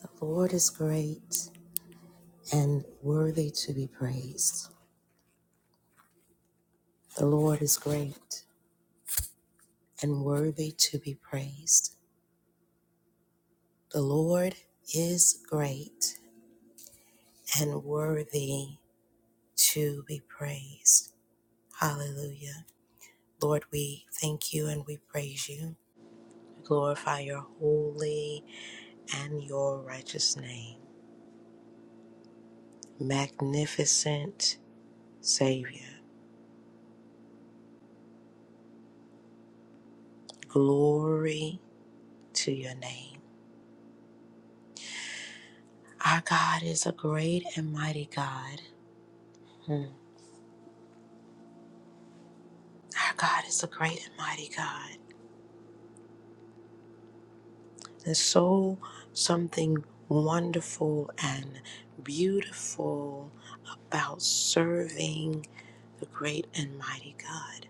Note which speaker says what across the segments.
Speaker 1: The Lord is great and worthy to be praised. The Lord is great and worthy to be praised. The Lord is great and worthy to be praised. Hallelujah. Lord, we thank you and we praise you. Glorify your holy and your righteous name. Magnificent Savior. Glory to your name. Our God is a great and mighty God. Hmm. Our God is a great and mighty God. And so something wonderful and beautiful about serving the great and mighty God,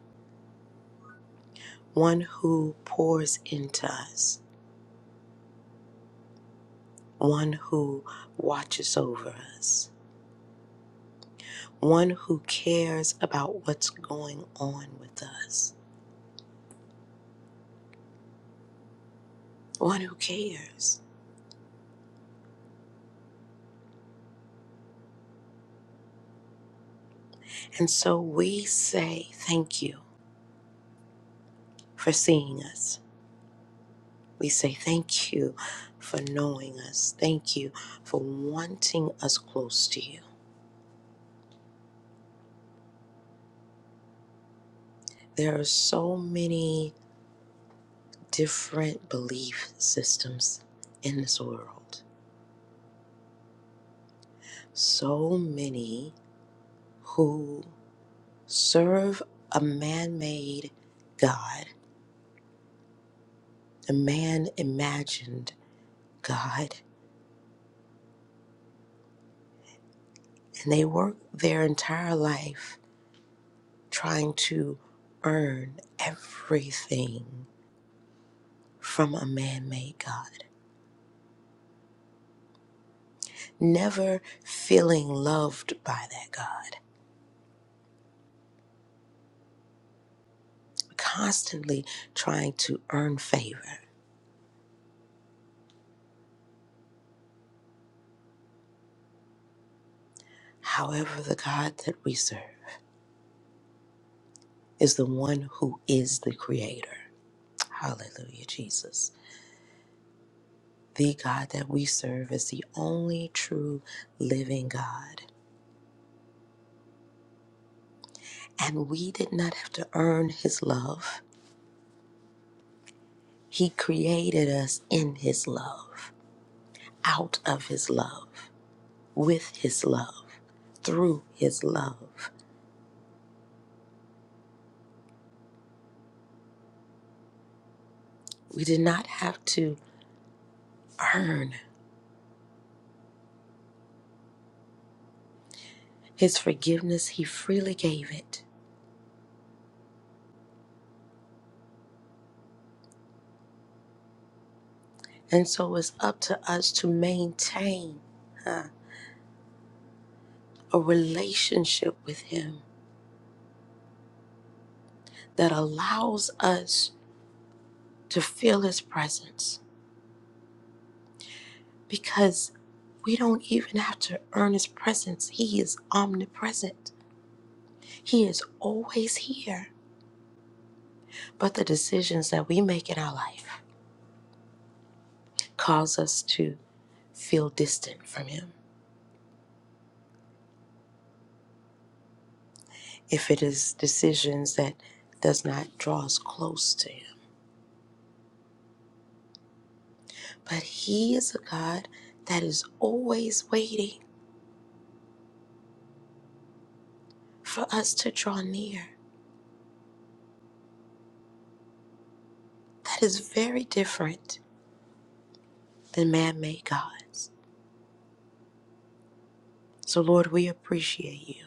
Speaker 1: one who pours into us, one who watches over us, one who cares about what's going on with us, one who cares. And so we say thank you. for seeing us. We say thank you for knowing us. Thank you for wanting us close to you. There are so many different belief systems in this world, so many who serve a man made God, a man imagined God, and they work their entire life trying to earn everything from a man made God, never feeling loved by that God, constantly trying to earn favor. However, the God that we serve is the one who is the creator. Hallelujah, Jesus. The God that we serve is the only true living God. And we did not have to earn his love. He created us in his love, out of his love. with his love, through his love. We did not have to earn his forgiveness, he freely gave it. And so it's up to us to maintain huh, a relationship with him that allows us to feel his presence because we don't even have to earn his presence. He is omnipresent, he is always here. But the decisions that we make in our life cause us to feel distant from him if it is decisions that does not draw us close to him but he is a god that is always waiting for us to draw near that is very different than man-made gods so lord we appreciate you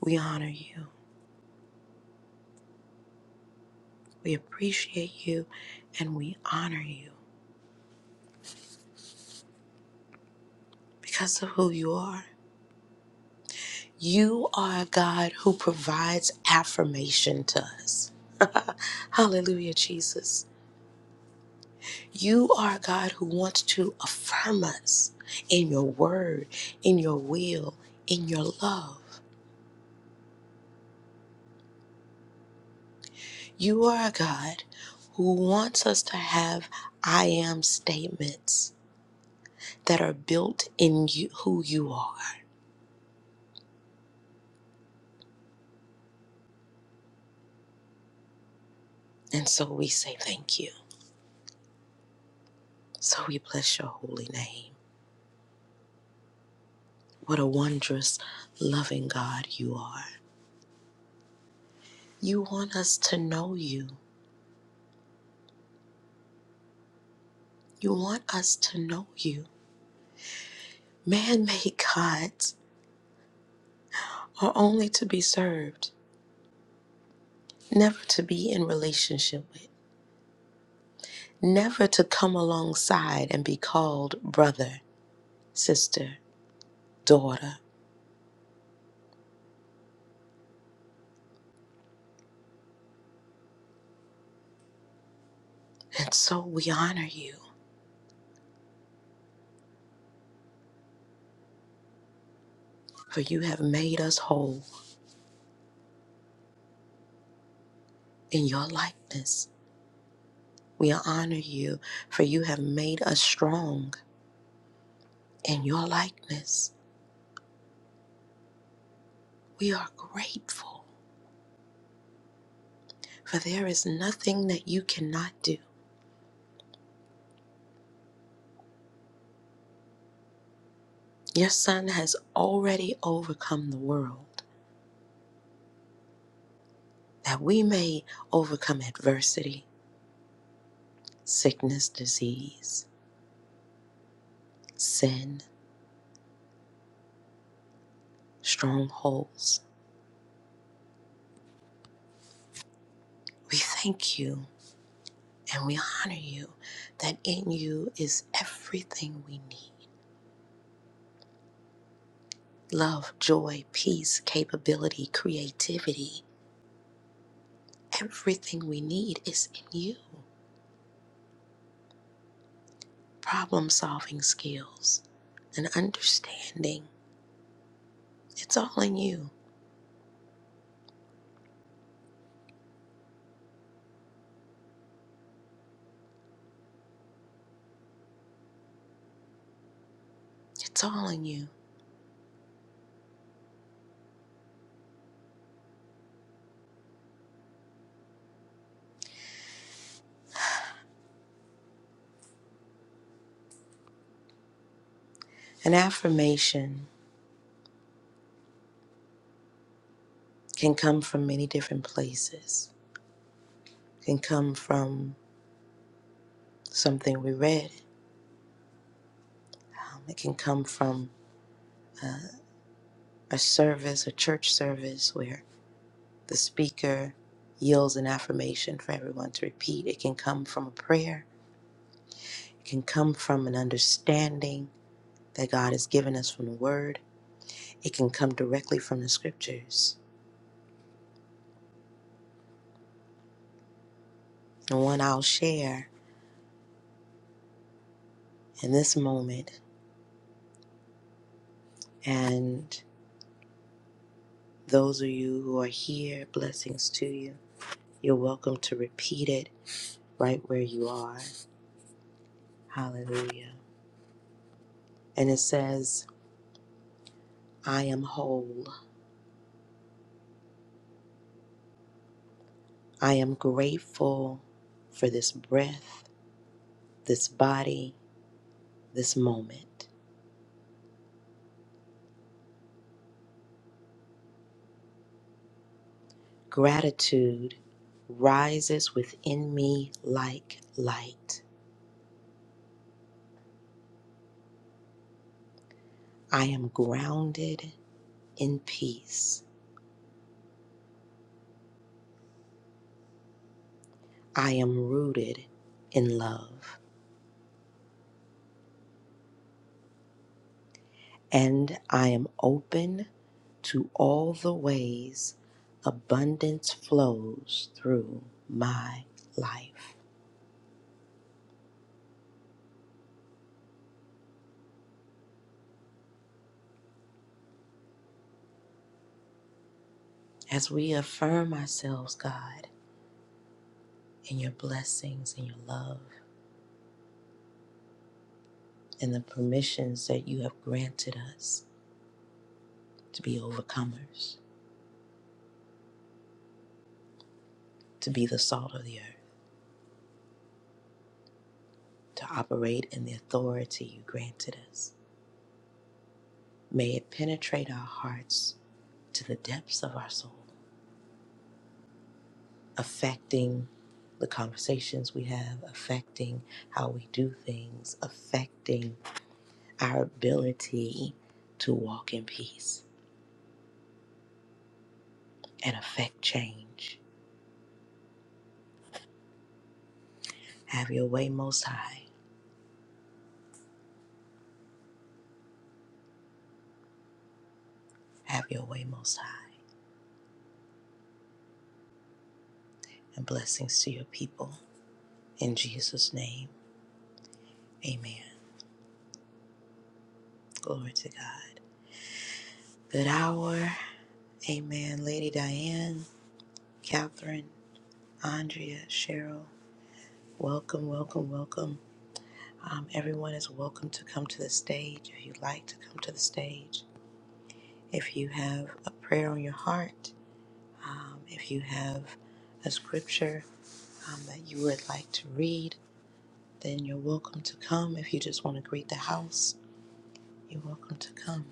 Speaker 1: we honor you we appreciate you and we honor you because of who you are you are a God who provides affirmation to us. Hallelujah, Jesus. You are a God who wants to affirm us in your word, in your will, in your love. You are a God who wants us to have I am statements that are built in you, who you are. And so we say thank you. So we bless your holy name. What a wondrous, loving God you are. You want us to know you. You want us to know you. Man made gods are only to be served never to be in relationship with, never to come alongside and be called brother, sister, daughter. And so we honor you, for you have made us whole in your likeness. We honor you, for you have made us strong in your likeness. We are grateful, for there is nothing that you cannot do. Your son has already overcome the world, that we may overcome adversity, sickness, disease sin, strongholds. We thank you and we honor you that in you is everything we need love, joy, peace, capability, creativity. Everything we need is in you. Problem solving skills and understanding. It's all in you. It's all in you. An affirmation can come from many different places. It can come from something we read. Um, it can come from uh, a service, a church service where the speaker yields an affirmation for everyone to repeat. It can come from a prayer, it can come from an understanding that God has given us from the Word, it can come directly from the scriptures. And one I'll share in this moment, and those of you who are here, blessings to you. You're welcome to repeat it right where you are. Hallelujah. And it says, I am whole. I am grateful for this breath, this body, this moment. Gratitude rises within me like light. I am grounded in peace. I am rooted in love. And I am open to all the ways abundance flows through my life. As we affirm ourselves, God. and your blessings and your love and the permissions that you have granted us to be overcomers, to be the salt of the earth, to operate in the authority you granted us. May it penetrate our hearts to the depths of our soul, affecting the conversations we have, affecting how we do things, affecting our ability to walk in peace and affect change. Have your way, Most High. Have your way, Most High. and blessings to your people. In Jesus' name, amen. Glory to God. Good hour. Amen. Lady Diane, Catherine, Andrea, Cheryl, welcome, welcome, welcome. Um, everyone is welcome to come to the stage if you'd like to come to the stage. If you have a prayer on your heart, um, if you have a scripture um, that you would like to read, then you're welcome to come. If you just want to greet the house, you're welcome to come.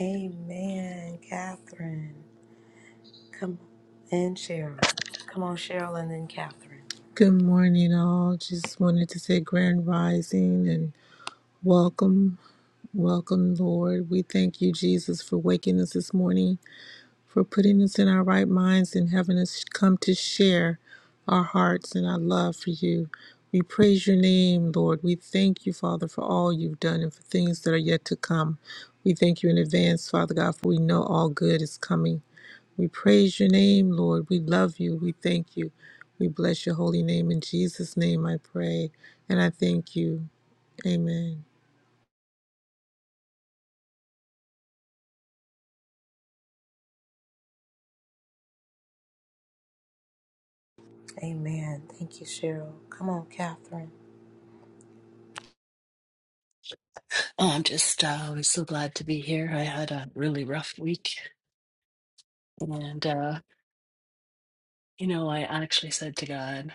Speaker 1: Amen, Catherine. Come and Cheryl. Come on, Cheryl, and then Catherine.
Speaker 2: Good morning, all. Just wanted to say grand rising and welcome, welcome, Lord. We thank you, Jesus, for waking us this morning for putting us in our right minds and having us come to share our hearts and our love for you. We praise your name, Lord. We thank you, Father, for all you've done and for things that are yet to come. We thank you in advance, Father God, for we know all good is coming. We praise your name, Lord. We love you. We thank you. We bless your holy name. In Jesus' name I pray. And I thank you. Amen.
Speaker 1: Amen. Thank you, Cheryl. Come on, Catherine.
Speaker 3: Oh, I'm just uh, was so glad to be here. I had a really rough week, and uh, you know, I actually said to God,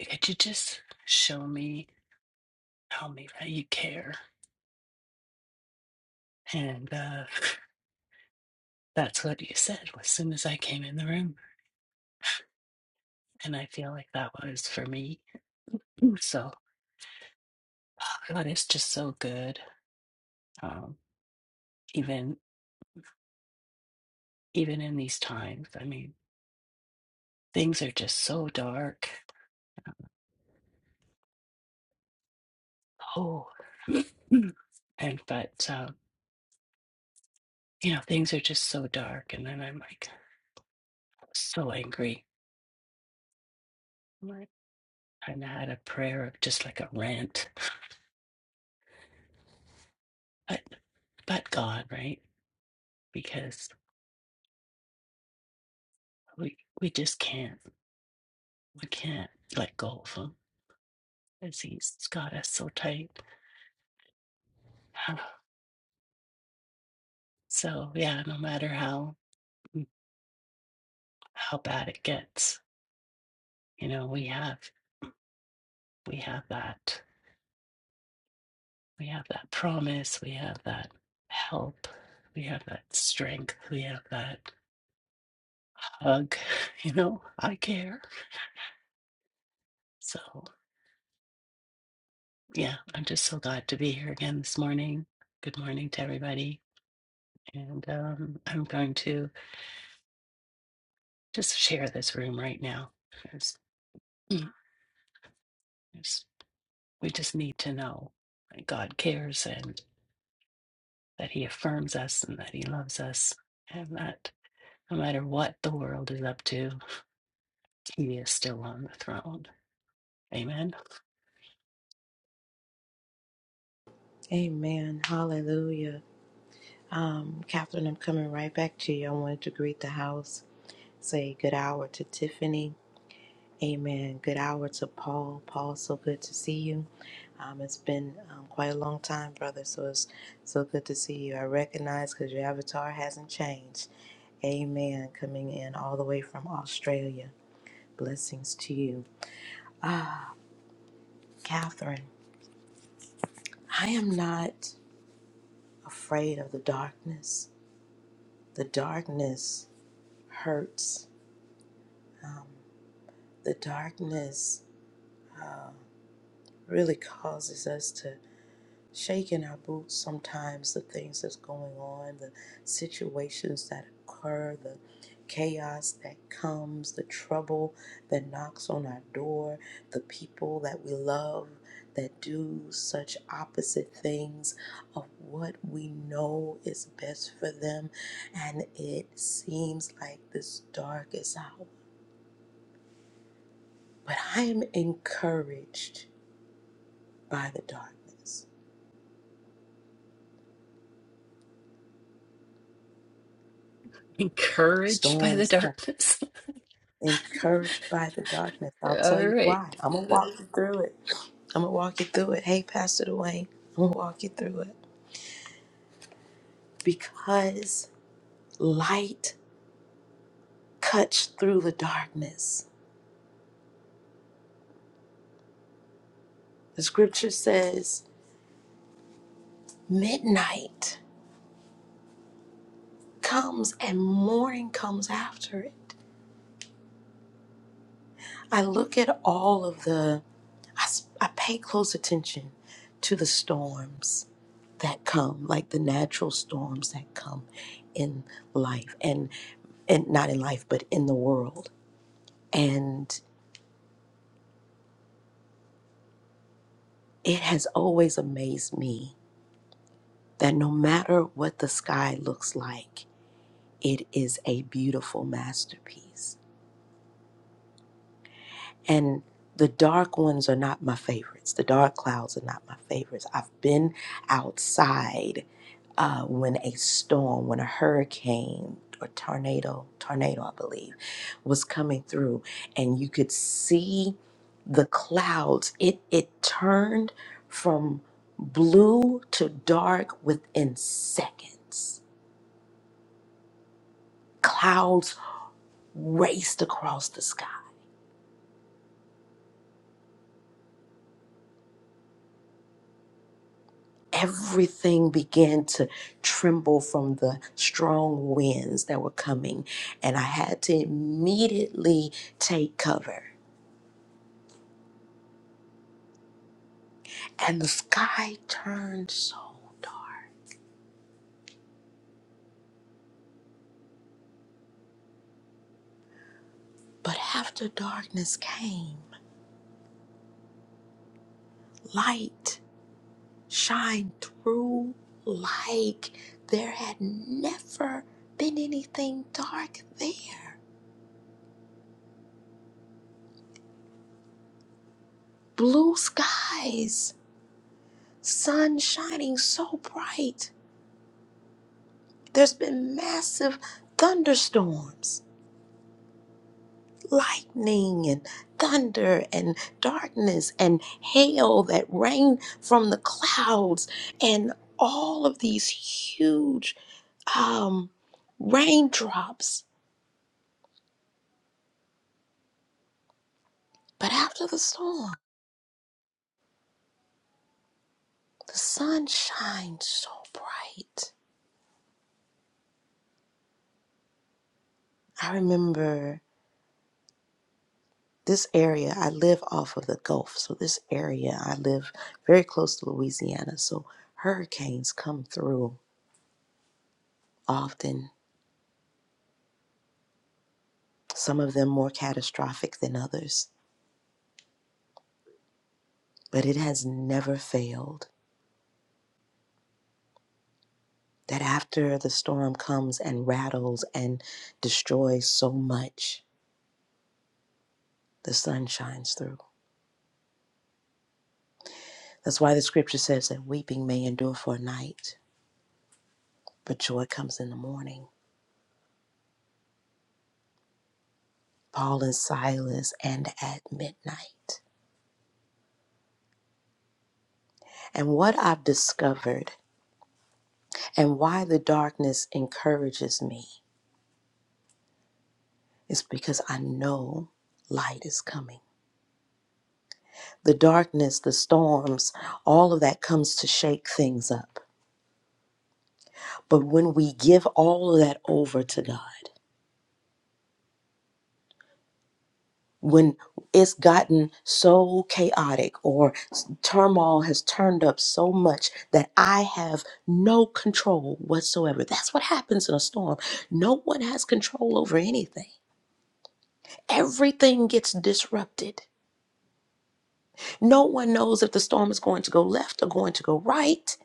Speaker 3: "C- "Could you just show me, tell me that you care?" And uh, that's what you said as soon as I came in the room, and I feel like that was for me. So God is just so good, um, even even in these times. I mean, things are just so dark. Oh, and but. um, you know, things are just so dark. And then I'm like so angry. I'm Like, and I had a prayer of just like a rant, but but God, right? Because we we just can't we can't let go of Him because He's got us so tight. So yeah, no matter how mm, how bad it gets, you know, we have we have that we have that promise, we have that help, we have that strength, we have that hug. You know, I care. So, yeah, I'm just so glad to be here again this morning. Good morning to everybody. And um, I'm going to just share this room right now. There's, mm, there's, we just need to know that God cares and that He affirms us and that He loves us and that no matter what the world is up to, He is still on the throne. Amen.
Speaker 1: Amen. Hallelujah. Um, Catherine, I'm coming right back to you. I wanted to greet the house, say good hour to Tiffany. Amen. Good hour to Paul. Paul, so good to see you. Um, it's been um, quite a long time, brother, so it's so good to see you. I recognize because your avatar hasn't changed. Amen. Coming in all the way from Australia. Blessings to you. Ah, Catherine, I am not afraid of the darkness. The darkness hurts. The darkness really causes us to shaking our boots sometimes the things that's going on the situations that occur the chaos that comes the trouble that knocks on our door the people that we love that do such opposite things of what we know is best for them and it seems like this darkest hour but i am encouraged by the darkness
Speaker 3: Encouraged by the
Speaker 1: storms can
Speaker 3: darkness.
Speaker 1: encouraged by the darkness. I'll tell
Speaker 3: All
Speaker 1: you
Speaker 3: right.
Speaker 1: why. I'm gonna walk you through it. I'm gonna walk you through it. Hey, Pastor Dwayne, I'm gonna walk you through it because light cuts through the darkness. The scripture says midnight comes and morning comes after it. I look at all of the, I, s- I pay close attention to the storms that come, like the natural storms that come in life and, and not in life, but in the world. And it has always amazed me that no matter what the sky looks like, it is a beautiful masterpiece And the dark ones are not my favorites. The dark clouds are not my favorites. I've been outside uh, when a storm, when a hurricane or tornado, tornado, I believe, was coming through, and you could see the clouds. It it turned from blue to dark within seconds. Clouds raced across the sky everything began to tremble from the strong winds that were coming, and I had to immediately take cover. And the sky turned so dark. But after darkness came, light shined through like there had never been anything dark there. Blue skies, sun shining so bright There's been massive thunderstorms, lightning and thunder and darkness and hail that rain from the clouds and all of these huge um, raindrops. But after the storm, the sun shines so bright. I remember this area, I live off of the Gulf. So, this area, I live very close to Louisiana. So, hurricanes come through often some of them more catastrophic than others. But it has never failed that after the storm comes and rattles and destroys so much, the sun shines through. That's why the scripture says that weeping may endure for a night, but joy comes in the morning. Paul and Silas and at midnight. And what I've discovered and why the darkness encourages me is because I know light is coming. the darkness, the storms, all of that comes to shake things up. But when we give all of that over to God, when it's gotten so chaotic or turmoil has turned up so much that I have no control whatsoever, that's what happens in a storm. No one has control over anything, everything gets disrupted. No one knows if the storm is going to go left or going to go right,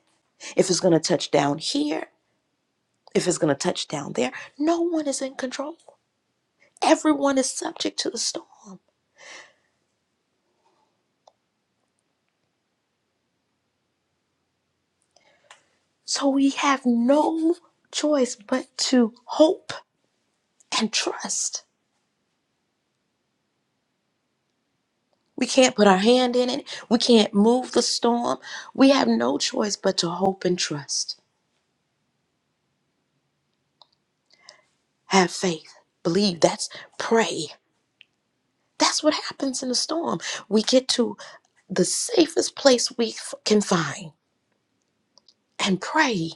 Speaker 1: if it's going to touch down here. if it's going to touch down there. No one is in control. Everyone is subject to the storm. So we have no choice but to hope and trust. We can't put our hand in it. We can't move the storm. We have no choice but to hope and trust. Have faith. Believe. That's pray. That's what happens in a storm. We get to the safest place we f- can find and pray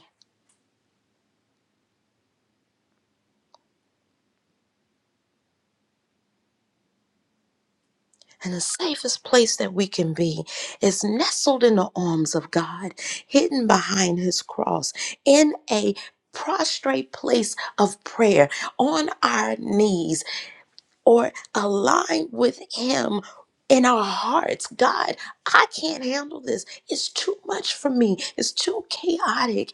Speaker 1: And the safest place that we can be is nestled in the arms of God, hidden behind his cross, in a prostrate place of prayer, on our knees, or aligned with him in our hearts. God, I can't handle this. It's too much for me. It's too chaotic.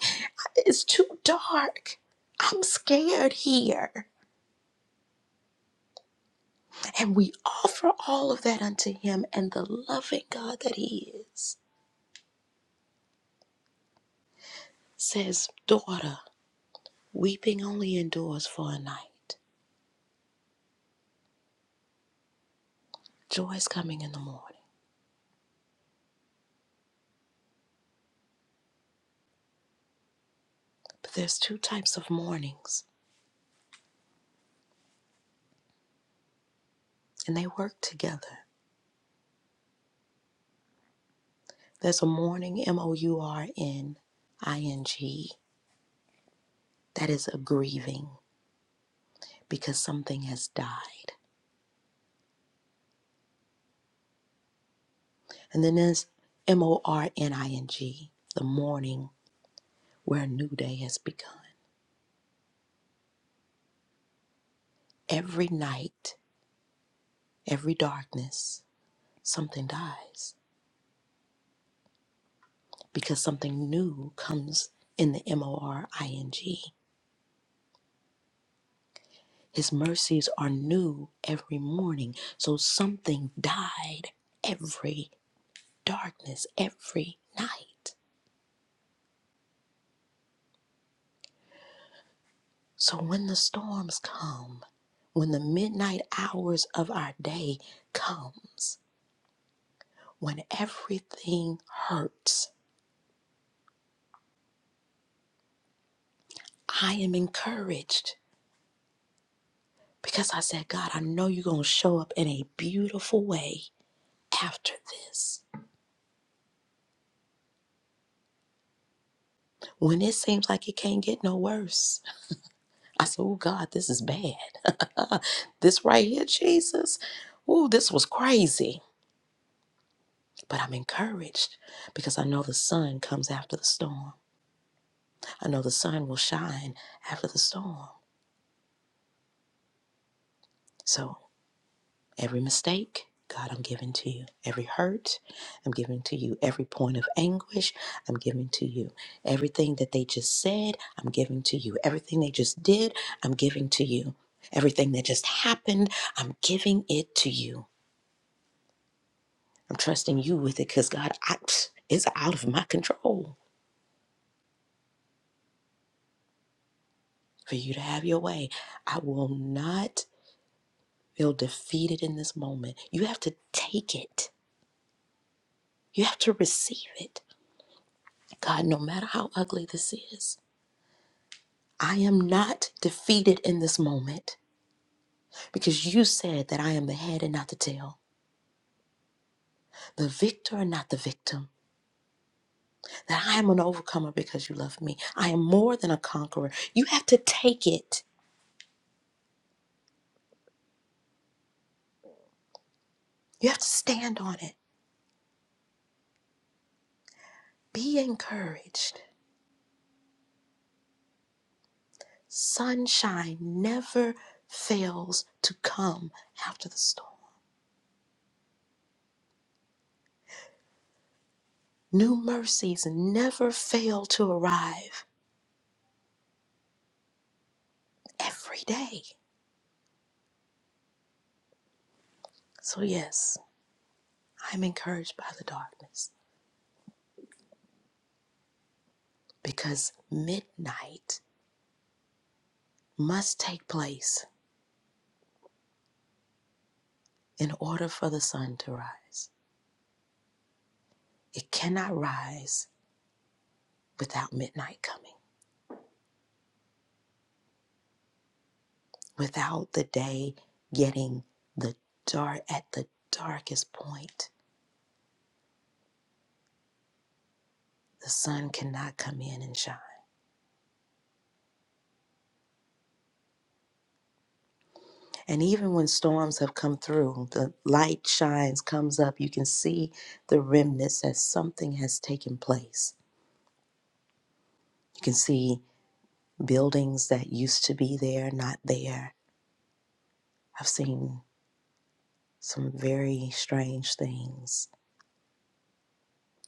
Speaker 1: It's too dark. I'm scared here. And we offer all of that unto him and the loving God that he is. says, Daughter, weeping only endures for a night. Joy is coming in the morning. But there's two types of mornings, and they work together. There's a mourning, M O U R N I N G, that is a grieving because something has died. And then there's M O R N I N G, the morning where a new day has begun. Every night, every darkness, something dies. because something new comes in the M O R I N G. His mercies are new every morning. So something died every darkness, every night. So when the storms come, when the midnight hours of our day comes, when everything hurts, I am encouraged because I said, God, I know you're going to show up in a beautiful way after this. when it seems like it can't get no worse. I said, Oh God, this is bad. this right here, Jesus. Oh, this was crazy. But I'm encouraged because I know the sun comes after the storm. I know the sun will shine after the storm. So." Every mistake, God, I'm giving to you. Every hurt, I'm giving to you. Every point of anguish, I'm giving to you. Everything that they just said, I'm giving to you. Everything they just did, I'm giving to you. Everything that just happened, I'm giving it to you. I'm trusting you with it because, God, I, it's out of my control for you to have your way. I will not feel defeated in this moment. You have to take it, you have to receive it. God, no matter how ugly this is, I am not defeated in this moment because you said that I am the head and not the tail, the victor and not the victim, that I am an overcomer because you love me. I am more than a conqueror. You have to take it, you have to stand on it. Be encouraged. Sunshine never fails to come after the storm, new mercies never fail to arrive every day. So, yes, I'm encouraged by the darkness. because midnight must take place in order for the sun to rise. It cannot rise without midnight coming, without the day getting the dark at the darkest point. The sun cannot come in and shine. And even when storms have come through, the light shines, comes up, you can see the remnants that something has taken place. You can see buildings that used to be there, not there. I've seen some very strange things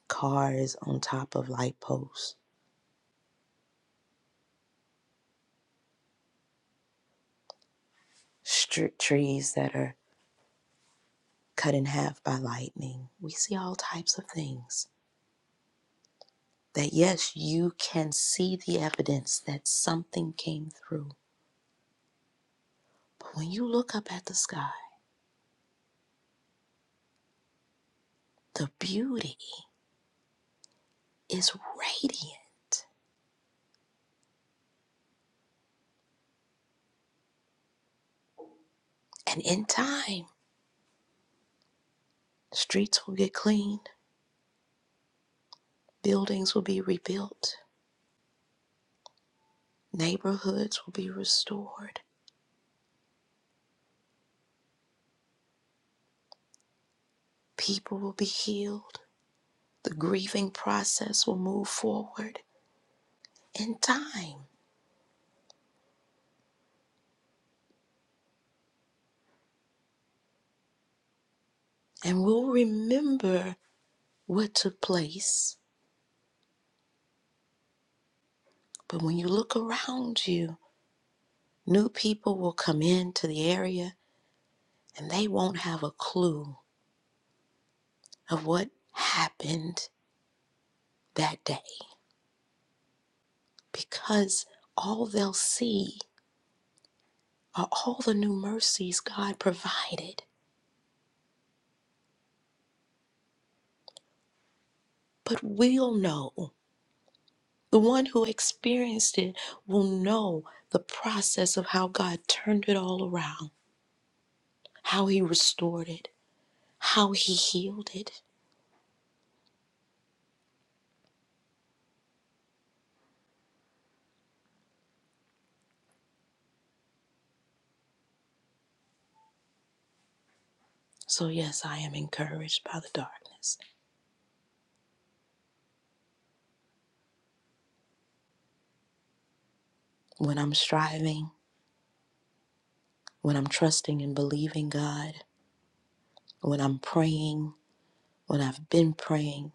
Speaker 1: cars on top of light posts, str- trees that are cut in half by lightning. We see all types of things that, yes, you can see the evidence that something came through. But when you look up at the sky, the beauty is radiant. And in time, streets will get cleaned, buildings will be rebuilt, neighborhoods will be restored, people will be healed The grieving process will move forward in time and we'll remember what took place. But when you look around you, new people will come into the area and they won't have a clue of what happened that day because all they'll see are all the new mercies God provided. But we'll know. The one who experienced it will know the process of how God turned it all around, how He restored it, how He healed it. So, yes, I am encouraged by the darkness. When I'm striving, when I'm trusting and believing God, when I'm praying, when I've been praying,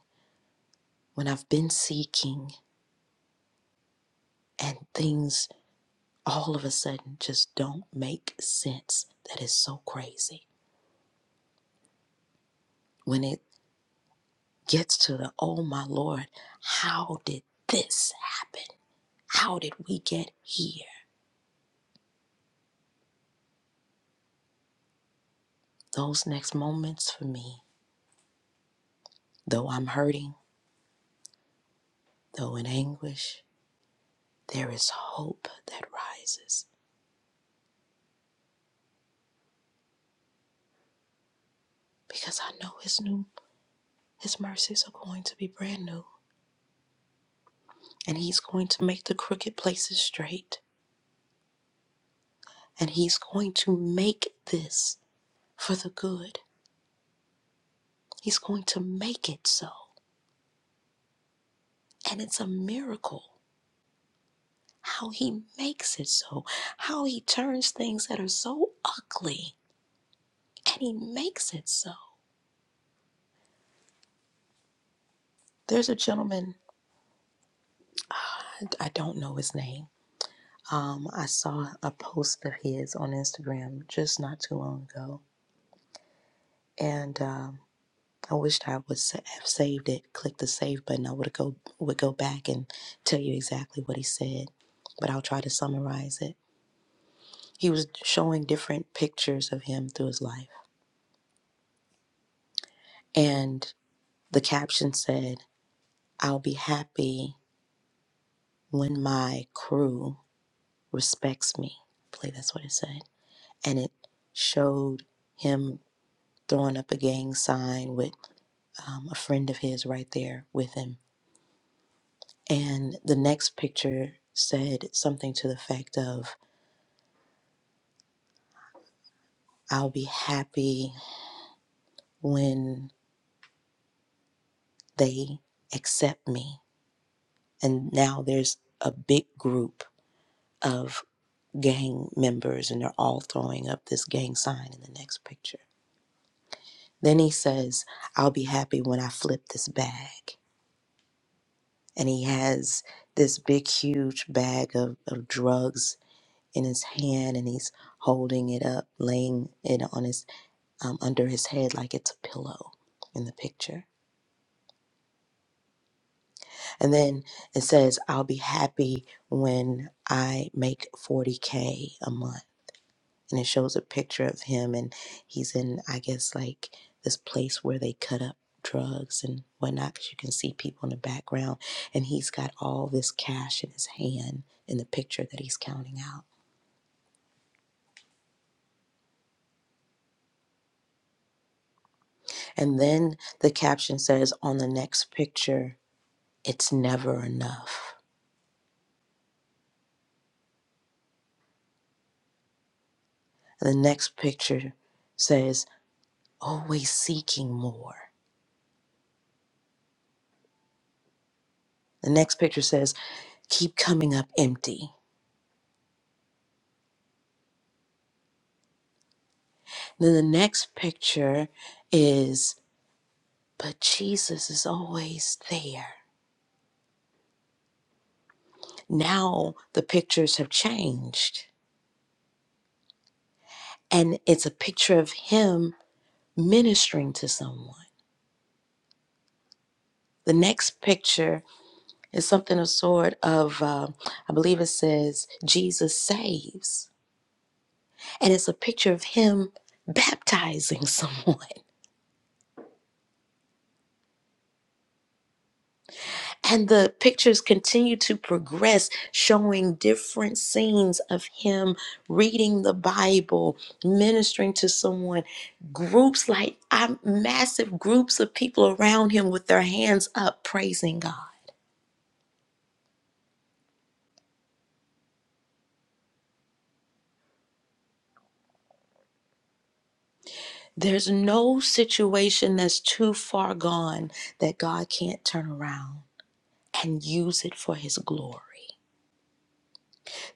Speaker 1: when I've been seeking, and things all of a sudden just don't make sense, that is so crazy. When it gets to the, oh my Lord, how did this happen? How did we get here? Those next moments for me, though I'm hurting, though in anguish, there is hope that rises because I know his new his mercies are going to be brand new and he's going to make the crooked places straight and he's going to make this for the good. He's going to make it so. And it's a miracle. how he makes it so, how he turns things that are so ugly and he makes it so. There's a gentleman, uh, I don't know his name. Um, I saw a post of his on Instagram just not too long ago, and um, I wished I would sa- have saved it. Click the save button. I would go would go back and tell you exactly what he said, but I'll try to summarize it. He was showing different pictures of him through his life, and the caption said I'll be happy when my crew respects me. I believe that's what it said. And it showed him throwing up a gang sign with um, a friend of his right there with him. And the next picture said something to the effect of, I'll be happy when they accept me. And now there's a big group of gang members and they're all throwing up this gang sign in the next picture Then he says, I'll be happy when I flip this bag. And he has this big, huge bag of, of drugs in his hand and he's holding it up, laying it on his, um, under his head like it's a pillow in the picture. And then it says, I'll be happy when I make 40K a month. and it shows a picture of him and he's in i guess like this place where they cut up drugs and whatnot because you can see people in the background and he's got all this cash in his hand in the picture that he's counting out and then the caption says on the next picture it's never enough the next picture says always seeking more the next picture says keep coming up empty then the next picture is But Jesus is always there. Now the pictures have changed, and it's a picture of Him ministering to someone. The next picture is something of sort of, uh, I believe it says, Jesus saves. And it's a picture of Him baptizing someone. And the pictures continue to progress, showing different scenes of him reading the Bible, ministering to someone, groups like i massive groups of people around him with their hands up, praising God. There's no situation that's too far gone that God can't turn around and use it for his glory.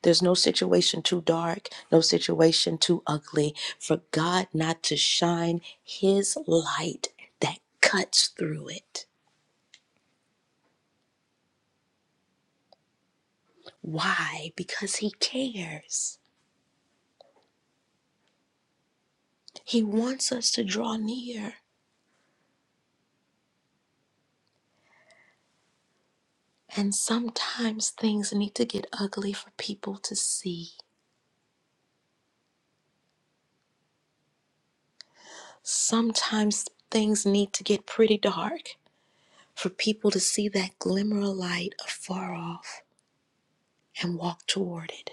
Speaker 1: There's no situation too dark, no situation too ugly for God not to shine His light that cuts through it. Why? Because He cares. He wants us to draw near. And sometimes things need to get ugly for people to see. Sometimes things need to get pretty dark for people to see that glimmer of light afar off and walk toward it.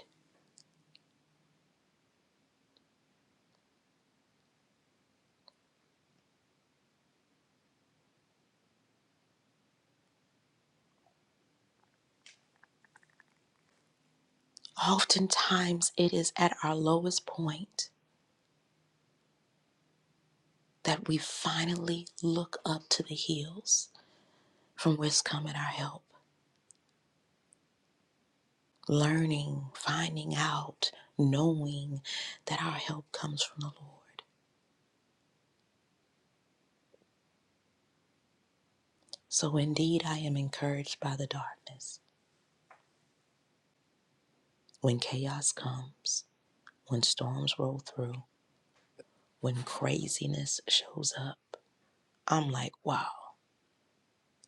Speaker 1: Oftentimes, it is at our lowest point that we finally look up to the hills from whence cometh our help. Learning, finding out, knowing that our help comes from the Lord. So, indeed, I am encouraged by the darkness. When chaos comes, when storms roll through, when craziness shows up, I'm like, wow.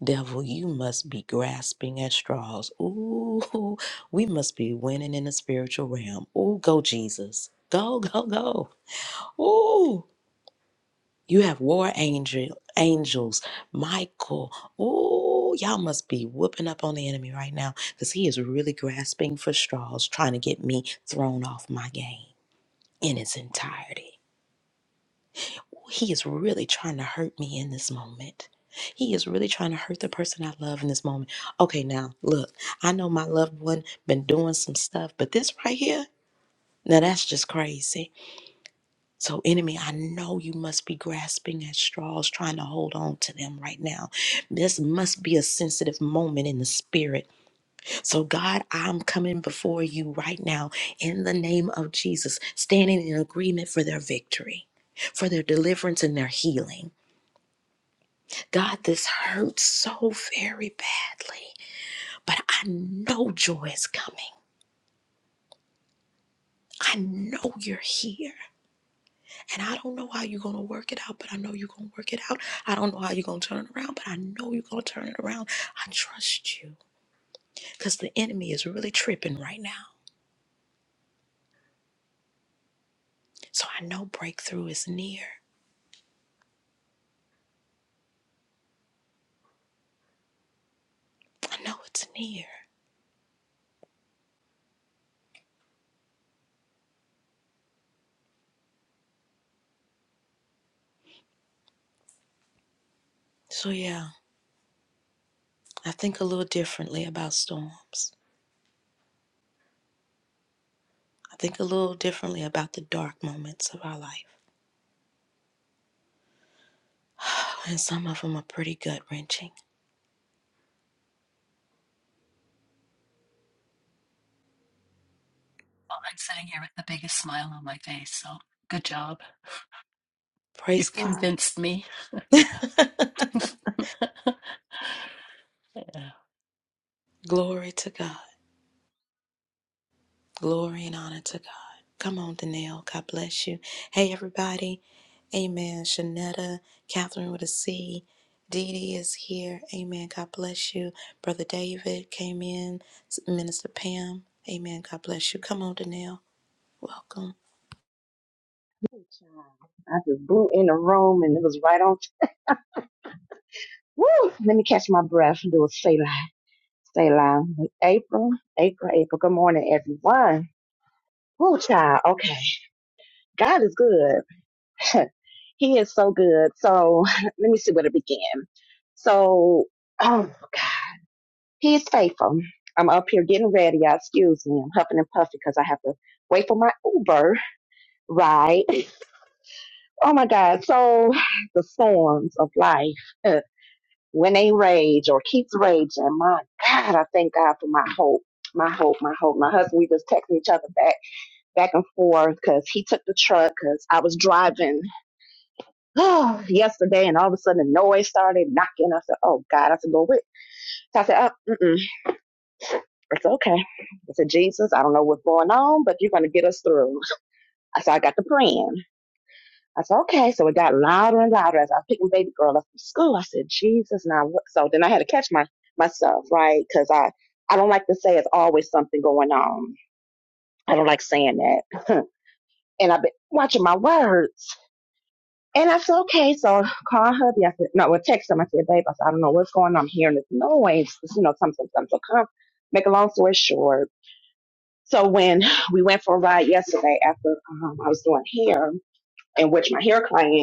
Speaker 1: Devil, you must be grasping at straws. Ooh, we must be winning in the spiritual realm. Ooh, go Jesus. Go, go, go. Ooh, you have war angel angels, Michael. Ooh, y'all must be whooping up on the enemy right now because he is really grasping for straws, trying to get me thrown off my game in its entirety. he is really trying to hurt me in this moment. He is really trying to hurt the person I love in this moment. Okay, now look, I know my loved one been doing some stuff, but this right here, now that's just crazy. So, enemy, I know you must be grasping at straws, trying to hold on to them right now. This must be a sensitive moment in the spirit. So, God, I'm coming before you right now in the name of Jesus, standing in agreement for their victory, for their deliverance and their healing. God, this hurts so very badly, but I know joy is coming. I know you're here. And I don't know how you're going to work it out, but I know you're going to work it out. I don't know how you're going to turn it around, but I know you're going to turn it around. I trust you because the enemy is really tripping right now. So I know breakthrough is near. I know it's near. So yeah, I think a little differently about storms. I think a little differently about the dark moments of our life. And some of them are pretty gut wrenching.
Speaker 3: I'm sitting here with the biggest smile on my face. So, good job.
Speaker 1: Praise
Speaker 3: You've
Speaker 1: God.
Speaker 3: convinced me. Yeah.
Speaker 1: Glory to God. Glory and honor to God. Come on, Danielle. God bless you. Hey, everybody. Amen. Shanetta, Catherine with a C. Dee Dee is here. Amen. God bless you. Brother David came in. Minister Pam. Amen. God bless you. Come on, Danielle. Welcome.
Speaker 4: Hey, child. I just blew in the room and it was right on. Woo! Let me catch my breath and do a say line. April, April, April. Good morning, everyone. Woo, child. Okay. God is good. he is so good. So let me see where to begin. So, oh, God. He is faithful. I'm up here getting ready. Y'all, excuse me. I'm huffing and puffing because I have to wait for my Uber ride. Oh, my God. So, the storms of life. when they rage or keeps raging, my God, I thank God for my hope, my hope, my hope. My husband, we just texting each other back, back and forth because he took the truck because I was driving yesterday and all of a sudden the noise started knocking. I said, oh God, I said, go with. So I said, oh, mm-mm, it's okay. I said, Jesus, I don't know what's going on, but you're going to get us through. So I got to praying. I said, okay. So it got louder and louder as I was picking baby girl up from school. I said, Jesus, now what? So then I had to catch my myself, right? Because I, I don't like to say it's always something going on. I don't like saying that. and I've been watching my words. And I said, okay, so call hubby. I said, no, well, text him. I said, babe, I said, I don't know what's going on. I'm hearing this noise. It's, you know, something, something. So come, make a long story short. So when we went for a ride yesterday after um, I was doing hair, in which my hair client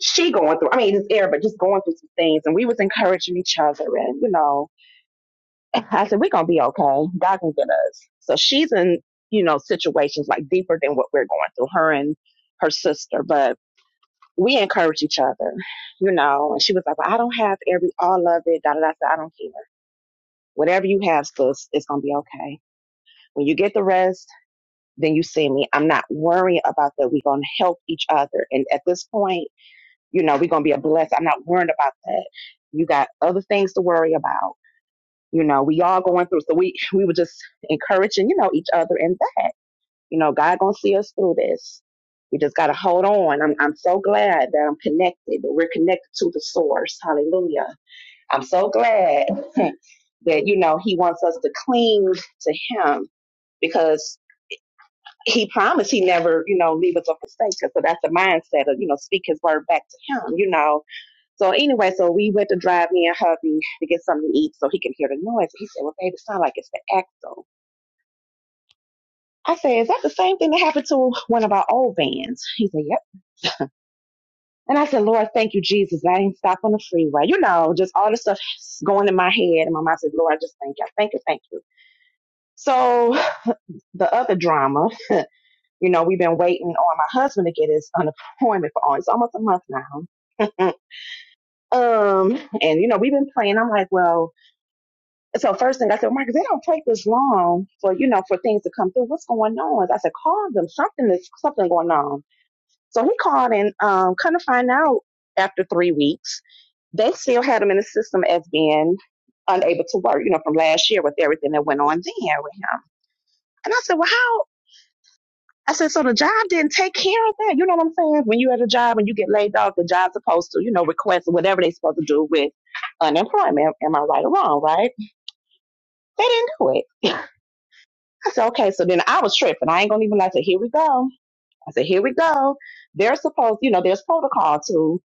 Speaker 4: she going through, I mean, it's air, but just going through some things. And we was encouraging each other. And, you know, I said, we're going to be okay. God can get us. So she's in, you know, situations like deeper than what we're going through, her and her sister. But we encourage each other, you know. And she was like, well, I don't have every, all of it. Da, da, da. I said, I don't care. Whatever you have, sis, it's going to be okay. When you get the rest, then you see me. I'm not worrying about that. We're going to help each other. And at this point, You know, we're going to be a blessing. I'm not worried about that. You got other things to worry about. You know, we all going through. So we, we were just encouraging, you know, each other in that. You know, God going to see us through this. We just got to hold on. I'm, I'm so glad that I'm connected, that we're connected to the source. Hallelujah. I'm so glad that, you know, he wants us to cling to him because he promised he never, you know, leave us or forsake us. So that's the mindset of, you know, speak his word back to him, you know so anyway, so we went to drive me and hubby to get something to eat so he can hear the noise. He said, Well, babe, it sounds like it's the axle. I said, Is that the same thing that happened to one of our old vans? He said, Yep. And I said, Lord, thank you, Jesus. I didn't stop on the freeway. You know, just all the stuff going in my head. And my mom said, Lord, I just thank you. Thank you, thank you. So the other drama, you know, we've been waiting on my husband to get his unemployment for all, it's almost a month now. Um, and you know, we've been playing. I'm like, well, so first thing I said, Marcus, they don't take this long for you know for things to come through. What's going on? I said, call them. Something is something going on. So he called and um, kind of find out after three weeks, they still had him in the system as being unable to work. You know, from last year with everything that went on then with him. And I said, well, how? I said, so the job didn't take care of that. You know what I'm saying? When you at a job and you get laid off, the job's supposed to, you know, request whatever they're supposed to do with unemployment. Am I right or wrong? Right? They didn't do it. I said, okay, so then I was tripping. I ain't gonna even lie. I said, here we go. I said, here we go. They're supposed, you know, there's protocol to,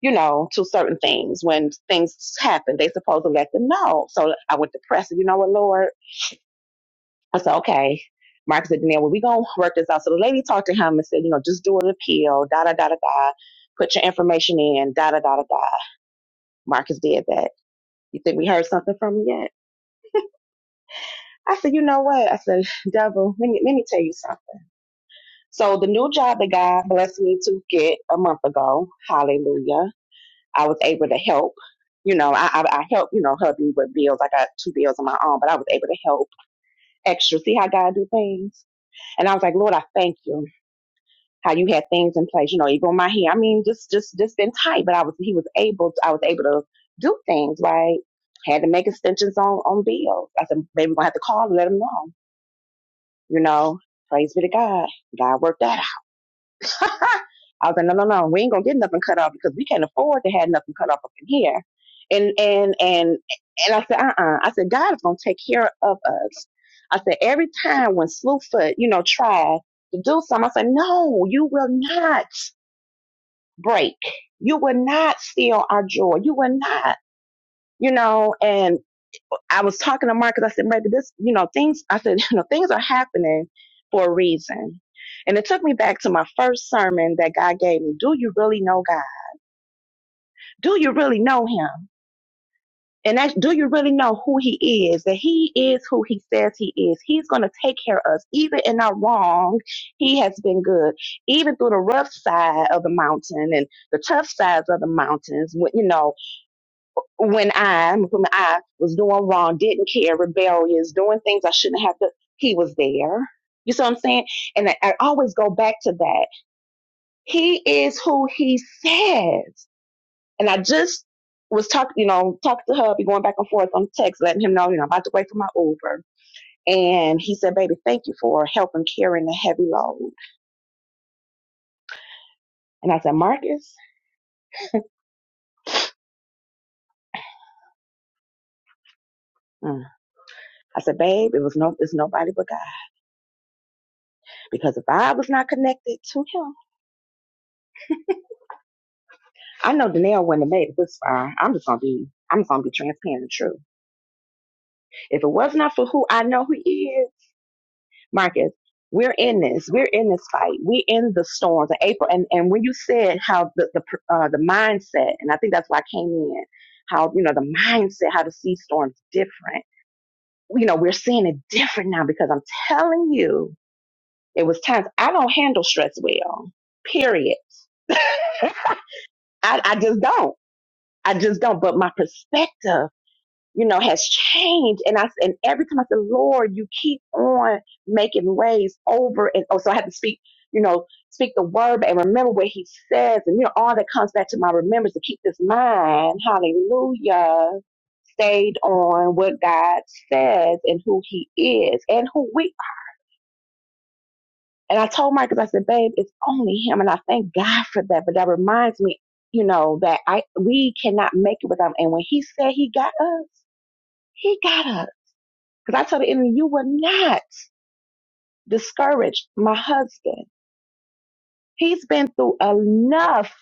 Speaker 4: you know, to certain things. When things happen, they supposed to let them know. So I went to press it. You know what, Lord? I said, okay. Marcus said, Danielle, well, we gonna work this out. So the lady talked to him and said, you know, just do an appeal, da da da da da. Put your information in, da da da da da. Marcus did that. You think we heard something from him yet? I said, you know what? I said, devil, let me, let me tell you something. So the new job that God blessed me to get a month ago, hallelujah, I was able to help. You know, I I, I helped, you know, hubby with bills. I got two bills of my own, but I was able to help extra. See how God do things? And I was like, Lord, I thank you. How you had things in place, you know, even my hair. I mean, just just just been tight, but I was he was able to, I was able to do things, right? Had to make extensions on on bills. I said, maybe we're gonna have to call and let him know, you know. Praise be to God. God worked out. I was like, no, no, no, we ain't gonna get nothing cut off because we can't afford to have nothing cut off up in here. And and and and I said, uh, uh I said, God is gonna take care of us. I said, every time when Slewfoot, you know, tried to do something, I said, no, you will not break. You will not steal our joy. You will not, you know. and. I was talking to Mark because I said, maybe this, you know, things, I said, you know, things are happening for a reason. And it took me back to my first sermon that God gave me. Do you really know God? Do you really know Him? And that, do you really know who He is? That He is who He says He is. He's going to take care of us. Even in our wrong, He has been good. Even through the rough side of the mountain and the tough sides of the mountains, wh- you know, when I, when I was doing wrong, didn't care, rebellious, doing things I shouldn't have to, he was there. You see what I'm saying? And I, I always go back to that. He is who he says. And I just was talking, you know, talking to hubby, going back and forth on text, letting him know, you know, I'm about to wait for my Uber. And he said, baby, thank you for helping carrying the heavy load. And I said, Marcus, mm. I said, babe, it was no, it's nobody but God. Because if I was not connected to him, I know Danielle wouldn't have made it this far. I'm just gonna be I'm just gonna be transparent and true. If it was not for who I know who he is, Marcus, we're in this. We're in this fight. We're in the storms of April. And and when you said how the the pr- uh, the mindset, and I think that's why I came in, how you know the mindset, how to see storms different. You know, we're seeing it different now because I'm telling you, it was times I don't handle stress well. Period. I, I just don't. I just don't. But my perspective you know, has changed. And I and every time I said, Lord, you keep on making ways over and oh, so I have to speak, you know, speak the word and remember what he says and you know, all that comes back to my remembrance to keep this mind, hallelujah, stayed on what God says and who he is and who we are. and I told Marcus, I said, babe, it's only him and I thank God for that. But that reminds me, you know, that I we cannot make it without him. And when he said he got us, he got us Because I told the enemy, you will not discourage my husband. He's been through enough.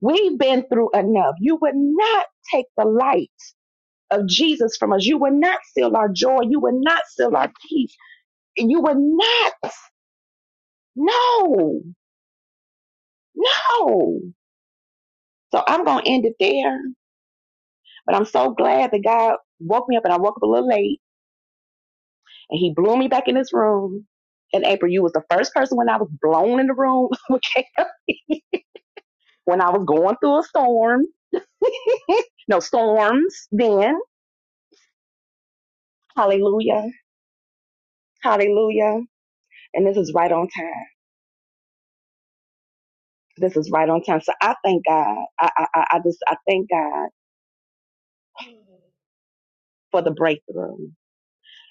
Speaker 4: We've been through enough. You would not take the light of Jesus from us. You would not steal our joy. You would not steal our peace. You would not. No, no. So I'm going to end it there. But I'm so glad that God woke me up and I woke up a little late and he blew me back in this room. And April, you was the first person when I was blown in the room okay, when I was going through a storm no storms then. Hallelujah. Hallelujah. And this is right on time. This is right on time. So I thank God. I, I, I I just, I thank God for the breakthrough.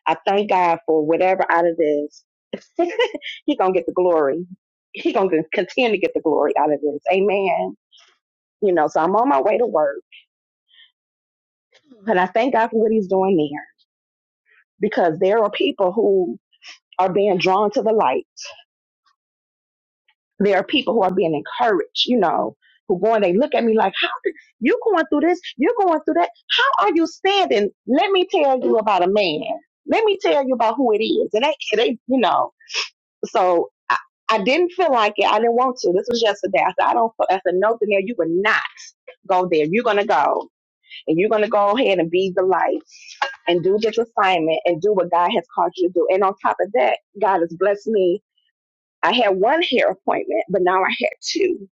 Speaker 4: I thank God for whatever out of this. he gonna get the glory. He gonna continue to get the glory out of this. Amen. You know, so I'm on my way to work, and I thank God for what He's doing there because there are people who are being drawn to the light. There are people who are being encouraged. You know, who go and they look at me like You're going through this. You're going through that. How are you standing? Let me tell you about a man. Let me tell you about who it is. And they, they, you know, so I, I didn't feel like it. I didn't want to. This was yesterday. I said, I don't, I said, no, Danielle, you would not go there. You're going to go and you're going to go ahead and be the light and do this assignment and do what God has called you to do. And on top of that, God has blessed me. I had one hair appointment, but now I had two.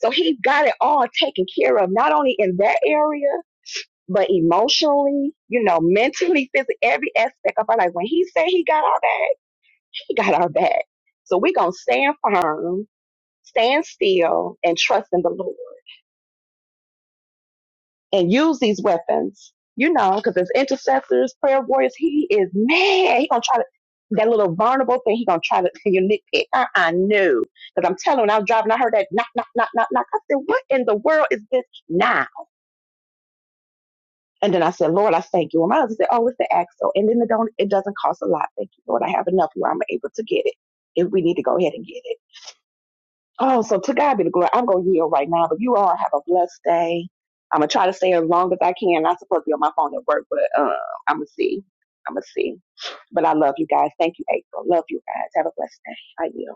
Speaker 4: So he got it all taken care of, not only in that area, but emotionally, you know, mentally, physically, every aspect of our life. When he said he got our back, he got our back. So we're going to stand firm, stand still, and trust in the Lord and use these weapons, you know, because as intercessors, prayer warriors, he is mad. He going to try to, that little vulnerable thing, he going to try to, you nitpick. Uh, I knew. Because I'm telling you, when I was driving, I heard that knock, knock, knock, knock, knock. I said, what in the world is this? Nah. And then I said, Lord, I thank you. And my husband said, Oh, it's the axle. And then it don't it doesn't cost a lot. Thank you, Lord. I have enough where I'm able to get it if we need to go ahead and get it. Oh, so to God be the glory. I'm gonna yield right now, but you all have a blessed day. I'm gonna try to stay as long as I can. Not supposed to be on my phone at work, but uh, I'm gonna see. I'm gonna see. But I love you guys. Thank you, April. Love you guys. Have a blessed day. I yield.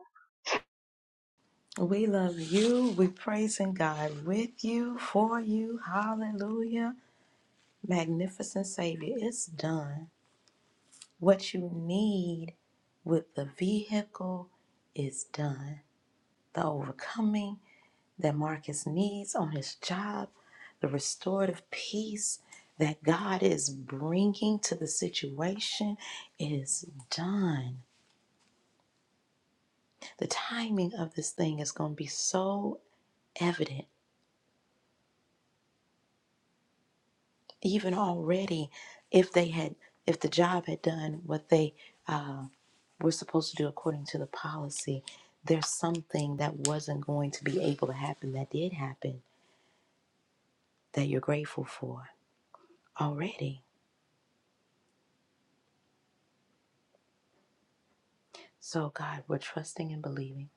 Speaker 1: We love you. We praising God with you, for you. Hallelujah. Magnificent Savior, it's done. What you need with the vehicle is done. The overcoming that Marcus needs on his job, the restorative peace that God is bringing to the situation is done. The timing of this thing is going to be so evident, even already, if they had, if the job had done what they uh, we're supposed to do according to the policy, there's something that wasn't going to be able to happen that did happen that you're grateful for already. So, God, we're trusting and believing.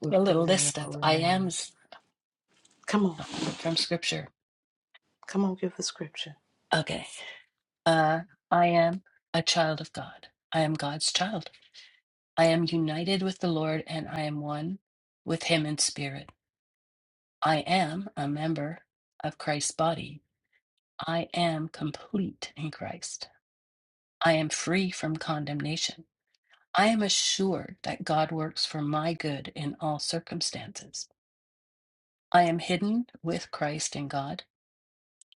Speaker 1: We're
Speaker 3: A little
Speaker 1: praising your
Speaker 3: list of
Speaker 1: holy
Speaker 3: I
Speaker 1: name.
Speaker 3: ams
Speaker 1: Come on.
Speaker 3: um, from scripture.
Speaker 1: Come on, give the scripture.
Speaker 3: Okay. Uh, I am a child of God. I am God's child. I am united with the Lord and I am one with him in spirit. I am a member of Christ's body. I am complete in Christ. I am free from condemnation. I am assured that God works for my good in all circumstances. I am hidden with Christ in God.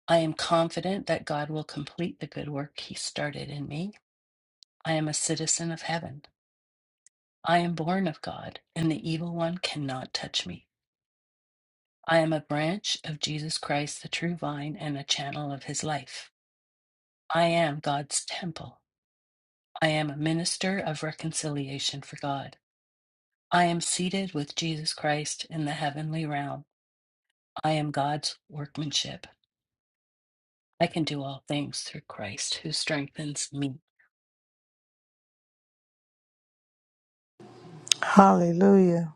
Speaker 3: I am confident that God will complete the good work he started in me. I am a citizen of heaven. I am born of God, and the evil one cannot touch me. I am a branch of Jesus Christ, the true vine, and a channel of his life. I am God's temple. I am a minister of reconciliation for God. I am seated with Jesus Christ in the heavenly realm. I am God's workmanship. I can do all things through Christ who strengthens me.
Speaker 2: Hallelujah.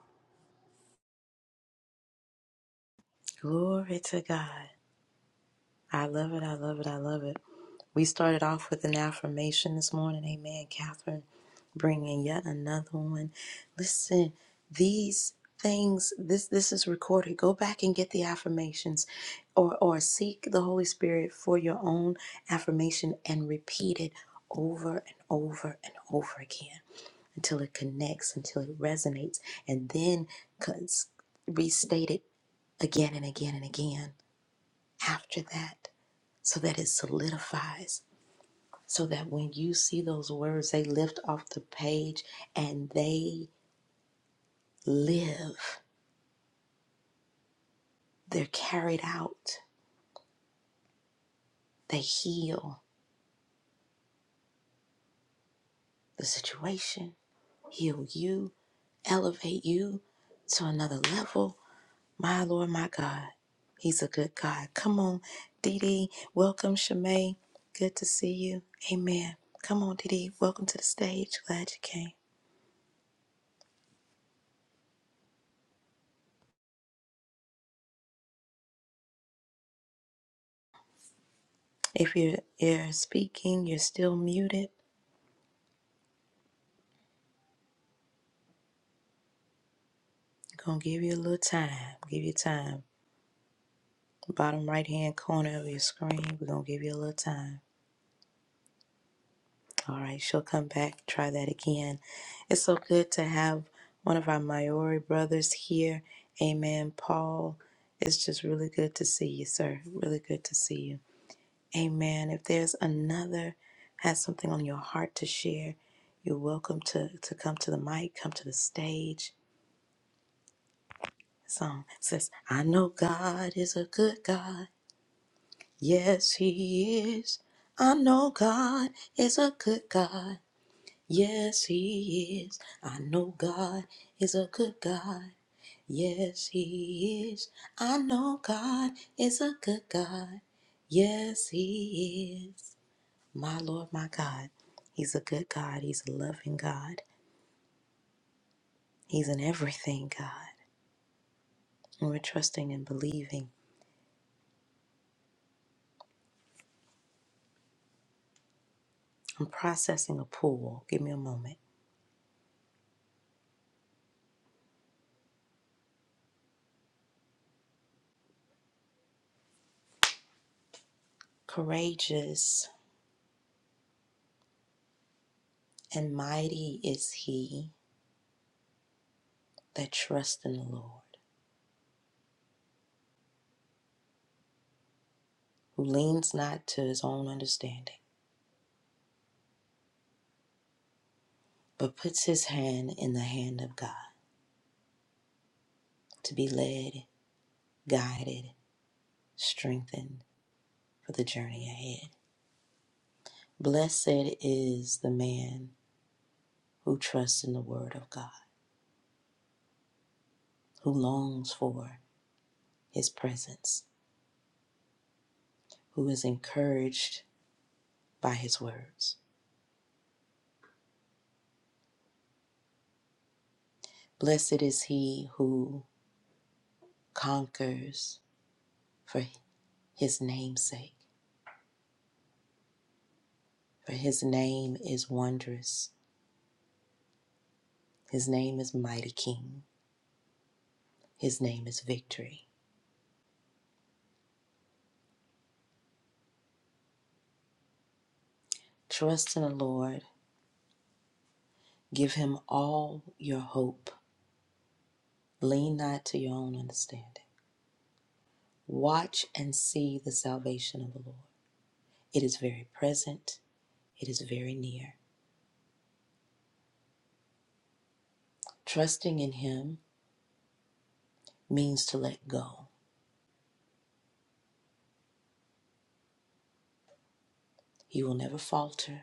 Speaker 1: Glory to God. I love it. I love it. I love it. We started off with an affirmation this morning. Amen, Catherine, bringing yet another one. Listen, these things this this is recorded go back and get the affirmations or or seek the holy spirit for your own affirmation and repeat it over and over and over again until it connects until it resonates and then cons- restate it again and again and again after that so that it solidifies so that when you see those words, they lift off the page and they live. They're carried out. They heal the situation, heal you, elevate you to another level. My Lord, my God, He's a good God. Come on, Dee Dee. Welcome, Shimei. Good to see you. Amen. Come on, Dee Dee. Welcome to the stage. Glad you came. If you're, you're speaking, you're still muted. Gonna give you a little time. Give you time. Bottom right hand corner of your screen, we're gonna give you a little time. All right, she'll come back. Try that again. It's so good to have one of our Maori brothers here. Amen, Paul. It's just really good to see you, sir. Really good to see you. Amen. If there's another has something on your heart to share, you're welcome to, to come to the mic, come to the stage. Song says, I know God is a good God. Yes, He is. I know God is a good God. Yes, He is. I know God is a good God. Yes, He is. I know God is a good God. Yes, He is. My Lord, my God. He's a good God. He's a loving God. He's an everything God. And we're trusting and believing. I'm processing a pool. Give me a moment. Courageous and mighty is He that trusts in the Lord, who leans not to his own understanding, but puts his hand in the hand of God to be led, guided, strengthened for the journey ahead. Blessed is the man who trusts in the word of God, who longs for his presence, who is encouraged by his words. Blessed is he who conquers for his name's sake, for his name is wondrous His name is Mighty King. His name is Victory. Trust in the Lord. Give him all your hope. Lean not to your own understanding. Watch and see the salvation of the Lord. It is very present, it is very near. Trusting in him means to let go. He will never falter,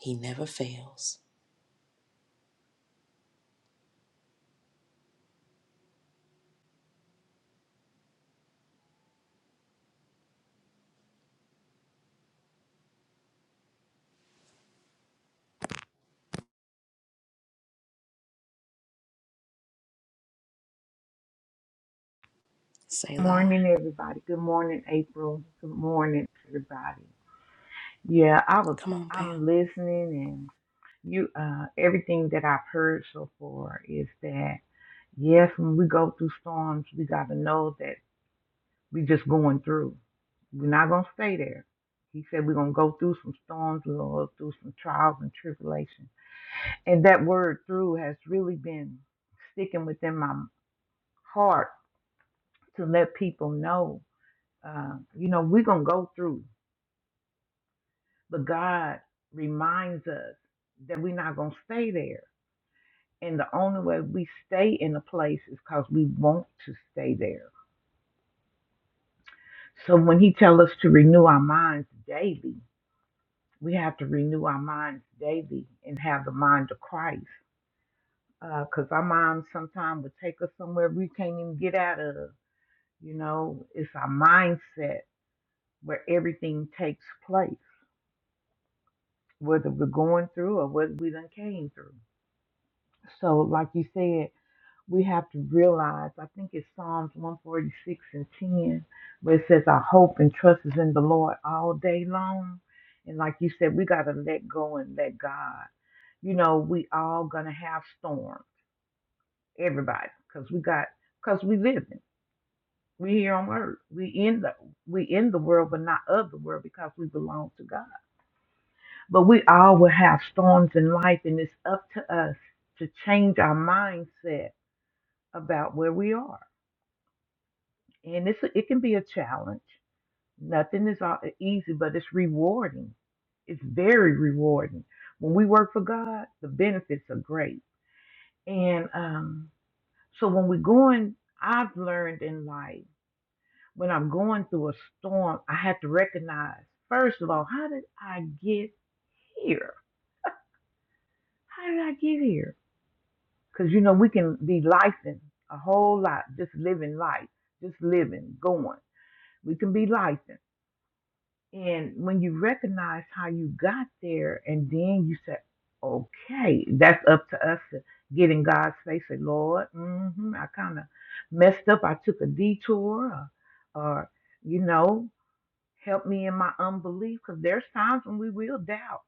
Speaker 1: he never fails. Selah.
Speaker 5: Morning, everybody. Good morning, April. Good morning, everybody. Yeah, I was.
Speaker 1: Come on, Pam.
Speaker 5: I'm listening, and you. Uh, everything that I've heard so far is that yes, when we go through storms, we gotta know that we just going through. We're not gonna stay there. He said we're gonna go through some storms. We're gonna go through some trials and tribulations. And that word "through" has really been sticking within my heart to let people know uh, you know, we're gonna go through. But God reminds us that we're not going to stay there. And the only way we stay in a place is because we want to stay there. So when He tells us to renew our minds daily, we have to renew our minds daily and have the mind of Christ. Because our minds sometimes would take us somewhere we can't even get out of. You know, it's our mindset where everything takes place, whether we're going through or whether we done came through. So, like you said, we have to realize, I think it's Psalms 146 and 10, where it says, Our hope and trust is in the Lord all day long. And like you said, we got to let go and let God. You know, we all going to have storms, everybody, because we got, because we living. We here on earth. We in the we in the world, but not of the world because we belong to God. But we all will have storms in life, and it's up to us to change our mindset about where we are and it's it can be a challenge. Nothing is all- e, easy, but it's rewarding. It's very rewarding. When we work for God, the benefits are great. And um, so when we're going, I've learned in life when I'm going through a storm, I have to recognize first of all, how did I get here? How did I get here? Because you know we can be lifing a whole lot, just living life, just living, going. We can be lifing. And when you recognize how you got there, and then you say, okay, that's up to us to get in God's face and Lord, hmm I kind of messed up. I took a detour, or, or, you know, help me in my unbelief. Because there's times when we will doubt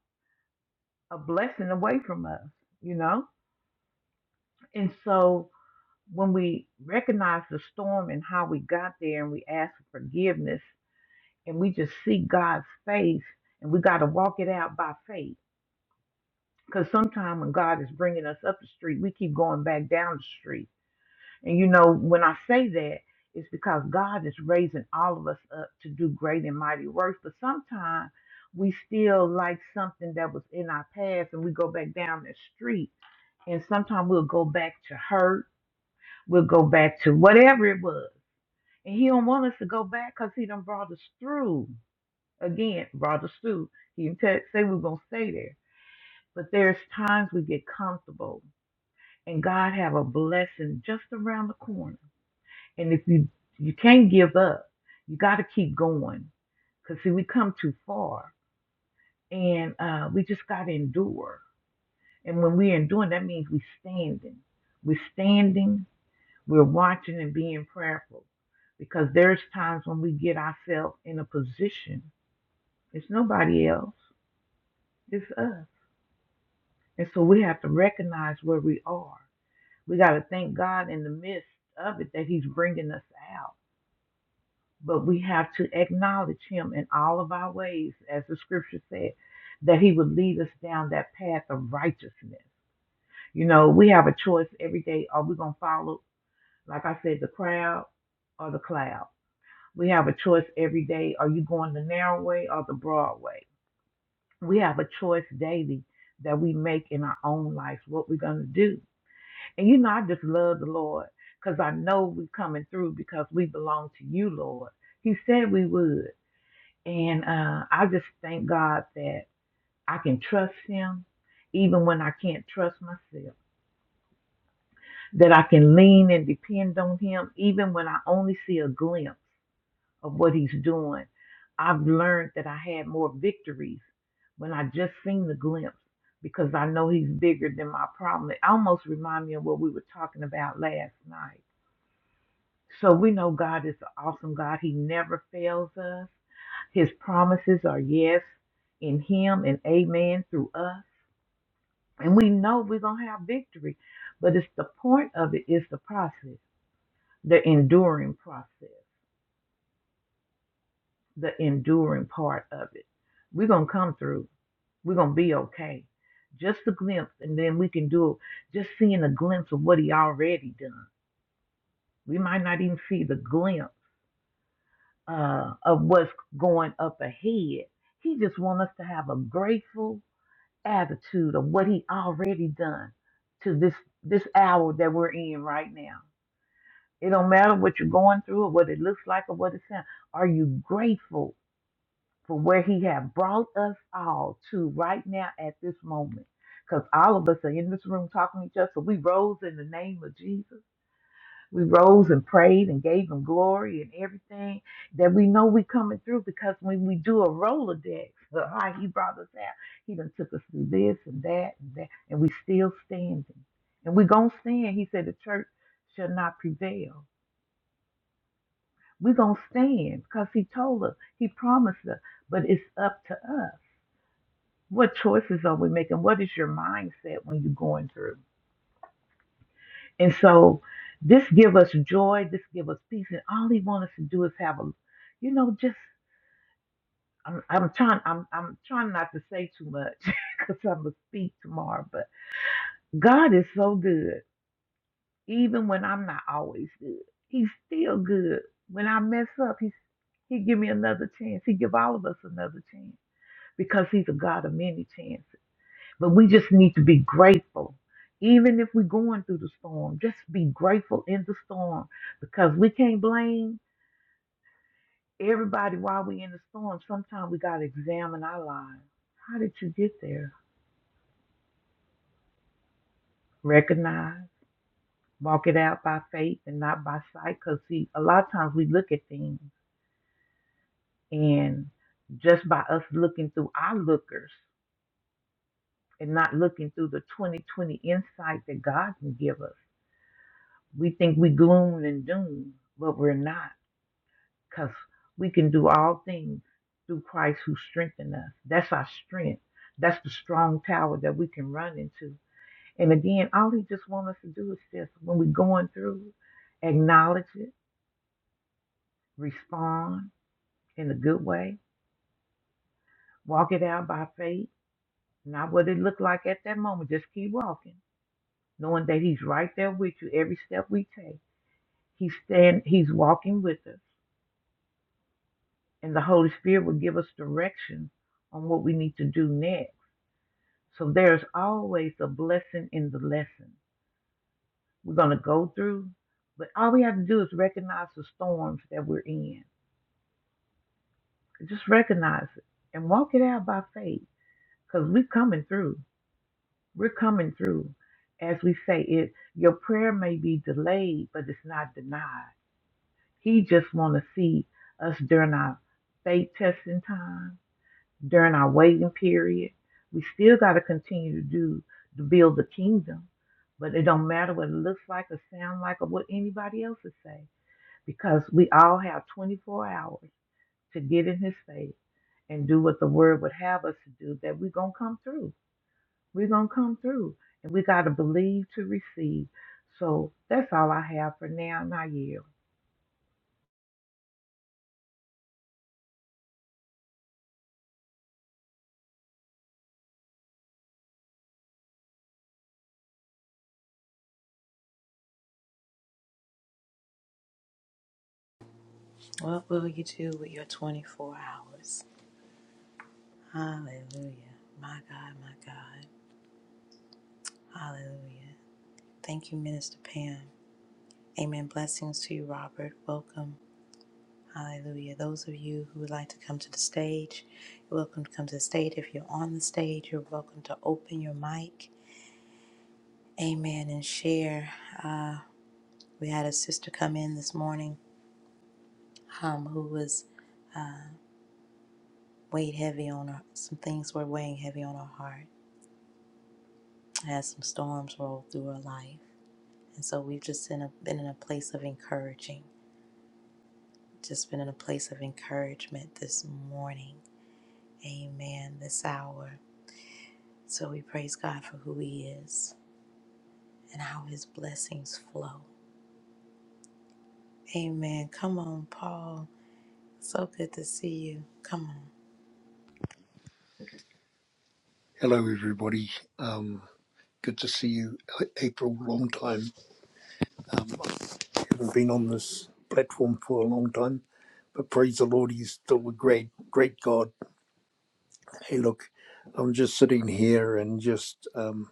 Speaker 5: a blessing away from us, you know? And so when we recognize the storm and how we got there, and we ask for forgiveness, and we just see God's face, and we got to walk it out by faith Because sometimes when God is bringing us up the street, we keep going back down the street. And you know, when I say that, it's because God is raising all of us up to do great and mighty works. But sometimes we still like something that was in our past and we go back down that street. And sometimes we'll go back to hurt, we'll go back to whatever it was. And He don't want us to go back because He done brought us through. Again, brought us through. He didn't tell- say we we're going to stay there. But there's times we get comfortable and God have a blessing just around the corner. And if you you can't give up, you got to keep going. Cause see, we come too far, and uh, we just got to endure. And when we endure, that means we are standing. We're standing. We're watching and being prayerful, because there's times when we get ourselves in a position. It's nobody else. It's us. And so we have to recognize where we are. We got to thank God in the midst of it that He's bringing us out. but we have to acknowledge him in all of our ways, as the scripture said, that he would lead us down that path of righteousness. You know, we have a choice every day. Are we going to follow, like I said, the crowd or the cloud? We have a choice every day. Are you going the narrow way or the broad way? We have a choice daily that we make in our own life what we're going to do. And you know, I just love the Lord because I know we're coming through because we belong to you, Lord. He said we would. And uh, I just thank God that I can trust Him even when I can't trust myself, that I can lean and depend on Him even when I only see a glimpse of what He's doing. I've learned that I had more victories when I just seen the glimpse because I know He's bigger than my problem. It almost reminds me of what we were talking about last night So we know God is an awesome God. He never fails us. His promises are yes in Him and amen through us. And we know we're going to have victory. But it's the point of it is the process, the enduring process, the enduring part of it. We're going to come through. We're going to be okay. Just a glimpse, and then we can do it. just seeing a glimpse of what He already done. We might not even see the glimpse uh, of what's going up ahead. He just wants us to have a grateful attitude of what he already done to this this hour that we're in right now. It don't matter what you're going through or what it looks like or what it sounds. Are you grateful for where he have brought us all to right now at this moment? Because all of us are in this room talking to each other. So we rose in the name of Jesus. We rose and prayed and gave him glory and everything that we know we coming through because when we do a Rolodex, the high he brought us out, he done took us through this and that and that, and we still standing. And we gonna stand. He said the church shall not prevail. we gonna stand because he told us, he promised us, but it's up to us. What choices are we making? What is your mindset when you're going through? And so this give us joy, this give us peace, and all he wants us to do is have a, you know, just I'm, I'm trying I'm I'm trying not to say too much because I'm gonna speak tomorrow. But God is so good, even when I'm not always good. He's still good. When I mess up, he's he give me another chance. He give all of us another chance because he's a God of many chances. But we just need to be grateful. Even if we're going through the storm, just be grateful in the storm because we can't blame everybody while we're in the storm. Sometimes we got to examine our lives. How did you get there? Recognize, walk it out by faith and not by sight. Because, see, a lot of times we look at things and just by us looking through our lookers and not looking through the 2020 insight that God can give us, we think we gloom and doom, but we're not because we can do all things through Christ who strengthened us. That's our strength. That's the strong tower that we can run into. And again, all he just wants us to do is just when we're going through, acknowledge it, respond in a good way, walk it out by faith, not what it looked like at that moment. Just keep walking, knowing that he's right there with you every step we take. He's stand, he's walking with us, and the Holy Spirit will give us direction on what we need to do next So there's always a blessing in the lesson we're going to go through. But all we have to do is recognize the storms that we're in. Just recognize it and walk it out by faith because we're coming through. We're coming through. As we say, it your prayer may be delayed, but it's not denied. He just want to see us during our faith testing time during our waiting period. We still got to continue to do to build the kingdom, but it don't matter what it looks like or sound like or what anybody else is saying, because we all have 24 hours to get in His face and do what the Word would have us to do. That we're gonna come through. We're gonna come through, and we got to believe to receive. So that's all I have for now. And I yield.
Speaker 1: What will you do with your 24 hours? Hallelujah. My God, my God. Hallelujah. Thank you, Minister Pam. Amen. Blessings to you, Robert. Welcome. Hallelujah. Those of you who would like to come to the stage, you're welcome to come to the stage. If you're on the stage, you're welcome to open your mic. Amen. And share. Uh, we had a sister come in this morning um, who was weighed heavy on her. Some things were weighing heavy on her heart Had some storms roll through her life. And so we've just been, a, been in a place of encouraging. Just been in a place of encouragement this morning. Amen. This hour. So we praise God for who He is and how His blessings flow. Amen. Come on, Paul. So good to see you. Come on.
Speaker 6: Hello, everybody. Um, good to see you, April. Long time. Haven't been on this platform for a long time, but praise the Lord, He's still a great, great God. Hey, look, I'm just sitting here and just um,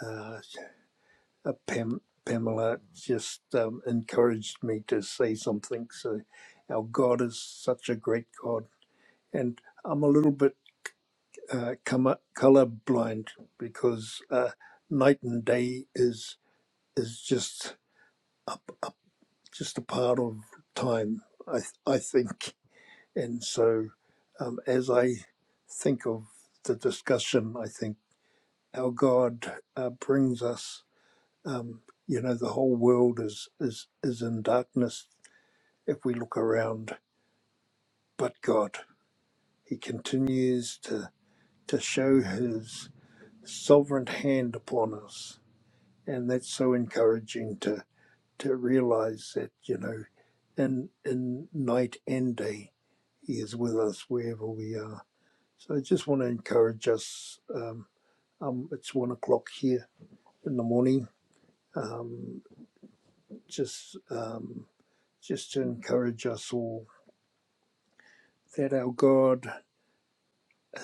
Speaker 6: uh, uh, Pam, Pamela just um, encouraged me to say something. So, our God is such a great God, and I'm a little bit uh, color blind because uh, night and day is is just. up, up just a part of time, I, I think. And so, um, as I think of the discussion, I think how God uh, brings us, um, you know, the whole world is, is, is in darkness if we look around, but God, He continues to, to show His sovereign hand upon us. And that's so encouraging to. to realize that, you know, in, in night and day, He is with us wherever we are. So I just want to encourage us. Um, um, it's one o'clock here in the morning. Um, just, um, just to encourage us all that our God,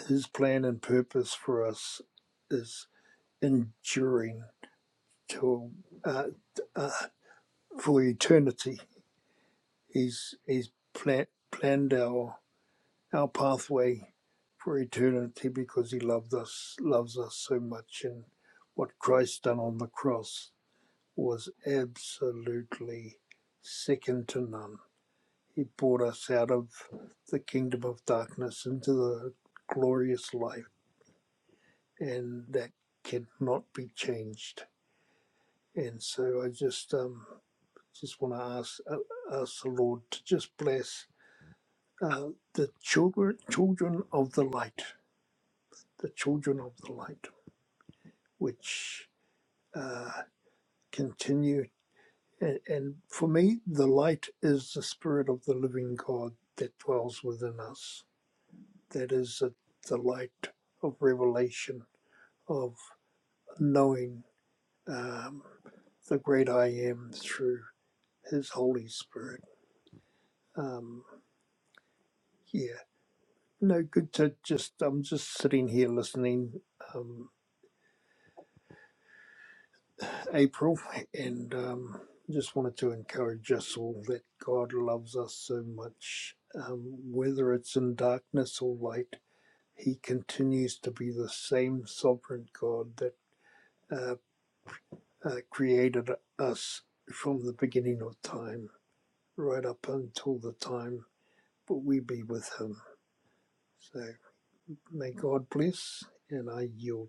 Speaker 6: His plan and purpose for us is enduring till uh, uh, for eternity. He's He's pla- planned our our pathway for eternity because he loved us loves us so much and what Christ done on the cross was absolutely second to none. He brought us out of the kingdom of darkness into the glorious life and that cannot be changed. And so I just um just want to ask uh, ask the Lord to just bless uh, the children children of the light the children of the light, which uh, continue. And, and for me, the light is the spirit of the living God that dwells within us. That is the, the light of revelation, of knowing um, the great I am through His Holy Spirit. Um, yeah, no good to just, I'm just sitting here listening. Um, April, and um, just wanted to encourage us all that God loves us so much. Um, whether it's in darkness or light, He continues to be the same sovereign God that uh, uh, created us from the beginning of time, right up until the time that we be with Him. So may God bless, and I yield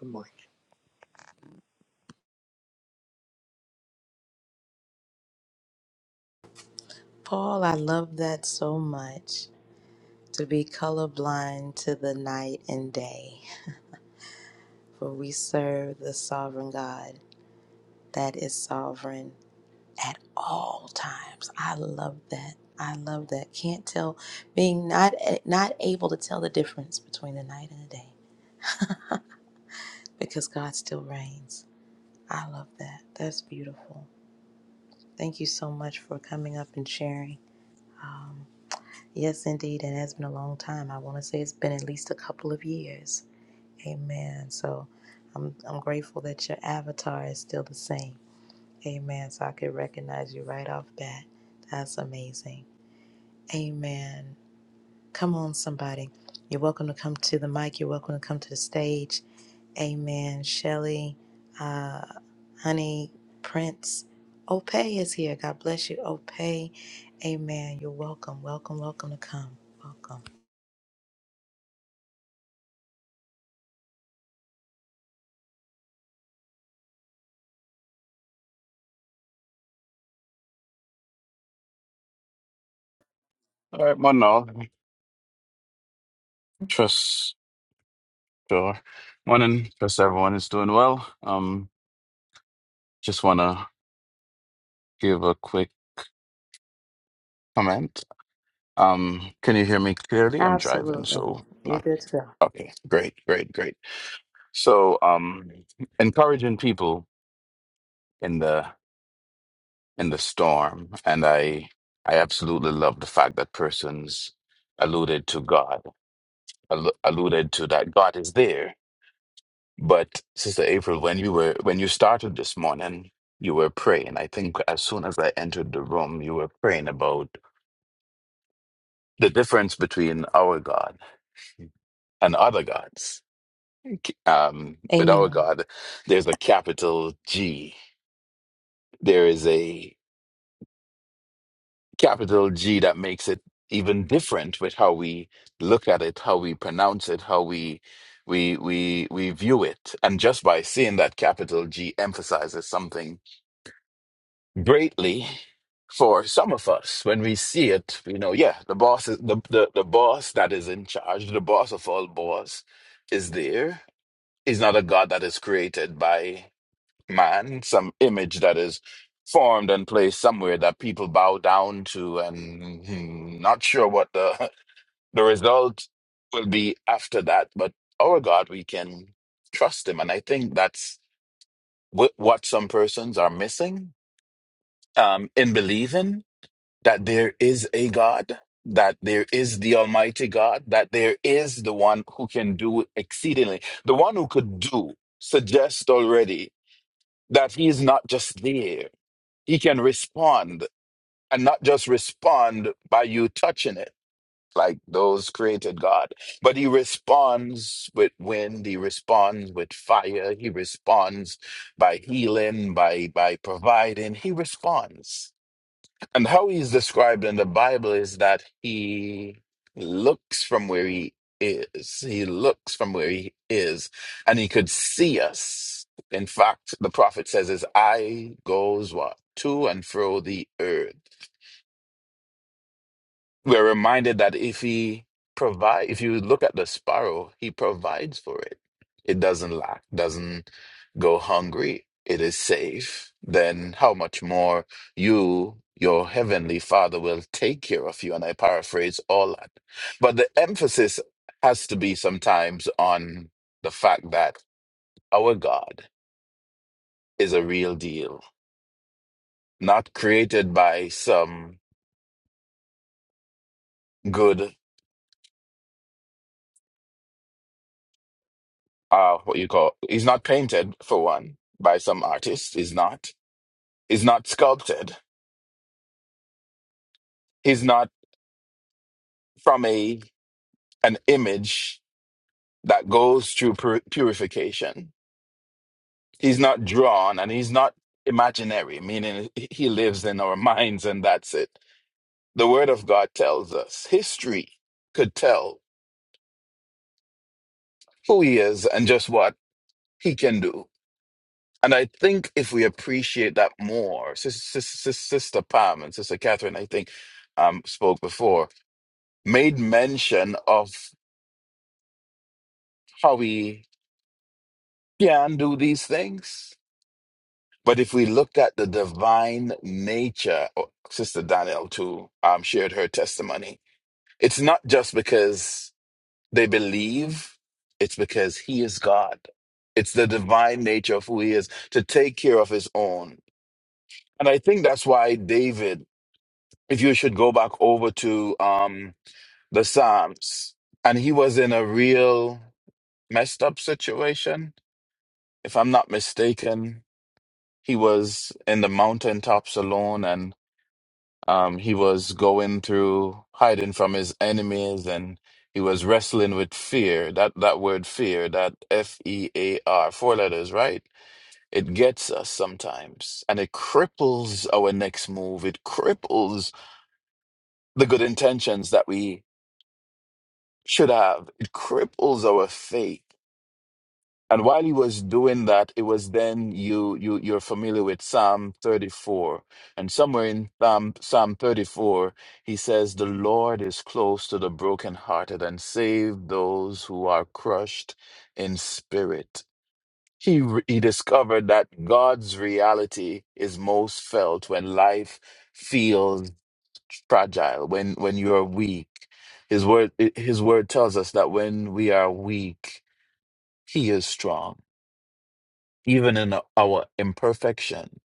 Speaker 6: the mic.
Speaker 1: Paul, I love that so much. To be colorblind to the night and day. For we serve the sovereign God that is sovereign at all times. I love that. I love that. Can't tell being not eh, not able to tell the difference between the night and the day because God still reigns. I love that. That's beautiful. Thank you so much for coming up and sharing. Um, yes, indeed, it has been a long time. I want to say it's been at least a couple of years. Amen. So I'm I'm grateful that your avatar is still the same. Amen. So I could recognize you right off bat. That's amazing. Amen. Come on, somebody. You're welcome to come to the mic. You're welcome to come to the stage. Amen. Shelly, uh, Honey, Prince, Ope is here. God bless you, Ope. Amen. You're welcome. Welcome, welcome to come. Welcome.
Speaker 7: All right, morning all. Trust sure. Morning, trust everyone is doing well. Um, just wanna give a quick comment. Um, can you hear me clearly? I'm driving,
Speaker 1: Absolutely.
Speaker 7: so
Speaker 1: You're
Speaker 7: not
Speaker 1: good to go.
Speaker 7: okay. Great, great, great. So, um, encouraging people in the in the storm, and I I absolutely love the fact that persons alluded to God, al- alluded to that God is there But Sister April, when you were when you started this morning, you were praying. I think as soon as I entered the room, you were praying about the difference between our God and other gods. Um, with our
Speaker 1: Amen.
Speaker 7: God, there's a capital G. There is a capital G that makes it even different with how we look at it, how we pronounce it, how we we we we view it. And just by seeing that capital G emphasizes something greatly for some of us when we see it you know yeah the boss is the, the the boss that is in charge the boss of all boss is there is not a god that is created by man some image that is formed and placed somewhere that people bow down to and hmm, not sure what the the result will be after that but our god we can trust him and i think that's wh- what some persons are missing um in believing that there is a God, that there is the Almighty God, that there is the one who can do exceedingly. The one who could do suggests already that he is not just there, he can respond and not just respond by you touching it. Like those created God, but he responds with wind, he responds with fire, he responds by healing, by by providing, he responds. And how he's described in the Bible is that he looks from where he is. He looks from where he is, and he could see us. In fact, the prophet says his eye goes what? To and fro the earth. We're reminded that if he provide, if you look at the sparrow, he provides for it. It doesn't lack, doesn't go hungry. It is safe. Then how much more you, your heavenly Father, will take care of you? And I paraphrase all that. But the emphasis has to be sometimes on the fact that our God is a real deal, not created by some good uh what you call he's not painted for one by some artist he's not he's not sculpted he's not from a an image that goes through pur- purification he's not drawn and he's not imaginary meaning he lives in our minds and that's it the word of god tells us history could tell who he is and just what he can do And I think if we appreciate that more, Sis- Sis- Sis- Sister Pam and Sister Catherine, I think, um, spoke before, made mention of how we can do these things. But if we looked at the divine nature, or Sister Danielle too um, shared her testimony, it's not just because they believe, it's because He is God. It's the divine nature of who He is to take care of His own. And I think that's why David if you should go back over to um the Psalms, and he was in a real messed up situation. If I'm not mistaken, he was in the mountaintops alone, and um he was going through hiding from his enemies, and he was wrestling with fear. That that word fear, that F E A R, four letters, right? It gets us sometimes, and it cripples our next move. It cripples the good intentions that we should have. It cripples our faith. And while he was doing that, it was then you you you're familiar with Psalm 34. And somewhere in Psalm Psalm 34, he says, The Lord is close to the brokenhearted and save those who are crushed in spirit. He re- he discovered that God's reality is most felt when life feels fragile, when when you are weak. His word eh, his word tells us that when we are weak, he is strong. Even in our imperfection,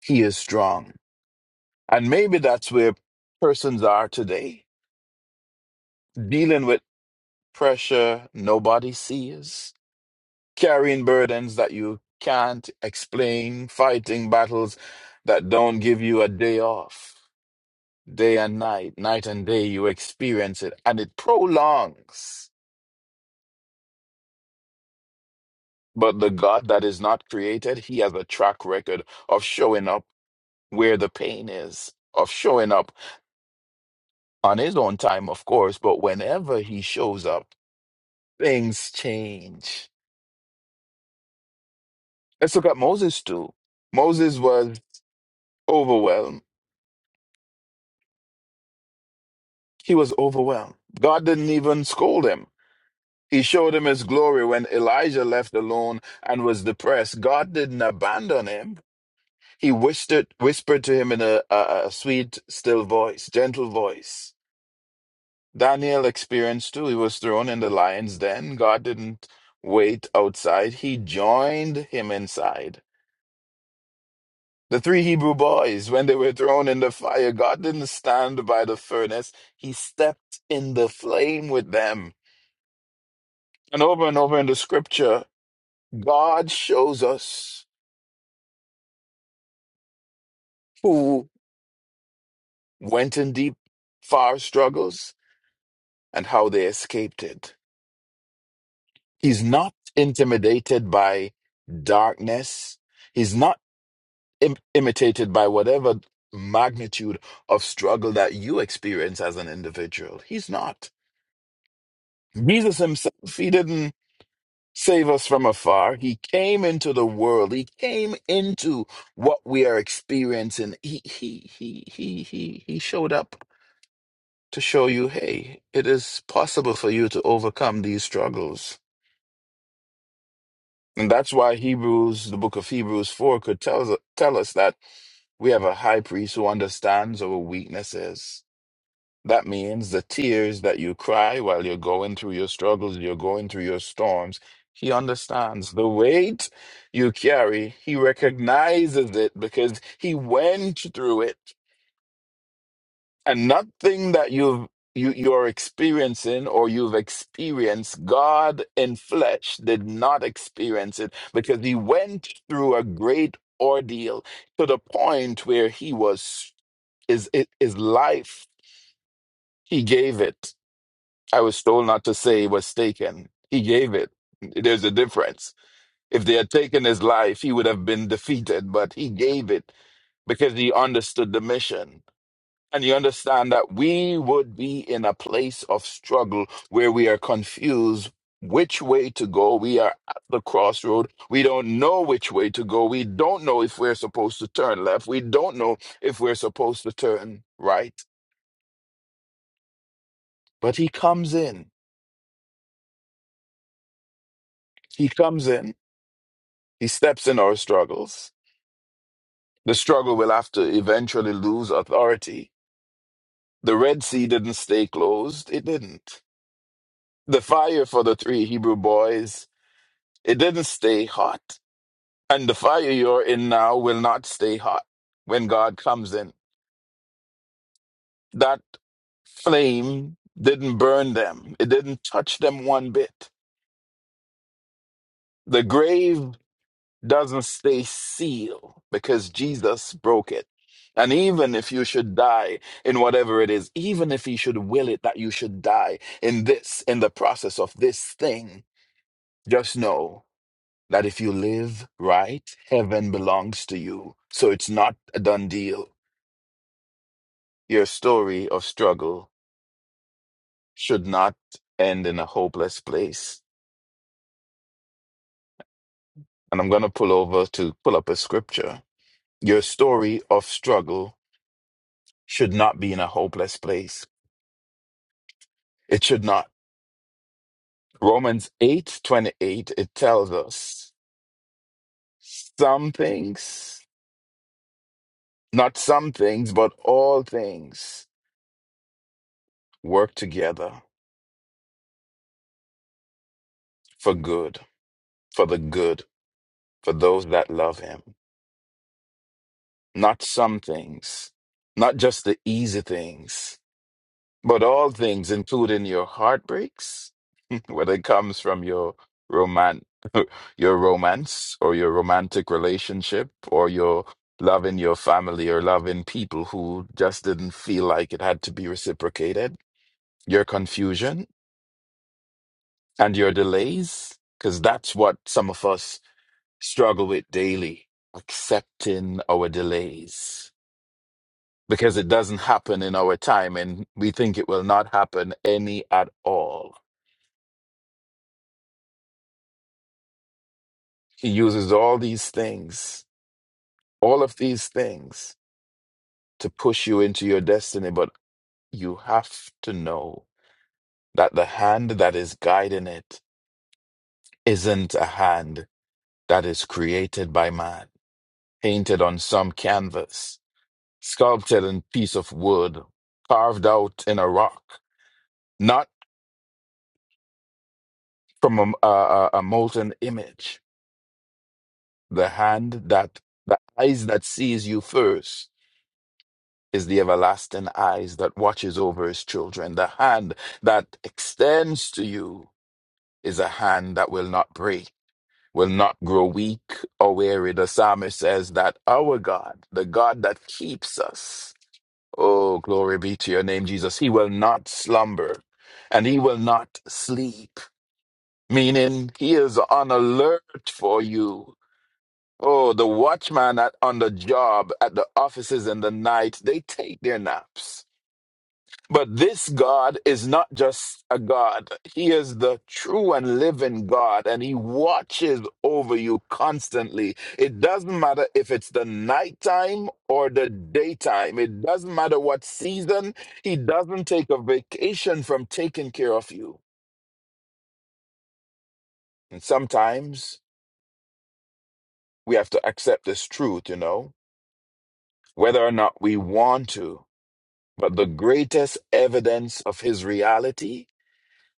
Speaker 7: he is strong. And maybe that's where persons are today, dealing with pressure nobody sees, carrying burdens that you can't explain, fighting battles that don't give you a day off. Day and night, night and day, you experience it, and it prolongs. But the God that is not created, he has a track record of showing up where the pain is, of showing up on his own time, of course, but whenever he shows up, things change. Let's look at Moses too. Moses was overwhelmed. He was overwhelmed. God didn't even scold him. He showed him his glory when Elijah left alone and was depressed. God didn't abandon him. He whispered, whispered to him in a, a, a sweet, still voice, gentle voice. Daniel experienced too. He was thrown in the lion's den. God didn't wait outside, He joined him inside. The three Hebrew boys, when they were thrown in the fire, God didn't stand by the furnace, He stepped in the flame with them. And over and over in the scripture, God shows us who went in deep, far struggles and how they escaped it. He's not intimidated by darkness. He's not Im- imitated by whatever magnitude of struggle that you experience as an individual. He's not. Jesus himself, he didn't save us from afar. He came into the world. He came into what we are experiencing. He he he he he he showed up to show you, hey, it is possible for you to overcome these struggles. And that's why Hebrews, the book of Hebrews 4 could tell us, tell us that we have a high priest who understands our weaknesses That means the tears that you cry while you're going through your struggles, you're going through your storms. He understands the weight you carry. He recognizes it because he went through it. And nothing that you've you, you're experiencing or you've experienced, God in flesh did not experience it because he went through a great ordeal to the point where he was is his life he gave it I was told not to say it was taken. He gave it. There's a difference. If they had taken his life, he would have been defeated, but he gave it because he understood the mission. And you understand that we would be in a place of struggle where we are confused which way to go. We are at the crossroad. We don't know which way to go. We don't know if we're supposed to turn left. We don't know if we're supposed to turn right. But he comes in. He comes in. He steps in our struggles. The struggle will have to eventually lose authority. The Red Sea didn't stay closed. It didn't. The fire for the three Hebrew boys, it didn't stay hot. And the fire you're in now will not stay hot when God comes in. That flame didn't burn them. It didn't touch them one bit. The grave doesn't stay sealed because Jesus broke it. And even if you should die in whatever it is, even if he should will it that you should die in this, in the process of this thing, just know that if you live right, heaven belongs to you. So it's not a done deal. Your story of struggle should not end in a hopeless place. And I'm going to pull over to pull up a scripture. Your story of struggle should not be in a hopeless place It should not. Romans 8 28. it tells us some things, not some things, but all things work together for good, for the good, for those that love him. Not some things, not just the easy things, but all things, including your heartbreaks, whether it comes from your your romance or your romantic relationship or your love in your family or love in people who just didn't feel like it had to be reciprocated, your confusion and your delays, because that's what some of us struggle with daily, accepting our delays. Because it doesn't happen in our time and we think it will not happen any at all. He uses all these things, all of these things to push you into your destiny. But you have to know that the hand that is guiding it isn't a hand that is created by man, painted on some canvas, sculpted in piece of wood, carved out in a rock, not from a, a, a molten image. The hand that, the eyes that sees you first is the everlasting eyes that watches over his children. The hand that extends to you is a hand that will not break. will not grow weak or weary. The psalmist says that our God, the God that keeps us, oh, glory be to your name, Jesus, he will not slumber and he will not sleep, meaning he is on alert for you. Oh, the watchman at, on the job, at the offices in the night, they take their naps. But this God is not just a God. He is the true and living God, and He watches over you constantly. It doesn't matter if it's the nighttime or the daytime, it doesn't matter what season. He doesn't take a vacation from taking care of you. And sometimes we have to accept this truth, you know, whether or not we want to. But the greatest evidence of His reality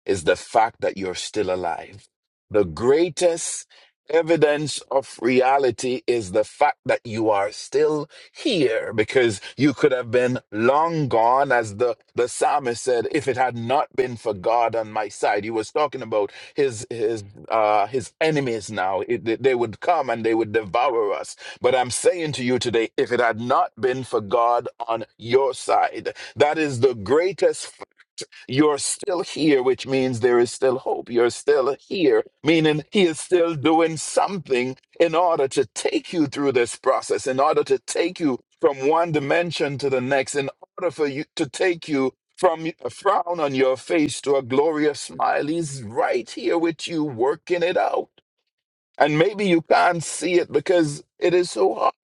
Speaker 7: is the fact that you're still alive. The greatest evidence of reality is the fact that you are still here because you could have been long gone as the the psalmist said if it had not been for God on my side he was talking about his his uh his enemies now It- they they would come and they would devour us but I'm saying to you today if it had not been for God on your side that is the greatest you're still here, which means there is still hope. You're still here, meaning He is still doing something in order to take you through this process, in order to take you from one dimension to the next, in order for you to take you from a frown on your face to a glorious smile. He's right here with you, working it out. And maybe you can't see it because it is so hard.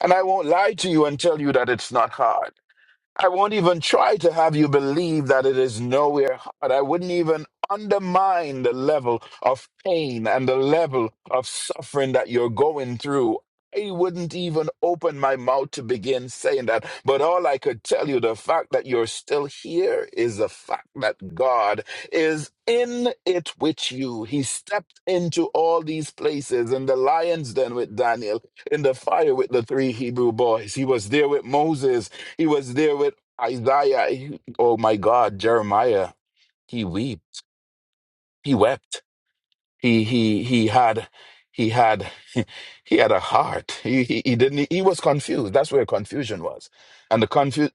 Speaker 7: And I won't lie to you and tell you that it's not hard. I won't even try to have you believe that it is nowhere hard. I wouldn't even undermine the level of pain and the level of suffering that you're going through. I wouldn't even open my mouth to begin saying that. But all I could tell you, the fact that you're still here is the fact that God is in it with you. He stepped into all these places in the lion's den with Daniel, in the fire with the three Hebrew boys. He was there with Moses. He was there with Isaiah. He- oh my God, Jeremiah. He wept. He wept. He he he had he had he had a heart. He he, he didn't. He was confused. That's where confusion was, and the confu-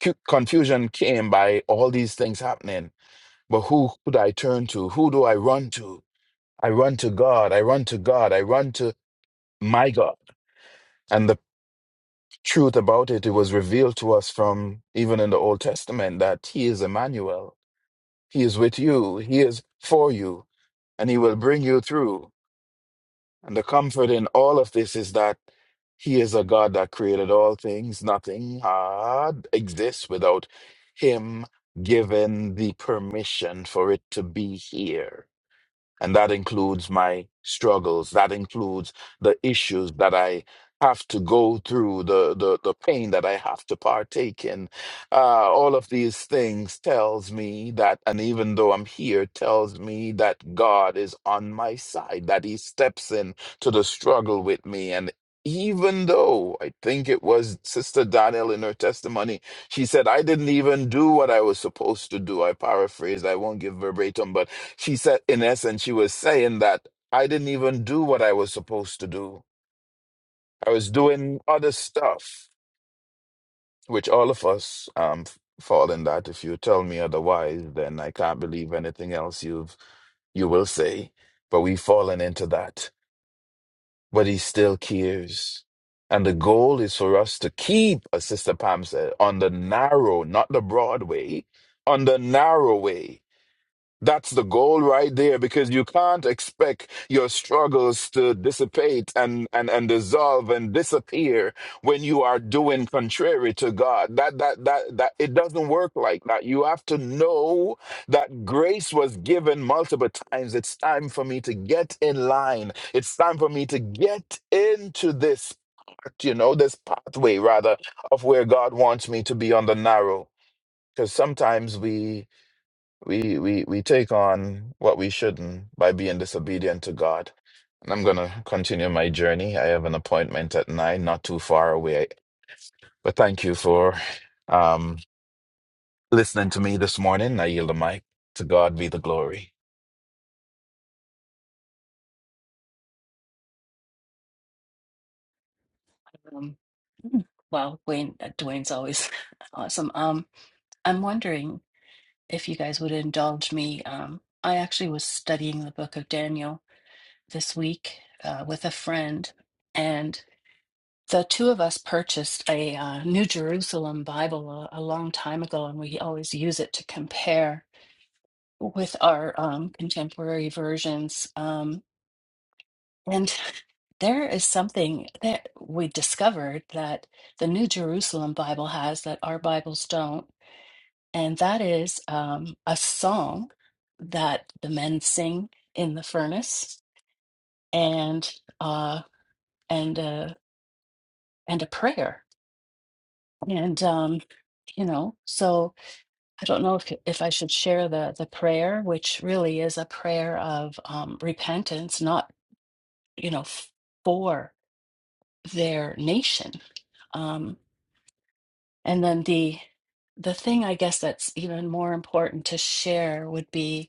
Speaker 7: cu- confusion came by all these things happening. But who could I turn to? Who do I run to? I run to God. I run to God. I run to my God. And the truth about it, it was revealed to us from even in the Old Testament that He is Emmanuel. He is with you. He is for you, and He will bring you through. And the comfort in all of this is that He is a God that created all things. Nothing hard exists without Him giving the permission for it to be here. And that includes my struggles. That includes the issues that I have to go through, the the, the pain that I have to partake in. Uh, all of these things tells me that, and even though I'm here, tells me that God is on my side, that He steps in to the struggle with me. And even though I think it was Sister Danielle in her testimony, she said, I didn't even do what I was supposed to do. I paraphrased, I won't give verbatim, but she said, in essence, she was saying that I didn't even do what I was supposed to do. I was doing other stuff, which all of us um, f- fall in that. If you tell me otherwise, then I can't believe anything else you've you will say. But we've fallen into that. But he still cares. And the goal is for us to keep, as Sister Pam said, on the narrow, not the broad way, on the narrow way That's the goal right there because you can't expect your struggles to dissipate and, and, and dissolve and disappear when you are doing contrary to God. That, that, that, that, it doesn't work like that. You have to know that grace was given multiple times. It's time for me to get in line. It's time for me to get into this, you know, this pathway rather of where God wants me to be on the narrow. Because sometimes we, we we we take on what we shouldn't by being disobedient to God. And I'm gonna continue my journey. I have an appointment at nine, not too far away. But thank you for um listening to me this morning. I yield the mic. To God be the glory.
Speaker 3: Um, well, Wayne, uh, Dwayne's always awesome. Um, I'm wondering if you guys would indulge me. Um, I actually was studying the book of Daniel this week uh, with a friend, and the two of us purchased a uh, New Jerusalem Bible a, a long time ago, and we always use it to compare with our um, contemporary versions. Um, And there is something that we discovered that the New Jerusalem Bible has that our Bibles don't, and that is um, a song that the men sing in the furnace, and uh, and uh, and a prayer, and um, you know. So I don't know if if I should share the the prayer, which really is a prayer of um, repentance, not you know f- for their nation. Um, And then the the thing I guess that's even more important to share would be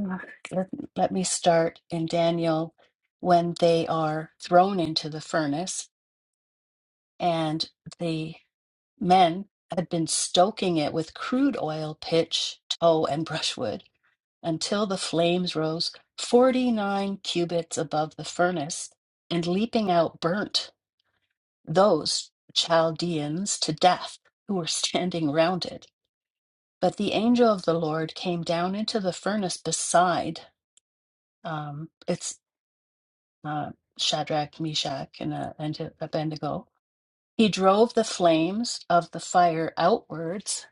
Speaker 3: Ugh. let, let me start in Daniel when they are thrown into the furnace and the men had been stoking it with crude oil, pitch, tow, and brushwood until the flames rose 49 cubits above the furnace and leaping out burnt those Chaldeans to death who were standing round it. But the angel of the Lord came down into the furnace beside um, it's uh, Shadrach, Meshach, and, uh, and Abednego. He drove the flames of the fire outwards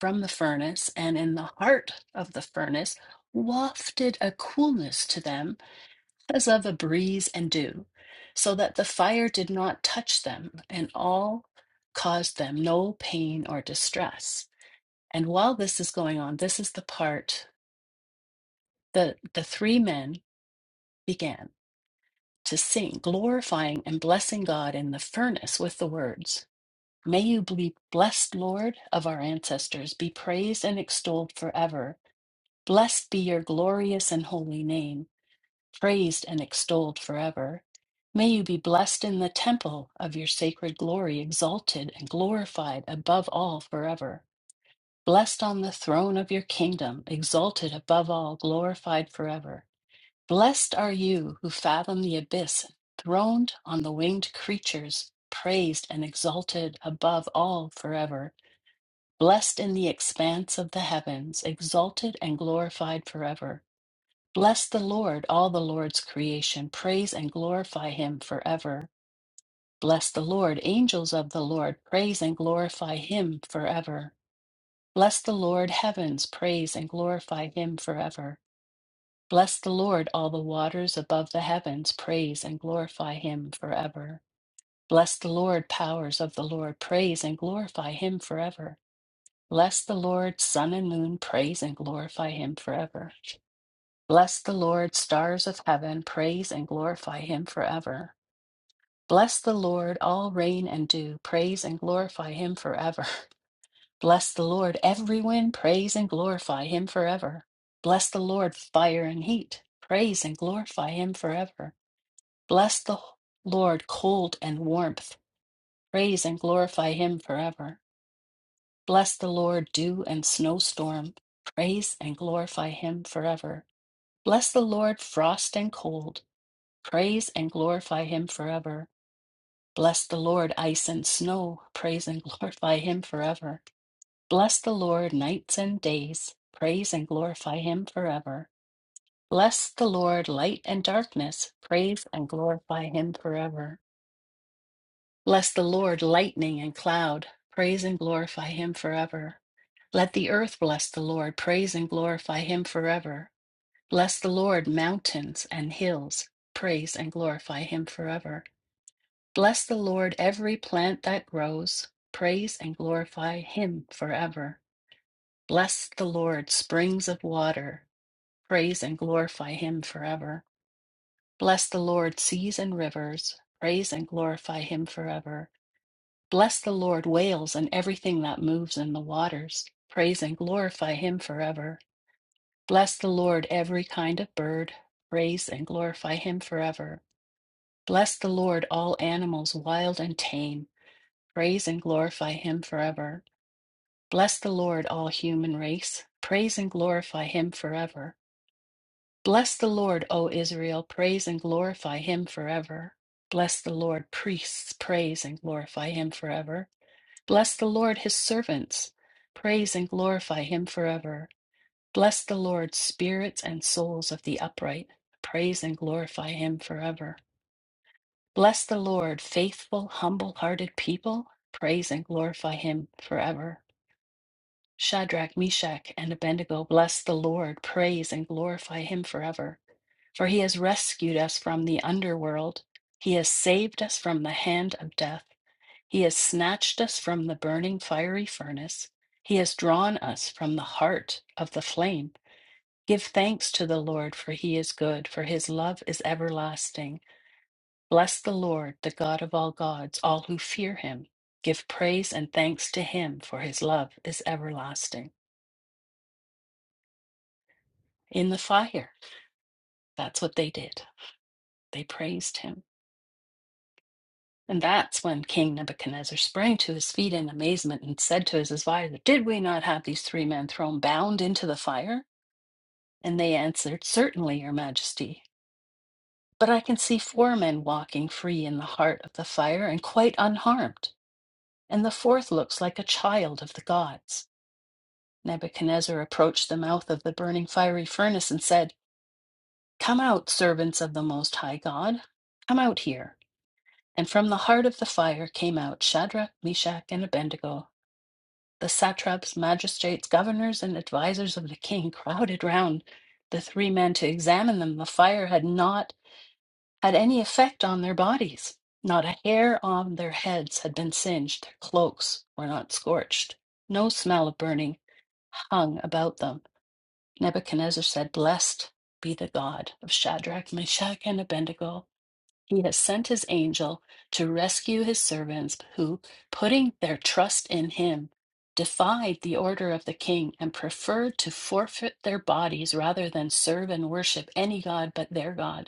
Speaker 3: from the furnace, and in the heart of the furnace wafted a coolness to them as of a breeze and dew, so that the fire did not touch them, and all caused them no pain or distress. And while this is going on, this is the part. The, the three men began to sing, glorifying and blessing God in the furnace with the words, May you be blessed, Lord of our ancestors, be praised and extolled forever. Blessed be your glorious and holy name, praised and extolled forever. May you be blessed in the temple of your sacred glory, exalted and glorified above all forever. Blessed on the throne of your kingdom, exalted above all, glorified forever. Blessed are you who fathom the abyss, throned on the winged creatures, praised and exalted above all forever. Blessed in the expanse of the heavens, exalted and glorified forever. Bless the Lord, all the Lord's creation, praise and glorify him forever. Bless the Lord, angels of the Lord, praise and glorify him forever. Bless the Lord, heavens, praise and glorify him forever. Bless the Lord, all the waters above the heavens, praise and glorify him forever. Bless the Lord, powers of the Lord, praise and glorify him forever. Bless the Lord, sun and moon, praise and glorify him forever. Bless the Lord, stars of heaven, praise and glorify him forever. Bless the Lord, all rain and dew, praise and glorify him forever. Bless the Lord, every wind, praise and glorify him forever. Bless the Lord, fire and heat, praise and glorify him forever. Bless the Lord, cold and warmth. Praise and glorify him forever. Bless the Lord, dew and snowstorm. Praise and glorify him forever. Bless the Lord, frost and cold. Praise and glorify him forever. Bless the Lord, ice and snow. Praise and glorify him forever. Bless the Lord, nights and days. Praise and glorify him forever. Bless the Lord, light and darkness. Praise and glorify him forever. Bless the Lord, lightning and cloud. Praise and glorify him forever. Let the earth bless the Lord. Praise and glorify him forever. Bless the Lord, mountains and hills. Praise and glorify him forever. Bless the Lord, every plant that grows. Praise and glorify him forever. Bless the Lord, springs of water. Praise and glorify him forever. Bless the Lord, seas and rivers. Praise and glorify him forever. Bless the Lord, whales, and everything that moves in the waters. Praise and glorify him forever. Bless the Lord, every kind of bird. Praise and glorify him forever. Bless the Lord, all animals, wild and tame. Praise and glorify him forever. Bless the Lord, all human race. Praise and glorify him forever. Bless the Lord, O Israel. Praise and glorify him forever. Bless the Lord, priests. Praise and glorify him forever. Bless the Lord, his servants. Praise and glorify him forever. Bless the Lord, spirits and souls of the upright. Praise and glorify him forever. Bless the Lord, faithful, humble hearted people. Praise and glorify him forever. Shadrach, Meshach, and Abednego, bless the Lord. Praise and glorify him forever. For he has rescued us from the underworld. He has saved us from the hand of death. He has snatched us from the burning fiery furnace. He has drawn us from the heart of the flame. Give thanks to the Lord, for he is good, for his love is everlasting. Bless the Lord, the God of all gods, all who fear him. Give praise and thanks to him, for his love is everlasting. In the fire, that's what they did. They praised him. And that's when King Nebuchadnezzar sprang to his feet in amazement and said to his advisor, Did we not have these three men thrown bound into the fire? And they answered, Certainly, Your Majesty. But I can see four men walking free in the heart of the fire and quite unharmed, and the fourth looks like a child of the gods. Nebuchadnezzar approached the mouth of the burning fiery furnace and said, Come out, servants of the Most High God, come out here. And from the heart of the fire came out Shadrach, Meshach, and Abednego. The satraps, magistrates, governors, and advisers of the king crowded round the three men to examine them. The fire had not had any effect on their bodies. Not a hair on their heads had been singed, their cloaks were not scorched. No smell of burning hung about them. Nebuchadnezzar said, Blessed be the God of Shadrach, Meshach, and Abednego. He has sent his angel to rescue his servants who, putting their trust in him, defied the order of the king and preferred to forfeit their bodies rather than serve and worship any god but their God.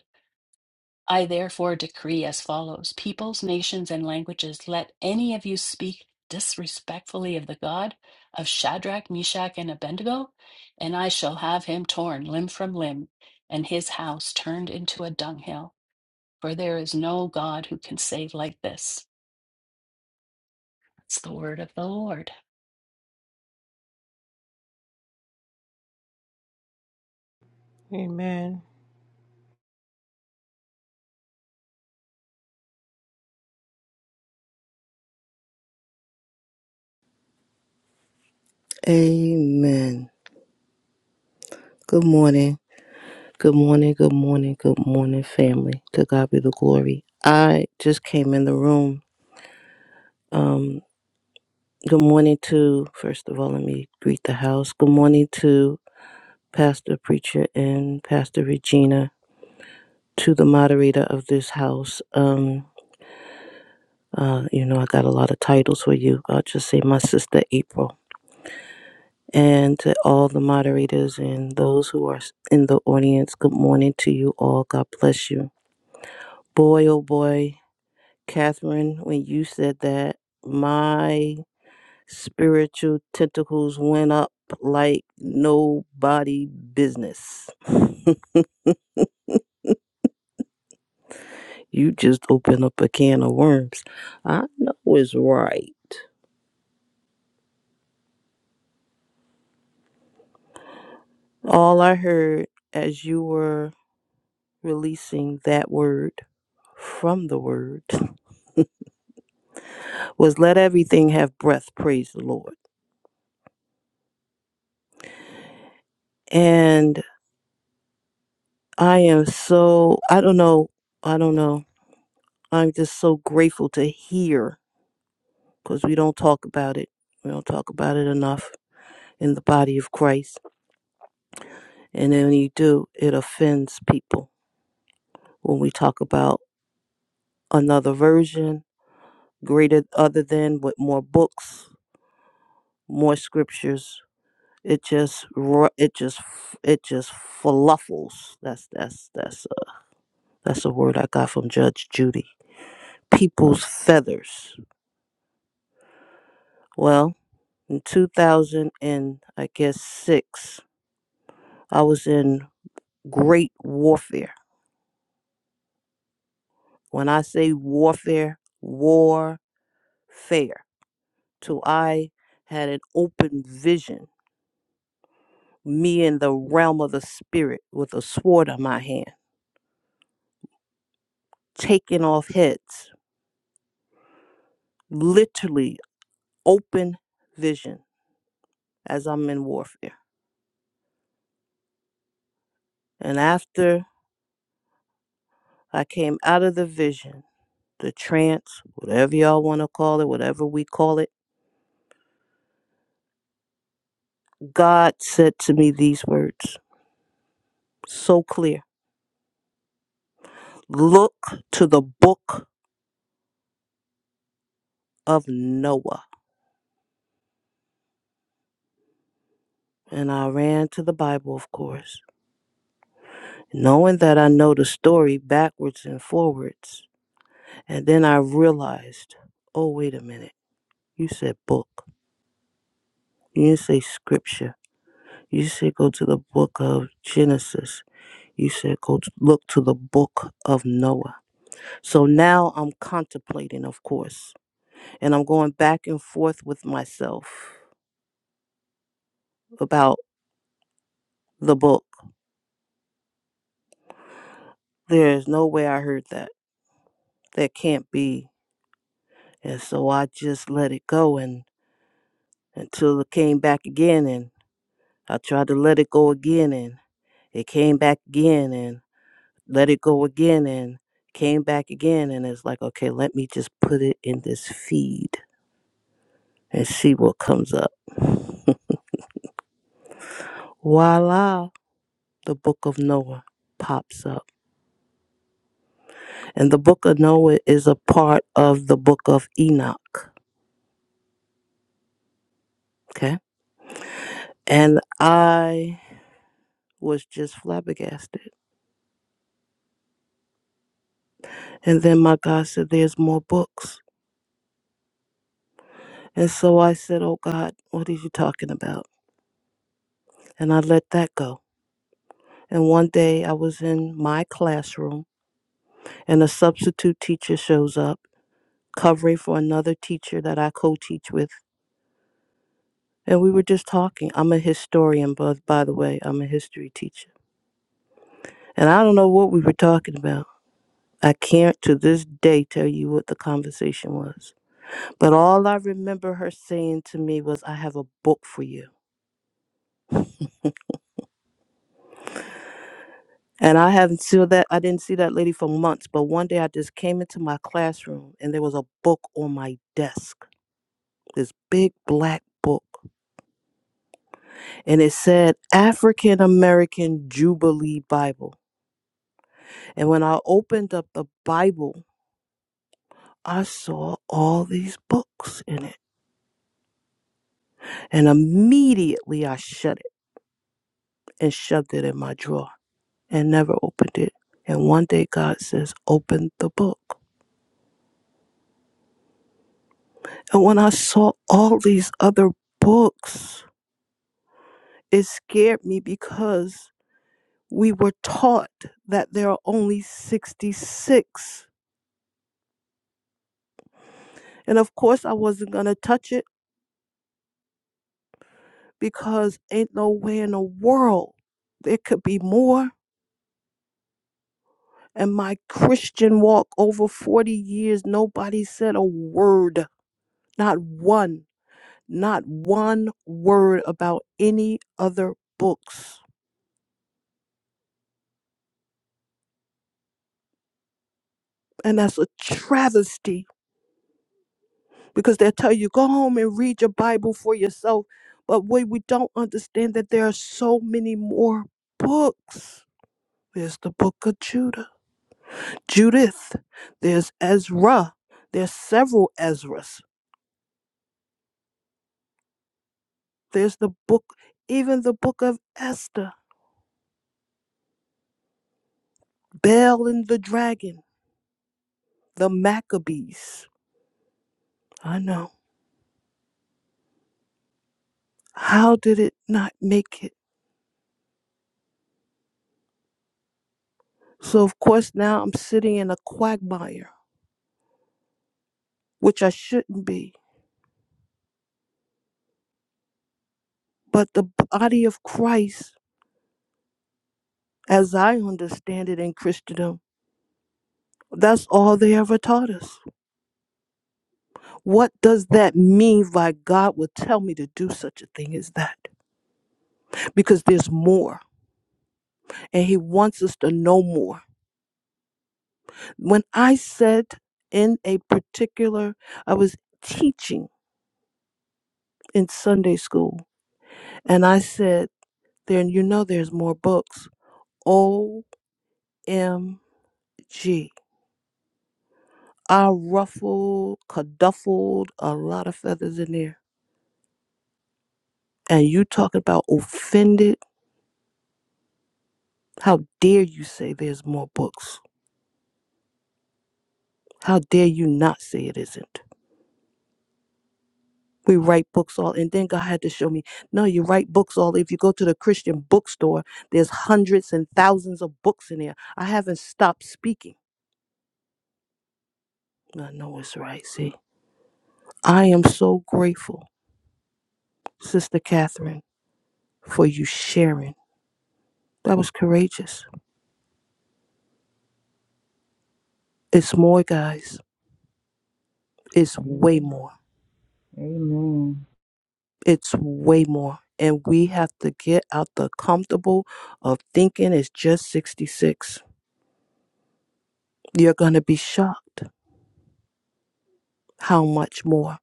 Speaker 3: I therefore decree as follows peoples, nations, and languages, let any of you speak disrespectfully of the God of Shadrach, Meshach, and Abednego, and I shall have him torn limb from limb, and his house turned into a dunghill. For there is no God who can save like this. That's the word of the Lord.
Speaker 2: Amen.
Speaker 8: Amen. Good morning. Good morning. Good morning. Good morning, family. To God be the glory. I just came in the room. Um, good morning to, first of all, let me greet the house. Good morning to Pastor Preacher and Pastor Regina, to the moderator of this house. Um, uh, you know, I got a lot of titles for you. I'll just say my sister April. And to all the moderators and those who are in the audience, good morning to you all. God bless you. Boy, oh boy, Catherine, when you said that, my spiritual tentacles went up like nobody business. You just opened up a can of worms. I know it's right. All I heard as you were releasing that word from the word was let everything have breath, praise the Lord. And I am so, I don't know, I don't know I'm just so grateful to hear because we don't talk about it. We don't talk about it enough in the body of Christ. And then when you do, it offends people when we talk about another version, greater other than with more books, more scriptures. It just ru- it just f- it just fluffles. That's that's that's a, that's a word I got from Judge Judy. People's feathers. Well, in 2000 and I guess six, I was in great warfare. When I say warfare, warfare. Till I had an open vision, me in the realm of the spirit with a sword in my hand, taking off heads, literally open vision as I'm in warfare. And after I came out of the vision, the trance, whatever y'all want to call it, whatever we call it, God said to me these words so clear. Look to the book of Noah. And I ran to the Bible, of course, knowing that I know the story backwards and forwards. And then I realized, oh, wait a minute. You said book. You didn't say scripture. You said go to the book of Genesis. You said go to, look to the book of Noah. So now I'm contemplating, of course, and I'm going back and forth with myself about the book. There is no way I heard that. That can't be And so I just let it go and until it came back again and I tried to let it go again and it came back again and let it go again and came back again and it's like okay let me just put it in this feed and see what comes up. Voila the book of Noah pops up. And the book of Noah is a part of the book of Enoch. Okay. And I was just flabbergasted. And then my God said there's more books. And so I said, Oh God, what are you talking about? And I let that go. And one day I was in my classroom and a substitute teacher shows up, covering for another teacher that I co teach with. And we were just talking. I'm a historian, but by the way, I'm a history teacher. And I don't know what we were talking about. I can't to this day tell you what the conversation was. But all I remember her saying to me was, I have a book for you. And I haven't seen that. I didn't see that lady for months. But one day I just came into my classroom and there was a book on my desk, this big black book. And it said African American Jubilee Bible. And when I opened up the Bible, I saw all these books in it. And immediately I shut it and shoved it in my drawer and never opened it. And one day God says, Open the book. And when I saw all these other books, it scared me because we were taught that there are only 66. And of course, I wasn't going to touch it because ain't no way in the world there could be more. And my Christian walk over 40 years, nobody said a word, not one, not one word about any other books. And that's a travesty because they'll tell you go home and read your bible for yourself but what we don't understand that there are so many more books there's the book of judah judith there's ezra there's several ezras there's the book even the book of esther Bel and the dragon the maccabees i know how did it not make it so of course now i'm sitting in a quagmire which i shouldn't be but the body of christ as I understand it in Christendom. That's all they ever taught us. What does that mean why God would tell me to do such a thing as that? Because there's more, and He wants us to know more. When I said in a particular, I was teaching in Sunday school, and I said, then you know there's more books. O M G! I ruffled, caduffled a lot of feathers in there and you talking about offended How dare you say there's more books? How dare you not say it isn't? We write books all, and then God had to show me, no, you write books all. If you go to the Christian bookstore, there's hundreds and thousands of books in there. I haven't stopped speaking. I know it's right. See, I am so grateful, Sister Catherine, for you sharing. That was courageous. It's more, guys. It's way
Speaker 5: Amen.
Speaker 8: more.
Speaker 5: Amen.
Speaker 8: it's way more and we have to get out the comfortable of thinking it's just 66 you're going to be shocked how much more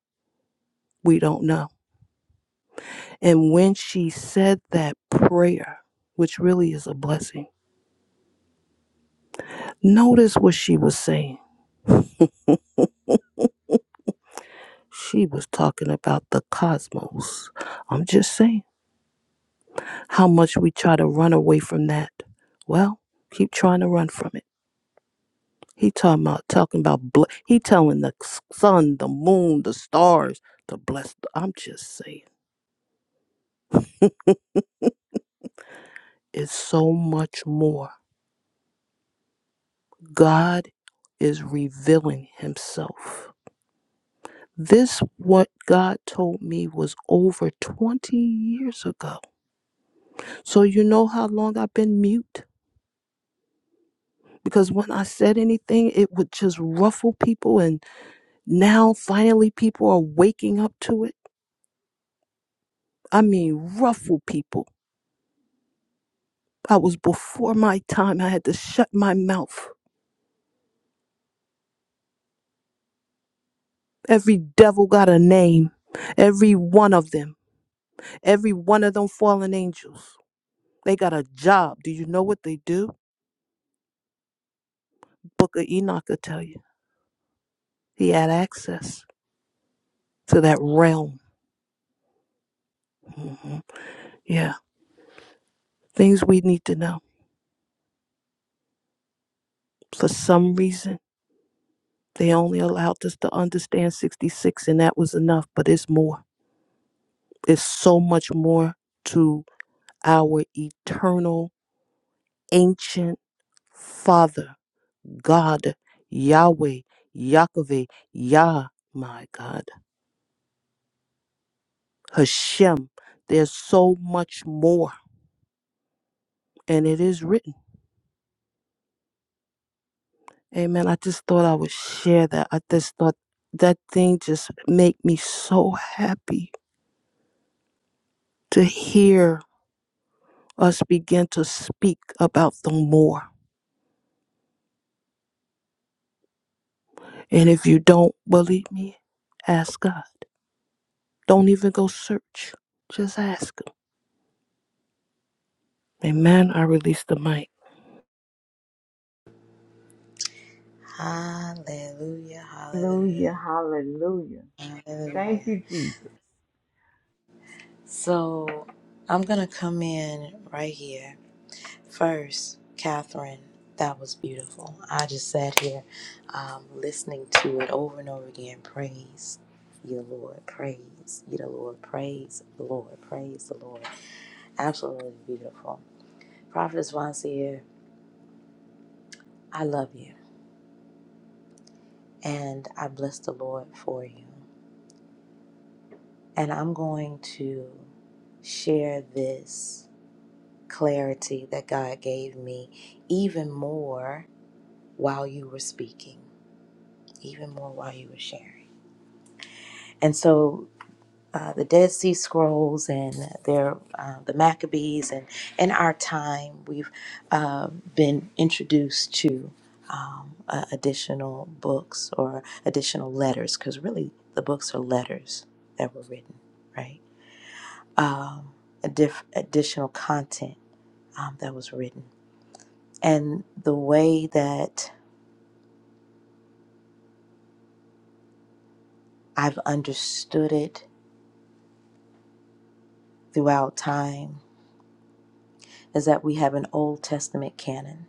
Speaker 8: we don't know and when she said that prayer which really is a blessing notice what she was saying she was talking about the cosmos i'm just saying how much we try to run away from that well keep trying to run from it He talking about talking about ble- he telling the sun, the moon, the stars to bless. I'm just saying, it's so much more. God is revealing Himself. This what God told me was over 20 years ago. So you know how long I've been mute because when I said anything, it would just ruffle people, and now finally people are waking up to it. I mean, ruffle people I was before my time. I had to shut my mouth. Every devil got a name. Every one of them. Every one of them fallen angels. They got a job. Do you know what they do? Book of Enoch will tell you. He had access to that realm. Mhm. Yeah. Things we need to know. For some reason, they only allowed us to understand 66, and that was enough, but it's more. It's so much more to our eternal, ancient Father God, Yahweh, Yahweh, Yah, my God, Hashem. There's so much more, and it is written. Amen. I just thought I would share that. I just thought that thing just made me so happy to hear us begin to speak about the more. And if you don't believe me, ask God. Don't even go search. Just ask him. Amen. I release the mic.
Speaker 1: Hallelujah. Hallelujah.
Speaker 5: Hallelujah. Hallelujah.
Speaker 1: Hallelujah.
Speaker 5: Thank you, Jesus.
Speaker 1: So I'm going to come in right here First, Catherine, that was beautiful. I just sat here um, listening to it over and over again. Praise you, Lord. Praise you, the Lord. Praise the Lord. Praise the Lord. Absolutely beautiful. Prophetess Vancier, I love you. And I bless the Lord for you. And I'm going to share this clarity that God gave me even more while you were speaking, even more while you were sharing. and so uh, the Dead Sea Scrolls and their uh, the Maccabees and in our time we've uh, been introduced to um, uh, additional books or additional letters because really the books are letters that were written, right? Um, a diff- additional content um, that was written, and the way that I've understood it throughout time is that we have an Old Testament canon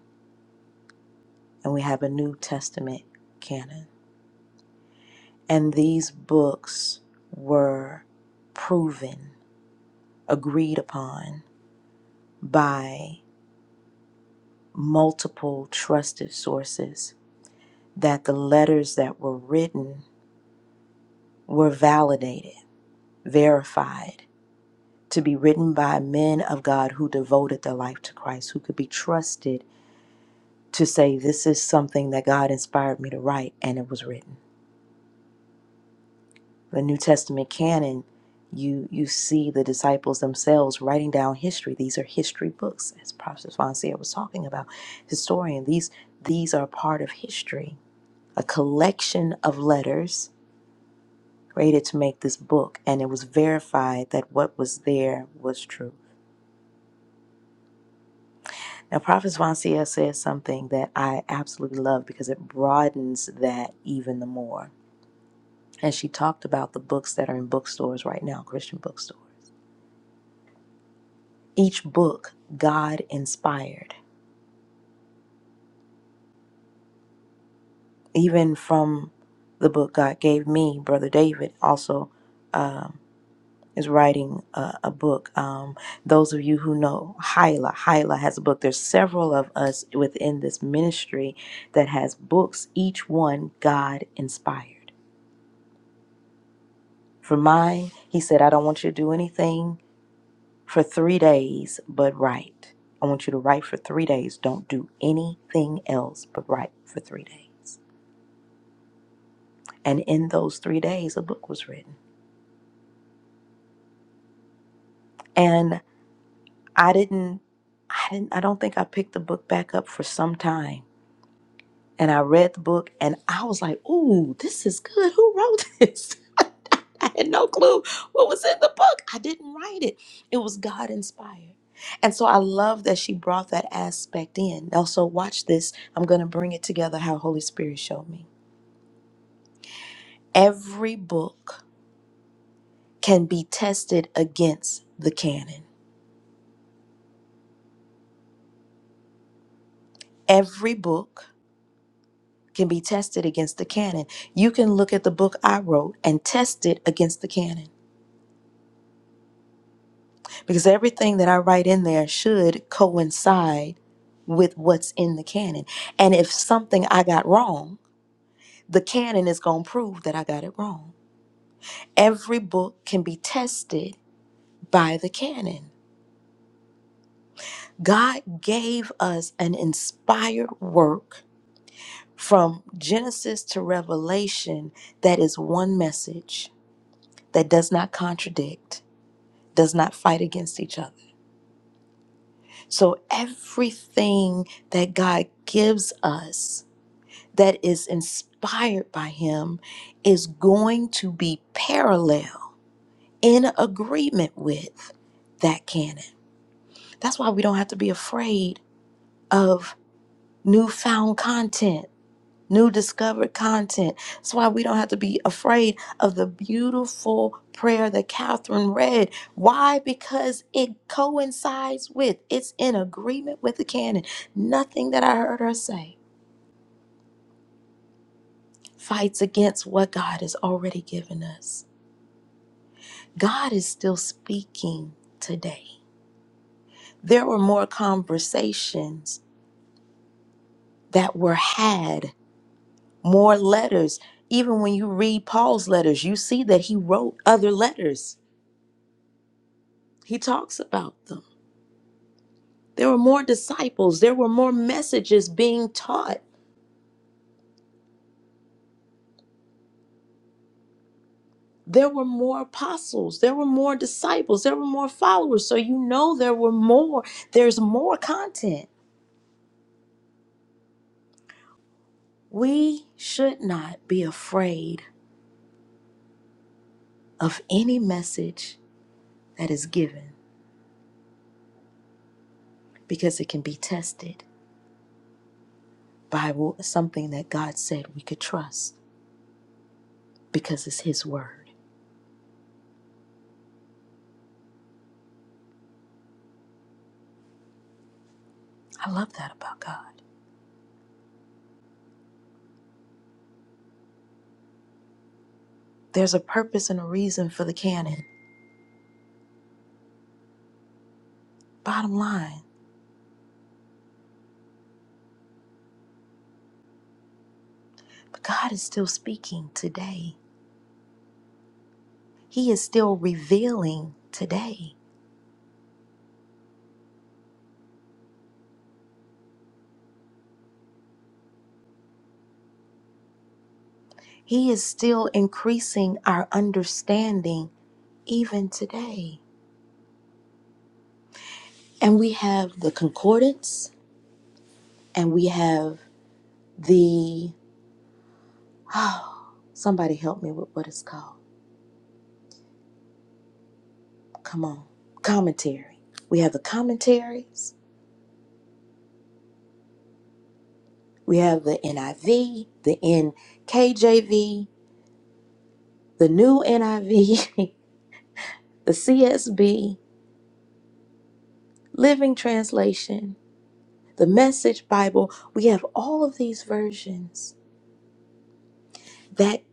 Speaker 1: and we have a New Testament canon. And these books were proven, agreed upon by multiple trusted sources that the letters that were written were validated, verified to be written by men of God who devoted their life to Christ, who could be trusted to say, This is something that God inspired me to write, and it was written. the New Testament canon, you you see the disciples themselves writing down history. These are history books, as Prophet Fonseca was talking about. Historian, these these are part of history. A collection of letters created to make this book, and it was verified that what was there was true. Now, Prophet Fonseca says something that I absolutely love because it broadens that even the more. And she talked about the books that are in bookstores right now, Christian bookstores. each book God inspired, even from the book God gave me. Brother David also um, is writing a, a book. Um, those of you who know Hyla, Hyla has a book. There's several of us within this ministry that has books, each one God inspired. For mine, he said, I don't want you to do anything for three days but write. I want you to write for three days. Don't do anything else but write for three days. and in those three days a book was written and i didn't i didn't i don't think i picked the book back up for some time and i read the book and i was like ooh this is good who wrote this i had no clue what was in the book i didn't write it it was god inspired and so i love that she brought that aspect in also watch this i'm going to bring it together how holy spirit showed me every book can be tested against the canon every book can be tested against the canon. You can look at the book I wrote and test it against the canon because everything that I write in there should coincide with what's in the canon. And if something I got wrong, the canon is going to prove that I got it wrong. Every book can be tested by the canon. God gave us an inspired work from Genesis to Revelation that is one message that does not contradict does not fight against each other. So everything that God gives us that is inspired by Him is going to be parallel in agreement with that canon. That's why we don't have to be afraid of newfound content new discovered content. That's why we don't have to be afraid of the beautiful prayer that Catherine read. Why? Because it coincides with, it's in agreement with the canon. Nothing that I heard her say fights against what God has already given us. God is still speaking today. There were more conversations that were had, more letters. Even when you read Paul's letters, you see that he wrote other letters He talks about them. There were more disciples, there were more messages being taught. There were more apostles, there were more disciples, there were more followers. So you know there were more. There's more content. We should not be afraid of any message that is given because it can be tested by wh- something that God said we could trust because it's His word. I love that about God. There's a purpose and a reason for the canon. Bottom line. But God is still speaking today. He is still revealing today. He is still increasing our understanding even today. And we have the concordance and we have the, oh, somebody help me with what it's called. Come on, commentary. We have the commentaries, we have the NIV, the NKJV, the new NIV, the CSB, Living Translation, the Message Bible. We have all of these versions that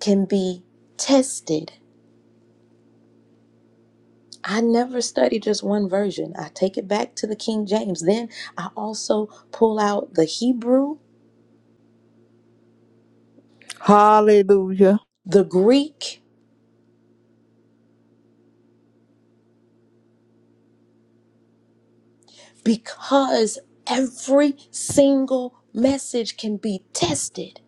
Speaker 1: can be tested. I never study just one version. I take it back to the King James. Then I also pull out the Hebrew,
Speaker 8: Hallelujah.
Speaker 1: the Greek, because every single message can be tested,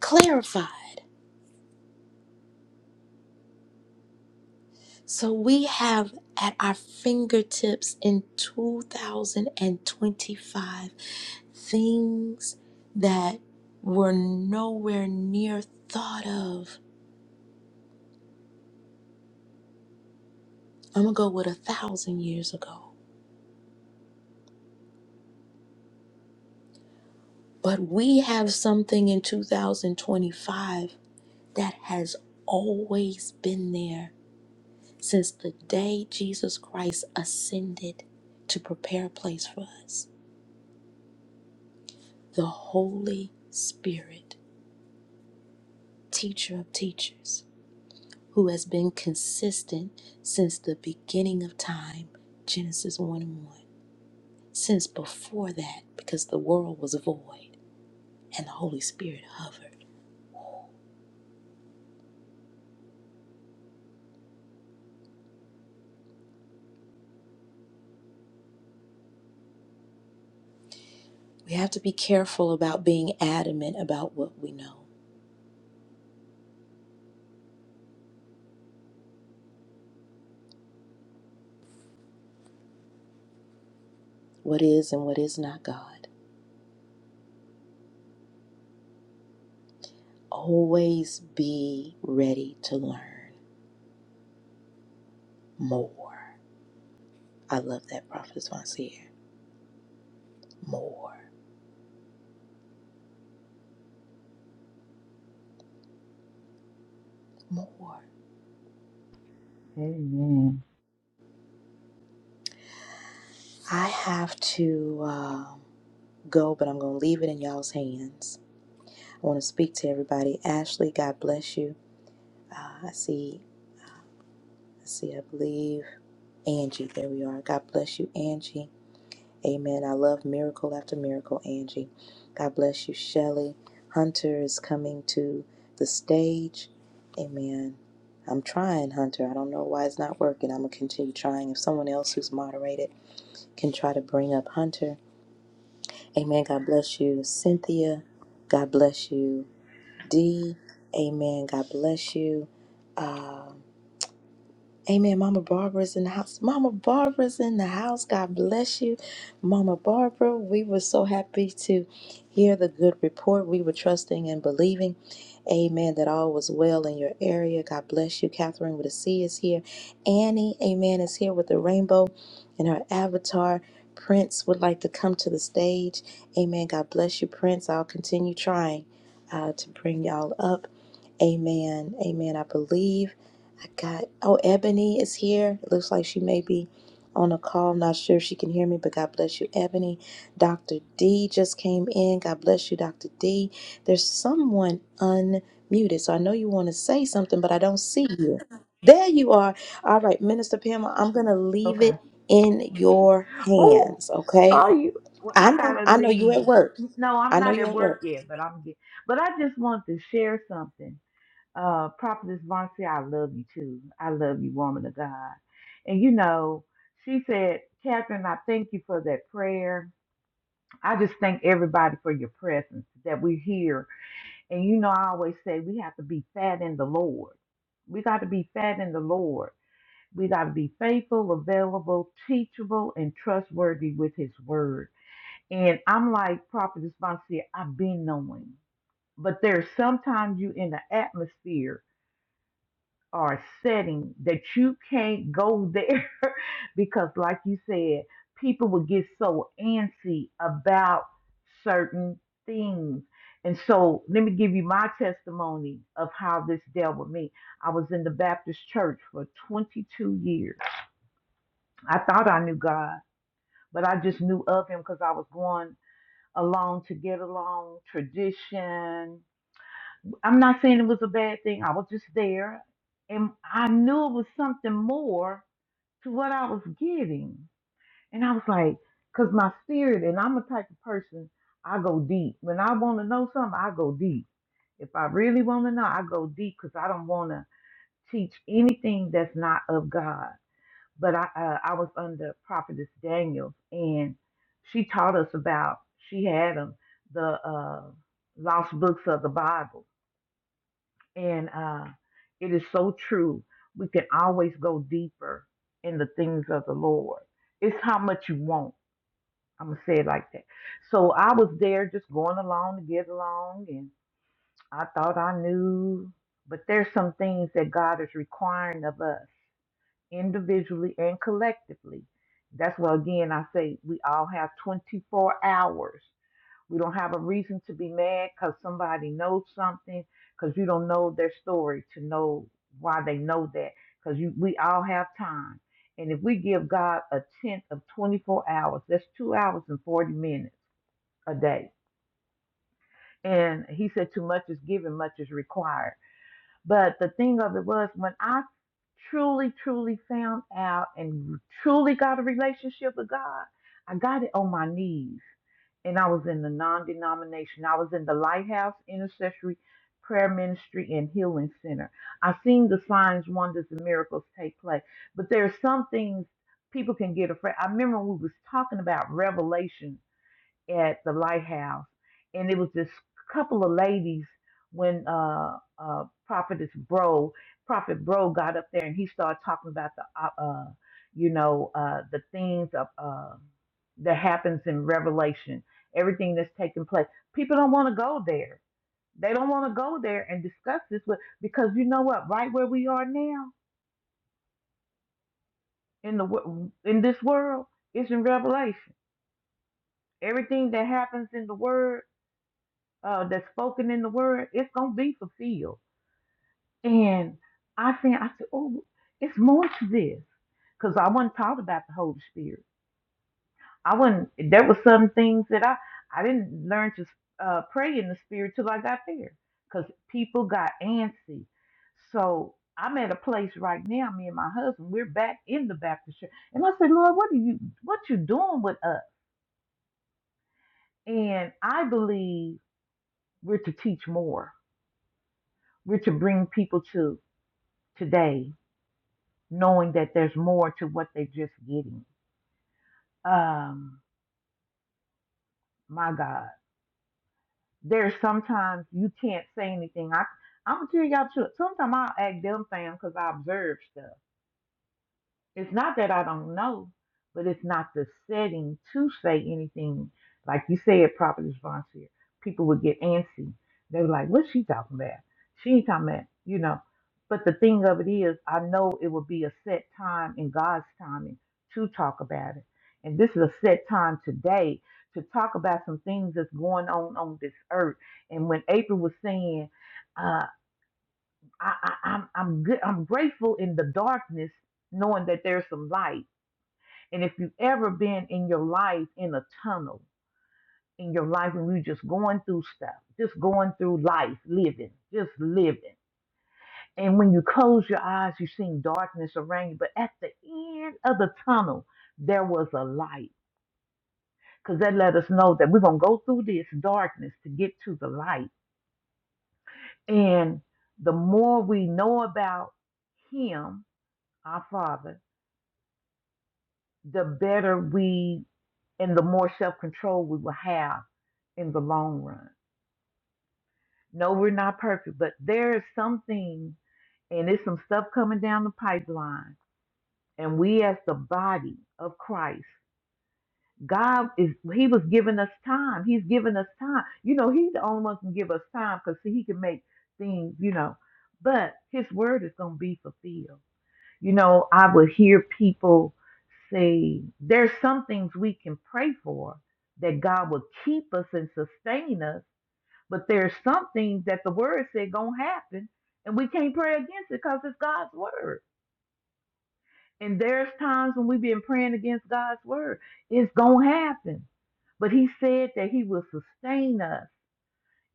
Speaker 1: clarified. So we have at our fingertips in 2025 things that were nowhere near thought of. I'm gonna go with a thousand years ago. But we have something in 2025 that has always been there since the day Jesus Christ ascended to prepare a place for us the Holy Spirit. teacher of teachers, who has been consistent since the beginning of time, Genesis 1 and 1, since before that, because the world was void and the Holy Spirit hovered. We have to be careful about being adamant about what we know, what is and what is not God. Always be ready to learn more. I love that Prophet Vancier. More, more.
Speaker 5: Amen.
Speaker 1: I have to. uh, go, but I'm going to leave it in y'all's hands. I want to speak to everybody. Ashley, God bless you. Uh, I see, I see, I believe. Angie, there we are. God bless you, Angie. Amen. I love miracle after miracle, Angie. God bless you, Shelley. Hunter is coming to the stage. Amen. I'm trying, Hunter. I don't know why it's not working. I'm going to continue trying. If someone else who's moderated can try to bring up Hunter. Amen. God bless you, Cynthia. God bless you. D. Amen. God bless you. Um, Amen. Mama Barbara's in the house. Mama Barbara's in the house. God bless you, Mama Barbara. We were so happy to hear the good report. We were trusting and believing, amen, that all was well in your area. God bless you. Catherine with a C is here. Annie, amen, is here with the rainbow and her avatar. Prince would like to come to the stage. Amen. God bless you, Prince. I'll continue trying uh, to bring y'all up. Amen. Amen. I believe. I got, oh, Ebony is here. It looks like she may be on a call. Not sure if she can hear me, but God bless you, Ebony. Dr. D just came in. God bless you, Dr. D. There's someone unmuted. So I know you want to say something, but I don't see you. There you are. All right, Minister Pamela, I'm going to leave
Speaker 5: Okay.
Speaker 1: it in your
Speaker 5: Oh,
Speaker 1: hands, okay?
Speaker 5: are you? Well,
Speaker 1: I
Speaker 5: I
Speaker 1: know,
Speaker 5: gotta
Speaker 1: I know you're at
Speaker 5: leave.
Speaker 1: work.
Speaker 5: No, I'm
Speaker 1: I know
Speaker 5: not
Speaker 1: you're
Speaker 5: at
Speaker 1: at work.
Speaker 5: work yet, but I'm get. But I just want to share something. Uh, Prophetess Marcy, I love you too. I love you, woman of God. And you know, she said, Catherine, I thank you for that prayer. I just thank everybody for your presence that we're here. And you know, I always say we have to be fat in the Lord. We got to be fat in the Lord. We got to be faithful, available, teachable, and trustworthy with His Word. And I'm like Prophet Responsibility, I've been knowing. But there's sometimes you in the atmosphere or a setting that you can't go there because, like you said, people will get so antsy about certain things. And so, let me give you my testimony of how this dealt with me. I was in the Baptist church for 22 years I thought I knew God, but I just knew of Him because I was going along to get along, tradition. I'm not saying it was a bad thing. I was just there, and I knew it was something more to what I was getting. And I was like, because my spirit, and I'm a type of person, I go deep. When I want to know something, I go deep. If I really want to know, I go deep because I don't want to teach anything that's not of God but I uh, I was under Prophetess Daniels, and she taught us about she had them the uh, lost books of the Bible, and uh, it is so true. We can always go deeper in the things of the Lord. It's how much you want. I'm gonna say it like that. So I was there just going along to get along, and I thought I knew, but there's some things that God is requiring of us individually and collectively. That's why, again, I say we all have 24 hours. We don't have a reason to be mad because somebody knows something, because you don't know their story to know why they know that, because we all have time. And if we give God a tenth of 24 hours, that's two hours and 40 minutes a day. And he said, Too much is given, much is required. But the thing of it was, when I truly, truly found out and truly got a relationship with God, I got it on my knees. And I was in the non denomination, I was in the Lighthouse Intercessory Prayer Ministry and Healing Center. I've seen the signs, wonders, and miracles take place. But there are some things people can get afraid. I remember we was talking about revelation at the lighthouse, and it was this couple of ladies when uh, uh, Prophetess Bro, Prophet Bro got up there and he started talking about the, uh, uh, you know, uh, the things of uh, that happens in Revelation, everything that's taking place. People don't want to go there. They don't want to go there and discuss this with because you know what? Right where we are now in the wo- in this world, it's in Revelation. Everything that happens in the Word uh, that's spoken in the word, it's gonna be fulfilled. And I think I said, oh, it's more to this, because I wasn't taught about the Holy Spirit. I wasn't. There was some things that I I didn't learn to uh, pray in the Spirit till I got there, because people got antsy. So I'm at a place right now. Me and my husband, we're back in the Baptist church, and I said, Lord, what are you what you doing with us? And I believe we're to teach more. We're to bring people to. today, knowing that there's more to what they're just getting. Um, my God, there's sometimes you can't say anything. I I'm gonna tell y'all too. Sometimes I'll act dumb, fam, because I observe stuff. It's not that I don't know, but it's not the setting to say anything. Like you said, properly volunteer. People would get antsy. They were like, what's she talking about? She ain't talking about, you know. But the thing of it is, I know it will be a set time in God's timing to talk about it. And this is a set time today to talk about some things that's going on on this earth. And when April was saying, uh, I, I, I'm, I'm good, I'm grateful in the darkness knowing that there's some light. And if you've ever been in your life in a tunnel, in your life when you're just going through stuff, just going through life, living, just living. And when you close your eyes, you see darkness around you. But at the end of the tunnel, there was a light. Because that let us know that we're going to go through this darkness to get to the light. And the more we know about Him, our Father, the better we and the more self control we will have in the long run. No, we're not perfect, but there is something and it's some stuff coming down the pipeline. And we, as the body of Christ, God is, He was giving us time. He's giving us time. You know, He's the only one who can give us time because He can make things, you know, but His word is going to be fulfilled. You know, I would hear people say, there's some things we can pray for that God will keep us and sustain us but there's some things that the word said gonna happen, and we can't pray against it because it's God's word. And there's times when we've been praying against God's word. It's gonna happen. But he said that he will sustain us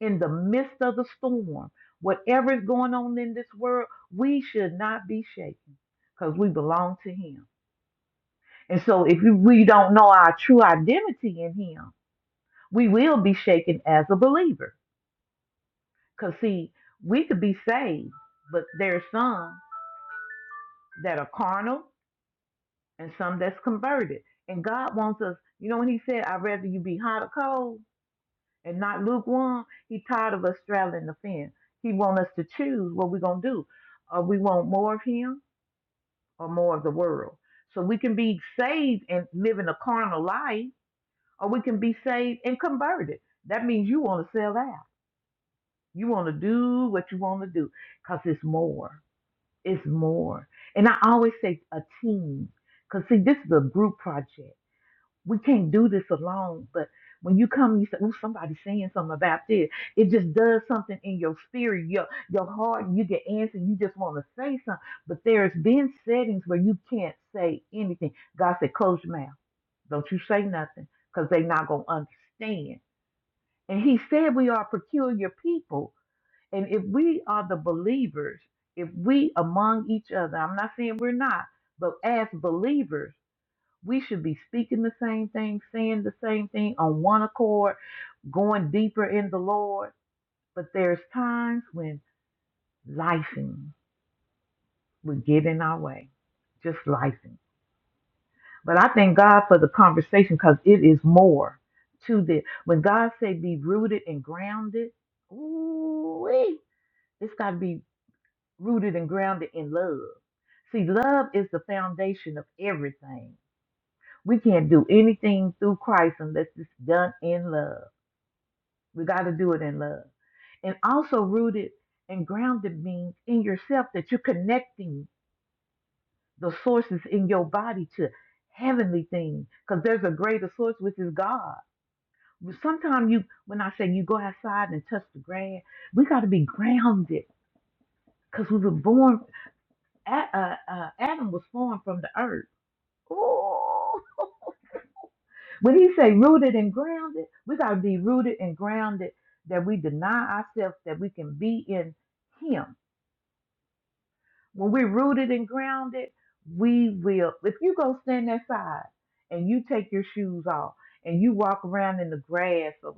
Speaker 5: in the midst of the storm. Whatever is going on in this world, we should not be shaken because we belong to him. And so if we don't know our true identity in him, we will be shaken as a believer Because, see, we could be saved, but there are some that are carnal and some that's converted. And God wants us, you know, when He said, I'd rather you be hot or cold and not lukewarm, He tired of us straddling the fence. He wants us to choose what we're going to do. Or we want more of Him or more of the world. So we can be saved and living a carnal life, or we can be saved and converted. That means you want to sell out. You want to do what you want to do because it's more. It's more. And I always say a team. Because, see, this is a group project. We can't do this alone. But when you come, you say, oh, somebody's saying something about this. It just does something in your spirit, your, your heart, and you get answered. You just want to say something. But there's been settings where you can't say anything. God said, close your mouth. Don't you say nothing because they're not going to understand. And he said we are peculiar people. And if we are the believers, if we among each other, I'm not saying we're not, but as believers, we should be speaking the same thing, saying the same thing on one accord, going deeper in the Lord. But there's times when lifing would get in our way, just lifing. But I thank God for the conversation because it is more to this. When God say be rooted and grounded, ooh, it's got to be rooted and grounded in love. See, love is the foundation of everything. We can't do anything through Christ unless it's done in love. We got to do it in love. And also, rooted and grounded means in yourself that you're connecting the sources in your body to heavenly things because there's a greater source, which is God. Sometimes you, when I say you go outside and touch the grass, we got to be grounded because we were born. A- uh, uh, Adam was formed from the earth Ooh. When he say rooted and grounded, we gotta be rooted and grounded that we deny ourselves that we can be in him. When we're rooted and grounded, we will if you go stand outside and you take your shoes off and you walk around in the grass or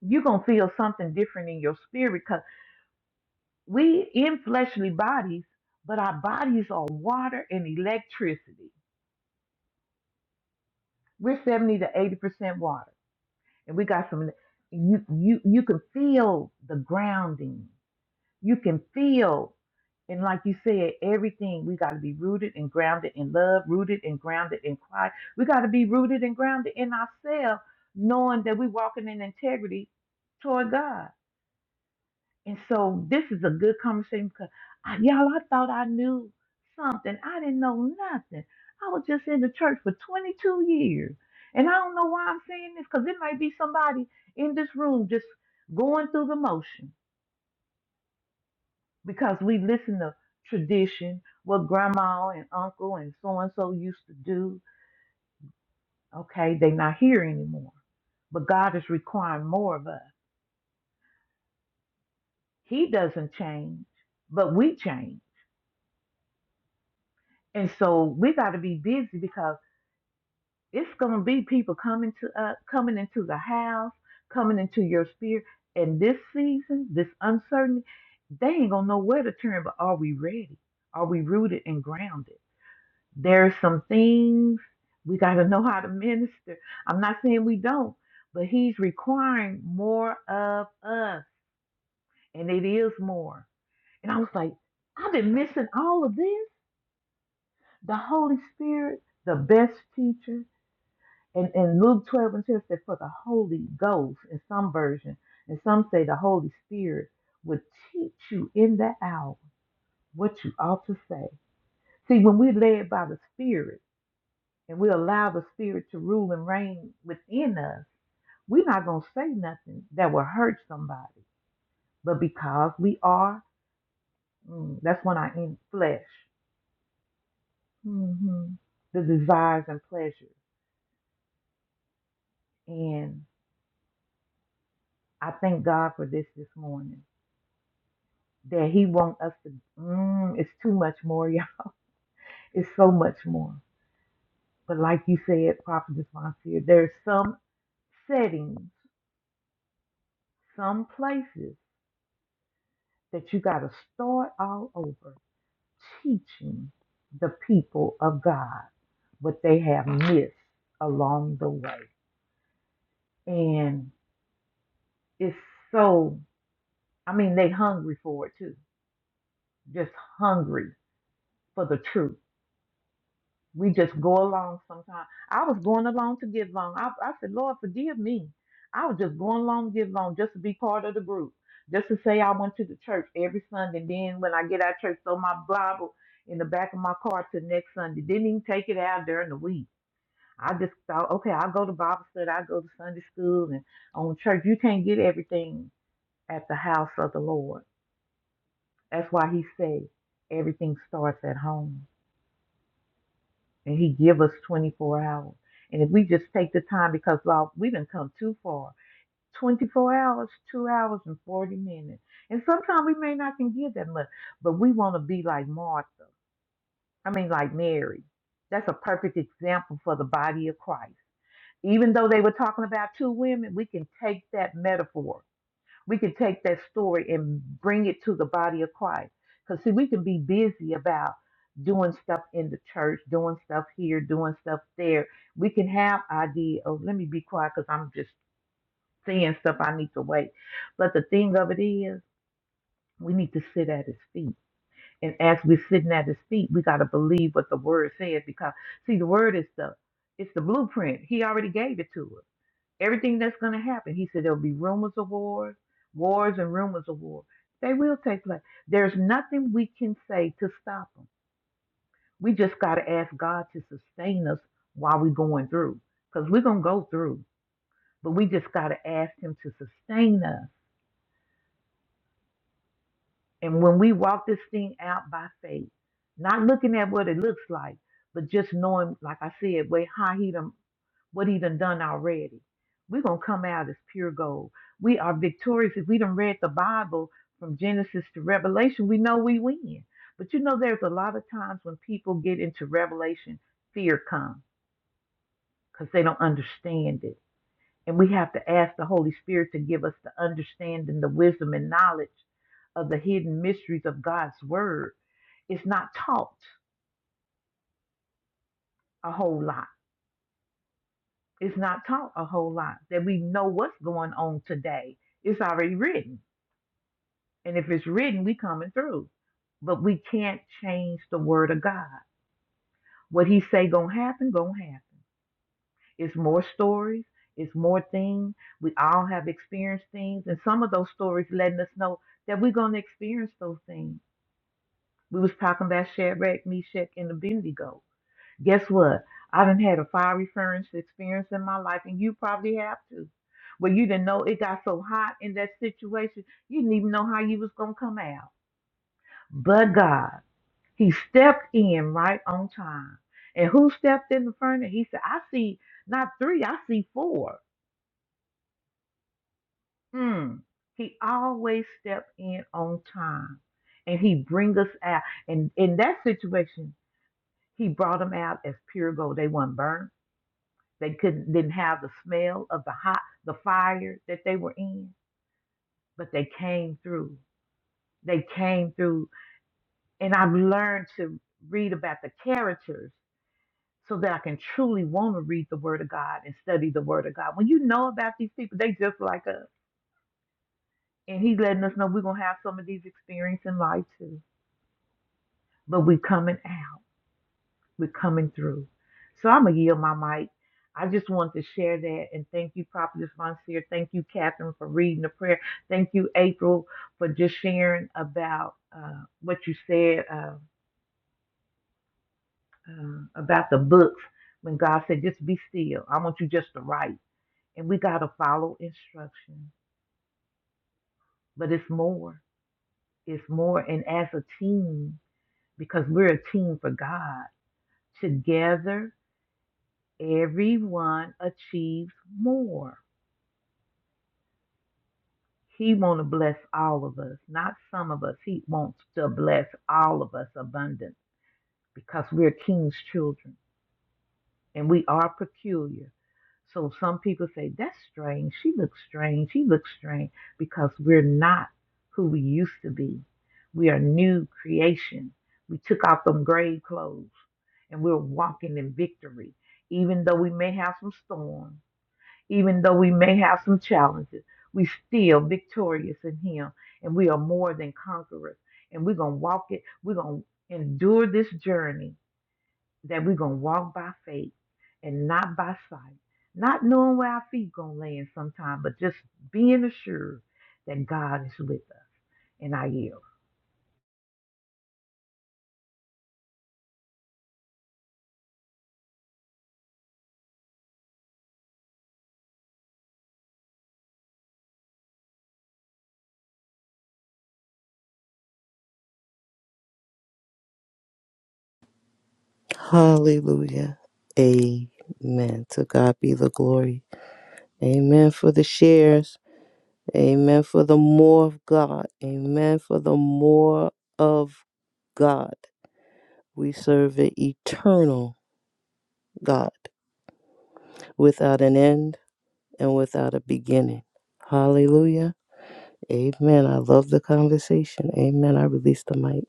Speaker 5: you're gonna feel something different in your spirit because we in fleshly bodies, but our bodies are water and electricity. We're 70 to 80% water. and we got some you you you can feel the grounding you can feel and like you said everything we got to be rooted and grounded in love rooted and grounded in christ we got to be rooted and grounded in ourselves knowing that we're walking in integrity toward god and so this is a good conversation because I, y'all, I thought I knew something. I didn't know nothing. I was just in the church for 22 years. And I don't know why I'm saying this because it might be somebody in this room just going through the motion because we listen to tradition, what grandma and uncle and so and so used to do. Okay, they're not here anymore. But God is requiring more of us. He doesn't change, but we change. And so we got to be busy because It's gonna be people coming to uh, coming into the house, coming into your sphere. And this season, this uncertainty, they ain't gonna know where to turn. But are we ready? Are we rooted and grounded? There's some things we gotta know how to minister. I'm not saying we don't, but he's requiring more of us, and it is more. And I was like, I've been missing all of this. The Holy Spirit, the best teacher, And in Luke 12 and 2, it said, For the Holy Ghost, in some version, and some say the Holy Spirit would teach you in that hour what you ought to say. See, when we led by the Spirit and we allow the Spirit to rule and reign within us, we're not going to say nothing that will hurt somebody. But because we are, mm, that's when I in flesh, hmm the desires and pleasures. And I thank God for this this morning. that he wants us to. Mm, it's too much more, y'all. It's so much more. But like you said, Prophet Devontae, there's some settings, some places that you got to start all over teaching the people of God what they have missed along the way. And it's so, I mean, they hungry for it too, just hungry for the truth. we just go along sometimes. I was going along to get along. I, I said, Lord, forgive me. I was just going along to get along just to be part of the group, just to say I went to the church every Sunday. Then when I get out of church, throw my Bible in the back of my car till next Sunday. Didn't even take it out during the week. I just thought, okay, I'll go to Bible study, I'll go to Sunday school and on church. You can't get everything at the house of the Lord. That's why he said everything starts at home. and he give us 24 hours and if we just take the time because lord we didn't come too far 24 hours 2 hours and 40 minutes and sometimes we may not can give that much but we want to be like martha i mean like mary that's a perfect example for the body of christ even though they were talking about two women we can take that metaphor we can take that story and bring it to the body of Christ. Because, see, we can be busy about doing stuff in the church, doing stuff here, doing stuff there. We can have idea. Oh, let me be quiet because I'm just saying stuff I need to wait. But the thing of it is, we need to sit at his feet. And as we're sitting at his feet, we got to believe what the word says because, see, the word is the it's the blueprint. He already gave it to us everything that's going to happen. He said there'll be rumors of wars, wars and rumors of war. They will take place. There's nothing we can say to stop them. We just got to ask God to sustain us while we're going through, because we're going to go through. But we just got to ask Him to sustain us And when we walk this thing out by faith, not looking at what it looks like, but just knowing, like I said, way how he done, what he done done already. We're gonna come out as pure gold. We are victorious. If we done read the Bible from Genesis to Revelation, we know we win. But you know, there's a lot of times when people get into Revelation, fear comes because they don't understand it and we have to ask the Holy Spirit to give us the understanding, the wisdom, and knowledge of the hidden mysteries of God's Word. It's not taught a whole lot. It's not taught a whole lot that we know what's going on today. It's already written. And if it's written, we coming through. But we can't change the Word of God. What He say gonna happen, gonna happen. It's more stories, it's more things. We all have experienced things, and some of those stories letting us know that we're going to experience those things. We was talking about Shadrach, Meshach, and Abednego. Guess what? I done had a fiery furnace experience in my life, and you probably have too. Where you didn't know it got so hot in that situation, you didn't even know how you was gonna come out. But God, He stepped in right on time. And who stepped in the furnace? He said, "I see not three, I see four Mm. He always step in on time, and he bring us out. And in that situation, he brought them out as pure gold. They weren't burnt. They couldn't didn't have the smell of the hot the fire that they were in, but they came through. They came through, and I've learned to read about the characters so that I can truly want to read the Word of God and study the Word of God. When you know about these people, they just like us, and He's letting us know we're gonna have some of these experiences in life too but we're coming out. We're coming through. So I'm gonna yield my mic. I just want to share that and thank you, Prophetess Monsieur. Thank you, Catherine, for reading the prayer. Thank you, April, for just sharing about uh, what you said uh, uh, about the books. When God said, "Just be still," I want you just to write, and we gotta follow instruction. But it's more. It's more. And as a team, because we're a team for God, together Everyone achieves more. He want to bless all of us, not some of us. He wants to bless all of us abundant because we're king's children and we are peculiar. So some people say, that's strange. She looks strange. He looks strange because we're not who we used to be. We are new creation. We took off them grave clothes and we're walking in victory, even though we may have some storms even though we may have some challenges, we still victorious in him and we are more than conquerors. And we're gonna walk it, we're gonna endure this journey that we're gonna walk by faith and not by sight, not knowing where our feet gonna land sometime, but just being assured that God is with us and I yield.
Speaker 8: Hallelujah. Amen. To God be the glory. Amen for the shares. Amen for the more of God. Amen for the more of God. We serve an eternal God without an end and without a beginning. Hallelujah. Amen. I love the conversation. Amen. I release the mic. thing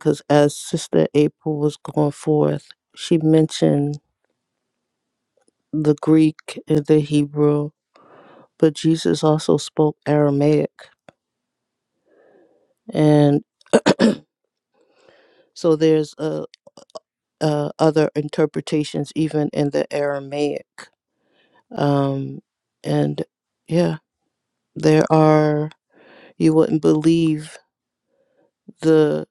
Speaker 8: because as Sister April was going forth, she mentioned the Greek and the Hebrew but Jesus also spoke Aramaic, and so there's uh, uh, other interpretations even in the Aramaic. Um, and yeah, there are you wouldn't believe the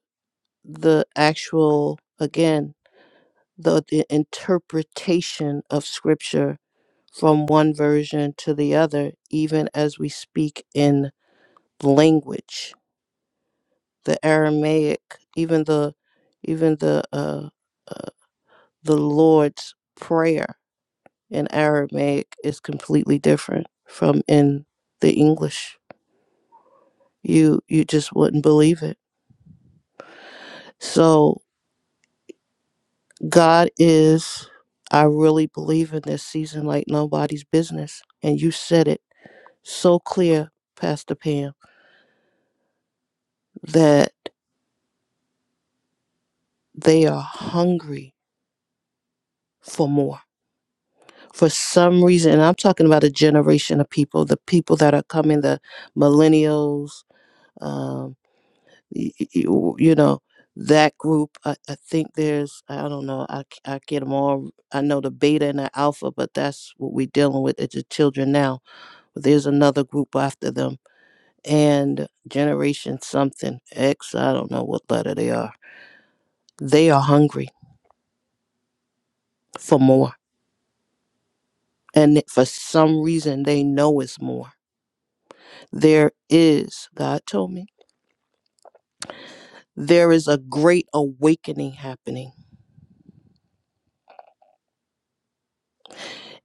Speaker 8: the actual again the, the interpretation of Scripture from one version to the other, even as we speak in language the Aramaic, even the even the uh, uh, the Lord's prayer in Aramaic is completely different from in the English. You you just wouldn't believe it. So God is I really believe in this season like nobody's business. And you said it so clear, Pastor Pam, that they are hungry for more for some reason, and I'm talking about a generation of people, the people that are coming, the millennials, um, y- y- y- w- you know, that group. I, I think there's, I don't know, I, c- I get them all. I know the beta and the alpha, but that's what we're dealing with at the children now. But there's another group after them, and generation something X, I don't know what letter they are. They are hungry for more. And for some reason, they know it's more there is god told me. there is a great awakening happening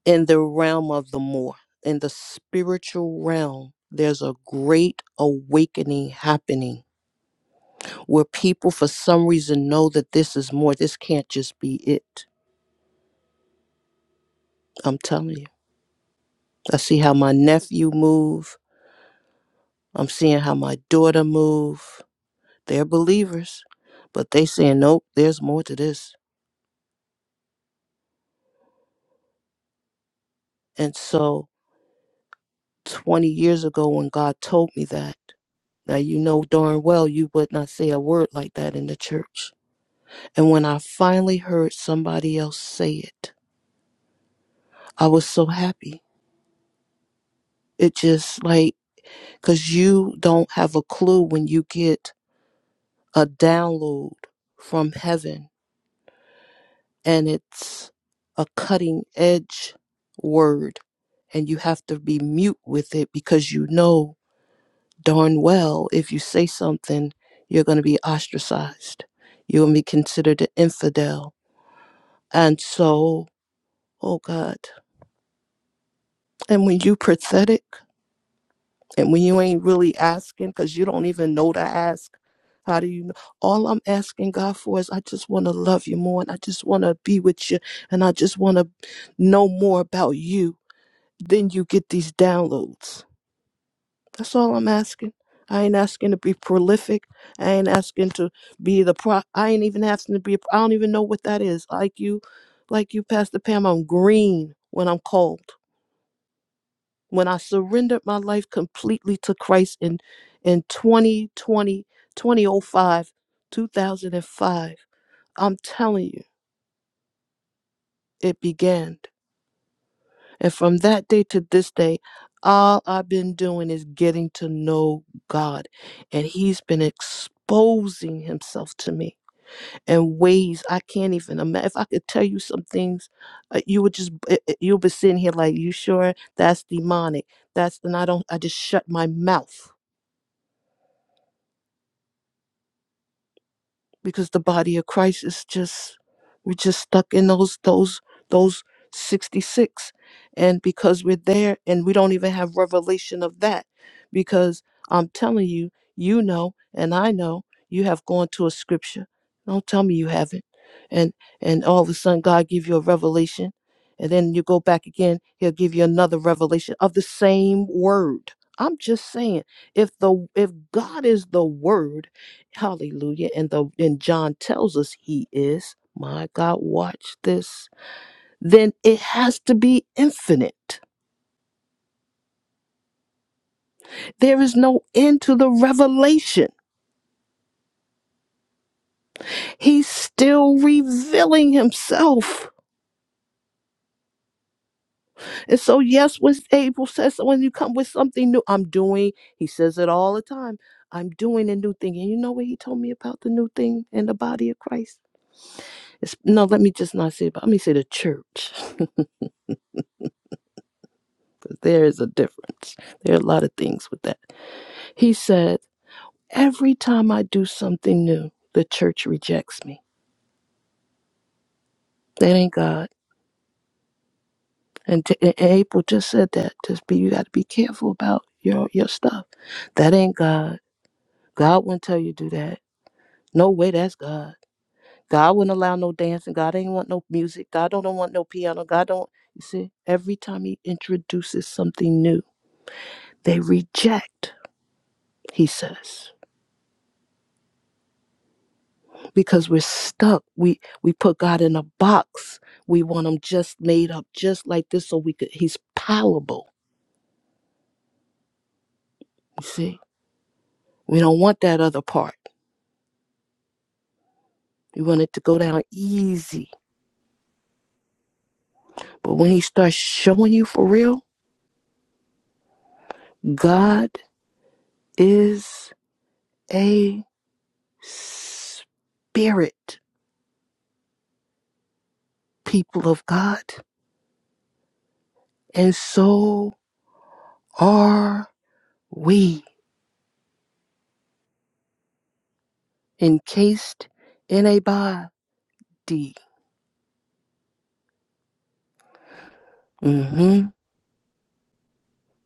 Speaker 8: in the realm of the more in the spiritual realm there's a great awakening happening where people for some reason know that this is more this can't just be it i'm telling you i see how my nephew move i'm seeing how my daughter move they're believers but they saying nope there's more to this and so 20 years ago when god told me that Now, you know darn well you would not say a word like that in the church. And when I finally heard somebody else say it, I was so happy. It just like, because you don't have a clue when you get a download from heaven and it's a cutting edge word and you have to be mute with it because you know darn well if you say something, you're going to be ostracized. You're going to be considered an infidel And so, oh God. And when you pathetic and when you ain't really asking because you don't even know to ask, how do you know? All I'm asking God for is I just want to love you more and I just want to be with you and I just want to know more about you. Then you get these downloads. That's all I'm asking. I ain't asking to be prolific. I ain't asking to be the pro. I ain't even asking to be. a- I don't even know what that is. Like you, like you, Pastor Pam. I'm green when I'm cold. when I surrendered my life completely to Christ in in twenty twenty twenty oh five, two thousand five, I'm telling you, it began. And from that day to this day, all I've been doing is getting to know God. And He's been exposing Himself to me in ways I can't even imagine. If I could tell you some things, uh, you would just, b- uh, uh, you'll be sitting here like, you sure? That's demonic. That's, and I don't, I just shut my mouth because the body of Christ is just we're just stuck in those those those 66 and because we're there and we don't even have revelation of that because I'm telling you you know and I know you have gone to a scripture don't tell me you haven't and and all of a sudden God give you a revelation and then you go back again he'll give you another revelation of the same word I'm just saying if the if God is the word Hallelujah. And the and John tells us he is. My God, watch this. Then it has to be infinite. There is no end to the revelation. He's still revealing himself. And so, yes, when Abel says "So when you come with something new, I'm doing, he says it all the time. I'm doing a new thing. And you know what he told me about the new thing in the body of Christ? It's, no, let me just not say it, but let me say the church. there is a difference. There are a lot of things with that He said, Every time I do something new, the church rejects me. That ain't God. And, t- and April just said that. Just be, you got to be careful about your, your stuff. That ain't God. God wouldn't tell you to do that. No way, that's God. God wouldn't allow no dancing. God ain't want no music. God don't, don't want no piano. God don't. You see, every time he introduces something new, they reject, he says. because we're stuck. We we put God in a box. We want him just made up just like this so we could he's palatable. You see? We don't want that other part. We want it to go down easy. But when he starts showing you for real, God is a spirit, people of God. And so are we encased in a body. hmm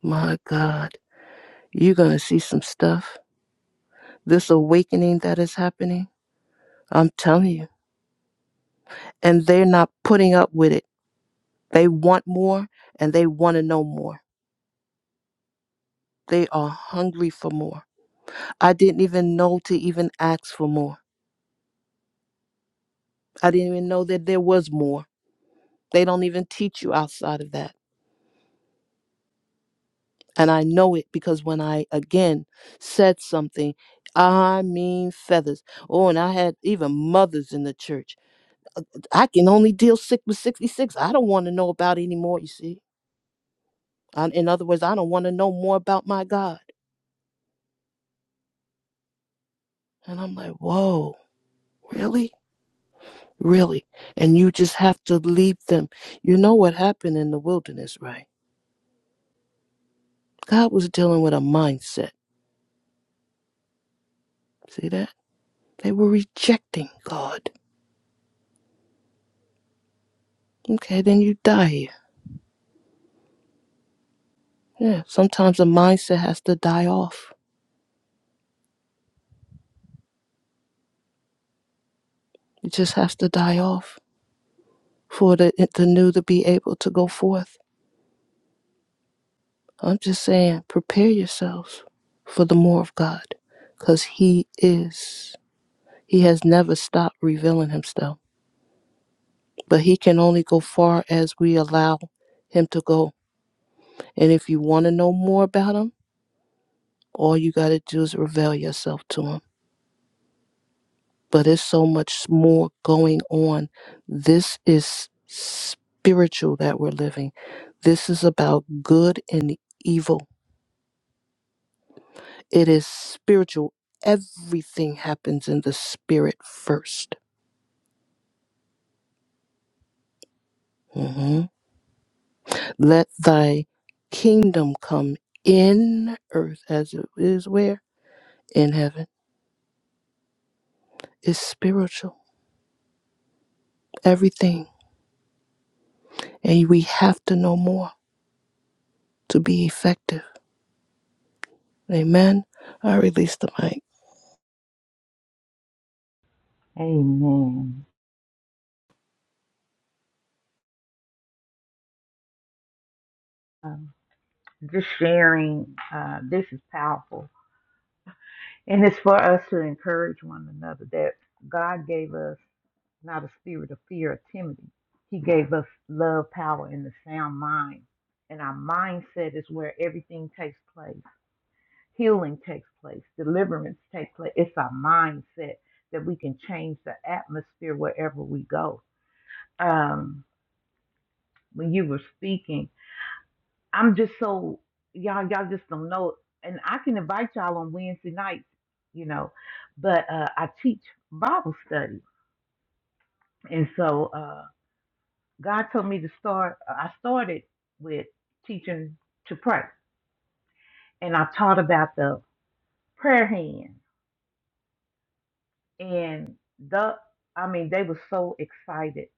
Speaker 8: My God. You're going to see some stuff. This awakening that is happening, I'm telling you. And they're not putting up with it. They want more and they want to know more. They are hungry for more. I didn't even know to even ask for more. I didn't even know that there was more. They don't even teach you outside of that. And I know it because when I again said something, I mean feathers. Oh, and I had even mothers in the church. I can only deal sick with 66. I don't want to know about anymore, you see. I, in other words, I don't want to know more about my God. And I'm like, whoa, really? Really? And you just have to leave them. You know what happened in the wilderness, right? God was dealing with a mindset. See that? They were rejecting God. Okay, then you die here. Yeah, sometimes the mindset has to die off. It just has to die off for the, the new to be able to go forth. I'm just saying, prepare yourselves for the more of God because He is. He has never stopped revealing himself, but he can only go far as we allow him to go. And if you want to know more about him, all you got to do is reveal yourself to him. But there's so much more going on. This is spiritual that we're living. This is about good and evil. It is spiritual. Everything happens in the spirit 1st Let thy kingdom come in earth as it is where? In heaven. It's spiritual. Everything. And we have to know more to be effective. Amen. I release the mic.
Speaker 5: Amen. Um, just sharing, uh, this is powerful. And it's for us to encourage one another that God gave us. not a spirit of fear or timidity. He gave us love, power, and a sound mind. And our mindset is where everything takes place. Healing takes place. Deliverance takes place. It's our mindset that we can change the atmosphere wherever we go. Um, when you were speaking, I'm just so y'all y'all just don't know. And I can invite y'all on Wednesday nights, you know, but uh, I teach Bible study, and so. Uh, God told me to start, I started with teaching to pray. And I taught about the prayer hand. And the, I mean, they were so excited.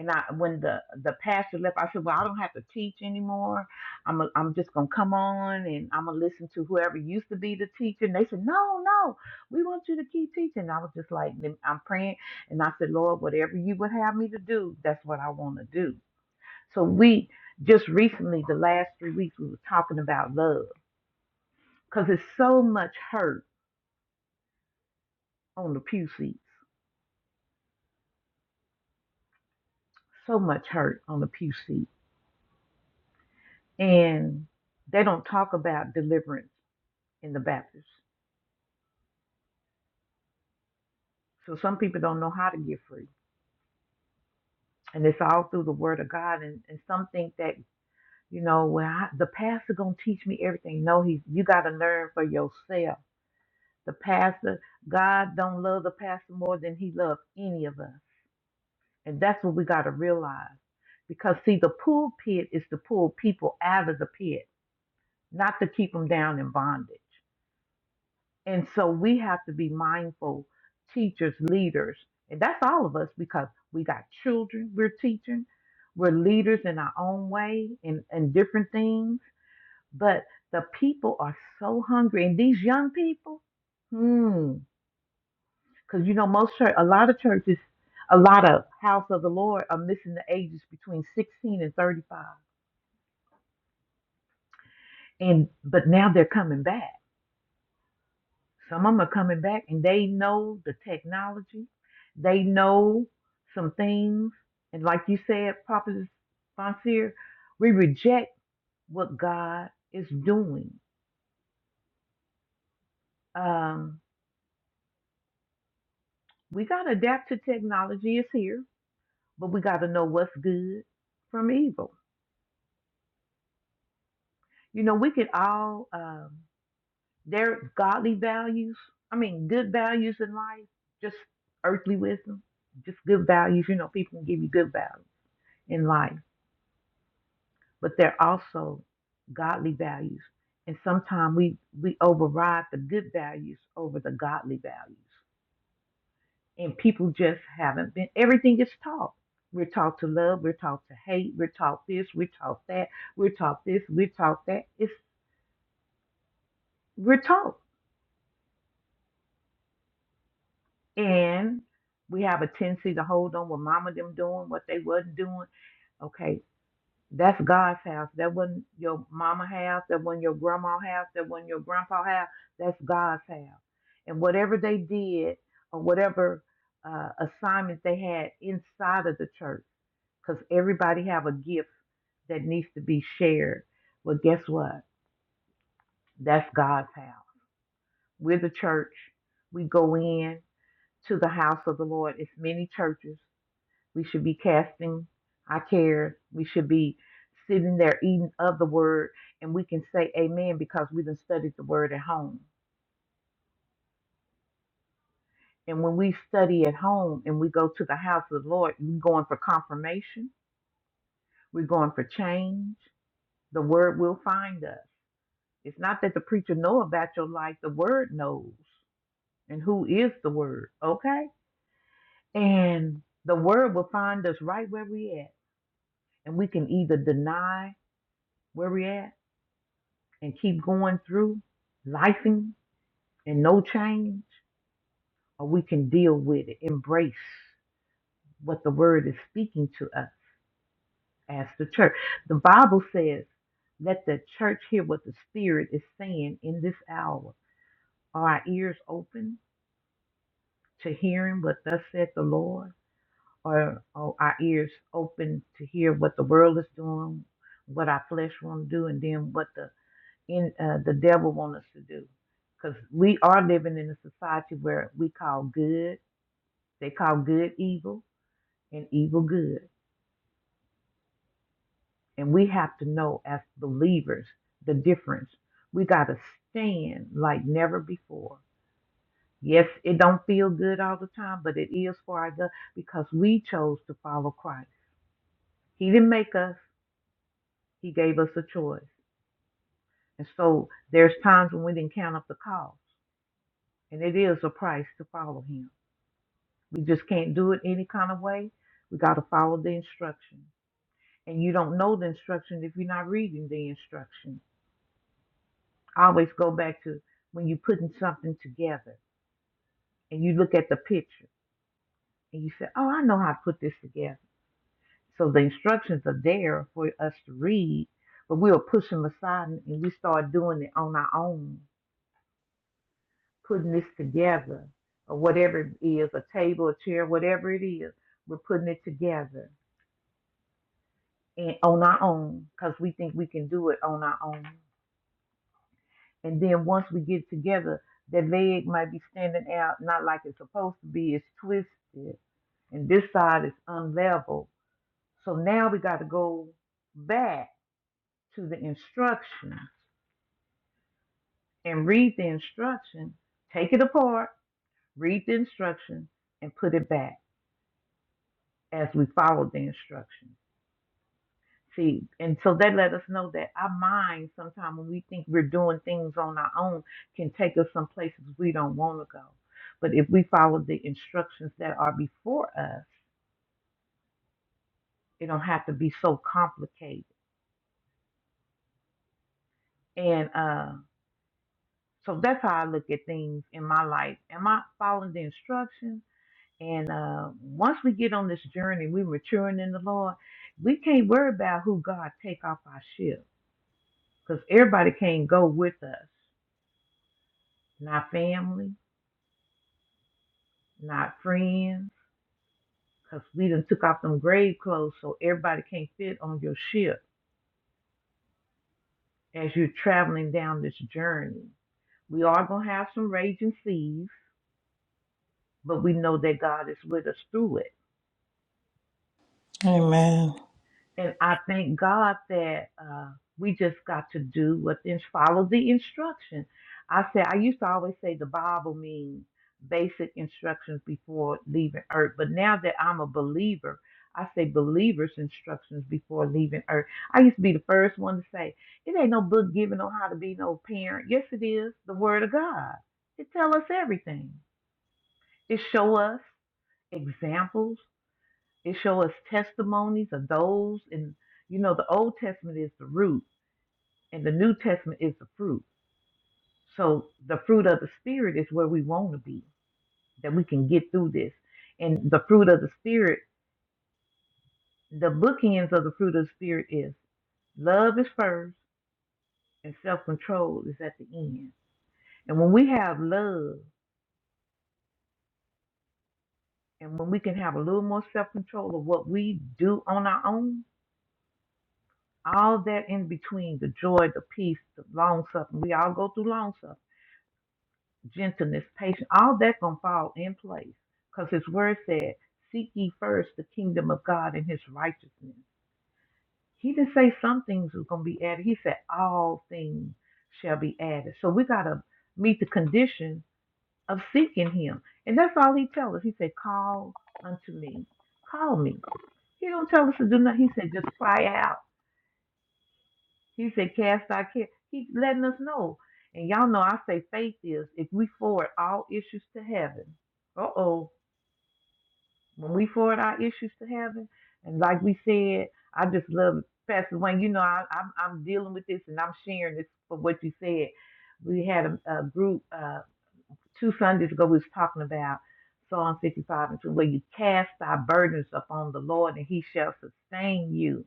Speaker 5: And I, when the, the pastor left, I said, well, I don't have to teach anymore. I'm, a, I'm just going to come on and I'm going to listen to whoever used to be the teacher. And they said, no, no, we want you to keep teaching. And I was just like, I'm praying. And I said, Lord, whatever you would have me to do, that's what I want to do. So we just recently, the last three weeks, we were talking about love because there's so much hurt on the pew seats, so much hurt on the pew seat, and they don't talk about deliverance in the Baptist. So some people don't know how to get free, and it's all through the Word of God. And, and some think that you know, well, I, the pastor gonna teach me everything. No, he's you got to learn for yourself. The pastor, God don't love the pastor more than He loves any of us. And that's what we got to realize. Because, see, the pulpit is to pull people out of the pit, not to keep them down in bondage. And so we have to be mindful, teachers, leaders, and that's all of us because we got children we're teaching, we're leaders in our own way and, and different things. But the people are so hungry, and these young people, hmm. Because you know, most church, a lot of churches, a lot of house of the Lord are missing the ages between 16 and 35. And but now they're coming back. Some of them are coming back, and they know the technology. They know some things, and like you said, Prophet Sponsor, we reject what God is doing. Um, we gotta adapt to technology. It's here, but we gotta know what's good from evil. You know, we could all. Um, Their godly values, I mean, good values in life, just earthly wisdom, just good values. You know, people can give you good values in life, but they're also godly values. And sometimes we, we override the good values over the godly values. And people just haven't been, everything is taught. We're taught to love, we're taught to hate, we're taught this, we're taught that, we're taught this, we're taught that. It's, we're taught. and we have a tendency to hold on what mama them doing, what they wasn't doing. Okay, that's God's house. That wasn't your mama house. That wasn't your grandma house. That wasn't your grandpa house. That's God's house. And whatever they did or whatever uh, assignment they had inside of the church, because everybody have a gift that needs to be shared. Well, guess what? That's God's house. We're the church. We go in to the house of the Lord. It's many churches We should be casting our cares. We should be sitting there eating of the word, and we can say amen because we done studied the word at home. And when we study at home and we go to the house of the Lord, we're going for confirmation. We're going for change. The word will find us. It's not that the preacher know about your life. The word knows. And who is the word? Okay? And the word will find us right where we at. And we can either deny where we at and keep going through lifing and no change, or we can deal with it, embrace what the word is speaking to us as the church. The Bible says, let the church hear what the Spirit is saying in this hour. Are our ears open to hearing what thus saith the Lord? Or are our ears open to hear what the world is doing, what our flesh want to do, and then what the in uh, the devil wants us to do because we are living in a society where we call good they call good evil and evil good and we have to know as believers the difference we got to stand like never before yes it don't feel good all the time but it is for our good because we chose to follow christ he didn't make us he gave us a choice and so there's times when we didn't count up the cost and it is a price to follow him We just can't do it any kind of way. We got to follow the instruction. And you don't know the instruction if you're not reading the instruction. I always go back to when you're putting something together and you look at the picture and you say, Oh, I know how to put this together. So the instructions are there for us to read, but we'll push them aside and and we start doing it on our own, putting this together or whatever it is a table, a chair, whatever it is, we're putting it together and on our own because we think we can do it on our own. And then once we get together, that leg might be standing out not like it's supposed to be, it's twisted, and this side is unlevel. So now we got to go back to the instruction and read the instruction, take it apart, read the instruction, and put it back as we follow the instruction. See, and so that let us know that our mind, sometimes when we think we're doing things on our own, can take us some places we don't want to go. But if we follow the instructions that are before us, it don't have to be so complicated. And uh, so that's how I look at things in my life. Am I following the instructions? And uh, once we get on this journey, we're maturing in the Lord. We can't worry about who God take off our ship because everybody can't go with us. Not family not friends, cause we done took off them grave clothes so everybody can't fit on your ship as you're traveling down this journey. We are going to have some raging seas, but we know that God is with us through it.
Speaker 2: Amen.
Speaker 5: And I thank God that uh, we just got to do what then follow the instruction. I said I used to always say the Bible means basic instructions before leaving earth, but now that I'm a believer, I say believers instructions before leaving earth. I used to be the first one to say it ain't no book given on how to be no parent. Yes, it is the Word of God. It tell us everything. It show us examples it shows us testimonies of those, and you know, the Old Testament is the root, and the New Testament is the fruit. So the fruit of the Spirit is where we want to be, that we can get through this. And the fruit of the Spirit, the bookends of the fruit of the Spirit is love is first, and self control is at the end. And when we have love, and when we can have a little more self control of what we do on our own, all that in between the joy, the peace, the long suffering, we all go through long suffering gentleness, patience, all that's gonna fall in place. Because his word said, Seek ye first the kingdom of God and his righteousness. He didn't say some things was gonna be added. He said all things shall be added. So we gotta meet the condition of seeking him. And that's all he tells us. He said, Call unto me. Call me. He don't tell us to do nothing. He said, just cry out He said, Cast our care. He's letting us know. And y'all know I say faith is if we forward all issues to heaven. Uh oh. When we forward our issues to heaven, and like we said, I just love Pastor Wayne. You know, I, I'm, I'm dealing with this and I'm sharing this for what you said. We had a, a group uh, two Sundays ago, we was talking about Psalm 55 and 2, where you cast thy burdens upon the Lord and he shall sustain you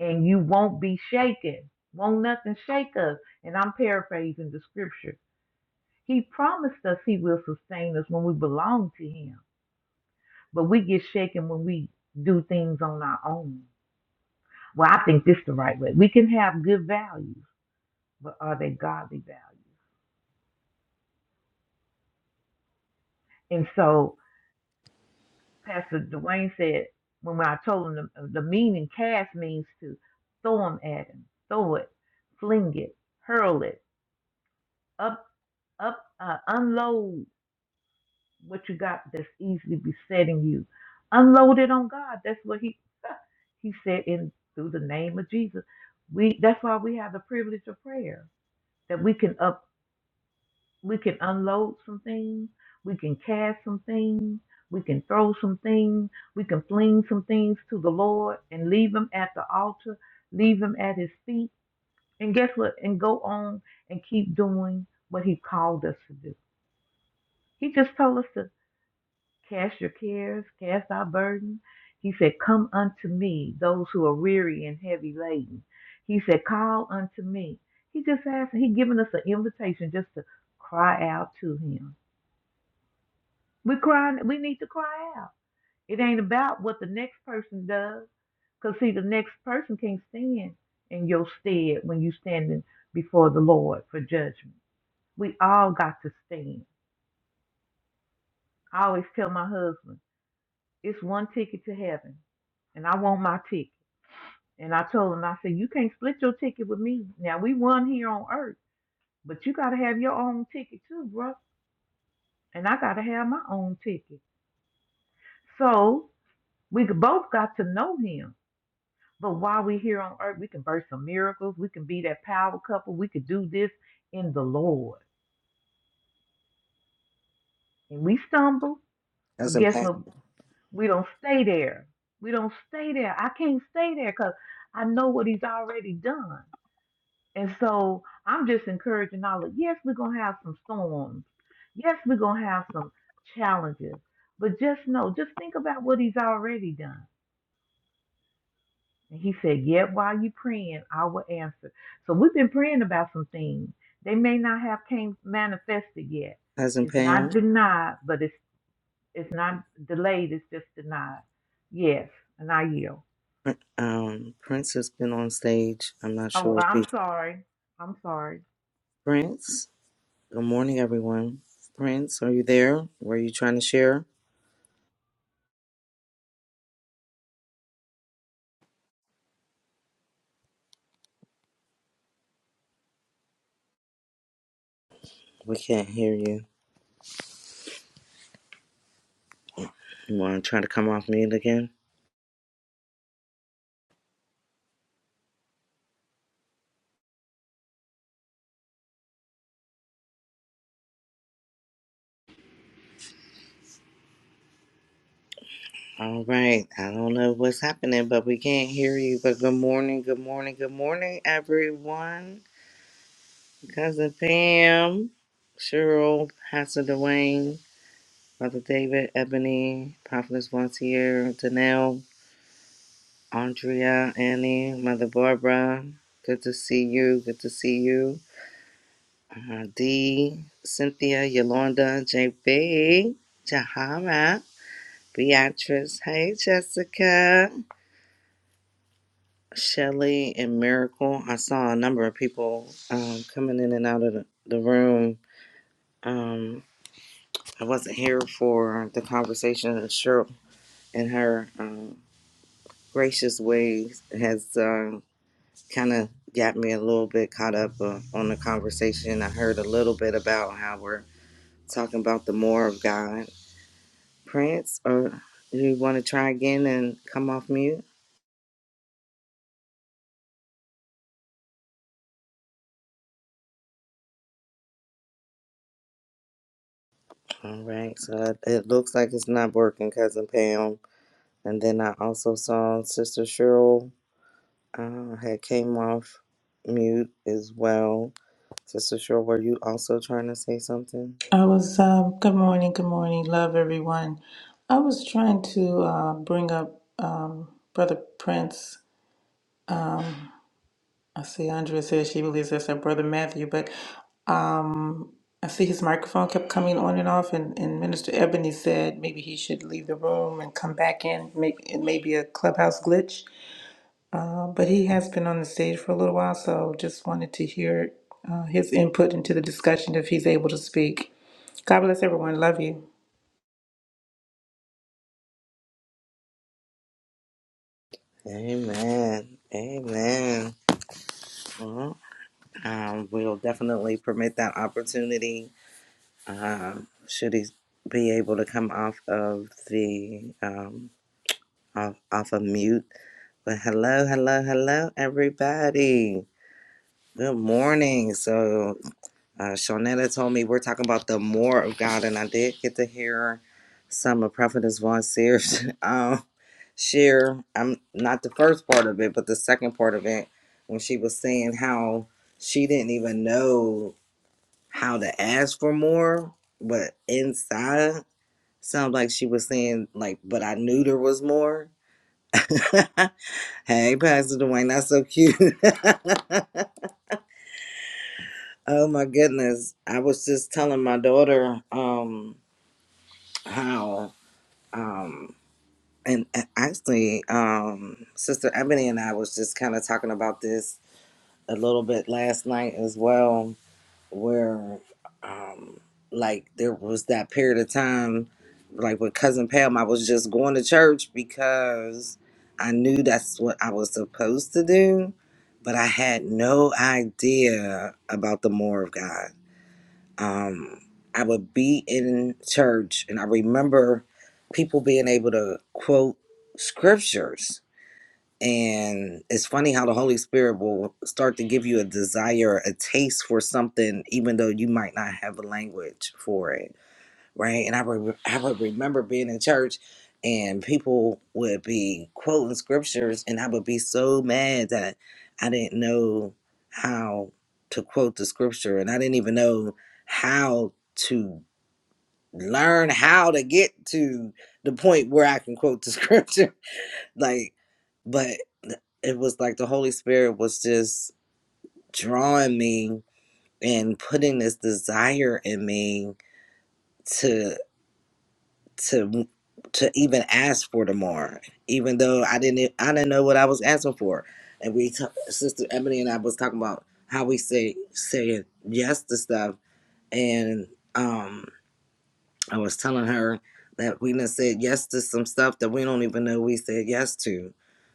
Speaker 5: and you won't be shaken. Won't nothing shake us. And I'm paraphrasing the scripture. He promised us he will sustain us when we belong to him. But we get shaken when we do things on our own. Well, I think this the right way. We can have good values, but are they godly values? And so Pastor Dwayne said, when I told him the, the meaning cast means to throw them at him, throw it, fling it, hurl it, up, up, uh, unload what you got that's easily besetting you. Unload it on God. That's what he he said in through the name of Jesus. We that's why we have the privilege of prayer that we can up we can unload some things, we can cast some things, we can throw some things, we can fling some things to the Lord and leave him at the altar, leave him at his feet, and guess what? And go on and keep doing what he called us to do. He just told us to Cast your cares, cast our burden. He said, Come unto me, those who are weary and heavy laden. He said, Call unto me. He just asked, He giving us an invitation just to cry out to Him. We're crying, we need to cry out. It ain't about what the next person does. Because, see, the next person can not stand in your stead when you standing before the Lord for judgment. We all got to stand. I always tell my husband, It's one ticket to heaven, and I want my ticket. And I told him, I said, you can't split your ticket with me. Now we won here on earth, but you gotta have your own ticket too, bro. And I gotta have my own ticket. So we both got to know him. But while we here on earth, we can birth some miracles. We can be that power couple. We could do this in the Lord. And we stumble, but
Speaker 9: Cousin
Speaker 5: guess
Speaker 9: Pam,
Speaker 5: what? We don't stay there. We don't stay there. I can't stay there because I know what he's already done. And so I'm just encouraging all of yes, we're gonna have some storms. Yes, we're gonna have some challenges. But just know, just think about what he's already done. And he said, Yet while you praying, I will answer. So we've been praying about some things. They may not have came manifested yet.
Speaker 9: Cousin
Speaker 5: It's
Speaker 9: Pam,
Speaker 5: not denied, but it's it's not delayed, it's just denied. Yes, and I yield.
Speaker 9: Prin- um, Prince has been on stage. I'm not
Speaker 5: Oh,
Speaker 9: sure if he
Speaker 5: I'm sorry. I'm sorry.
Speaker 9: Prince. Good morning, everyone. Prince, are you there? Were you trying to share? We can't hear you. You want to try to come off mute again? All right. I don't know what's happening, but we can't hear you. But good morning, good morning, good morning, everyone. Cousin Pam, Cheryl, Pastor Dwayne, Brother David, Ebony, Prophetess Vontier, Danelle. Andrea, Annie, Mother Barbara, good to see you. Good to see you. Uh, D, Cynthia, Yolanda, JB, Jahara, Beatrice. Hey, Jessica, Shelly, and Miracle. I saw a number of people um, coming in and out of the, the room. Um, I wasn't here for the conversation, and Cheryl and her um, gracious ways has. Um, kind of got me a little bit caught up uh, on the conversation. I heard a little bit about how we're talking about the more of God. Prince, or you want to try again and come off mute? All right, so it it looks like it's not working, Cousin Pam. And then I also saw Sister Cheryl uh, had came off mute as well. Sister Cheryl, were you also trying to say something?
Speaker 2: I was, uh, good morning, good morning, love everyone. I was trying to uh, bring up um, Brother Prince. I see Andrea says she believes that's her brother Matthew, but um, I see his microphone kept coming on and off, and, and Minister Ebony said maybe he should leave the room and come back in. Maybe it may be a clubhouse glitch, uh, but he has been on the stage for a little while, so just wanted to hear uh, his input into the discussion if he's able to speak. God bless everyone. Love you.
Speaker 9: Amen. Amen. All Um, we'll definitely permit that opportunity um, should he be able to come off of the um, off, off of mute. But hello, hello, hello, everybody. Good morning. So, uh, Shawnetta told me we're talking about the more of God, and I did get to hear some of Prophetess Von Sears um, share. I'm not the first part of it, but the second part of it when she was saying how she didn't even know how to ask for more, but inside sounds like she was saying like, but I knew there was more. hey, Pastor Dwayne, that's so cute. oh my goodness. I was just telling my daughter um how um and and actually um Sister Ebony and I was just kind of talking about this a little bit last night as well where um like there was that period of time like with cousin Pam I was just going to church because I knew that's what I was supposed to do but I had no idea about the more of God um I would be in church and I remember people being able to quote scriptures and it's funny how the Holy Spirit will start to give you a desire, a taste for something, even though you might not have a language for it, right? And I, re- I would remember being in church and people would be quoting scriptures, and I would be so mad that I didn't know how to quote the scripture, and I didn't even know how to learn how to get to the point where I can quote the scripture like, but it was like the Holy Spirit was just drawing me and putting this desire in me to to to even ask for the more, even though I didn't e, I didn't know what I was asking for. And we, t- Sister Ebony and I was talking about how we say saying yes to stuff, and um I was telling her that we done said yes to some stuff that we don't even know we said yes to.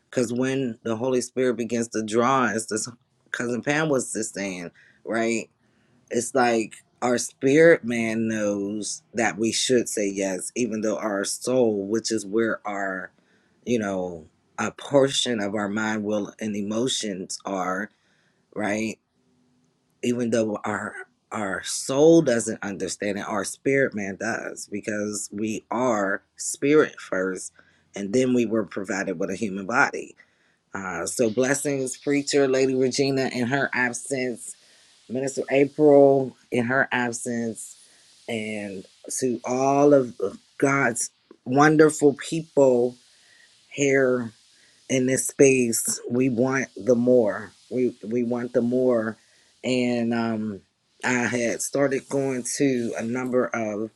Speaker 9: Because when the Holy Spirit begins to draw us, this cousin Pam was just saying, right? It's like our spirit man knows that we should say yes, even though our soul, which is where our, you know, a portion of our mind, will, and emotions are, right? even though our our soul doesn't understand it, our spirit man does because we are spirit first, and then we were provided with a human body. Uh, so blessings, preacher Lady Regina in her absence, Minister April in her absence, and to all of God's wonderful people here in this space we want the more we we want the more and um i had started going to a number of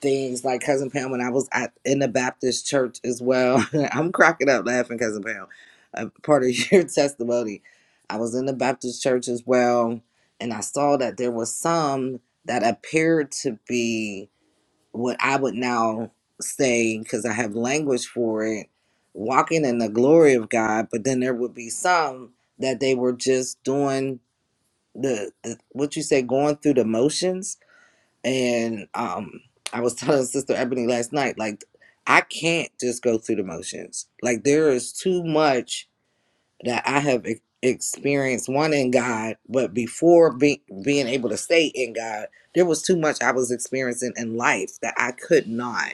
Speaker 9: things like cousin pam when i was at, in the baptist church as well i'm cracking up laughing cousin pam a part of your testimony i was in the baptist church as well and i saw that there was some that appeared to be what I would now say, because I have language for it, walking in the glory of God. But then there would be some that they were just doing the, the what you say, going through the motions. And um, I was telling Sister Ebony last night, like, I can't just go through the motions. Like, there is too much that I have e- experienced, one in God, but before be- being able to stay in God, there was too much I was experiencing in life that I could not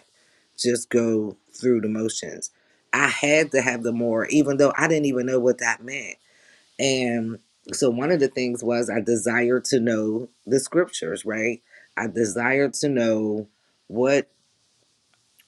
Speaker 9: just go through the motions. I had to have the more, even though I didn't even know what that meant. And so one of the things was I desired to know the scriptures, right? I desired to know what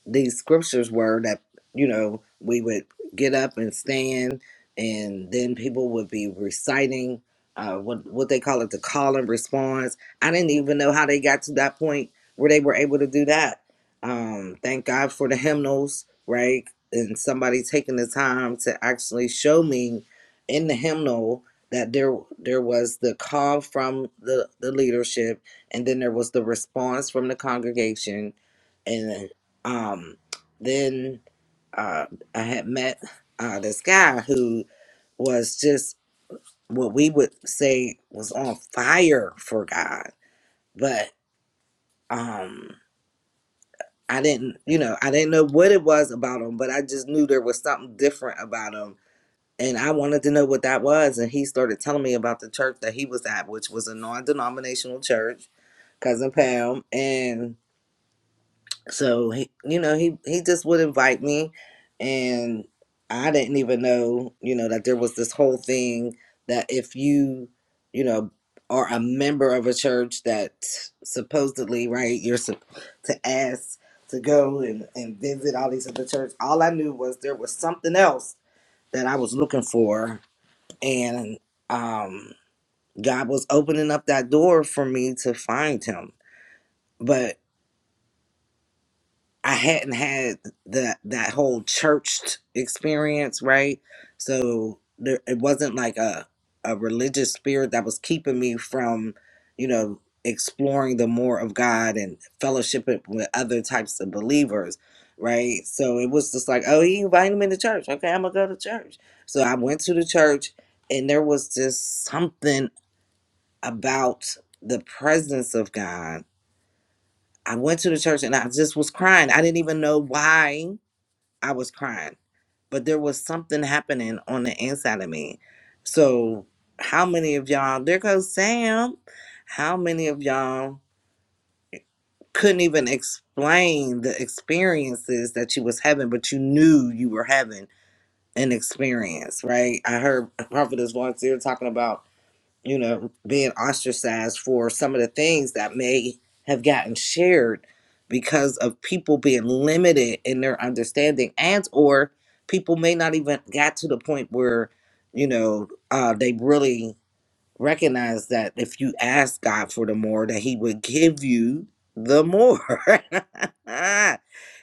Speaker 9: these scriptures were that you know we would get up and stand and then people would be reciting uh, what what they call it the call and response i didn't even know how they got to that point where they were able to do that um thank god for the hymnals right and somebody taking the time to actually show me in the hymnal that there there was the call from the the leadership and then there was the response from the congregation and. Um, then uh, I had met uh, this guy who was just what we would say was on fire for God. But um, I didn't, you know, I didn't know what it was about him, but I just knew there was something different about him. And I wanted to know what that was. And he started telling me about the church that he was at, which was a non denominational church, Cousin Pam. and. So he, you know, he he just would invite me, and I didn't even know, you know, that there was this whole thing that if you, you know, are a member of a church that supposedly, right, you're sup- to ask to go and and visit all these other churches. All I knew was there was something else that I was looking for, and um, God was opening up that door for me to find Him. But I hadn't had that that whole church experience, right? So there, it wasn't like a a religious spirit that was keeping me from, you know, exploring the more of God and fellowshipping with other types of believers, right? So it was just like, oh, he invited me to church. Okay, I'm gonna go to church. So I went to the church, and there was just something about the presence of God. I went to the church and I just was crying. I didn't even know why I was crying, but there was something happening on the inside of me. So, how many of y'all, there goes Sam, how many of y'all couldn't even explain the experiences that you was having, but you knew you were having an experience, right? I heard Prophetess Vontier talking about you know, being ostracized for some of the things that may have gotten shared because of people being limited in their understanding and or people may not even got to the point where, you know, uh, they really recognize that if you ask God for the more, that he would give you the more.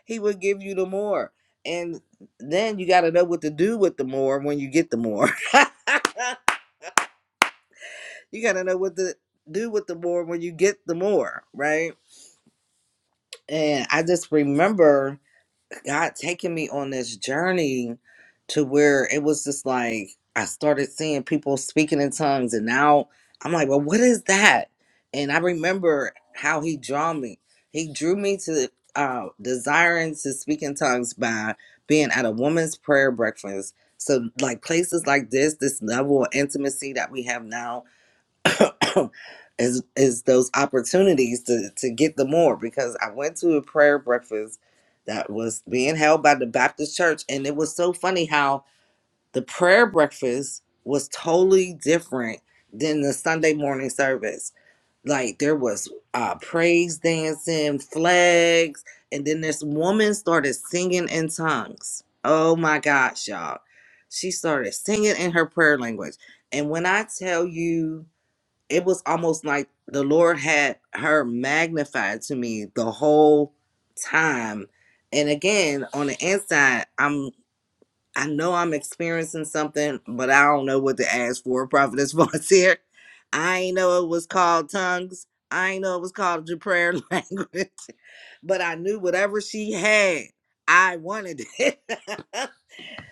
Speaker 9: he would give you the more. And then you got to know what to do with the more when you get the more. you gotta know what to do with the more when you get the more, right? And I just remember God taking me on this journey to where it was just like I started seeing people speaking in tongues, and now I'm like, well, what is that? And I remember how He drew me. He drew me to uh, desiring to speak in tongues by being at a woman's prayer breakfast. So, like places like this, this level of intimacy that we have now, is is those opportunities to to get the more because I went to a prayer breakfast that was being held by the Baptist church and it was so funny how the prayer breakfast was totally different than the Sunday morning service. Like there was uh praise dancing, flags, and then this woman started singing in tongues. Oh my gosh, y'all. She started singing in her prayer language. And when I tell you it was almost like the Lord had her magnified to me the whole time. And again, on the inside, I'm I know I'm experiencing something, but I don't know what to ask for. Prophetess volunteer. I ain't know it was called tongues. I ain't know it was called your prayer language. But I knew whatever she had, I wanted it.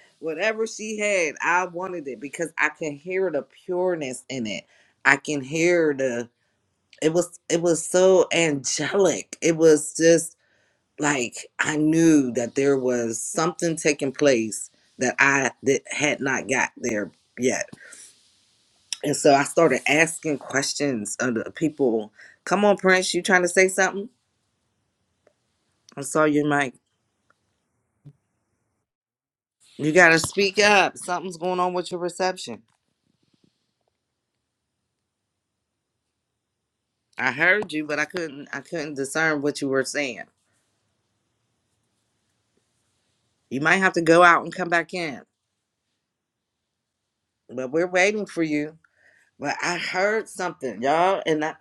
Speaker 9: whatever she had, I wanted it because I can hear the pureness in it. I can hear the it was it was so angelic it was just like i knew that there was something taking place that i that had not got there yet and so i started asking questions of the people come on prince you trying to say something i saw your mic you gotta speak up something's going on with your reception i heard you but i couldn't i couldn't discern what you were saying you might have to go out and come back in but we're waiting for you But I heard something, y'all, and I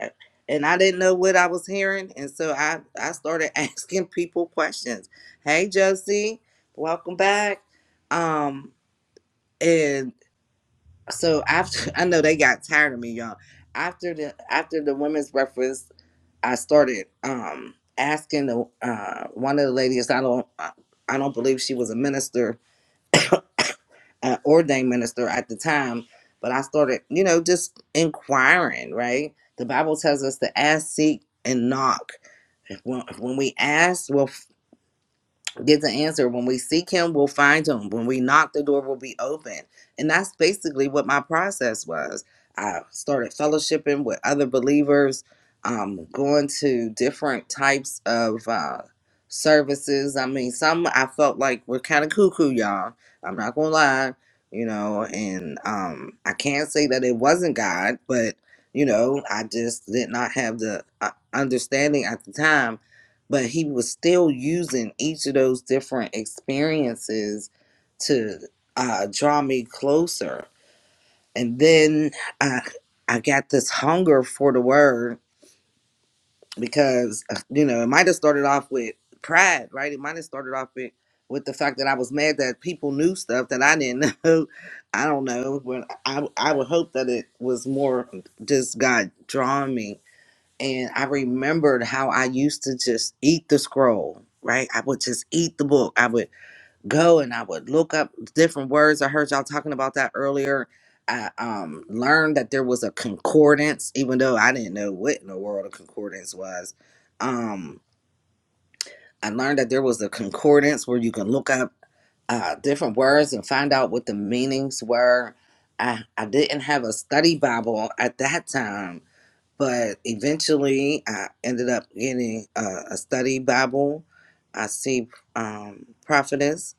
Speaker 9: and I didn't know what I was hearing, and so I I started asking people questions. Hey, Josie, welcome back. Um, and so after I know they got tired of me, y'all. After the after the women's breakfast, I started um asking the uh one of the ladies. I don't I I don't believe she was a minister uh, ordained minister at the time, but I started, you know, just inquiring, right? The Bible tells us to ask, seek, and knock. If When, if when we ask, we'll get the answer. When we seek him, we'll find him. When we knock, the door will be open. And that's basically what my process was. I started fellowshipping with other believers, um, going to different types of uh, services. I mean, some I felt like were kind of cuckoo, y'all. I'm not going to lie, you know, and um, I can't say that it wasn't God, but, you know, I just did not have the uh, understanding at the time but he was still using each of those different experiences to uh, draw me closer. And then I, I got this hunger for the word because, uh, you know, it might have started off with pride, right? It might have started off with, with the fact that I was mad that people knew stuff that I didn't know. I don't know. But I, I would hope that it was more just God drawing me and I remembered how I used to just eat the scroll, right? I would just eat the book. I would go and I would look up different words. I heard y'all talking about that earlier. I um, learned that there was a concordance, even though I didn't know what in the world a concordance was. Um, I learned that there was a concordance where you can look up uh, different words and find out what the meanings were. I, I didn't have a study Bible at that time but eventually I ended up getting a, a study Bible. I see um, prophetess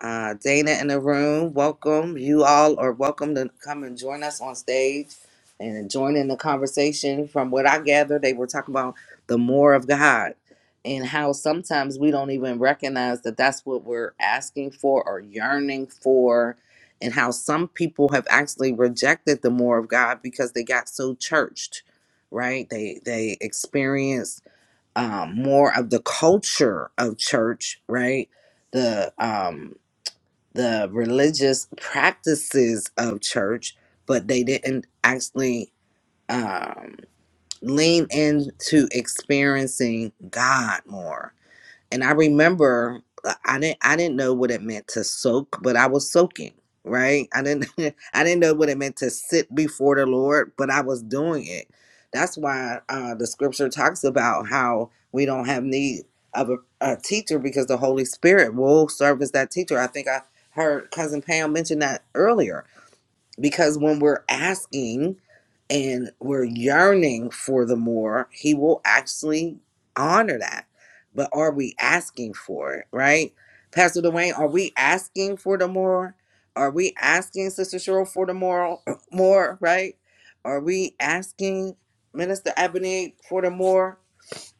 Speaker 9: uh, Dana in the room. Welcome. You all are welcome to come and join us on stage and join in the conversation. From what I gather, they were talking about the more of God and how sometimes we don't even recognize that that's what we're asking for or yearning for. And how some people have actually rejected the more of God because they got so churched, right? They they experienced um, more of the culture of church, right? the um the religious practices of church, but they didn't actually um, lean into experiencing God more and I remember uh, I didn't I didn't know what it meant to soak, but I was soaking, right? I didn't I didn't know what it meant to sit before the Lord, but I was doing it. That's why uh, the scripture talks about how we don't have need of a, a teacher because the Holy Spirit will serve as that teacher. I think I heard cousin Pam mention that earlier because when we're asking and we're yearning for the more, he will actually honor that. But are we asking for it, right? Pastor Dwayne, are we asking for the more? Are we asking Sister Cheryl for the more, more, right? Are we asking Minister Ebony for the more?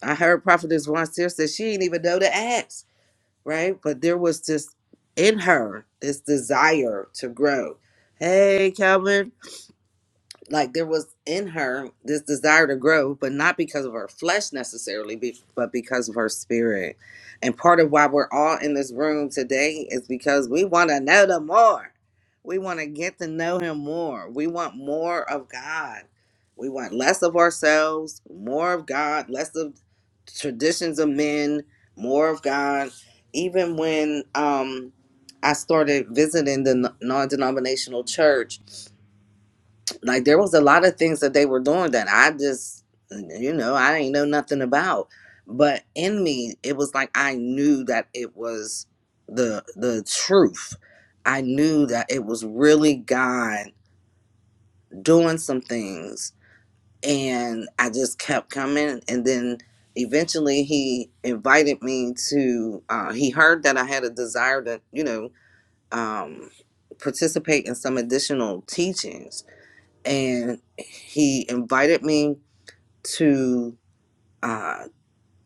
Speaker 9: I heard Prophetess Vonseer said she didn't even know to ask, right? But there was this in her, this desire to grow. Hey, Calvin, like there was in her this desire to grow, but not because of her flesh necessarily, be- but because of her spirit. And part of why we're all in this room today is because we want to know the more. We want to get to know him more. We want more of God. We want less of ourselves, more of God, less of traditions of men, more of God. Even when um, I started visiting the non denominational church, like there was a lot of things that they were doing that I just you know I didn't know nothing about but in me it was like I knew that it was the the truth I knew that it was really God doing some things and I just kept coming and then eventually he invited me to uh, he heard that I had a desire to you know um participate in some additional teachings and he invited me to uh,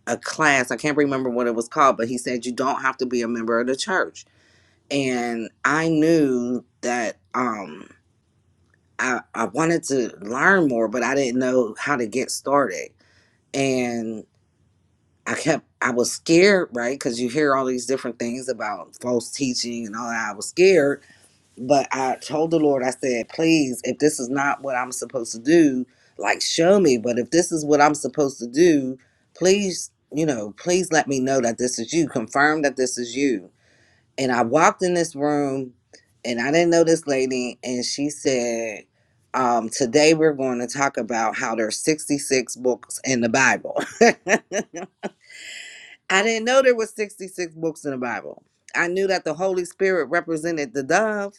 Speaker 9: a class. I can't remember what it was called, but he said you don't have to be a member of the church. And I knew that um, I, I wanted to learn more, but I didn't know how to get started. And I kept, I was scared, right? Because you hear all these different things about false teaching and all that. I was scared But I told the Lord, I said, please, if this is not what I'm supposed to do, like show me. But if this is what I'm supposed to do, please, you know, please let me know that this is you. Confirm that this is you. And I walked in this room and I didn't know this lady. And she said, um, today we're going to talk about how there's 66 books in the Bible. I didn't know there was 66 books in the Bible. I knew that the Holy Spirit represented the dove.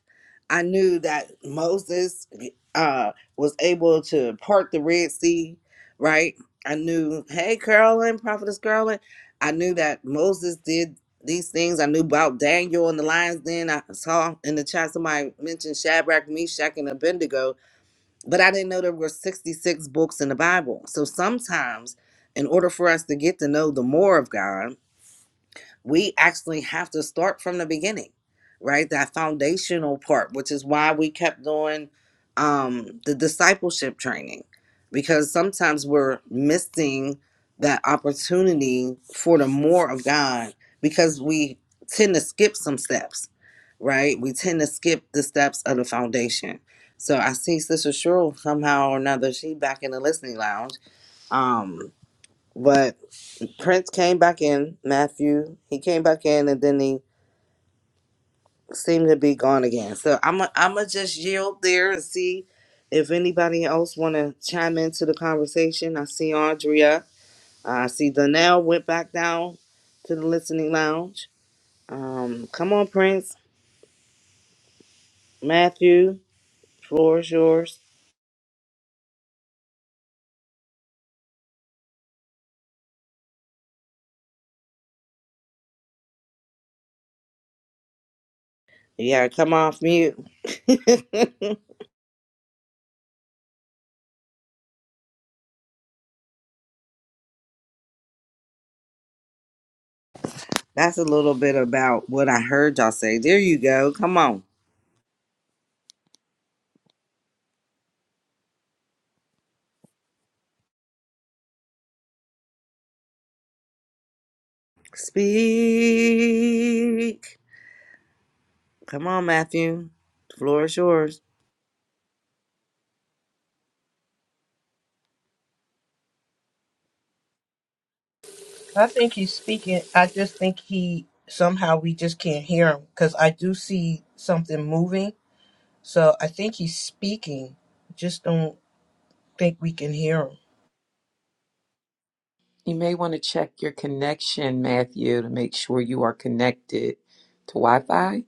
Speaker 9: I knew that Moses uh, was able to part the Red Sea, right? I knew, hey, Carolyn, Prophetess Carolyn. I knew that Moses did these things. I knew about Daniel and the lion's den. I saw in the chat somebody mentioned Shadrach, Meshach, and Abednego, but I didn't know there were 66 books in the Bible. So sometimes, in order for us to get to know the more of God, we actually have to start from the beginning right that foundational part which is why we kept doing um the discipleship training because sometimes we're missing that opportunity for the more of god because we tend to skip some steps right we tend to skip the steps of the foundation so i see sister cheryl somehow or another she back in the listening lounge um but Prince came back in, Matthew. He came back in and then he seemed to be gone again. So I'm i I'm gonna just yield there and see if anybody else want to chime into the conversation. I see Andrea. I see Donnell went back down to the listening lounge. Um, come on, Prince, Matthew, floor is yours. Yeah, come off mute. That's a little bit about what I heard y'all say. There you go. Come on, speak. Come on, Matthew. The floor is yours.
Speaker 8: I think he's speaking. I just think he somehow we just can't hear him because I do see something moving. So I think he's speaking. Just don't think we can hear him.
Speaker 10: You may want to check your connection, Matthew, to make sure you are connected to Wi Fi.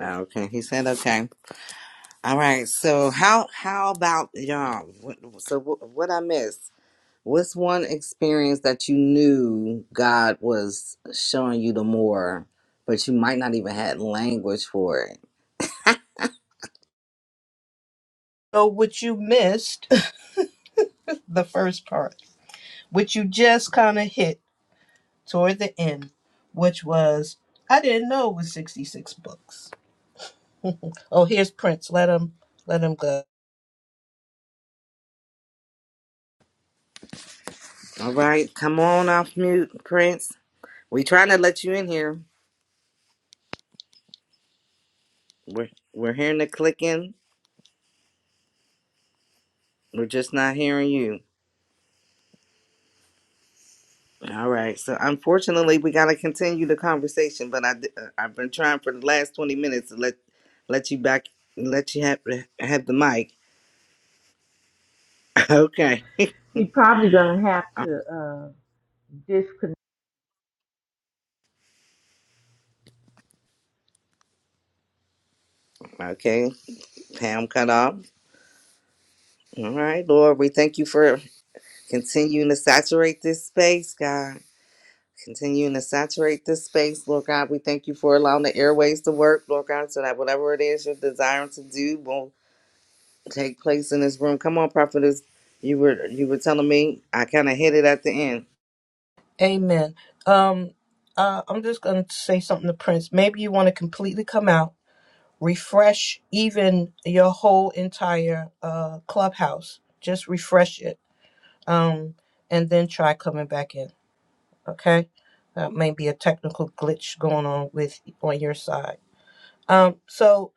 Speaker 9: Okay, he said okay. All right. So how how about y'all? What, so what, what I missed? What's one experience that you knew God was showing you the more, but you might not even had language for it?
Speaker 8: So what you missed the first part, which you just kind of hit. toward the end, which was I didn't know it was sixty six books. Oh, here's Prince. Let him let him go.
Speaker 9: All right, come on off mute, Prince. We trying to let you in here. We're we're hearing the clicking. We're just not hearing you. All right. So unfortunately, we gotta continue the conversation, but I di- uh, I've been trying for the last twenty minutes to let let you back let you have have the mic. Okay.
Speaker 5: He probably gonna have
Speaker 9: Um,
Speaker 5: to uh,
Speaker 9: Okay. Pam cut off. All right, Lord, we thank you for continuing to saturate this space, God. Continuing to saturate this space, Lord God. We thank you for allowing the airways to work, Lord God, so that whatever it is you're desiring to do will take place in this room. Come on, prophetess. You were you were telling me I kind of hit it at the end.
Speaker 8: Amen. Um, uh, I'm just gonna say something to Prince. Maybe you want to completely come out, refresh even your whole entire uh clubhouse. Just refresh it. Um, and then try coming back in. Okay. That may be a technical glitch going on with on your side. Um, so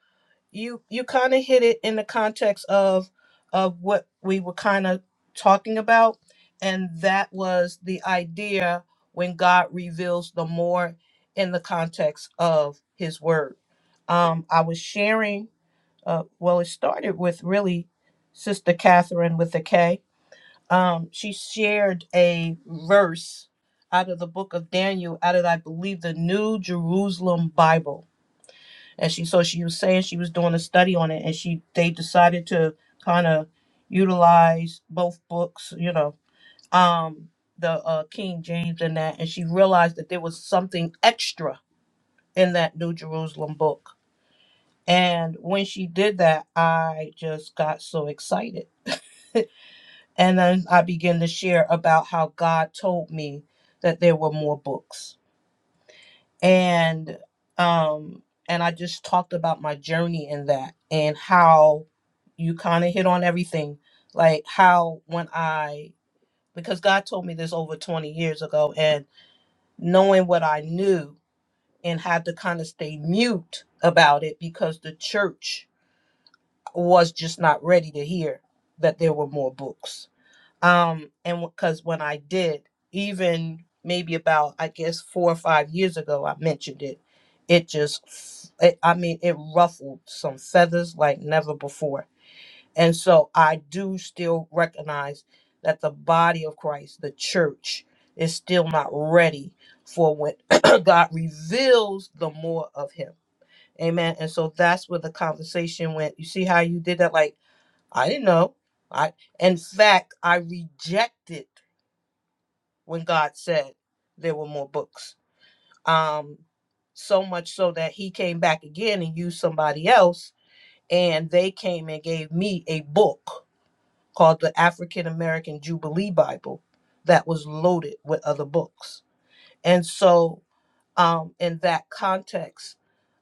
Speaker 8: you you kind of hit it in the context of of what we were kind of talking about and that was the idea when god reveals the more in the context of his word um i was sharing uh well it started with really sister catherine with a k um she shared a verse out of the book of daniel out of i believe the new jerusalem bible and she so she was saying she was doing a study on it and she they decided to kind of utilize both books you know um the uh king james and that and she realized that there was something extra in that new jerusalem book and when she did that i just got so excited and then i began to share about how god told me that there were more books and um and i just talked about my journey in that and how you kind of hit on everything like how when i because god told me this over 20 years ago and knowing what i knew and had to kind of stay mute about it because the church was just not ready to hear that there were more books um and because when i did even maybe about i guess four or five years ago i mentioned it it just f- it, i mean it ruffled some feathers like never before and so i do still recognize that the body of christ the church is still not ready for when god reveals the more of him amen and so that's where the conversation went you see how you did that like i didn't know i in fact i rejected when God said there were more books. Um, so much so that he came back again and used somebody else, and they came and gave me a book called the African American Jubilee Bible that was loaded with other books. And so, um, in that context,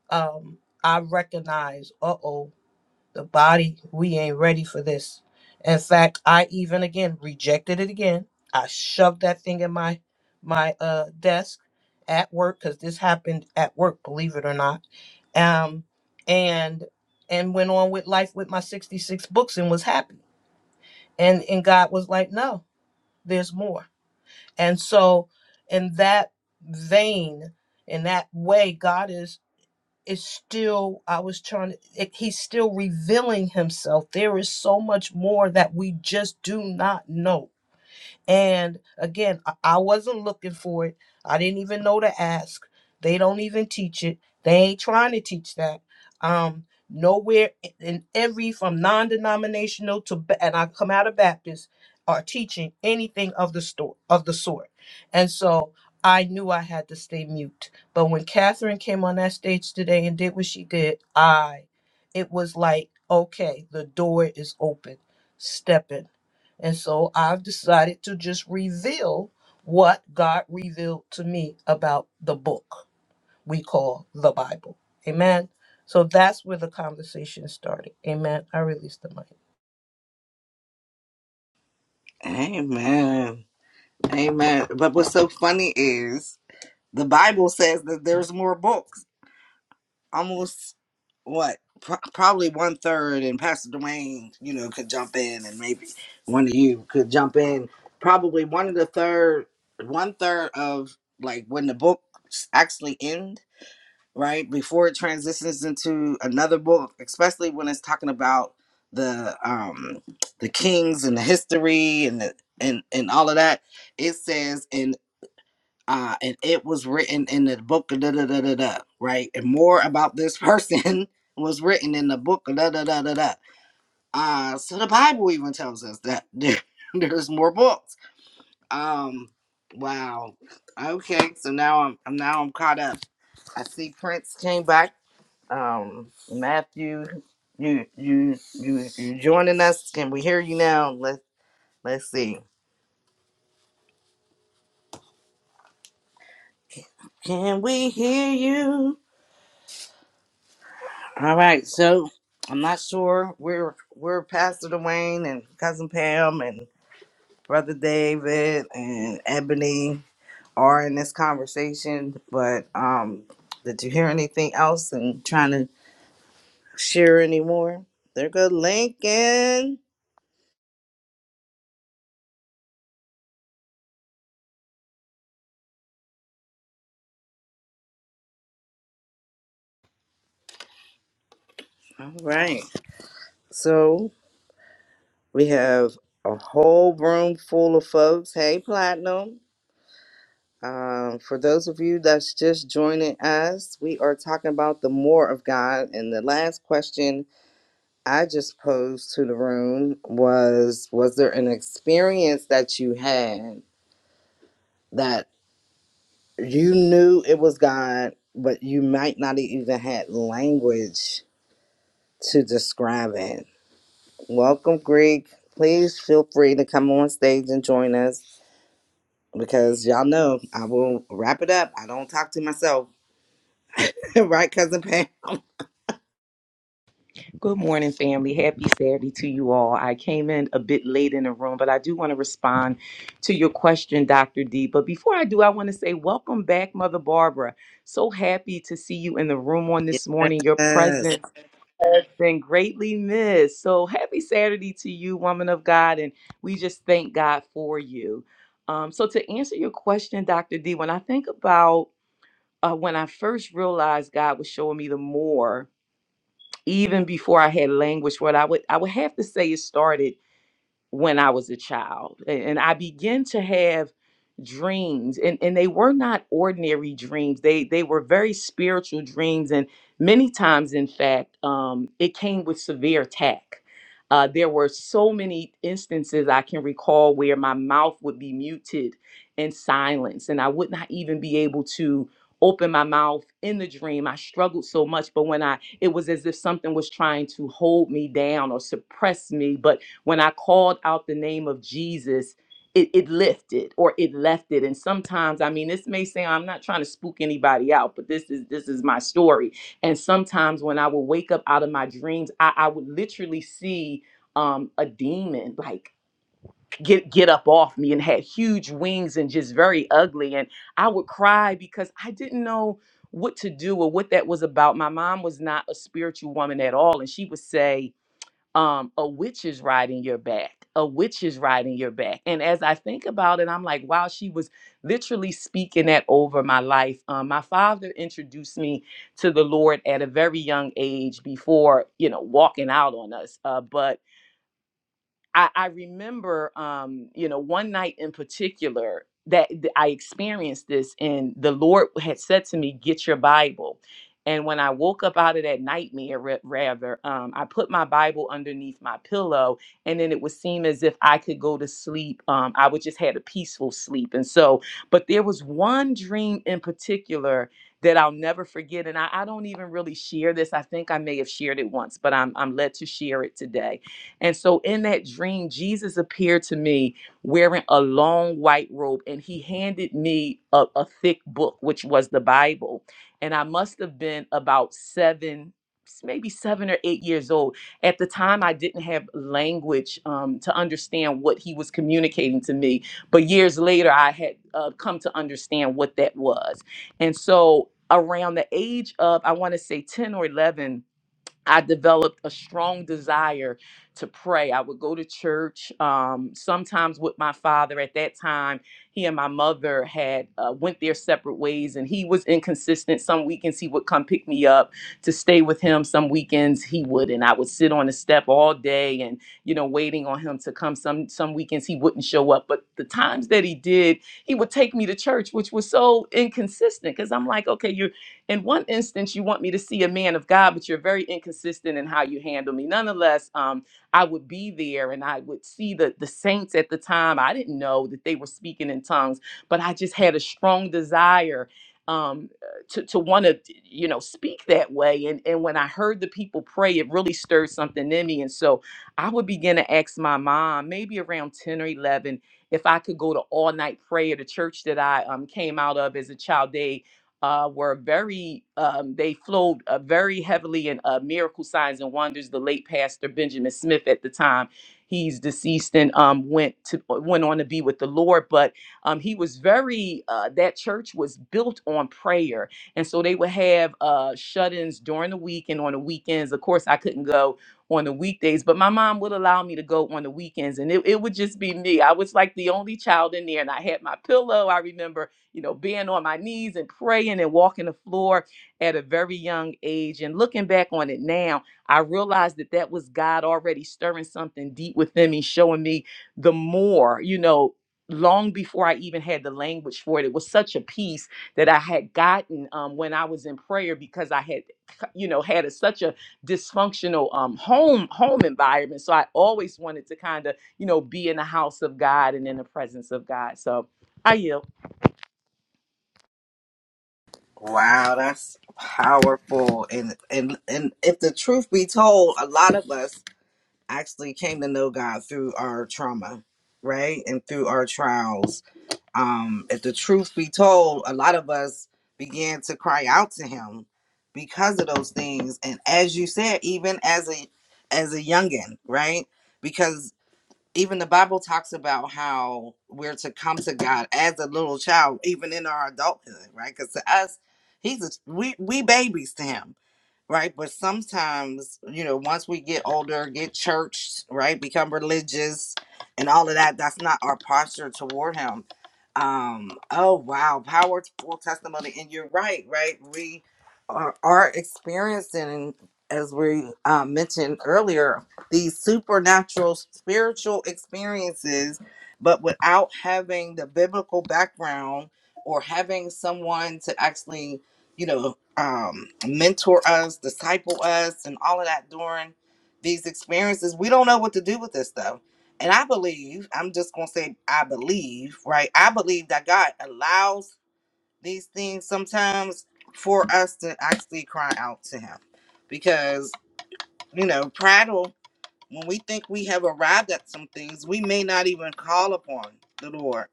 Speaker 8: um, I recognize, uh oh, the body, we ain't ready for this. In fact, I even again rejected it again. I shoved that thing in my my uh desk at work because this happened at work, believe it or not. Um and and went on with life with my 66 books and was happy. And and God was like, No, there's more. And so in that vein, in that way, God is is still i was trying to it, he's still revealing himself there is so much more that we just do not know and again, I I wasn't looking for it. I didn't even know to ask. They don't even teach it. They ain't trying to teach that. Um, nowhere i- in every from non-denominational to Ba- and I come out of Baptist are teaching anything of the store of the sort. And so I knew I had to stay mute. But when Catherine came on that stage today and did what she did, I it was like, okay, the door is open. Step in. And so I've decided to just reveal what God revealed to me about the book we call the Bible. Amen. So that's where the conversation started. Amen. I release the mic.
Speaker 9: Amen. Amen. But what's so funny is the Bible says that there's more books. Almost what? Pro- probably one third, and Pastor Dwayne, you know, could jump in, and maybe one of you could jump in. Probably one of the third, one third of like when the books actually end right before it transitions into another book especially when it's talking about the um the kings and the history and the and and all of that it says and uh and it was written in the book of da da da da da right and more about this person was written in the book of da da da da da uh so the bible even tells us that there, there's more books um wow okay so now i'm I'm- now i'm caught up i see prince came back um, Matthew, you you you you joining us? Can we hear you now? Let Let's see. Can we hear you? All right. So I'm not sure. We're we're Pastor Dwayne and cousin Pam and brother David and Ebony are in this conversation. But um, did you hear anything else? And trying to share any more? There go Lincoln. All right. So. We have a whole room full of folks. Hey, Platinum. Um, for those of you that's just joining us, we are talking about the more of God. And the last question I just posed to the room was Was there an experience that you had that you knew it was God, but you might not even had language to describe it? Welcome, Greek. Please feel free to come on stage and join us because y'all know I will wrap it up. I don't talk to myself, right, cousin Pam?
Speaker 10: Good morning, family. Happy Saturday to you all. I came in a bit late in the room, but I do want to respond to your question, Dr. D. But before I do, I want to say welcome back, Mother Barbara. So happy to see you in the room on this morning. Your
Speaker 9: Yes.
Speaker 10: presence has been greatly missed. So happy Saturday to you, woman of God, and we just thank God for you. Um, so to answer your question, Dr. D, when I think about uh, when I first realized God was showing me the more, even before I had language for it, I would I would have to say it started when I was a child. A- And I began to have dreams and, and they were not ordinary dreams. They they were very spiritual dreams and many times in fact um it came with severe attack. Uh, there were so many instances I can recall where my mouth would be muted and silenced, and I would not even be able to open my mouth in the dream. I struggled so much, but when I it was as if something was trying to hold me down or suppress me. But when I called out the name of Jesus, it, it lifted or it left it. And sometimes, I mean, this may sound I'm not trying to spook anybody out, but this is this is my story. And sometimes when I would wake up out of my dreams, I, I would literally see um a demon like get get up off me and had huge wings and just very ugly. And I would cry because I didn't know what to do or what that was about. My mom was not a spiritual woman at all. And she would say, um, a witch is riding your back. A witch is riding your back. And as I think about it, I'm like, wow, she was literally speaking that over my life. Um, my father introduced me to the Lord at a very young age before, you know, walking out on us. Uh, but I, I remember, um, you know, one night in particular that th- I experienced this, and the Lord had said to me, "Get your Bible." And when I woke up out of that nightmare, ra- rather, um, I put my Bible underneath my pillow, and then it would seem as if I could go to sleep. Um, I would just had a peaceful sleep, and so, but there was one dream in particular that I'll never forget, and I, I don't even really share this. I think I may have shared it once, but I'm I'm led to share it today and so in that dream, Jesus appeared to me wearing a long white robe, and he handed me a, a thick book, which was the Bible. And I must have been about seven, maybe seven or eight years old. At the time, I didn't have language um, to understand what he was communicating to me. But years later, I had uh, come to understand what that was. And so around the age of, I want to say 10 or 11, I developed a strong desire to pray. I would go to church um, sometimes with my father. At that time, he and my mother had uh, went their separate ways, and he was inconsistent. Some weekends he would come pick me up to stay with him. Some weekends he would, and I would sit on the step all day, and you know, waiting on him to come. Some some weekends he wouldn't show up, but the times that he did, he would take me to church, which was so inconsistent. Because I'm like, okay, you are in one instance, you want me to see a man of God, but you're very inconsistent in how you handle me. Nonetheless, um, I would be there and I would see the, the saints at the time. I didn't know that they were speaking in tongues, but I just had a strong desire um, to, to want to, you know, speak that way. And, and when I heard the people pray, it really stirred something in me. And so I would begin to ask my mom, maybe around 10 or 11, if I could go to all night prayer, the church that I um, came out of as a child. day uh, were very, um, they flowed uh, very heavily in uh, miracle signs and wonders. The late pastor Benjamin Smith at the time, he's deceased and um, went to uh, went on to be with the Lord. But um, he was very, uh, that church was built on prayer. And so they would have uh, shut-ins during the week and on the weekends. Of course, I couldn't go on the weekdays, but my mom would allow me to go on the weekends. And it, it would just be me. I was like the only child in there and I had my pillow. I remember you know, being on my knees and praying and walking the floor at a very young age. And looking back on it now, I realized that that was God already stirring something deep within me, showing me the more, you know, long before I even had the language for it. It was such a peace that I had gotten um, when I was in prayer because I had, you know, had a, such a dysfunctional um, home home environment. So I always wanted to kind of, you know, be in the house of God and in the presence of God. So I yield.
Speaker 9: Wow, that's powerful. And and and if the truth be told, a lot of us actually came to know God through our trauma, right? And through our trials. Um, if the truth be told, a lot of us began to cry out to him because of those things. And as you said, even as a as a youngin, right? Because even the Bible talks about how we're to come to God as a little child, even in our adulthood, right? Because to us, He's a, we we babies to Him, right? But sometimes, you know, once we get older, get churched, right, become religious, and all of that, that's not our posture toward Him. Um, oh wow, powerful testimony, and you're right, right? We are, are experiencing, as we uh, mentioned earlier, these supernatural spiritual experiences, but without having the biblical background or having someone to actually, you know, um, mentor us, disciple us, and all of that during these experiences, we don't know what to do with this stuff. And I believe, I'm just going to say, I believe, right? I believe that God allows these things sometimes for us to actually cry out to Him because, you know, prattle when we think we have arrived at some things, we may not even call upon the Lord.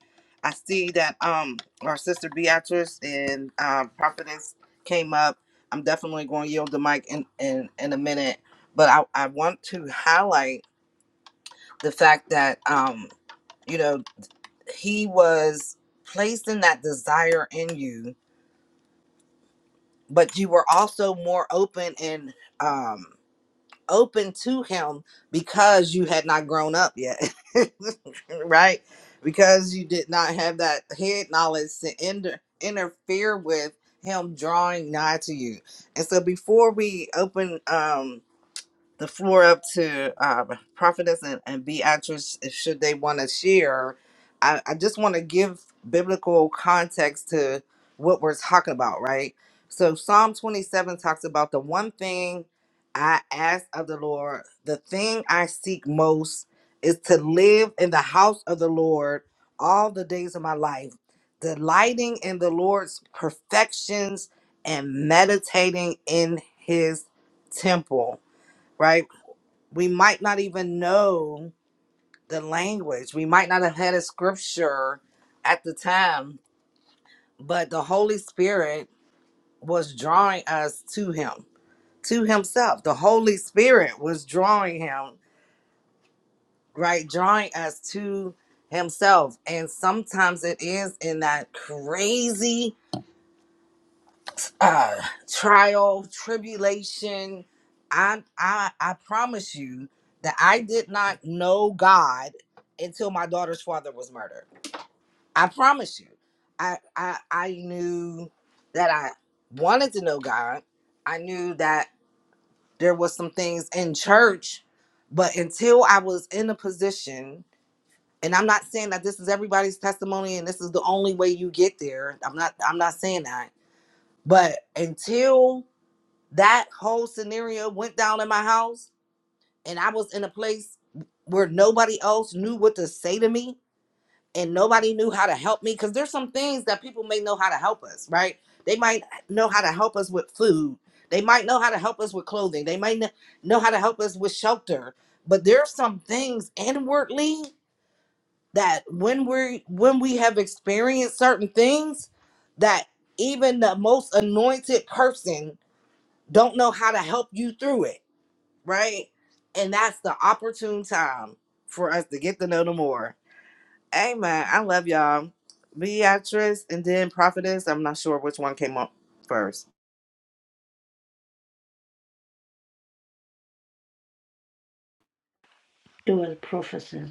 Speaker 9: I see that um our sister Beatrice and uh, prophetess came up. I'm definitely going to yield the mic in in, in a minute, but I, I want to highlight the fact that um you know he was placing that desire in you, but you were also more open and um open to him because you had not grown up yet. right? Because you did not have that head knowledge to inter- interfere with him drawing nigh to you. And so before we open, um, the floor up to um, prophetess and, and beatrice if- should they want to share i, I just want to give biblical context to what we're talking about right so psalm 27 talks about the one thing i ask of the lord the thing i seek most is to live in the house of the lord all the days of my life delighting in the lord's perfections and meditating in his temple right we might not even know the language. We might not have had a scripture at the time, but the Holy Spirit was drawing us to Him, to Himself. The Holy Spirit was drawing Him, right? Drawing us to Himself. And sometimes it is in that crazy uh trial tribulation i i i promise you that i did not know god until my daughter's father was murdered i promise you i i i knew that i wanted to know god i knew that there was some things in church but until i was in a position and i'm not saying that this is everybody's testimony and this is the only way you get there i'm not i'm not saying that but until that whole scenario went down in my house, and I was in a place where nobody else knew what to say to me, and nobody knew how to help me. Because there's some things that people may know how to help us, right? They might know how to help us with food. They might know how to help us with clothing. They might kn- know how to help us with shelter. But there are some things inwardly that when we when we have experienced certain things that even the most anointed person don't know how to help you through it right? And that's the opportune time for us to get to know them more. Amen. I love y'all. Beatrice and then Prophetess. I'm not sure which one came up first.
Speaker 11: Dual Professor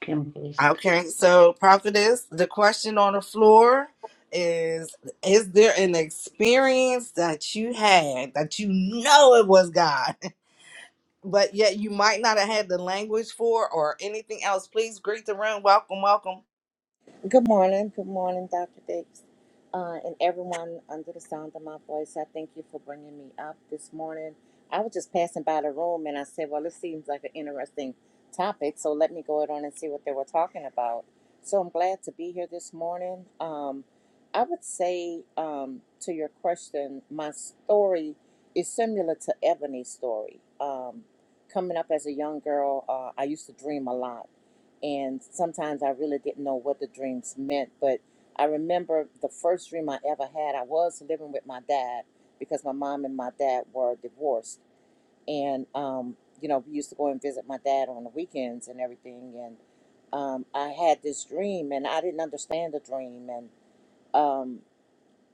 Speaker 11: Campbell.
Speaker 9: Okay, so Prophetess, the question on the floor is Is there an experience that you had that you know it was God, but yet you might not have had the language for or anything else? Please greet the room. Welcome, welcome.
Speaker 12: Good morning. Good morning, Dr. Dix. Uh, and everyone under the sound of my voice, I thank you for bringing me up this morning. I was just passing by the room and I said, well, this seems like an interesting topic, so let me go ahead on and see what they were talking about. So I'm glad to be here this morning. Um, I would say um, to your question, my story is similar to Ebony's story. Um, coming up as a young girl, uh, I used to dream a lot and sometimes I really didn't know what the dreams meant. But I remember the first dream I ever had. I was living with my dad because my mom and my dad were divorced, and um, you know we used to go and visit my dad on the weekends and everything. And um, I had this dream, and I didn't understand the dream, and um,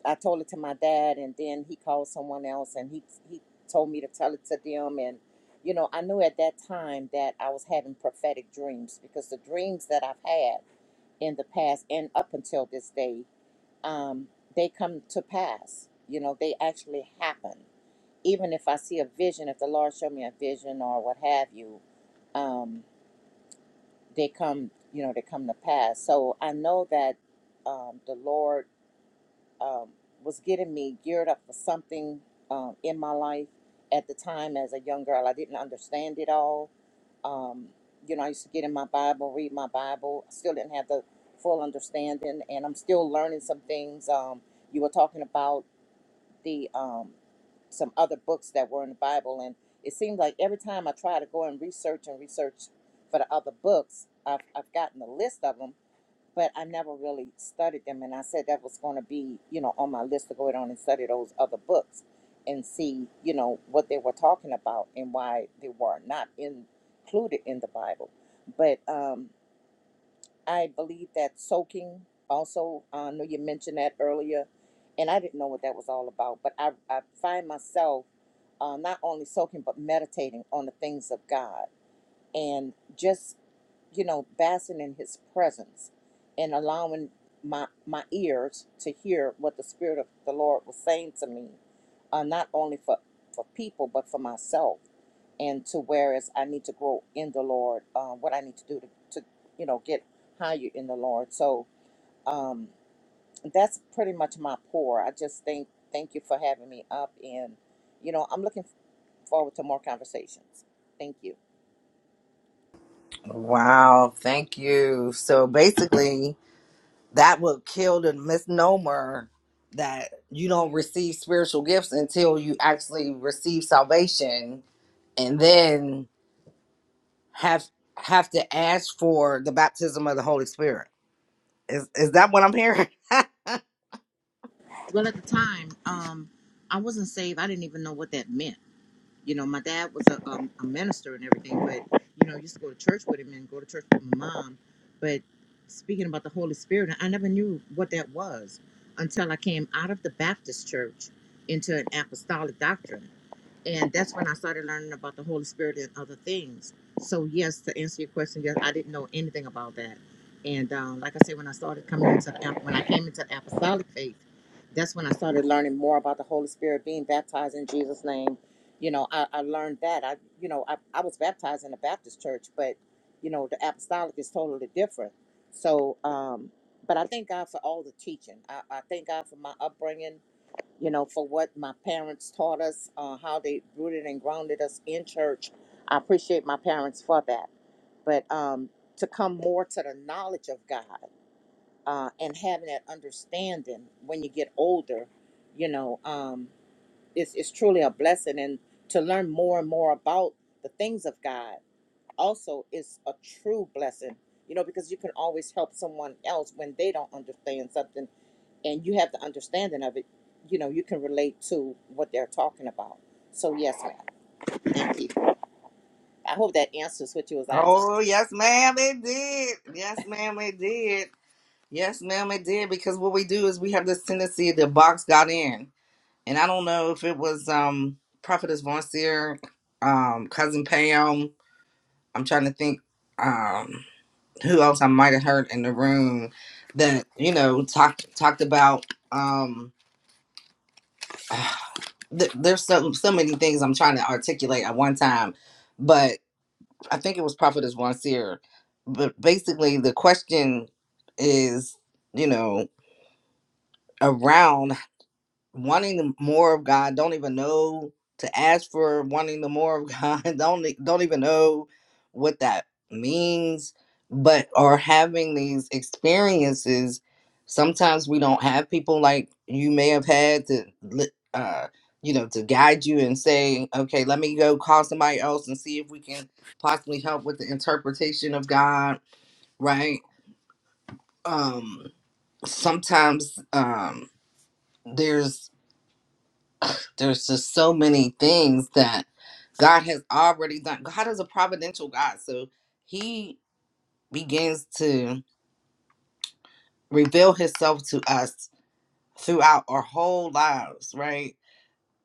Speaker 12: I told it to my dad, and then he called someone else, and he he told me to tell it to them. And you know, I knew at that time that I was having prophetic dreams because the dreams that I've had in the past and up until this day, um, they come to pass. You know, they actually happen. Even if I see a vision, if the Lord showed me a vision or what have you, um, they come. You know, they come to pass. So I know that um, the Lord um, was getting me geared up for something um, in my life at the time as a young girl. I didn't understand it all. Um, you know, I used to get in my Bible, read my Bible. I still didn't have the full understanding, and I'm still learning some things. Um, you were talking about the um, some other books that were in the Bible, and it seemed like every time I try to go and research and research for the other books, I've, I've gotten a list of them but I never really studied them. And I said that was going to be, you know, on my list to go it on and study those other books and see, you know, what they were talking about and why they were not included in the Bible. But um, I believe that soaking also, I know you mentioned that earlier, and I didn't know what that was all about, but I, I find myself uh, not only soaking, but meditating on the things of God. And just you know, basking in his presence and allowing my my ears to hear what the spirit of the Lord was saying to me, uh, not only for for people but for myself, and to whereas I need to grow in the Lord, uh, what I need to do to, to you know get higher in the Lord. So um, that's pretty much my pour. I just think thank you for having me up, and you know I'm looking forward to more conversations. Thank you.
Speaker 9: Wow, thank you. So basically, that would kill the misnomer that you don't receive spiritual gifts until you actually receive salvation and then have have to ask for the baptism of the Holy Spirit. Is is that what I'm hearing?
Speaker 12: Well, at the time, um, I wasn't saved. I didn't even know what that meant. You know, my dad was a, um, a minister and everything, but you know, I used to go to church with him and go to church with my mom. But speaking about the Holy Spirit, I never knew what that was until I came out of the Baptist church into an apostolic doctrine and that's when I started learning about the Holy Spirit and other things. So yes, to answer your question, yes, I didn't know anything about that. And um, like I said, when I started coming into the, when I came into the apostolic faith, that's when I started learning more about the Holy Spirit, being baptized in Jesus' name. You know, I, I learned that. I you know I, I was baptized in a Baptist church, but you know the apostolic is totally different. So, um, but I thank God for all the teaching. I, I thank God for my upbringing you know, for what my parents taught us, uh, how they rooted and grounded us in church. I appreciate my parents for that. But um, to come more to the knowledge of God uh, and having that understanding when you get older, you know, um, it's, it's truly a blessing. And to learn more and more about the things of God also is a true blessing, you know, because you can always help someone else when they don't understand something and you have the understanding of it, you know, you can relate to what they're talking about. So yes, ma'am. Thank you. I hope that answers what you was asking.
Speaker 9: Oh yes, ma'am, it did. Yes, ma'am, it did. Yes, ma'am, it did. Because what we do is we have this tendency to box God in. And I don't know if it was um Prophetess Von Seer, um, cousin Pam. I'm trying to think. Um, who else I might have heard in the room that you know talked talked about um th- there's so so many things I'm trying to articulate at one time, but I think it was Prophetess Wansier. But basically, the question is you know around wanting the more of God, don't even know to ask for wanting the more of God, don't e- don't even know what that means, but are having these experiences. Sometimes we don't have people like you may have had to, li- uh, you know, to guide you and say, okay, let me go call somebody else and see if we can possibly help with the interpretation of God, right? Um, sometimes um, there's there's just so many things that God has already done. God is a providential God, so He begins to reveal Himself to us throughout our whole lives, right?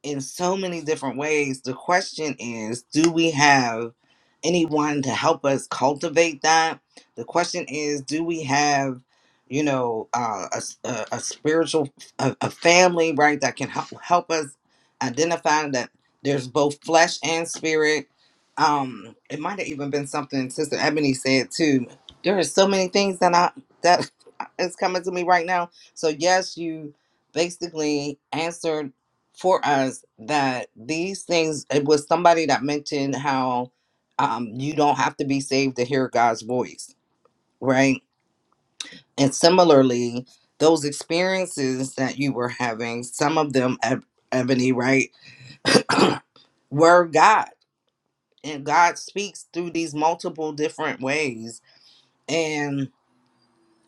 Speaker 9: in so many different ways. The question is, do we have anyone to help us cultivate that? The question is, do we have, you know, uh, a, s- a- a spiritual, a, a family, right, that can help, help us identify that there's both flesh and spirit? Um, it might have even been something Sister Ebony said too. There are so many things that I that is coming to me right now. So yes, you basically answered for us that these things it was somebody that mentioned how um, you don't have to be saved to hear god's voice right and similarly those experiences that you were having some of them Eb- ebony right were god and god speaks through these multiple different ways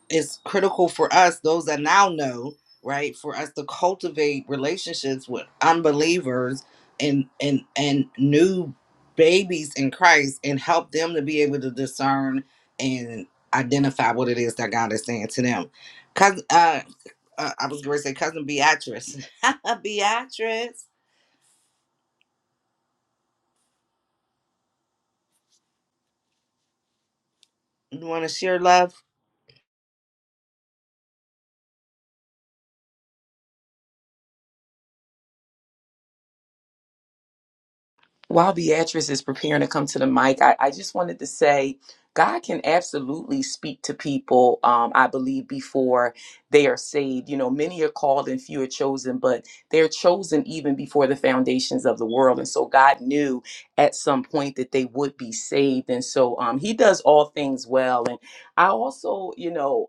Speaker 9: it's critical for us, those that now know, right, for us to cultivate relationships with unbelievers and and and new babies in Christ and help them to be able to discern and identify what it is that God is saying to them. Cousin, uh, uh, I was going to say cousin Beatrice. Beatrice, you want to share love?
Speaker 10: While Beatrice is preparing to come to the mic, I, I just wanted to say God can absolutely speak to people, um, I believe, before they are saved. You know, many are called and few are chosen, but they're chosen even before the foundations of the world. And so God knew at some point that they would be saved. And so um, He does all things well. And I also, you know,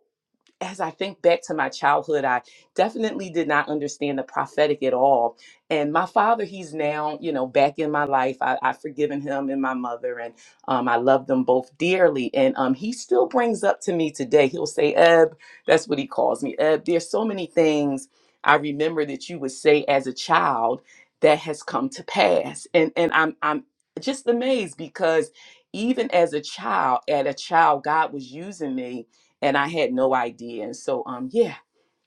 Speaker 10: as I think back to my childhood, I definitely did not understand the prophetic at all. And my father, he's now, you know, back in my life. I, I've forgiven him and my mother, and um, I love them both dearly. And um, he still brings up to me today, he'll say, Eb, that's what he calls me. Eb, there's so many things I remember that you would say as a child that has come to pass. And and I'm I'm just amazed because even as a child, at a child, God was using me and I had no idea. And so, um, yeah,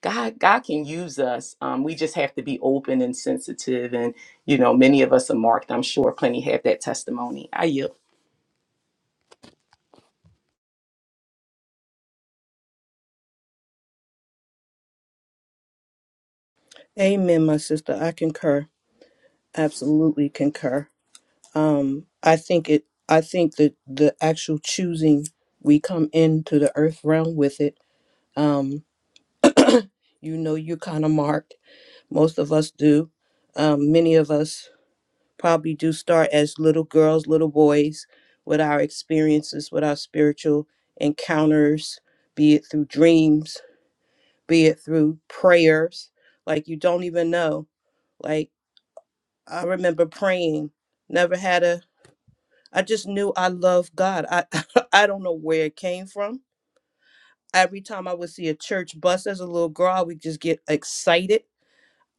Speaker 10: God, God can use us. Um, we just have to be open and sensitive. And you know, many of us are marked. I'm sure plenty have that testimony. I yield.
Speaker 8: Amen, my sister. I concur. Absolutely concur. Um, I think it. I think that the actual choosing we come into the earth realm with it. Um, you know, you're kind of marked. Most of us do. Um, many of us probably do start as little girls, little boys, with our experiences, with our spiritual encounters, be it through dreams, be it through prayers. Like you don't even know. Like I remember praying, never had a, I just knew I loved God. I, I don't know where it came from. Every time I would see a church bus as a little girl, I would just get excited.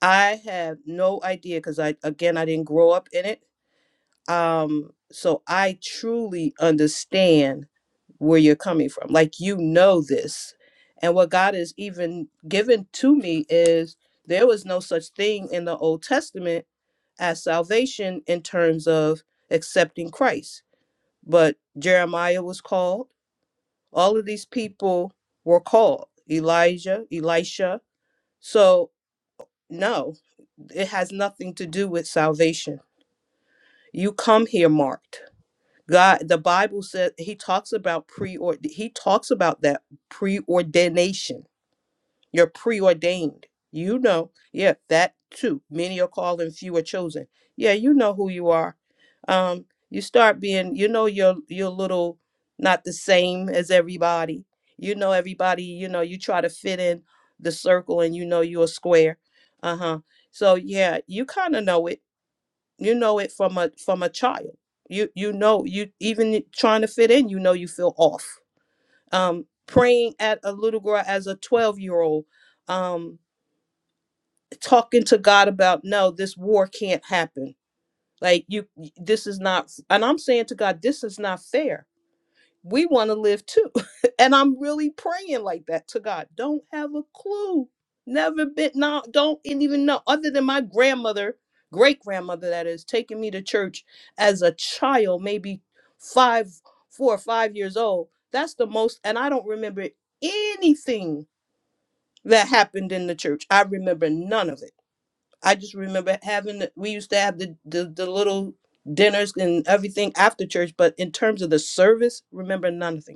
Speaker 8: I have no idea because I, again, I didn't grow up in it um so i truly understand where you're coming from like you know this and what god has even given to me is there was no such thing in the old testament as salvation in terms of accepting christ but jeremiah was called all of these people were called elijah elisha so no it has nothing to do with salvation you come here marked God, the Bible says he talks about preord. he talks about that preordination. You're preordained. You know, yeah, that too. Many are called and few are chosen. Yeah, you know who you are. Um, you start being, you know, you're you're a little not the same as everybody. You know, everybody, you know, you try to fit in the circle and you know you're a square. Uh-huh. So yeah, you kind of know it you know it from a from a child you you know you even trying to fit in you know you feel off um praying at a little girl as a 12 year old um talking to god about no this war can't happen like you this is not and i'm saying to god this is not fair we want to live too. and I'm really praying like that to God. Don't have a clue. Never been, no, don't even know. Other than my grandmother, great grandmother, that is, taking me to church as a child, maybe five, four or five years old. That's the most, and I don't remember anything that happened in the church. I remember none of it. I just remember having, the- we used to have the, the, the little dinners and everything after church, but in terms of the service, remember nothing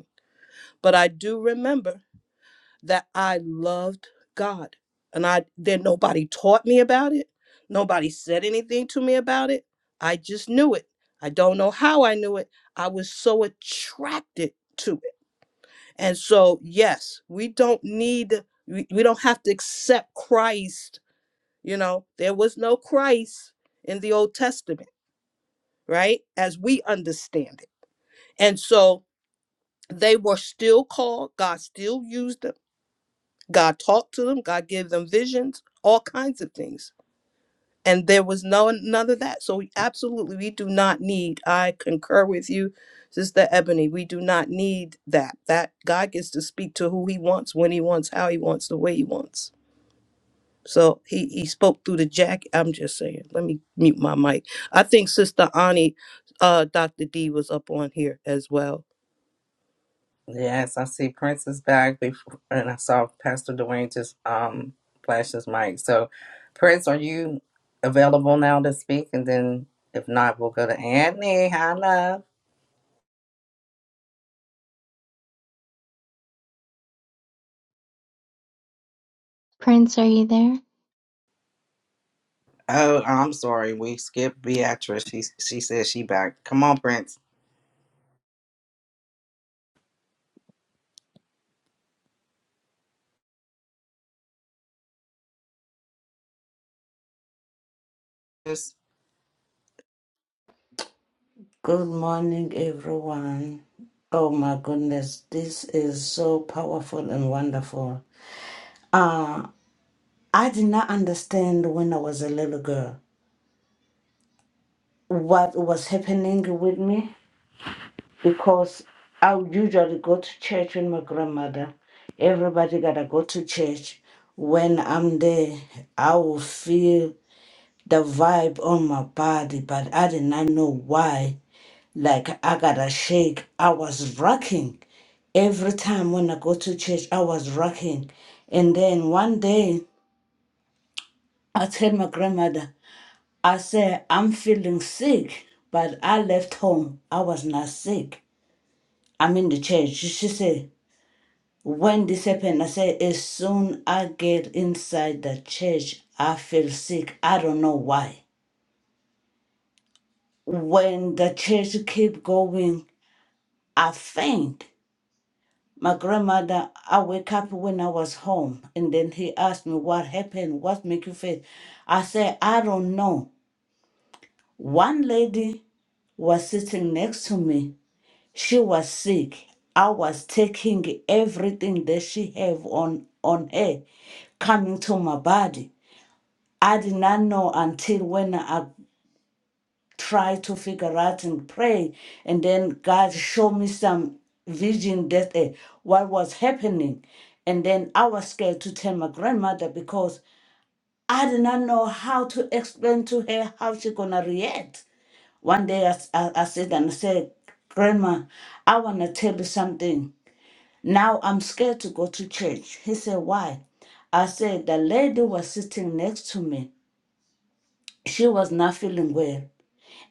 Speaker 8: but I do remember that I loved God. And I then nobody taught me about it. Nobody said anything to me about it. I just knew it. I don't know how I knew it. I was so attracted to it. And so, yes, we don't need we, we don't have to accept Christ, you know. There was no Christ in the Old Testament, right? As we understand it. And so they were still called, God still used them God talked to them, God gave them visions, all kinds of things. And there was no none of that. So we absolutely we do not need, I concur with you, Sister Ebony, we do not need that. That God gets to speak to who he wants, when he wants, how he wants, the way he wants. So he, he spoke through the jack. I'm just saying, let me mute my mic. I think Sister Ani, uh, Dr. D was up on here as well.
Speaker 9: Yes, I see Prince is back before, and I saw Pastor Dwayne just um flash his mic. So, Prince, are you available now to speak? And then, if not, we'll go to Anthony. Hi, love.
Speaker 13: Prince, are you there?
Speaker 9: Oh, I'm sorry, we skipped Beatrice. She she says she back. Come on, Prince. Yes.
Speaker 11: Good morning, everyone. Oh my goodness, this is so powerful and wonderful. I did not understand when I was a little girl what was happening with me because I would usually go to church with my grandmother. Everybody gotta go to church. When I'm there, I will feel the vibe on my body, but I did not know why Like I got a shake. I was rocking. Every time when I go to church, I was rocking. And then one day I tell my grandmother, I said, I'm feeling sick, but I left home. I was not sick. I'm in the church. She said, when this happened, I said, as soon I get inside the church, I feel sick. I don't know why. When the church keep going, I faint. My grandmother, I wake up when I was home, and then he asked me what happened, what make you faint. I said, I don't know. One lady was sitting next to me. She was sick. I was taking everything that she have on on her, coming to my body. I did not know until when I try to figure out and pray. And then God showed me some vision that uh, what was happening. And then I was scared to tell my grandmother because I did not know how to explain to her how she gonna react. One day I, s- I, I said and I said, Grandma, I wanna tell you something. Now I'm scared to go to church. He said, Why? I said the lady was sitting next to me. She was not feeling well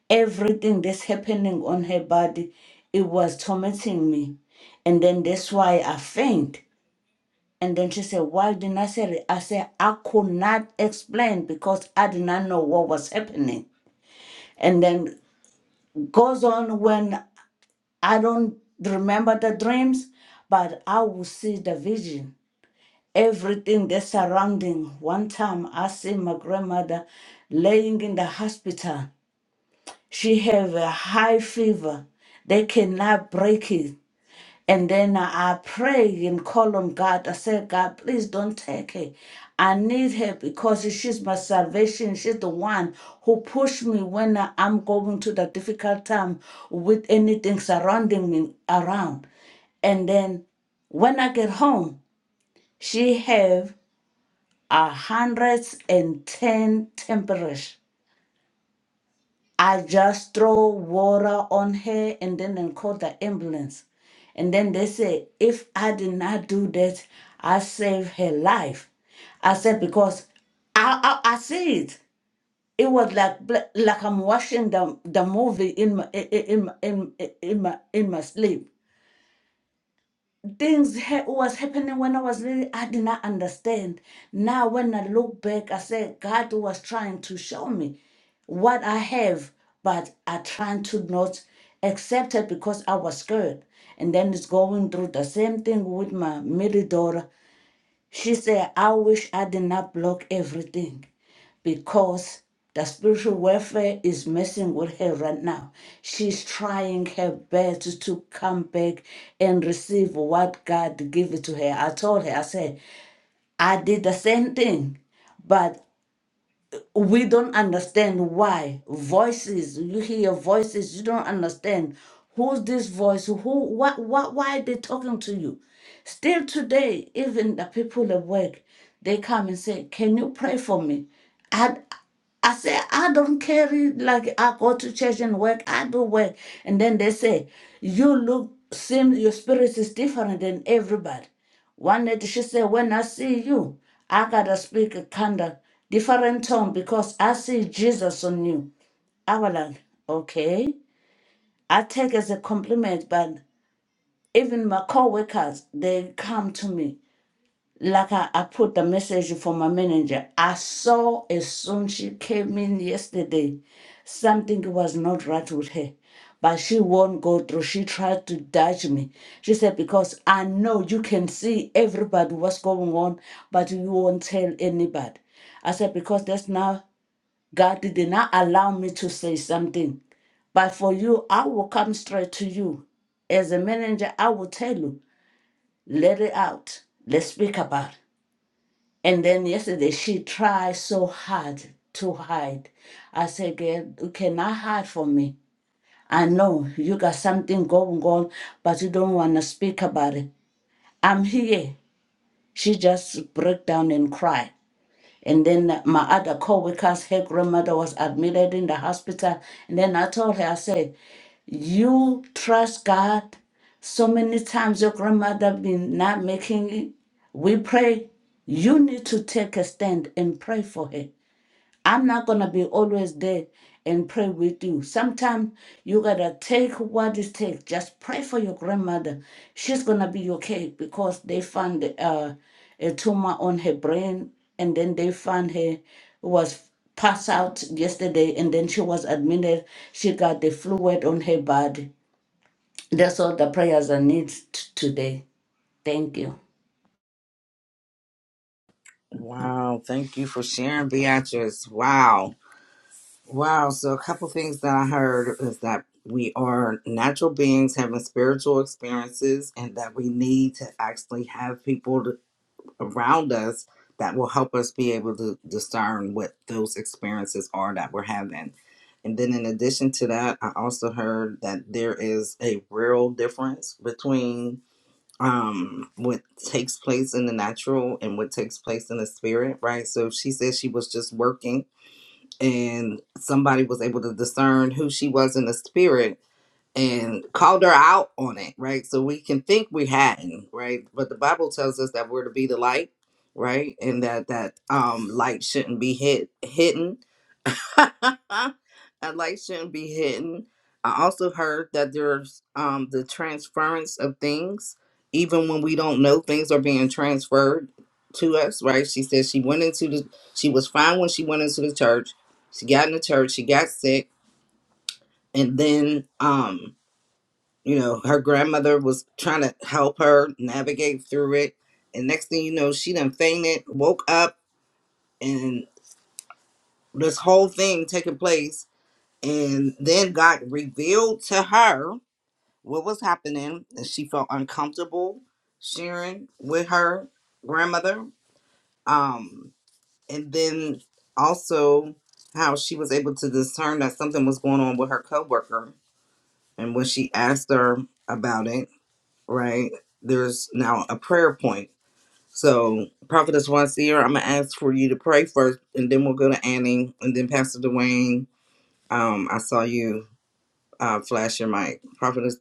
Speaker 11: everything that's happening on her body it was tormenting me and then that's why i faint and then she said why didn't i say it i said i could not explain because i did not know what was happening and then goes on when i don't remember the dreams but i will see the vision everything that's surrounding one time i see my grandmother laying in the hospital She have a high fever. They cannot break it. And then I I pray and call on God. I said, God, please don't take her. I need her because she's my salvation. She's the one who pushed me when I- I'm going to the difficult time with anything surrounding me around. And then when I get home, she have a hundred and ten temperature. I just throw water on her and then and call the ambulance. And then they say, if I did not do that, I saved her life. I said, because I, I, I see it. It was like bla- like I'm watching the, the movie in my in in in in my, in my sleep things ha- was happening when I was little, I did not understand. Now, when I look back, I said God was trying to show me what I have, but I tried to not accept it because I was scared. And then it's going through the same thing with my middle daughter. She said, I wish I did not block everything because the spiritual warfare is messing with her right now. She's trying her best to come back and receive what God gave it to her. I told her, I said, I did the same thing, but we don't understand why voices you hear voices you don't understand who's this voice who what what why are they talking to you still today even the people at work they come and say can you pray for me i i say i don't care like i go to church and work i do work and then they say you look seem your spirit is different than everybody one night she said, When I see you, I gotta speak a kind of different tone because I see Jesus on you. I was like, Okay. I take as a compliment, but even my co-workers, they come to me like I, I put the message for my manager. I saw as soon she came in yesterday, something was not right with her. But she won't go through. She tried to dodge me. She said, Because I know you can see everybody what's going on, but you won't tell anybody. I said, Because that's now God did not allow me to say something. But for you, I will come straight to you. As a manager, I will tell you, let it out. Let's speak about it. And then yesterday, she tried so hard to hide. I said, Girl, you cannot hide from me. I know you got something going on, but you don't want to speak about it. I'm here. She just broke down and cried. And then my other co-workers, her grandmother was admitted in the hospital. And then I told her, I said, you trust God. So many times your grandmother been not making it. We pray. You need to take a stand and pray for her. I'm not gonna be always there and pray with you. Sometimes you gotta take what it takes. Just pray for your grandmother. She's gonna be okay because they found uh, a tumor on her brain, and then they found her was passed out yesterday, and then she was admitted. She got the fluid on her body. That's all the prayers I need t- today. Thank you.
Speaker 9: Wow, thank you for sharing, Beatrice. Wow, wow. So, a couple things that I heard is that we are natural beings having spiritual experiences, and that we need to actually have people around us that will help us be able to discern what those experiences are that we're having. And then, in addition to that, I also heard that there is a real difference between um, what takes place in the natural and what takes place in the spirit, right? So she said she was just working and somebody was able to discern who she was in the spirit and called her out on it, right? So we can think we hadn't, right? But the Bible tells us that we're to be the light, right? And that that um light shouldn't be hid hidden. that light shouldn't be hidden. I also heard that there's um the transference of things, even when we don't know things are being transferred to us, right? She said she went into the she was fine when she went into the church. She got in the church, she got sick, and then um you know, her grandmother was trying to help her navigate through it. And next thing you know, she done fainted, woke up, and this whole thing taking place. And then God revealed to her what was happening, and she felt uncomfortable sharing with her grandmother. Um, and then also how she was able to discern that something was going on with her coworker. And when she asked her about it, right? There's now a prayer point. So, Prophetess Wazir, I'm gonna ask for you to pray first, and then we'll go to Annie, and then Pastor Dwayne. Um, I saw you uh, flash your mic. Prophetess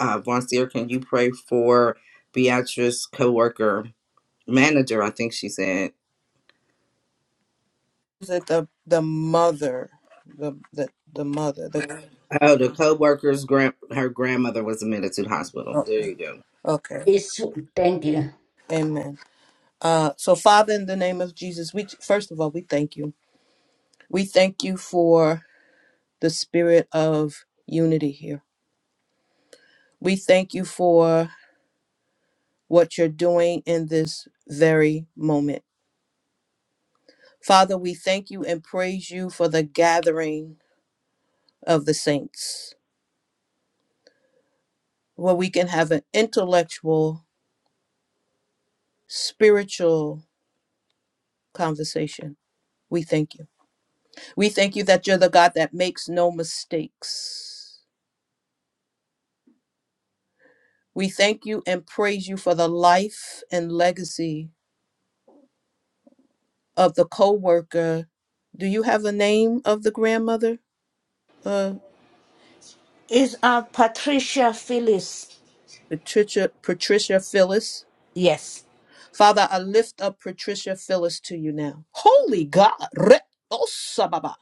Speaker 9: uh, Vonseer, can you pray for Beatrice's coworker manager? I think she said.
Speaker 8: Is it the the mother, the the, the mother? The
Speaker 9: Oh, the coworker's grand her grandmother was admitted to the hospital. There
Speaker 8: okay.
Speaker 9: you go.
Speaker 8: Okay.
Speaker 11: It's thank you.
Speaker 8: Amen. Uh, so, Father, in the name of Jesus, we first of all we thank you. We thank you for the spirit of unity here. We thank you for what you're doing in this very moment, Father. We thank you and praise you for the gathering of the saints, where we can have an intellectual, spiritual conversation. We thank you. We thank you that you're the God that makes no mistakes. We thank you and praise you for the life and legacy of the co worker. Do you have a name of the grandmother? Uh,
Speaker 11: Is uh Patricia Phyllis?
Speaker 8: Patricia, Patricia Phyllis.
Speaker 11: Yes.
Speaker 8: Father, I lift up Patricia Phyllis to you now. Holy God. Re- Osababa.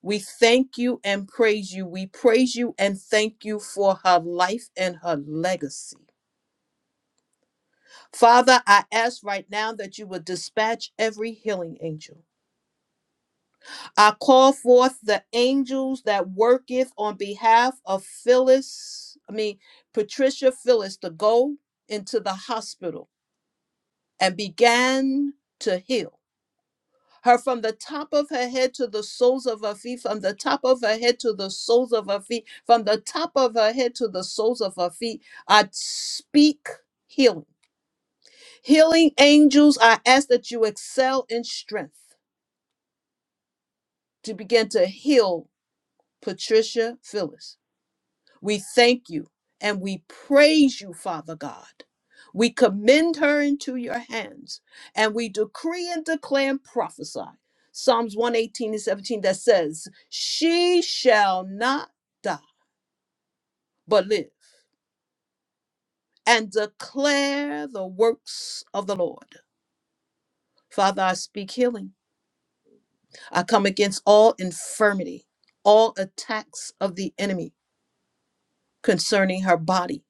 Speaker 8: We thank you and praise you. We praise you and thank you for her life and her legacy. Father, I ask right now that you would dispatch every healing angel. I call forth the angels that worketh on behalf of Phyllis, I mean, Patricia Phyllis, to go into the hospital and began to heal her from the top of her head to the soles of her feet, from the top of her head to the soles of her feet, from the top of her head to the soles of her feet. I speak healing. Healing angels, I ask that you excel in strength to begin to heal Patricia Phyllis. We thank you and we praise you, Father God. We commend her into your hands and we decree and declare and prophesy. Psalms 118 and 17 that says, She shall not die, but live and declare the works of the Lord. Father, I speak healing. I come against all infirmity, all attacks of the enemy concerning her body.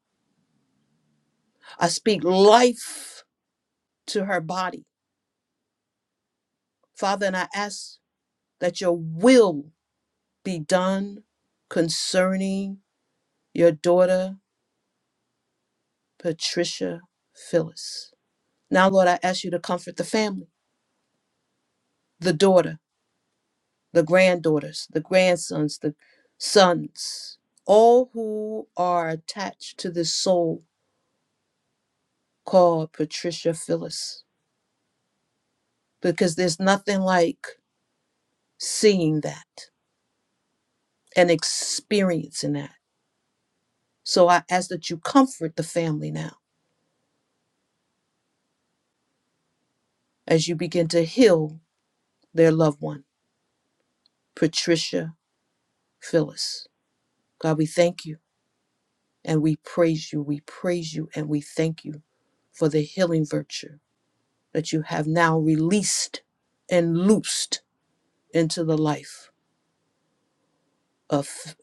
Speaker 8: I speak life to her body. Father, and I ask Let your will be done concerning your daughter, Patricia Phyllis. Now, Lord, I ask you to comfort the family, the daughter, the granddaughters, the grandsons, the sons, all who are attached to this soul called Patricia Phyllis, because there's nothing like seeing that and experiencing that. So I ask that you comfort the family now as you begin to heal their loved one Patricia Phyllis. God, we thank you and we praise you. We praise you and we thank you for the healing virtue that you have now released and loosed into the life of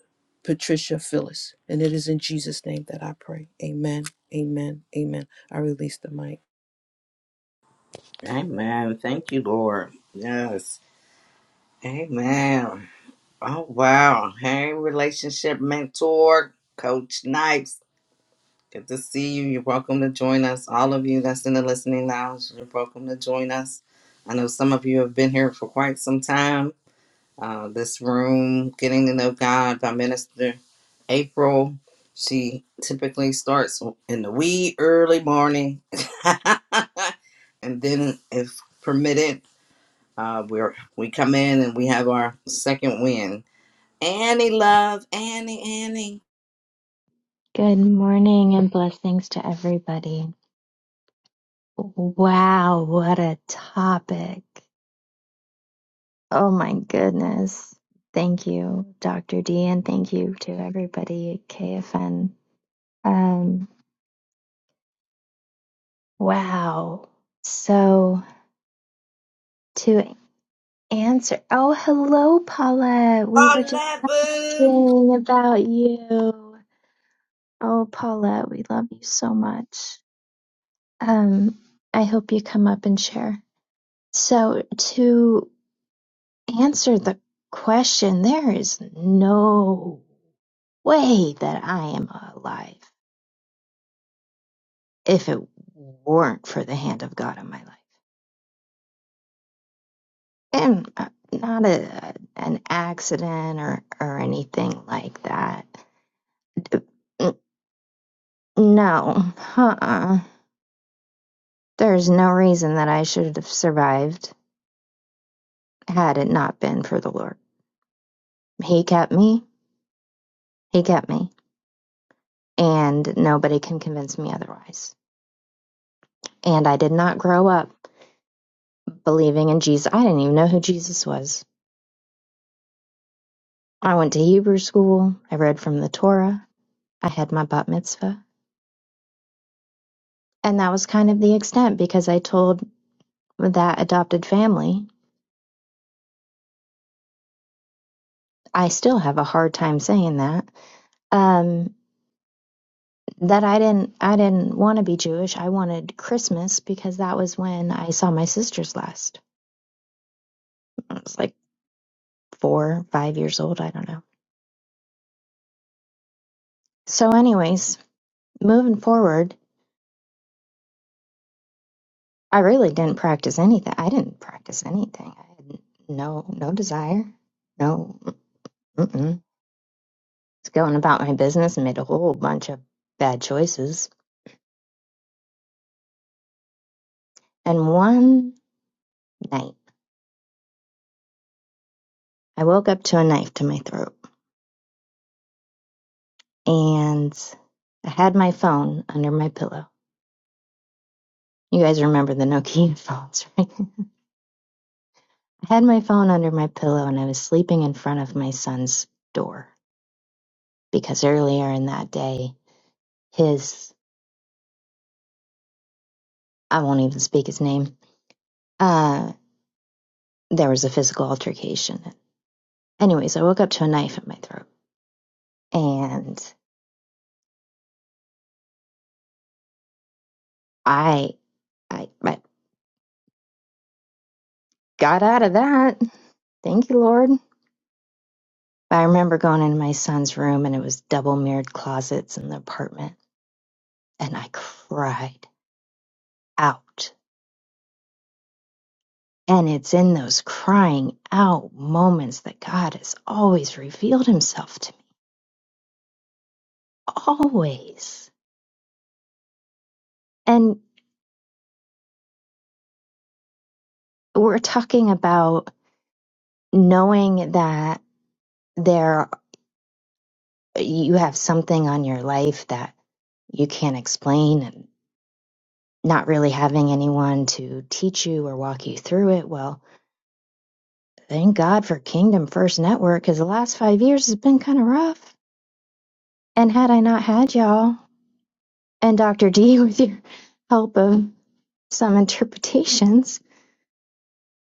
Speaker 8: Patricia Phyllis. And it is in Jesus' name that I pray. Amen. Amen. Amen. I release the mic.
Speaker 9: Amen. Thank you, Lord. Yes. Amen. Oh wow. Hey, relationship mentor, Coach Snipes. Good to see you. You're welcome to join us. All of you that's in the listening lounge, you're welcome to join us. I know some of you have been here for quite some time. Uh, this room, Getting to Know God by Minister April. She typically starts in the wee early morning. and then if permitted, uh, we're we come in and we have our second win Annie, love. Annie, Annie.
Speaker 13: Good morning and blessings to everybody. Wow, what a topic. Oh my goodness. Thank you, Dr. D, and thank you to everybody at KFN. Um, wow. So to answer, oh, hello, Paulette. We
Speaker 9: I
Speaker 13: were just
Speaker 9: love
Speaker 13: thinking about you. Oh, Paulette, we love you so much. Um, I hope you come up and share. So to answer the question, there is no way that I am alive if it weren't for the hand of God in my life. And uh, not a, an accident or, or anything like that. No, uh-uh. There's no reason that I should have survived had it not been for the Lord. He kept me. He kept me. And nobody can convince me otherwise. And I did not grow up believing in Jesus. I didn't even know who Jesus was. I went to Hebrew school. I read from the Torah. I had my bat mitzvah. And that was kind of the extent because I told that adopted family, I still have a hard time saying that, um, that I didn't, I didn't want to be Jewish. I wanted Christmas because that was when I saw my sisters last. I was like four, five years old. I don't know. So anyways, moving forward, I really didn't practice anything. I didn't practice anything. I had no no desire. No, mm-mm. was going about my business and made a whole bunch of bad choices. And one night, I woke up to a knife to my throat, and I had my phone under my pillow. You guys remember the Nokia phones, right? I had my phone under my pillow, and I was sleeping in front of my son's door because earlier in that day, his I won't even speak his name uh, there was a physical altercation. Anyways, I woke up to a knife in my throat, and I I, I got out of that. Thank you, Lord. I remember going into my son's room, and it was double mirrored closets in the apartment, and I cried out. And it's in those crying out moments that God has always revealed himself to me. Always. And we're talking about knowing that. there. you have something on your life that you can't explain and not really having anyone to teach you or walk you through it. Well, thank God for Kingdom First Network because the last five years has been kind of rough. And had I not had y'all and Dr. D with your help of some interpretations,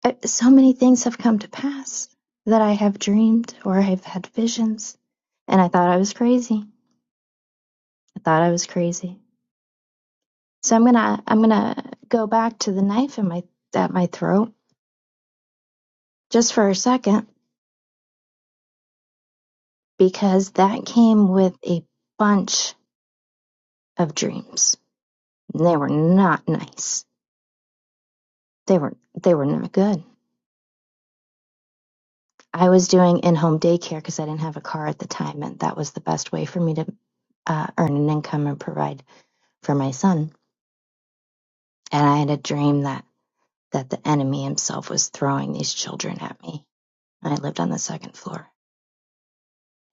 Speaker 13: I, so many things have come to pass that I have dreamed or have had visions. And I thought I was crazy. I thought I was crazy So I'm gonna I'm gonna go back to the knife in my at my throat just for a second because that came with a bunch of dreams. They were not nice. They were they were not good. I was doing in-home daycare because I didn't have a car at the time, and that was the best way for me to uh, earn an income and provide for my son. And I had a dream that that the enemy himself was throwing these children at me. And I lived on the second floor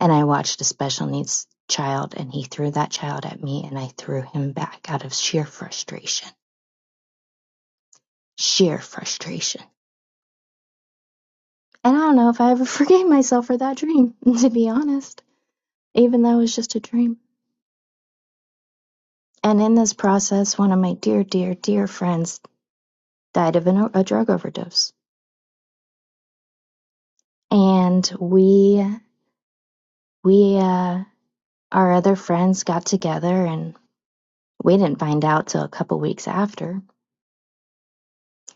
Speaker 13: and I watched a special needs child and he threw that child at me and I threw him back out of sheer frustration. Sheer frustration. And I don't know if I ever forgave myself for that dream, to be honest, even though it was just a dream. And in this process, one of my dear, dear, dear friends died of an, a drug overdose. And we, we, uh, our other friends got together and we didn't find out till a couple weeks after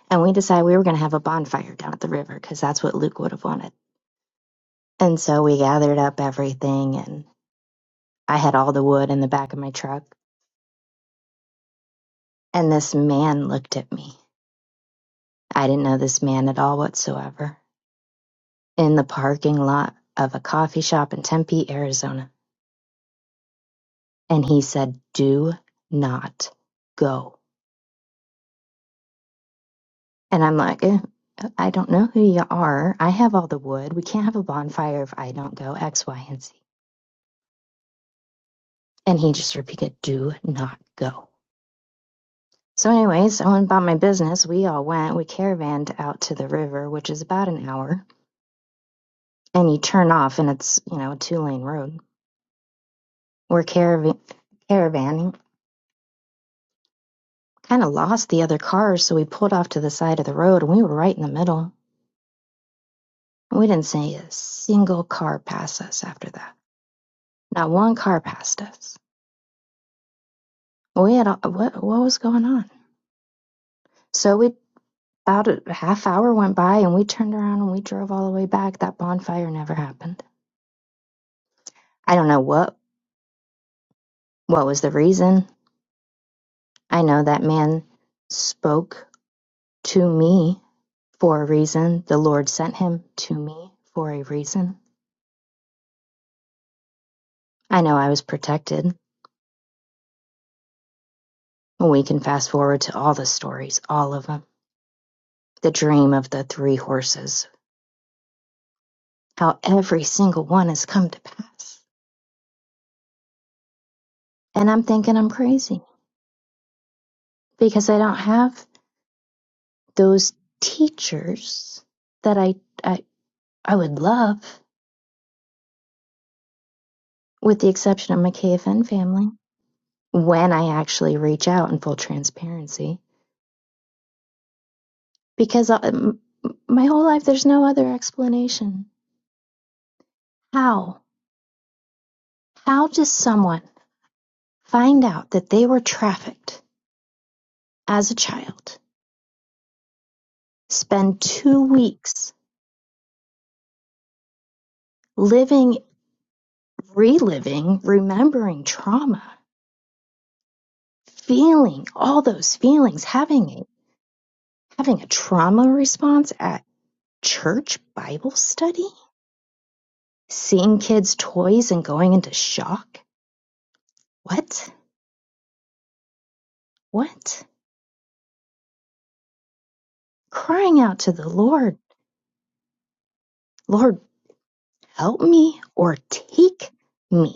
Speaker 13: And we decided we were going to have a bonfire down at the river because that's what Luke would have wanted. And so we gathered up everything, and I had all the wood in the back of my truck. And this man looked at me. I didn't know this man at all whatsoever in the parking lot of a coffee shop in Tempe, Arizona. And he said, Do not go. And I'm like, eh, I don't know who you are. I have all the wood. We can't have a bonfire if I don't go, X, Y, and Z. And he just repeated, Do not go. So anyways, I went about my business. We all went. We caravanned out to the river, which is about an hour, and you turn off, and it's you know a two lane road. We're caravan caravanning. Kind of lost the other cars, so we pulled off to the side of the road, and we were right in the middle. We didn't see a single car pass us after that. Not one car passed us. We had all, what what was going on? So we about a half hour went by, and we turned around and we drove all the way back. That bonfire never happened. I don't know what what was the reason I know that man spoke to me for a reason. The Lord sent him to me for a reason. I know I was protected. We can fast forward to all the stories, all of them. The dream of the three horses, how every single one has come to pass. And I'm thinking I'm crazy because I don't have those teachers that I, I, I would love, with the exception of my KFN family, when I actually reach out in full transparency. because I, m- m- my whole life there's no other explanation. How? How does someone find out that they were trafficked as a child, spend two weeks living, reliving, remembering trauma, feeling all those feelings, having a, having a trauma response at church Bible study, seeing kids' toys and going into shock? What? What? Crying out to the Lord. Lord, help me or take me.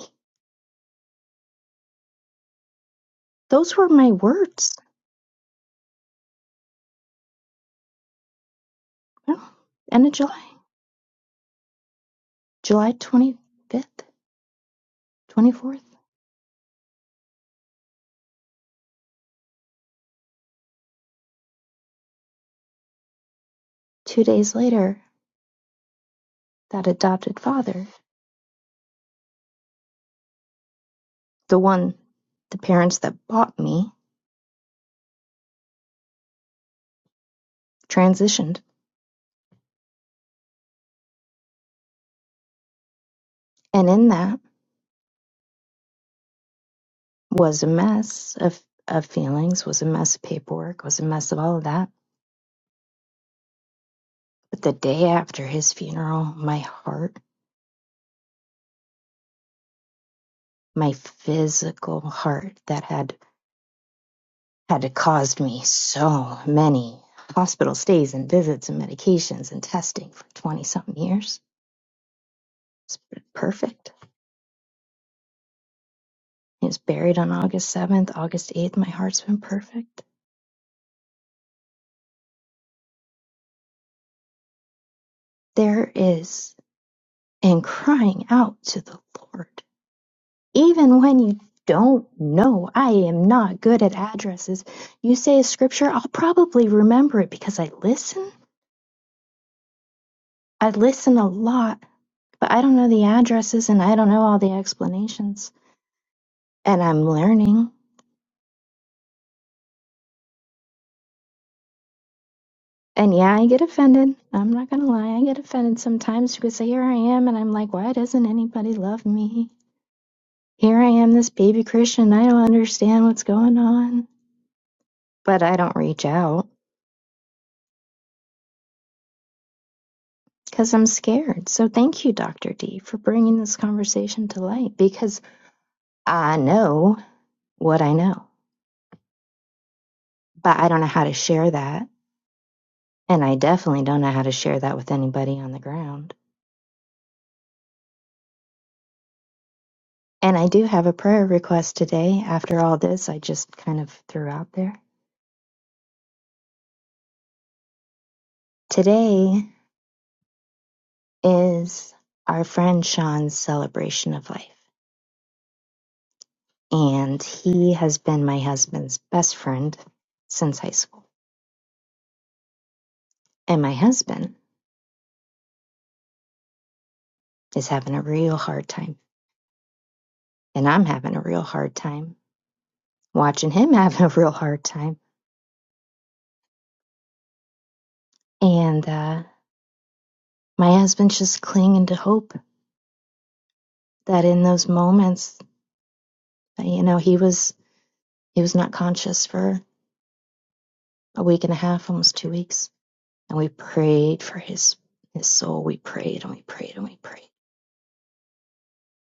Speaker 13: Those were my words. Well, end of July, July 25th, 24th. Two days later, that adopted father, the one, the parents that bought me, transitioned. And in that was a mess of, of feelings, was a mess of paperwork, was a mess of all of that. But the day after his funeral, my heart, my physical heart that had had caused me so many hospital stays and visits and medications and testing for 20 something years. It's been perfect. He was buried on August 7th, August 8th. My heart's been perfect. There is in crying out to the Lord, even when you don't know, I am not good at addresses. You say a scripture, I'll probably remember it because I listen. I listen a lot, but I don't know the addresses and I don't know all the explanations and I'm learning. And yeah, I get offended. I'm not gonna lie, I get offended sometimes because here I am and I'm like, why doesn't anybody love me? Here I am, this baby Christian, I don't understand what's going on. But I don't reach out because I'm scared. So thank you, Dr. D, for bringing this conversation to light because I know what I know, but I don't know how to share that. And I definitely don't know how to share that with anybody on the ground. And I do have a prayer request today after all this I just kind of threw out there. Today is our friend Sean's celebration of life, and he has been my husband's best friend since high school. And my husband is having a real hard time, and I'm having a real hard time watching him having a real hard time. And uh, my husband's just clinging to hope that in those moments, you know, he was he was not conscious for a week and a half, almost two weeks and we prayed for his his soul. We prayed and we prayed and we prayed.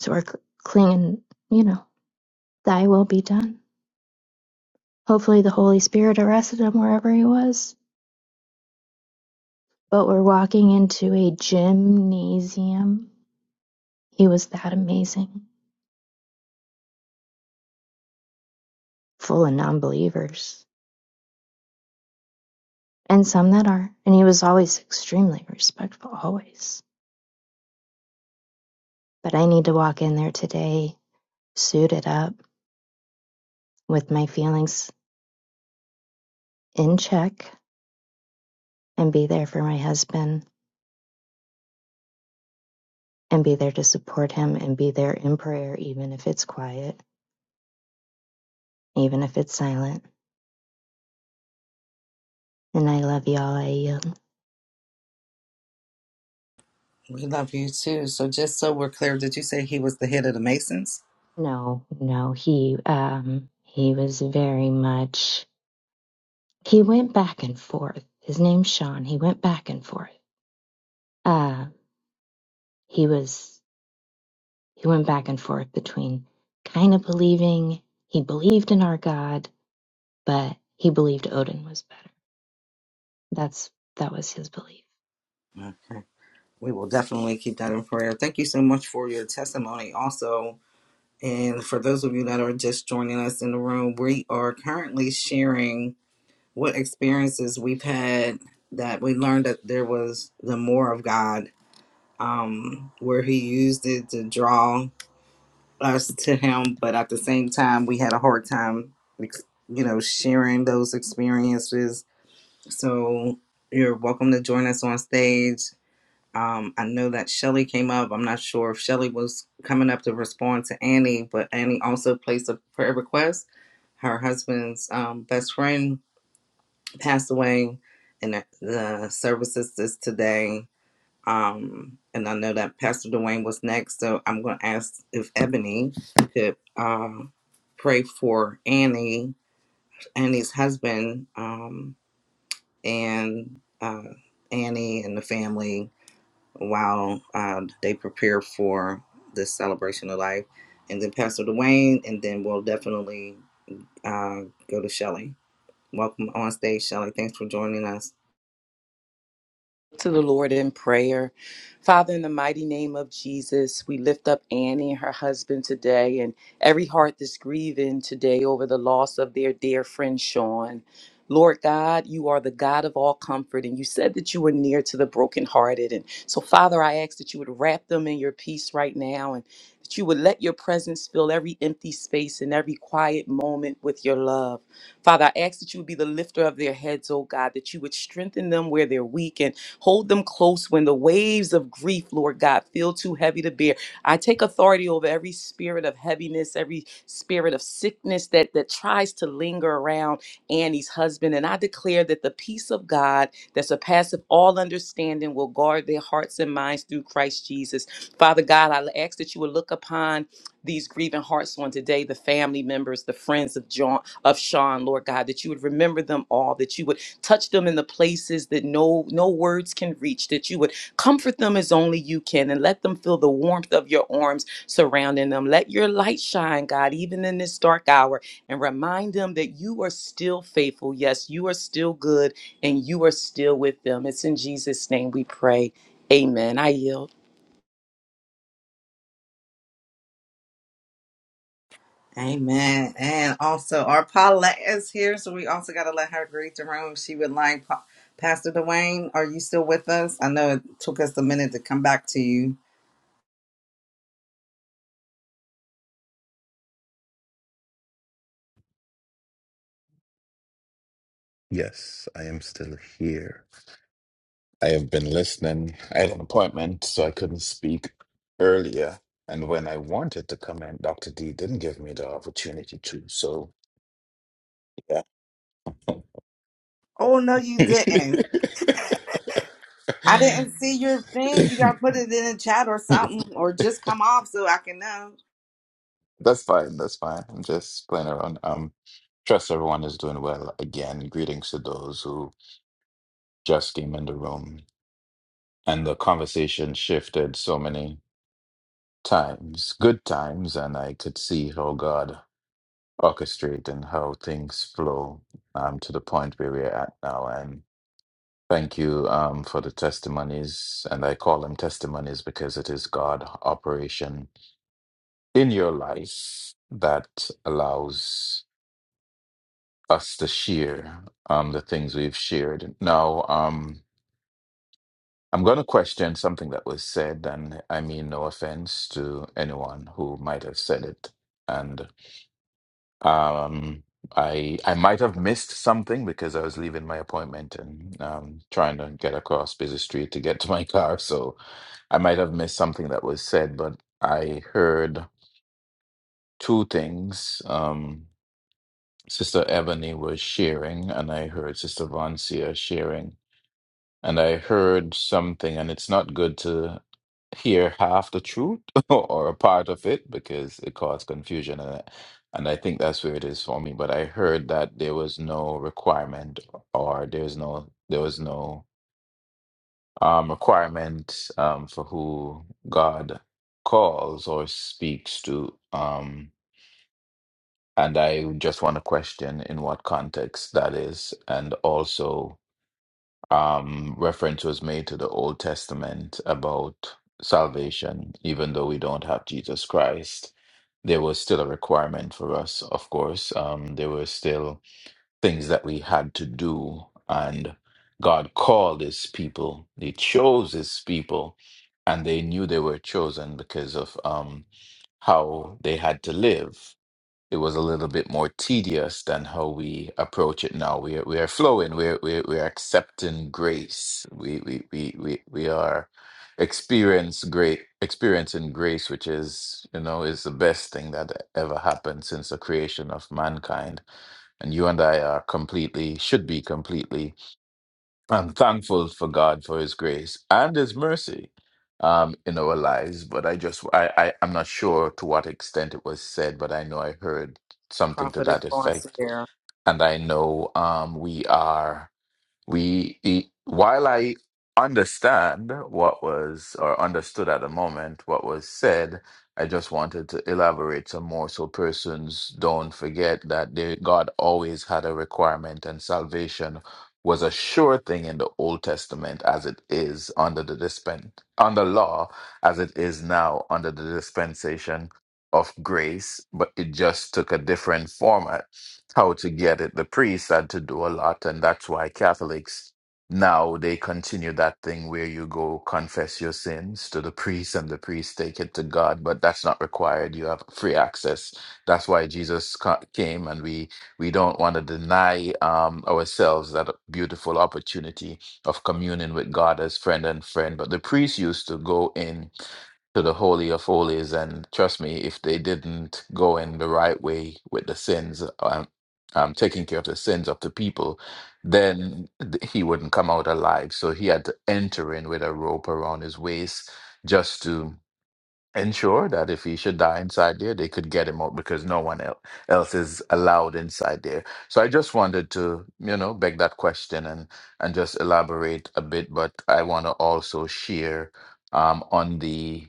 Speaker 13: So we're clinging, you know, thy will be done. Hopefully the Holy Spirit arrested him wherever he was. But we're walking into a gymnasium. He was that amazing, full of non believers. And some that are. And he was always extremely respectful, always. But I need to walk in there today, suited up, with my feelings in check, and be there for my husband and be there to support him and be there in prayer, even if it's quiet, even if it's silent. And I love y'all. I yield.
Speaker 9: you. We love you too. So, just so we're clear, did you say he was the head of the Masons?
Speaker 13: No, no, he um he was very much he went back and forth. His name's Sean. He went back and forth. Uh he was he went back and forth between kind of believing he believed in our God, but he believed Odin was better. That's that was his belief
Speaker 9: Okay. We will definitely keep that in prayer. Thank you so much for your testimony, also. And for those of you that are just joining us in the room, we are currently sharing what experiences we've had that we learned that there was the more of God, um, where He used it to draw. us to him, but at the same time, we had a hard time, ex- you know, sharing those experiences. So you're welcome to join us on stage. Um, I know that Shelly came up. I'm not sure if Shelly was coming up to respond to Annie, but Annie also placed a prayer request. Her husband's um, best friend passed away, and the the services is today. Um, and I know that Pastor Dwayne was next, so I'm going to ask if Ebony could uh, pray for Annie, Annie's husband, um, and uh, Annie and the family while uh, they prepare for this celebration of life. And then Pastor Dwayne, and then we'll definitely uh, go to Shelley. Welcome on stage, Shelley. Thanks for joining us.
Speaker 10: to the Lord in prayer. Father, in the mighty name of Jesus, we lift up Annie and her husband today and every heart that's grieving today over the loss of their dear friend Sean. Lord God, you are the God of all comfort, and you said that you were near to the brokenhearted. And so, Father, I ask that you would wrap them in your peace right now and that you would let your presence fill every empty space and every quiet moment with your love. Father, I ask that you would be the lifter of their heads, oh God, that you would strengthen them where they're weak and Hold them close when the waves of grief, Lord God, feel too heavy to bear. I take authority over every spirit of heaviness, every spirit of sickness that, that tries to linger around Annie's husband. And I declare that the peace of God that surpasses all understanding will guard their hearts and minds through Christ Jesus. Father God, I ask that you would look upon these grieving hearts on today, the family members, the friends of John of Sean, Lord God, that you would remember them all, that you would touch them in the places that no no words can reach that you would comfort them as only you can and let them feel the warmth of your arms surrounding them let your light shine god even in this dark hour and remind them that you are still faithful yes you are still good and you are still with them it's in jesus name we pray amen i yield
Speaker 9: Amen. And also, our Paulette is here, so we also got to let her greet the room. She would like, Pa- Pastor Dwayne, are you still with us? I know it took us a minute to come back to you.
Speaker 7: Yes, I am still here. I have been listening. I had an appointment, so I couldn't speak earlier. And when I wanted to come in, Dr. D didn't give me the opportunity to. So, yeah.
Speaker 9: Oh, no, you didn't. I didn't see your thing. You got to put it in the chat or something, or just come off so I can know.
Speaker 7: That's fine. That's fine. I'm just playing around. Um, trust everyone is doing well. Again, greetings to those who just came in the room. And the conversation shifted so many times, good times, and I could see how God orchestrate and how things flow um, to the point where we're at now. And thank you um, for the testimonies. And I call them testimonies because it is God operation in your life that allows us to share um, the things we've shared. Now, um, I'm going to question something that was said, and I mean no offense to anyone who might have said it. and. Um, I I might have missed something because I was leaving my appointment and um, trying to get across busy street to get to my car. So I might have missed something that was said, but I heard two things. Um, Sister Ebony was sharing, and I heard Sister Vancia sharing and I heard something, and it's not good to hear half the truth or a part of it because it caused confusion, and I- and I think that's where it is for me. But I heard that there was no requirement, or there's no there was no um, requirement um, for who God calls or speaks to. Um, and I just want to question in what context that is, and also. um, reference was made to the Old Testament about salvation, even though we don't have Jesus Christ, there was still a requirement for us, of course. Um, there were still things that we had to do, and God called his people, he chose his people, and they knew they were chosen because of um, how they had to live it was a little bit more tedious than how we approach it now. We are, we are flowing. We're we're, we're accepting grace. We we we we we are experience great experiencing grace, which is you know is the best thing that ever happened since the creation of mankind. And you and I are completely should be completely I'm thankful for God for His grace and His mercy um, in our lives. But I just, I, I, I'm not sure to what extent it was said, but I know I heard something to
Speaker 9: Prophetess
Speaker 7: that
Speaker 9: on
Speaker 7: effect,
Speaker 9: Sierra.
Speaker 7: and I know um, we are we e- while i understand what was or understood at the moment what was said i just wanted to elaborate some more so persons don't forget that they, god always had a requirement and salvation was a sure thing in the old testament as it is under the dispen under law as it is now under the dispensation of grace but it just took a different format how to get it. The priest had to do a lot, and that's why Catholics now they continue that thing where you go confess your sins to the priest and the priest take it to God, but that's not required. You have free access. That's why Jesus ca- came, and we we don't want to deny um, ourselves that beautiful opportunity of communing with God as friend and friend. But the priest used to go in to the Holy of Holies. And trust me, if they didn't go in the right way with the sins, um, um, taking care of the sins of the people, then th- he wouldn't come out alive. So he had to enter in with a rope around his waist just to ensure that if he should die inside there, they could get him out because no one el- else is allowed inside there. So I just wanted to, you know, beg that question and and just elaborate a bit. But I want to also share um, on the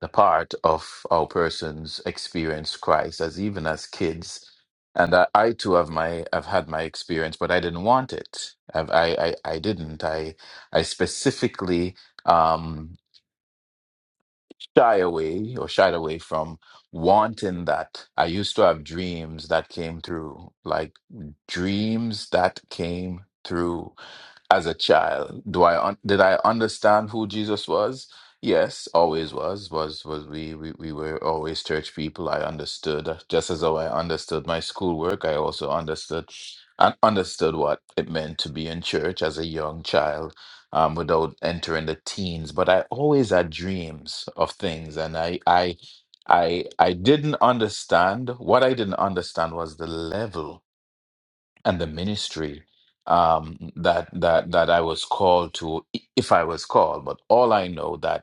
Speaker 7: the part of our persons experience Christ as even as kids. And I, I too have my I've had my experience, but I didn't want it. I've, I, I I didn't. I I specifically um, shy away or shied away from wanting that. I used to have dreams that came through, like dreams that came through as a child do i un- did i understand who jesus was yes always was was was we, we we were always church people i understood uh, just as though i understood my schoolwork i also understood and understood what it meant to be in church as a young child um, without entering the teens but i always had dreams of things and i i i i didn't understand what i didn't understand was the level and the ministry um, that that that I was called to, i- if I was called. But all I know that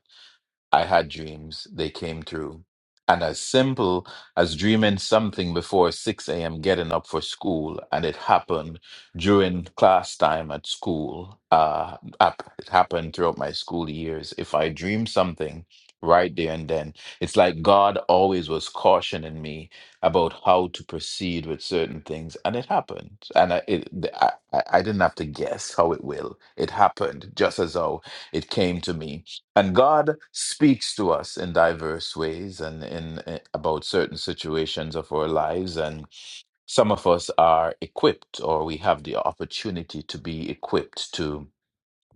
Speaker 7: I had dreams, they came true. And as simple as dreaming something before 6 a.m., getting up for school, and it happened during class time at school. Uh, up- it happened throughout my school years. If I dream something right there and then, it's like God always was cautioning me about how to proceed with certain things, and it happened. And I, it, I, I I didn't have to guess how it will. It happened just as how it came to me and God speaks to us in diverse ways and in, in- about certain situations of our lives and some of us are equipped or we have the opportunity to be equipped to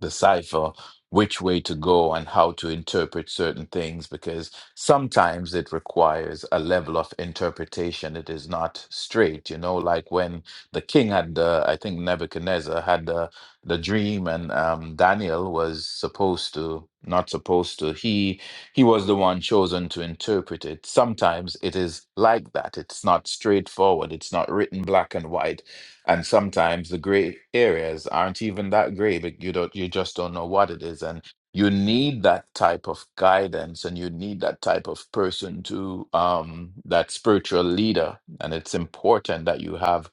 Speaker 7: decipher which way to go and how to interpret certain things because sometimes it requires a level of interpretation it is not straight you know like when the king had the i think nebuchadnezzar had the the dream and um, daniel was supposed to not supposed to he he was the one chosen to interpret it sometimes it is like that it's not straightforward it's not written black and white and sometimes the gray areas aren't even that gray, but you don't, you just don't know what it is. And you need that type of guidance and you need that type of person to, um, that spiritual leader. And it's important that you have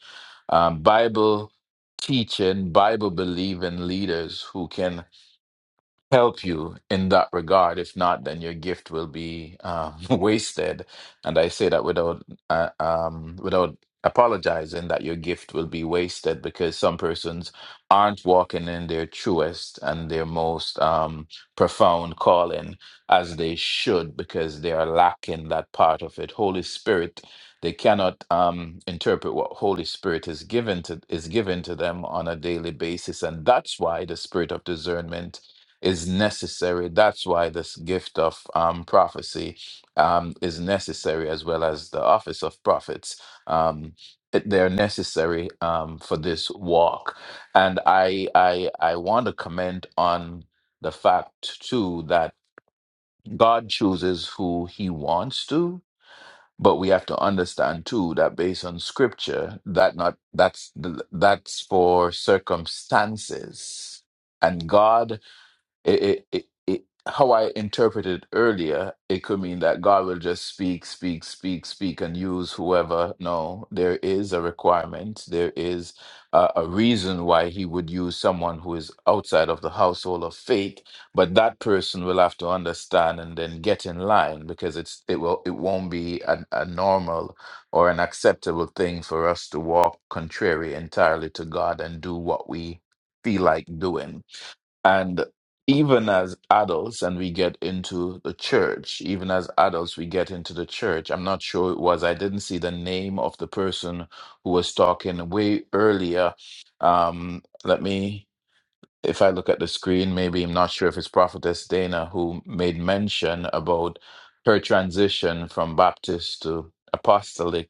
Speaker 7: um, Bible teaching, Bible believing leaders who can help you in that regard. If not, then your gift will be um, wasted. And I say that without uh, um, without apologizing that your gift will be wasted because some persons aren't walking in their truest and their most um, profound calling as they should because they are lacking that part of it. Holy Spirit. They cannot um, interpret what Holy Spirit is given to is given to them on a daily basis, and that's why the Spirit of discernment is necessary. That's why this gift of um, prophecy um, is necessary, as well as the office of prophets. Um, it- they're necessary um, for this walk, and I I I want to comment on the fact too that God chooses who He wants to. But we have to understand too that based on scripture, that not that's that's for circumstances, and God it, it, it, it, how I interpreted earlier, it could mean that God will just speak, speak, speak, speak, and use whoever. No, there is a requirement. There is a, a reason why He would use someone who is outside of the household of faith, but that person will have to understand and then get in line because it's it will it won't be a, a normal or an acceptable thing for us to walk contrary entirely to God and do what we feel like doing and even as adults, and we get into the church, even as adults, we get into the church. I'm not sure who it was, I didn't see the name of the person who was talking way earlier. Um, let me, if I look at the screen, maybe I'm not sure if it's Prophetess Dana who made mention about her transition from Baptist to apostolic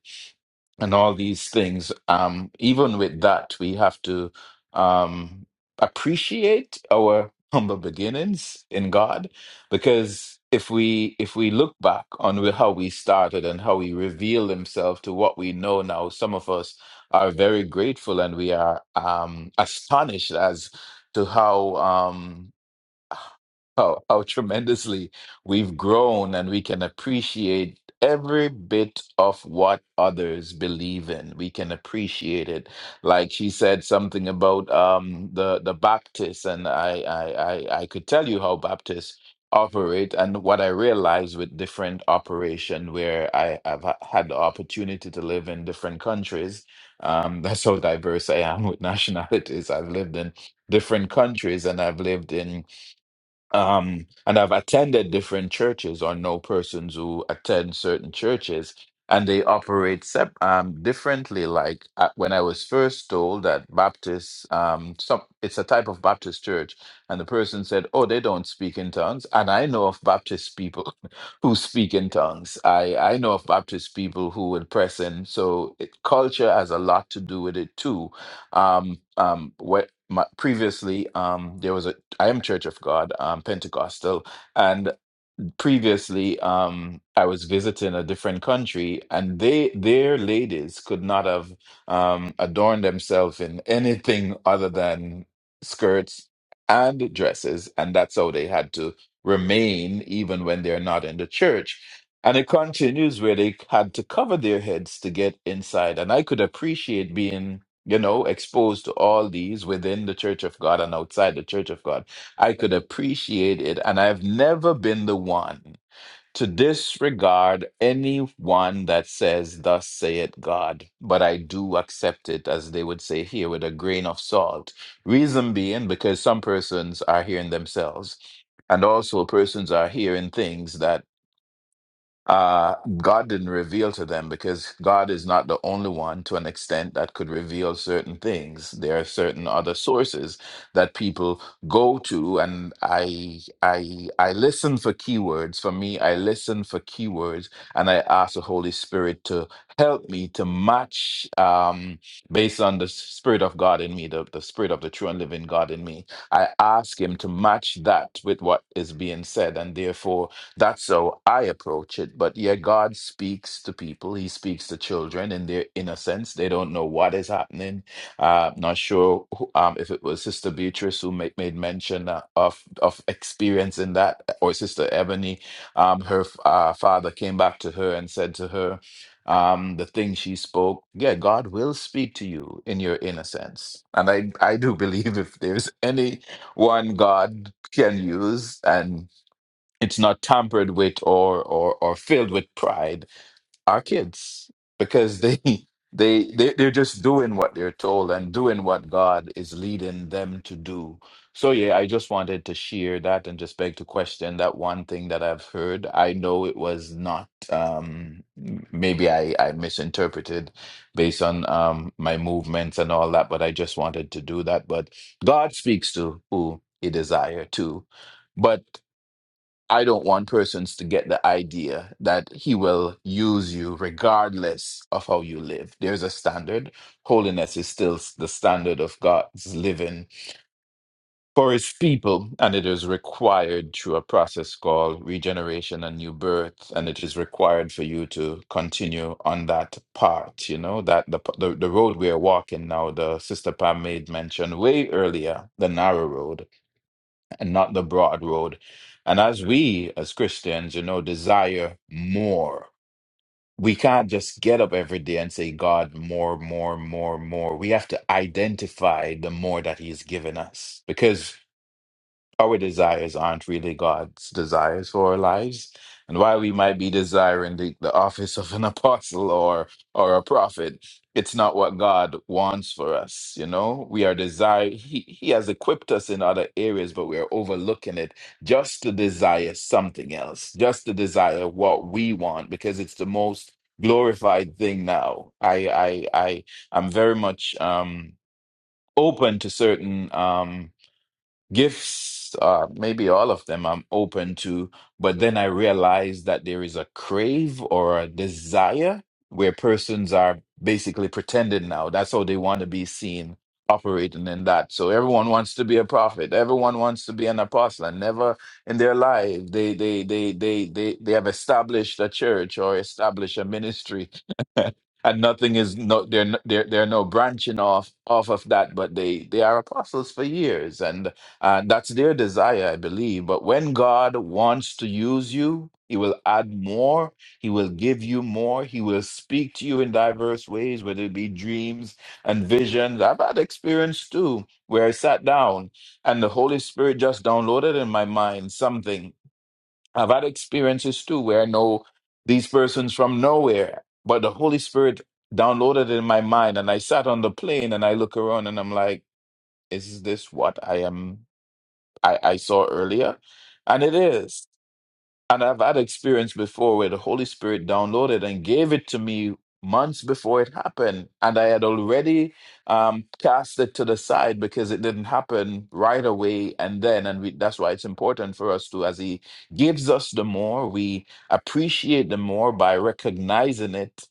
Speaker 7: and all these things. Um, even with that, we have to um, appreciate our humble beginnings in God, because if we if we look back on how we started and how He revealed Himself to what we know now, some of us are very grateful and we are um, astonished as to how. Um, how, how tremendously we've grown and we can appreciate every bit of what others believe in we can appreciate it like she said something about um the the baptists and i i i, I could tell you how baptists operate and what i realized with different operation where i have had the opportunity to live in different countries um that's how diverse i am with nationalities i've lived in different countries and i've lived in um, and I've attended different churches or know persons who attend certain churches and they operate sep- um, differently. Like uh, when I was first told that Baptist, um, some, it's a type of Baptist church, and the person said, "Oh, they don't speak in tongues." And I know of Baptist people who speak in tongues. I I know of Baptist people who would press in. So it, culture has a lot to do with it too um, um, what my, previously um, there was a I am Church of God, um, Pentecostal, and previously um I was visiting a different country and they their ladies could not have um adorned themselves in anything other than skirts and dresses and that's how they had to remain even when they're not in the church and it continues where they had to cover their heads to get inside and I could appreciate being you know exposed to all these within the church of God and outside the church of God I could appreciate it. And I've never been the one to disregard anyone that says, Thus saith God, but I do accept it, as they would say here, with a grain of salt. Reason being, because some persons are hearing themselves. And also, persons are hearing things that uh, God didn't reveal to them because God is not the only one to an extent that could reveal certain things. There are certain other sources that people go to, and I I I listen for keywords. For me, I listen for keywords, and I ask the Holy Spirit to help me to match um, based on the Spirit of God in me, the, the Spirit of the true and living God in me. I ask Him to match that with what is being said, and therefore. That's how I approach it. But yeah, God speaks to people. He speaks to children in their innocence. They don't know what is happening. Uh, not sure who, um, if it was Sister Beatrice who made, made mention uh, of of experiencing that, or Sister Ebony. Um, her uh, father came back to her and said to her, um, the thing she spoke. Yeah, God will speak to you in your innocence, and I I do believe if there's any one God can use. And it's not tampered with or or or filled with pride are kids because they they, they they're just doing what they're told and doing what God is leading them to do. So yeah, I just wanted to share that and just beg to question that one thing that I've heard. I know it was not um m- maybe I I misinterpreted based on um my movements and all that, but I just wanted to do that. But God speaks to who he desire to. But I don't want persons to get the idea that he will use you regardless of how you live. There's a standard. Holiness is still the standard of God's living for his people, and it is required through a process called regeneration and new birth. And it is required for you to continue on that part, you know, that the, the, the road we are walking now, the Sister Pam made mention way earlier, the narrow road and not the broad road. And as we, as Christians, you know, desire more, we can't just get up every day and say, God, more, more, more, more. We have to identify the more that He's given us. Because our desires aren't really God's desires for our lives. And while we might be desiring the, the office of an apostle or or a prophet, it's not what God wants for us. You know, we are desire. He He has equipped us in other areas, but we are overlooking it just to desire something else, just to desire what we want, because it's the most glorified thing now. I I I I'm very much um open to certain um Gifts, uh, maybe all of them I'm open to, but then I realize that there is a crave or a desire where persons are basically pretending now. That's how they want to be seen operating in that. So everyone wants to be a prophet. Everyone wants to be an apostle. And never in their life they they they they they they have established a church or established a ministry. and nothing is no they're n- they're they're no branching off off of that but they they are apostles for years and. And that's their desire, I believe. But when God wants to use you, He will add more. He will give you more. He will speak to you in diverse ways, whether it be dreams and visions. I've had experience too, where I sat down and the Holy Spirit just downloaded in my mind something. I've had experiences too, where I know these persons from nowhere, but the Holy Spirit downloaded in my mind. And I sat on the plane and I look around and I'm like, is this what I am? I, I saw earlier, and it is. And I've had experience before where the Holy Spirit downloaded and gave it to me months before it happened. And I had already um, cast it to the side because it didn't happen right away. And then, and we, that's why it's important for us to, as He gives us the more, we appreciate the more by recognizing it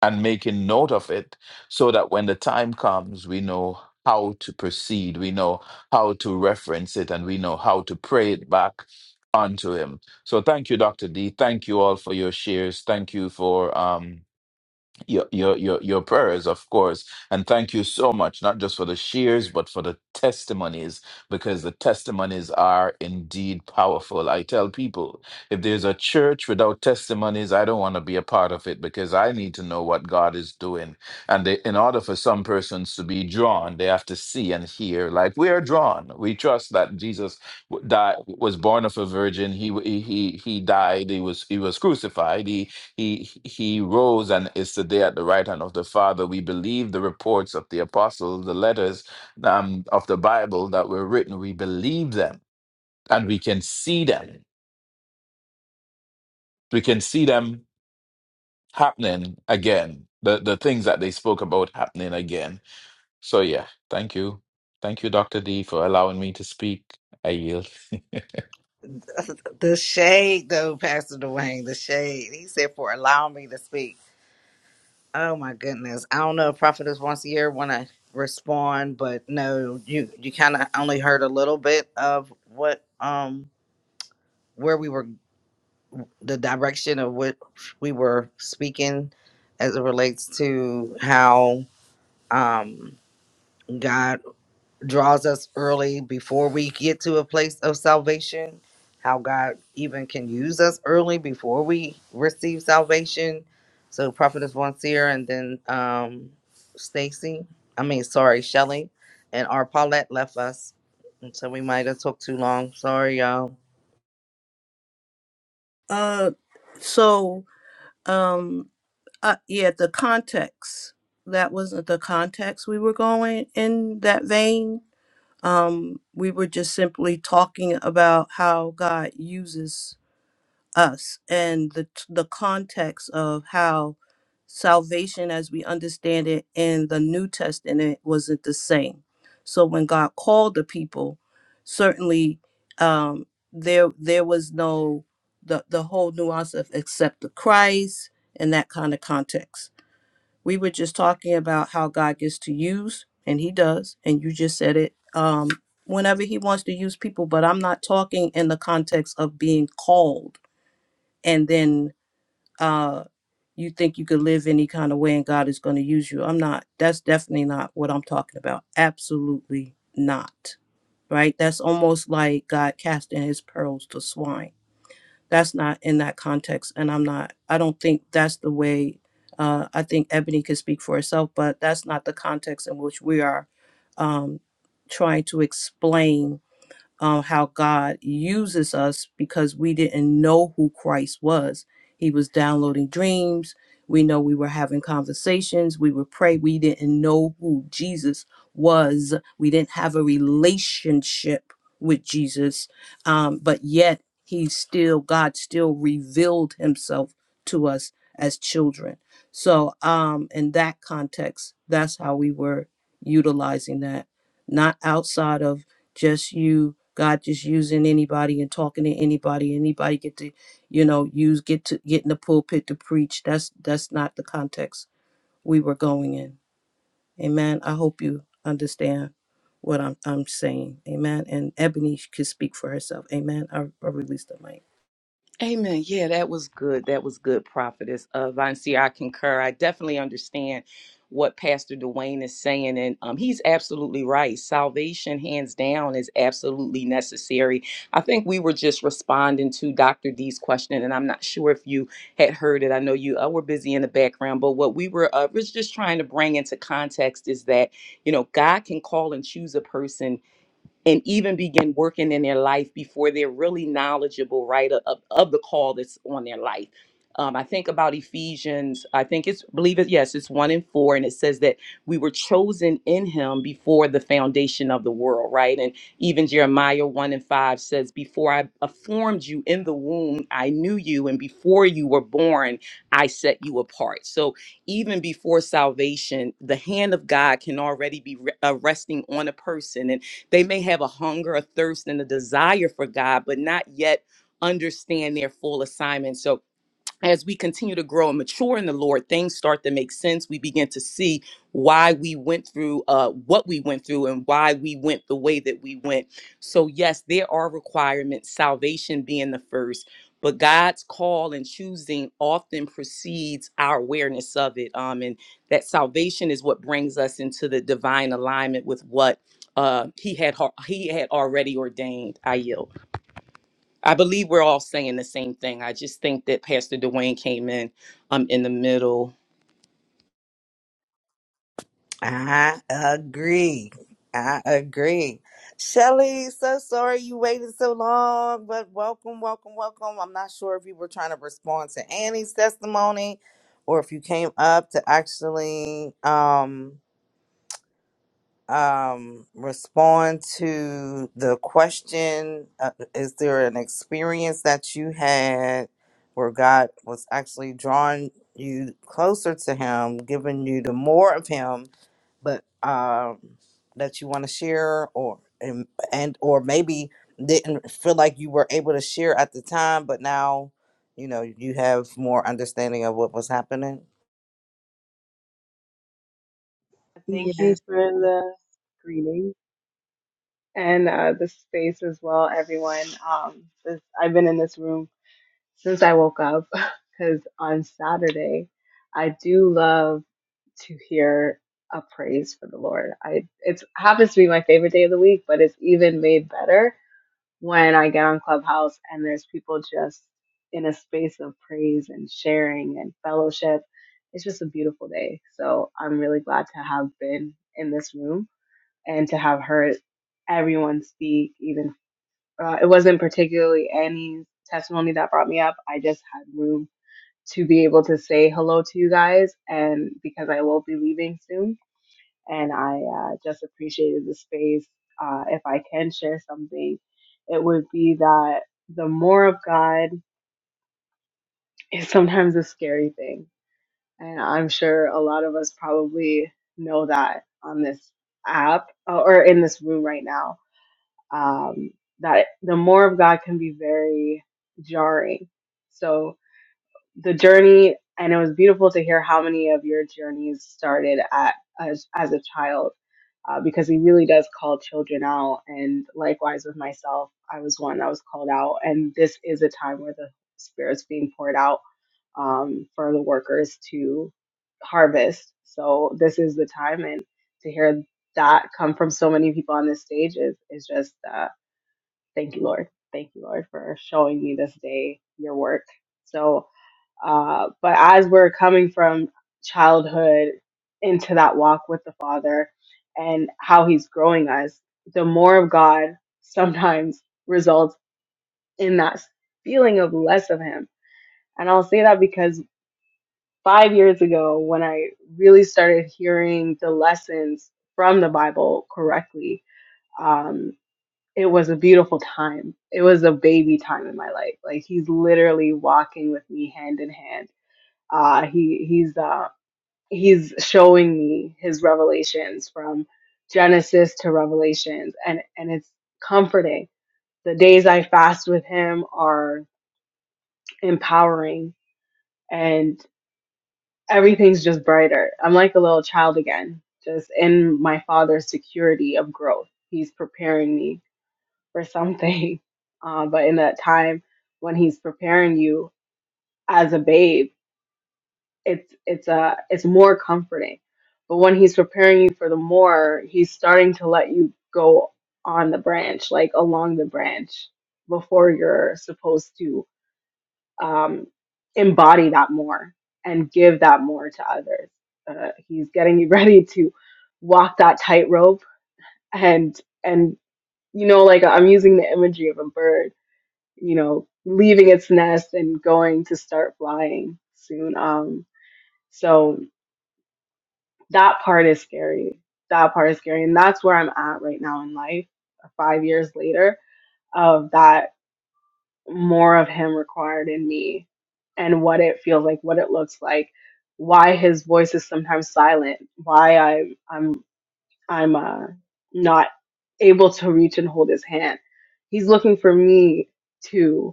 Speaker 7: and making note of it so that when the time comes, we know how to proceed, we know how to reference it, and we know how to pray it back unto Him. So thank you, Dr. D. Thank you all for your shares. Thank you for um, your your your your prayers of course and thank you so much not just for the shares but for the testimonies because the testimonies are indeed powerful i tell people if there's a church without testimonies i don't want to be a part of it because i need to know what god is doing and they, in order for some persons to be drawn they have to see and hear like we are drawn we trust that jesus w- died was born of a virgin he w- he he he died he was he was crucified he he he rose and is today at the right hand of the Father. We believe the reports of the apostles, the letters um, of the Bible that were written. We believe them, and we can see them. We can see them happening again. The the things that they spoke about happening again. So yeah, thank you, thank you, Doctor D, for allowing me to speak. I yield.
Speaker 9: The shade, though, Pastor Dwayne, the shade. He said, for allowing me to speak. Oh my goodness. I don't know if prophetess once a year want to respond, but no, you you kind of only heard a little bit of what um where we were the direction of what we were speaking as it relates to how um God. draws us early before we get to a place of salvation, how God even can use us early before we receive salvation. So Prophetess Von Seer and then um Stacy, I mean sorry, Shelley and our Paulette left us. And so we might have took too long. Sorry y'all.
Speaker 8: Uh so um uh, yeah, the context. That wasn't the context we were going in that vein um, we were just simply talking about how God uses us and the t- the context of how salvation, as we understand it in the New Testament, wasn't the same. So when God called the people, certainly um, there there was no the the whole nuance of accept the Christ and that kind of context we were just talking about how God gets to use, and He does, and you just said it. Um, whenever He wants to use people, but I'm not talking in the context of being called, and then uh, you think you could live any kind of way, and God is going to use you. I'm not. That's definitely not what I'm talking about. Absolutely not. Right? That's almost like God casting His pearls to swine that's not in that context and i'm not i don't think that's the way uh, i think ebony can speak for herself but that's not the context in which we are um, trying to explain um, how God uses us because we didn't know who Christ was. He was downloading dreams. We know we were having conversations. We would pray. We didn't know who Jesus was. We didn't have a relationship with Jesus. Um, but yet, He still, God still revealed Himself to us as children. So, um, in that context, that's how we were utilizing that, not outside of just you god just using anybody and talking to anybody anybody get to you know use get to get in the pulpit to preach that's that's not the context we were going in amen i hope you understand what i'm, I'm saying amen and ebony can speak for herself amen i, I released the mic
Speaker 10: Amen. Yeah, that was good. That was good, prophetess. Uh, Von Seer, I concur. I definitely understand what Pastor Dwayne is saying, and um, he's absolutely right. Salvation, hands down, is absolutely necessary. I think we were just responding to Dr. D's question, and I'm not sure if you had heard it. I know you uh, were busy in the background, but what we were uh, was just trying to bring into context is that, you know, God can call and choose a person and even begin working in their life before they're really knowledgeable, right, of, of the call that's on their life. Um, I think about Ephesians, I think it's, believe it, yes, it's one and four, and it says that we were chosen in him before the foundation of the world, right? And even Jeremiah 1 and 5 says, Before I uh, formed you in the womb, I knew you, and before you were born, I set you apart. So even before salvation, the hand of God can already be re- uh, resting on a person. And they may have a hunger, a thirst, and a desire for God, but not yet understand their full assignment. So as we continue to grow and mature in the Lord, things start to make sense. We begin to see why we went through uh, what we went through and why we went the way that we went. So, yes, there are requirements, salvation being the first, but God's call and choosing often precedes our awareness of it. Um, and that salvation is what brings us into the divine alignment with what uh, He had He had already ordained. I yield. I believe we're all saying the same thing. I just think that Pastor Dwayne came in um in the middle.
Speaker 9: I agree. I agree. Shelly, so sorry you waited so long, but welcome, welcome, welcome. I'm not sure if you were trying to respond to Annie's testimony or if you came up to actually um um, respond to the question uh, Is there an experience that you had where God was actually drawing you closer to Him, giving you the more of Him, but um, that you want to share, or and, and or maybe didn't feel like you were able to share at the time, but now you know you have more understanding of what was happening?
Speaker 14: Thank you
Speaker 15: Yes.
Speaker 14: for the greeting and uh, the space as well, everyone. Um, this, I've been in this room since I woke up because on Saturday, I do love to hear a praise for the Lord. I it happens to be my favorite day of the week, but it's even made better when I get on Clubhouse and there's people just in a space of praise and sharing and fellowship. It's just a beautiful day. So I'm really glad to have been in this room and to have heard everyone speak, even uh, it wasn't particularly Annie's testimony that brought me up. I just had room to be able to say hello to you guys, and because I will be leaving soon, and I uh, just appreciated the space. Uh, if I can share something, it would be that the more of God is sometimes a scary thing, and I'm sure a lot of us probably know that on this app uh, or in this room right now um, that the more of God can be very jarring. So the journey, and it was beautiful to hear how many of your journeys started at as, as a child, uh, because He really does call children out. And likewise with myself, I was one that was called out, and this is a time where the Spirit's being poured out um, for the workers to harvest. So this is the time, and to hear that come from so many people on this stage is is just. Uh, Thank you, Lord. Thank you, Lord, for showing me this day your work. So, uh, but as we're coming from childhood into that walk with the Father and how He's growing us, the more of God sometimes results in that feeling of less of Him. And I'll say that because five years ago, when I really started hearing the lessons from the Bible correctly, um, it was a beautiful time. It was a baby time in my life. Like he's literally walking with me hand in hand. Uh he he's uh he's showing me his revelations from Genesis to Revelations and and it's comforting. The days I fast with him are empowering and everything's just brighter. I'm like a little child again, just in my father's security of growth. He's preparing me for something. Uh, but in that time when he's preparing you as a babe, it's it's a it's more comforting. But when he's preparing you for the more, he's starting to let you go on the branch, like along the branch, before you're supposed to um, embody that more and give that more to others. Uh, he's getting you ready to walk that tightrope and and you know like I'm using the imagery of a bird you know, leaving its nest and going to start flying soon. Um, so that part is scary. That part is scary. And that's where I'm at right now in life, five years later, of that more of him required in me and what it feels like, what it looks like, why his voice is sometimes silent, why I, I'm, I'm, uh, not able to reach and hold his hand. He's looking for me too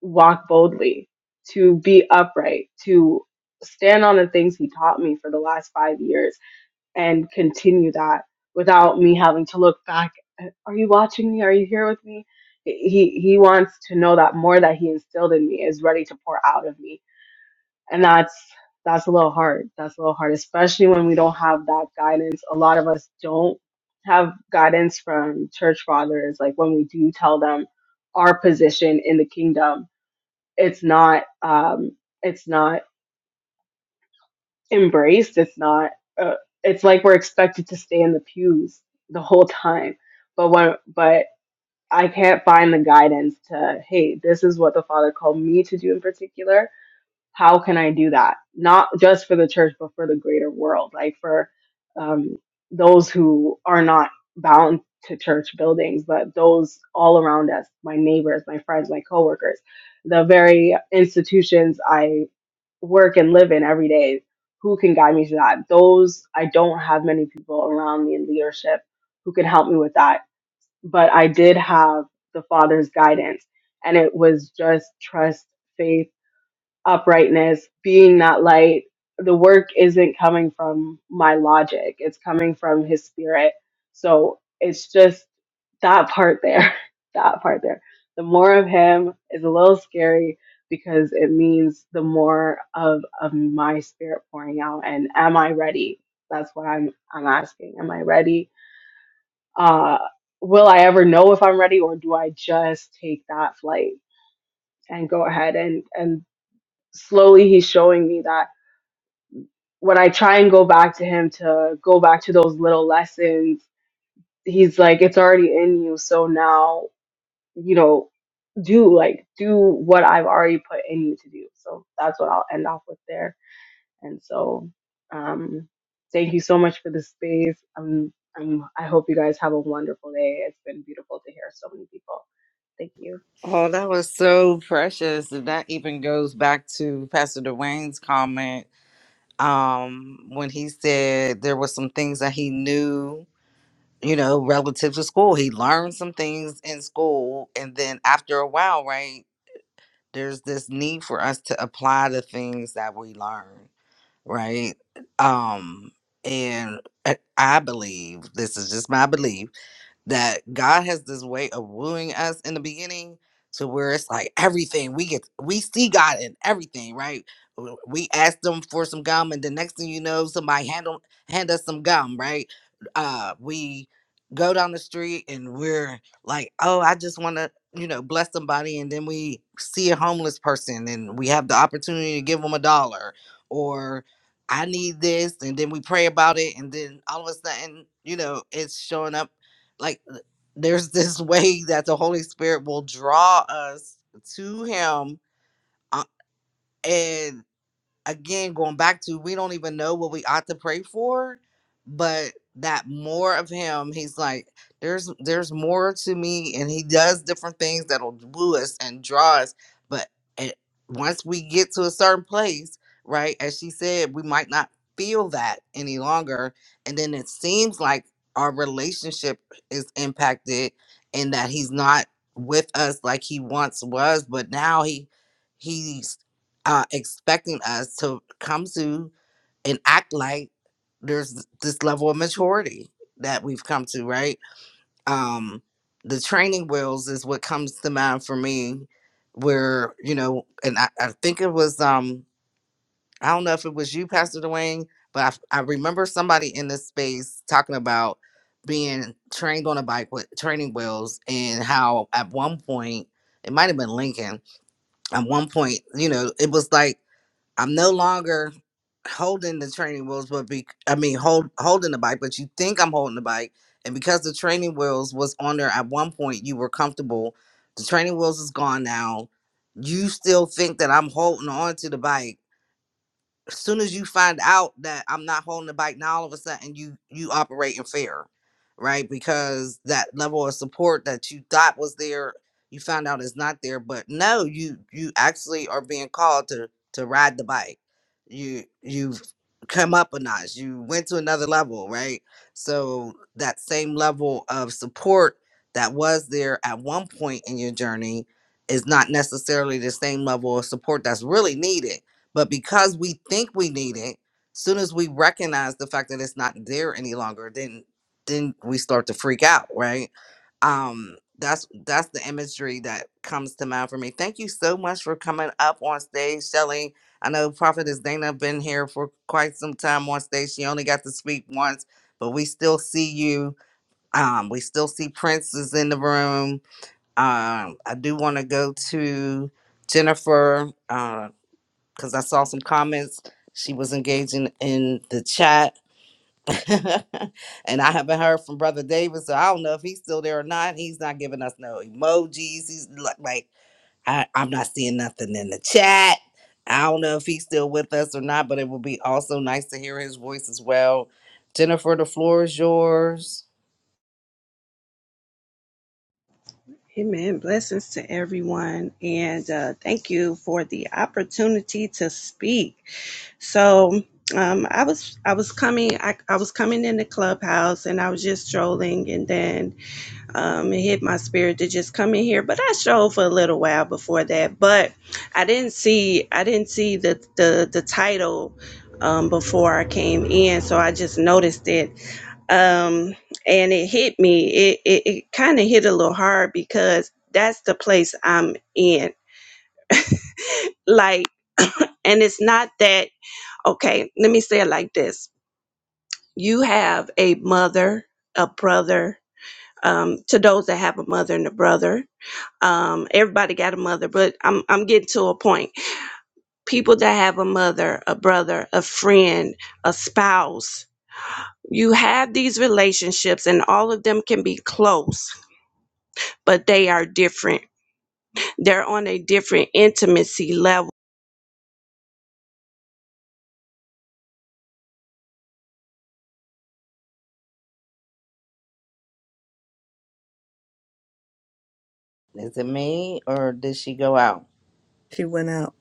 Speaker 14: walk boldly, to be upright, to stand on the things he taught me for the last five years and continue that without me having to look back. Are you watching me? Are you here with me? He he wants to know that more that he instilled in me is ready to pour out of me. And that's that's a little hard. That's a little hard, especially when we don't have that guidance. A lot of us don't have guidance from church fathers. Like when we do tell them our position in the kingdom, it's not um, it's not embraced. It's not. Uh, it's like we're expected to stay in the pews the whole time. But when, But I can't find the guidance to. Hey, this is what the Father called me to do in particular how can I do that? Not just for the church, but for the greater world, like for um, those who are not bound to church buildings, but those all around us, my neighbors, my friends, my coworkers, the very institutions I work and live in every day. Who can guide me to that? Those I don't have many people around me in leadership who can help me with that. But I did have the Father's guidance, and it was just trust, faith uprightness, being that light, the work isn't coming from my logic. It's coming from his spirit. So it's just that part there. That part there. The more of him is a little scary because it means the more of of my spirit pouring out and am I ready? That's what I'm I'm asking. Am I ready? Uh will I ever know if I'm ready or do I just take that flight and go ahead and and slowly he's showing me that when I try and go back to him to go back to those little lessons, he's like, it's already in you. So now, you know, do like, do what I've already put in you to do. So that's what I'll end off with there. And so, um, thank you so much for the space. Um, I'm, I hope you guys have a wonderful day. It's been beautiful to hear so many people. Thank you.
Speaker 9: Oh, that was so precious. And that even goes back to Pastor Dwayne's comment um, when he said there were some things that he knew, you know, relative to school. He learned some things in school. And then after a while, right, there's this need for us to apply the things that we learn, right? Um, and I I believe, this is just my belief that God has this way of wooing us in the beginning to where it's like everything we get, we see God in everything, right? W- We ask them for some gum, and the next thing you know, somebody hand, 'em- hand us some gum, right? Uh, we go down the street and we're like, oh, I just want to, you know, bless somebody. And then we see a homeless person and we have the opportunity to give them a dollar or I need this. And then we pray about it. And then all of a sudden, you know, it's showing up like uh, there's this way that the holy spirit will draw us to him uh, and again going back to we don't even know what we ought to pray for but that more of him he's like there's there's more to me and he does different things that'll woo us and draw us but it, once we get to a certain place right as she said we might not feel that any longer and then it seems like our relationship is impacted and that he's not with us like he once was but now he he's uh, expecting us to come to and act like there's this level of maturity that we've come to, right? Um, the training wheels is what comes to mind for me, where, you know, and I, I think it was, um, I don't know if it was you, Pastor Dwayne, but I, f- I remember somebody in this space talking about being trained on a bike with training wheels and how at one point, it might have been Lincoln, at one point, you know, it was like, I'm no longer holding the training wheels, but be I mean hold holding the bike, but you think I'm holding the bike. And because the training wheels was on there at one point, you were comfortable. The training wheels is gone now. You still think that I'm holding on to the bike as soon as you find out that I'm not holding the bike, now all of a sudden you you operate in fear, right? Because that level of support that you thought was there, you found out is not there. But no, you you actually are being called to to ride the bike. You you've come up a notch. You went to another level, right? So that same level of support that was there at one point in your journey is not necessarily the same level of support that's really needed but because we think we need it, soon as we recognize the fact that it's not there any longer, then then we start to freak out, right? Um, that's that's the imagery that comes to mind for me. Thank you so much for coming up on stage, Shelly. I know Prophetess Dana been here for quite some time on stage. She only got to speak once, but we still see you. Um, we still see Prince is in the room. Um, I do want to go to Jennifer. Uh, because I saw some comments. She was engaging in the chat, and I haven't heard from Brother David, so I don't know if he's still there or not. He's not giving us no emojis. He's li- like, I, I'm not seeing nothing in the chat. I don't know if he's still with us or not, but it would be also nice to hear his voice as well. Jennifer, the floor is yours.
Speaker 15: Amen. Blessings to everyone. And uh, thank you for the opportunity to speak. So um, I was I was coming I, I was coming in the clubhouse and I was just strolling and then um, it hit my spirit to just come in here. But I showed for a little while before that. But I didn't see I didn't see the the, the title um, before I came in, so I just noticed it. Um, and it hit me. It it, it kind of hit a little hard because that's the place I'm in. Like, and it's not that okay. Let me say it like this: You have a mother, a brother. Um, to those that have a mother and a brother, um, everybody got a mother, but I'm I'm getting to a point. People that have a mother, a brother, a friend, a spouse, you have these relationships, and all of them can be close, but they are different. They're on a different intimacy level.
Speaker 9: Is it me or did she go out?
Speaker 8: she went out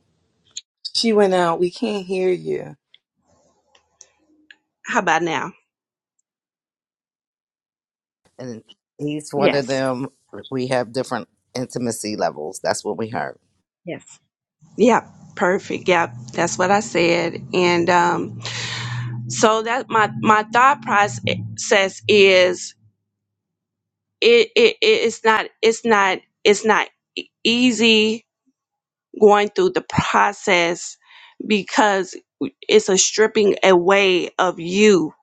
Speaker 10: She went out. We can't hear you.
Speaker 15: How about now?
Speaker 9: And each one of
Speaker 15: Yes.
Speaker 9: them, we have different intimacy levels. That's what we heard.
Speaker 15: Yes. Yeah. Perfect. Yeah, That's what I said. And um, So that my my thought process is it, it it's not it's not it's not e- easy going through the process because it's a stripping away of you.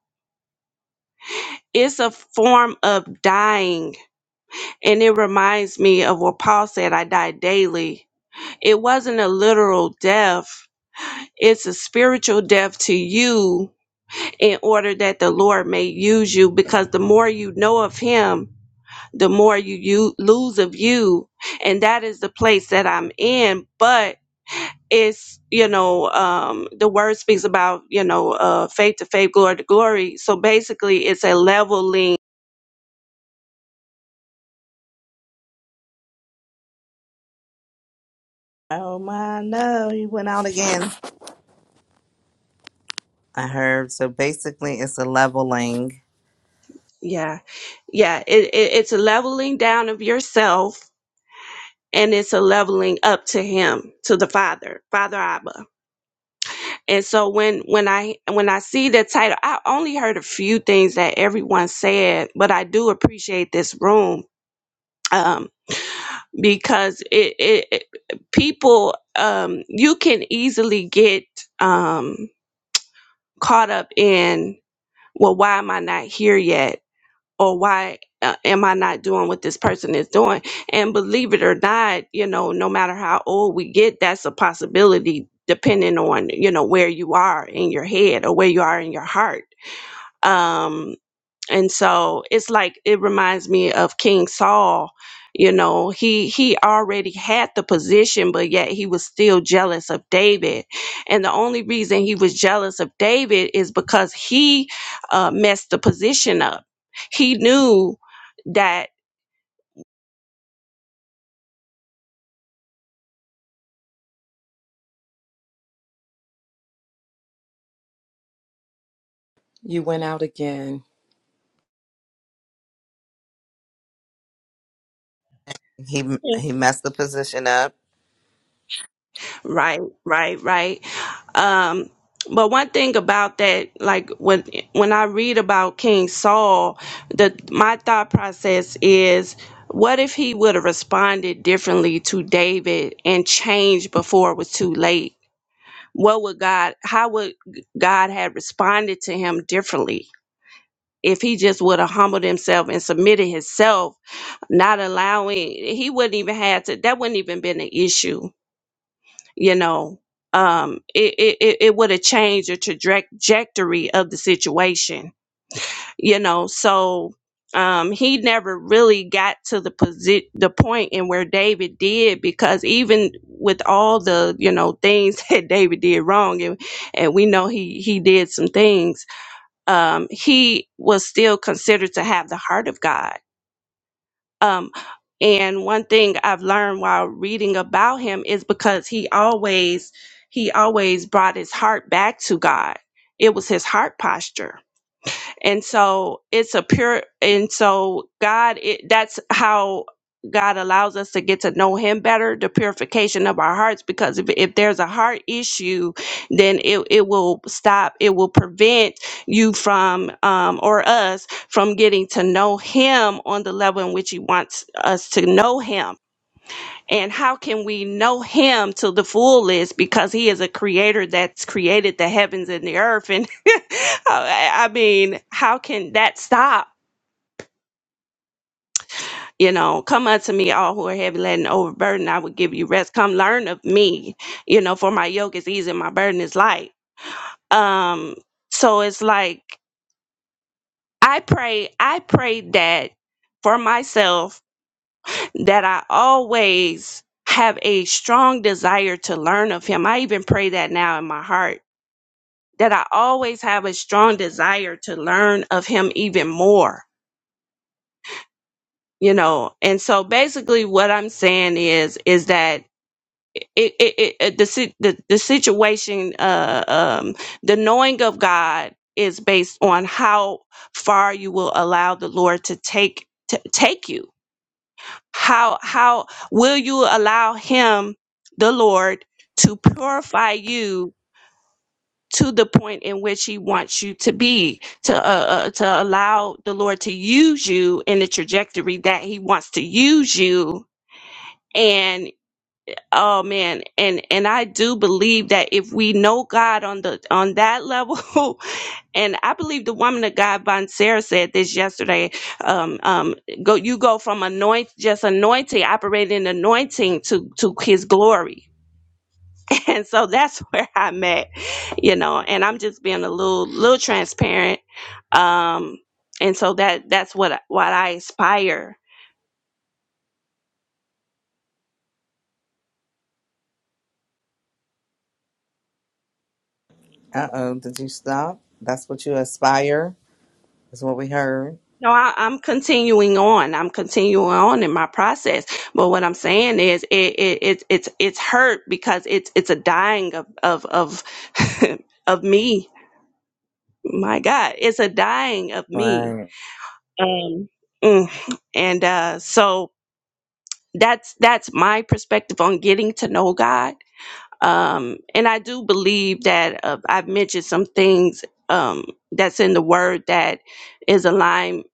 Speaker 15: It's a form of dying, and it reminds me of what Paul said: "I die daily." It wasn't a literal death; it's a spiritual death to you, in order that the Lord may use you. Because the more you know of Him, the more you, you lose of you and that is the place that i'm in but it's you know um the word speaks about you know uh faith to faith glory to glory so basically it's a leveling
Speaker 9: Oh my no, he went out again. I heard. So basically it's a leveling.
Speaker 15: yeah yeah it, it, it's a leveling down of yourself and it's a leveling up to him to the father father abba and so when when i when i see the title i only heard a few things that everyone said but i do appreciate this room Um, because it, it, it people um you can easily get um caught up in well why am i not here yet or why uh, am i not doing what this person is doing and believe it or not you know no matter how old we get that's a possibility depending on you know where you are in your head or where you are in your heart Um, and so it's like it reminds me of king saul you know he he already had the position but yet he was still jealous of david and the only reason he was jealous of david is because he uh, messed the position up he knew that
Speaker 10: You went out again.
Speaker 9: He he messed the position up.
Speaker 15: Right, right, right. Um, but one thing about that, like when when I read about King Saul, the my thought process is, what if he would have responded differently to David and changed before it was too late? What would God? How would God have responded to him differently if he just would have humbled himself and submitted himself, not allowing? He wouldn't even had to. That wouldn't even been an issue you know um it it, it it would have changed the traje- trajectory of the situation you know so um he never really got to the posi- the point in where david did because even with all the you know things that david did wrong and and we know he he did some things um he was still considered to have the heart of god um, and one thing I've learned while reading about him is because he always he always brought his heart back to God. It was his heart posture and so it's a pure and so god it, that's how god allows us to get to know him better the purification of our hearts because if, if there's a heart issue then it, it will stop it will prevent you from um, or us from getting to know him on the level in which he wants us to know him and how can we know him to the fullest because he is a creator that's created the heavens and the earth? And I I mean, how can that stop? You know, come unto me, all who are heavy laden, overburdened, I will give you rest. Come learn of me, you know, for my yoke is easy, and my burden is light. Um, so it's like I pray, I pray that for myself that I always have a strong desire to learn of him. I even pray that now in my heart that I always have a strong desire to learn of him even more, you know. And so basically what I'm saying is is that it, it, it, it the, si- the the situation uh um the knowing of God is based on how far you will allow the Lord to take to take you how how will you allow him the lord to purify you to the point in which he wants you to be to uh, uh, to allow the lord to use you in the trajectory that he wants to use you and oh man and and i do believe that if we know god on the on that level And I believe the woman of God, Von Sarah, said this yesterday. Um, um, go, you go from anoint, just anointing, operating anointing to to His glory. And so that's where I'm at, you know. And I'm just being a little little transparent. Um, and so that that's what what I aspire
Speaker 9: Uh oh, did you stop? That's what you aspire, is what we heard.
Speaker 15: No, I, I'm continuing on. I'm continuing on in my process. But what I'm saying is, it, it, it it's it's hurt because it's it's a dying of of of of me. My God, it's a dying of me.
Speaker 9: Right.
Speaker 15: Um, mm. and uh, so that's that's my perspective on getting to know God um, and I do believe that uh, I've mentioned some things um, that's in the word that is align,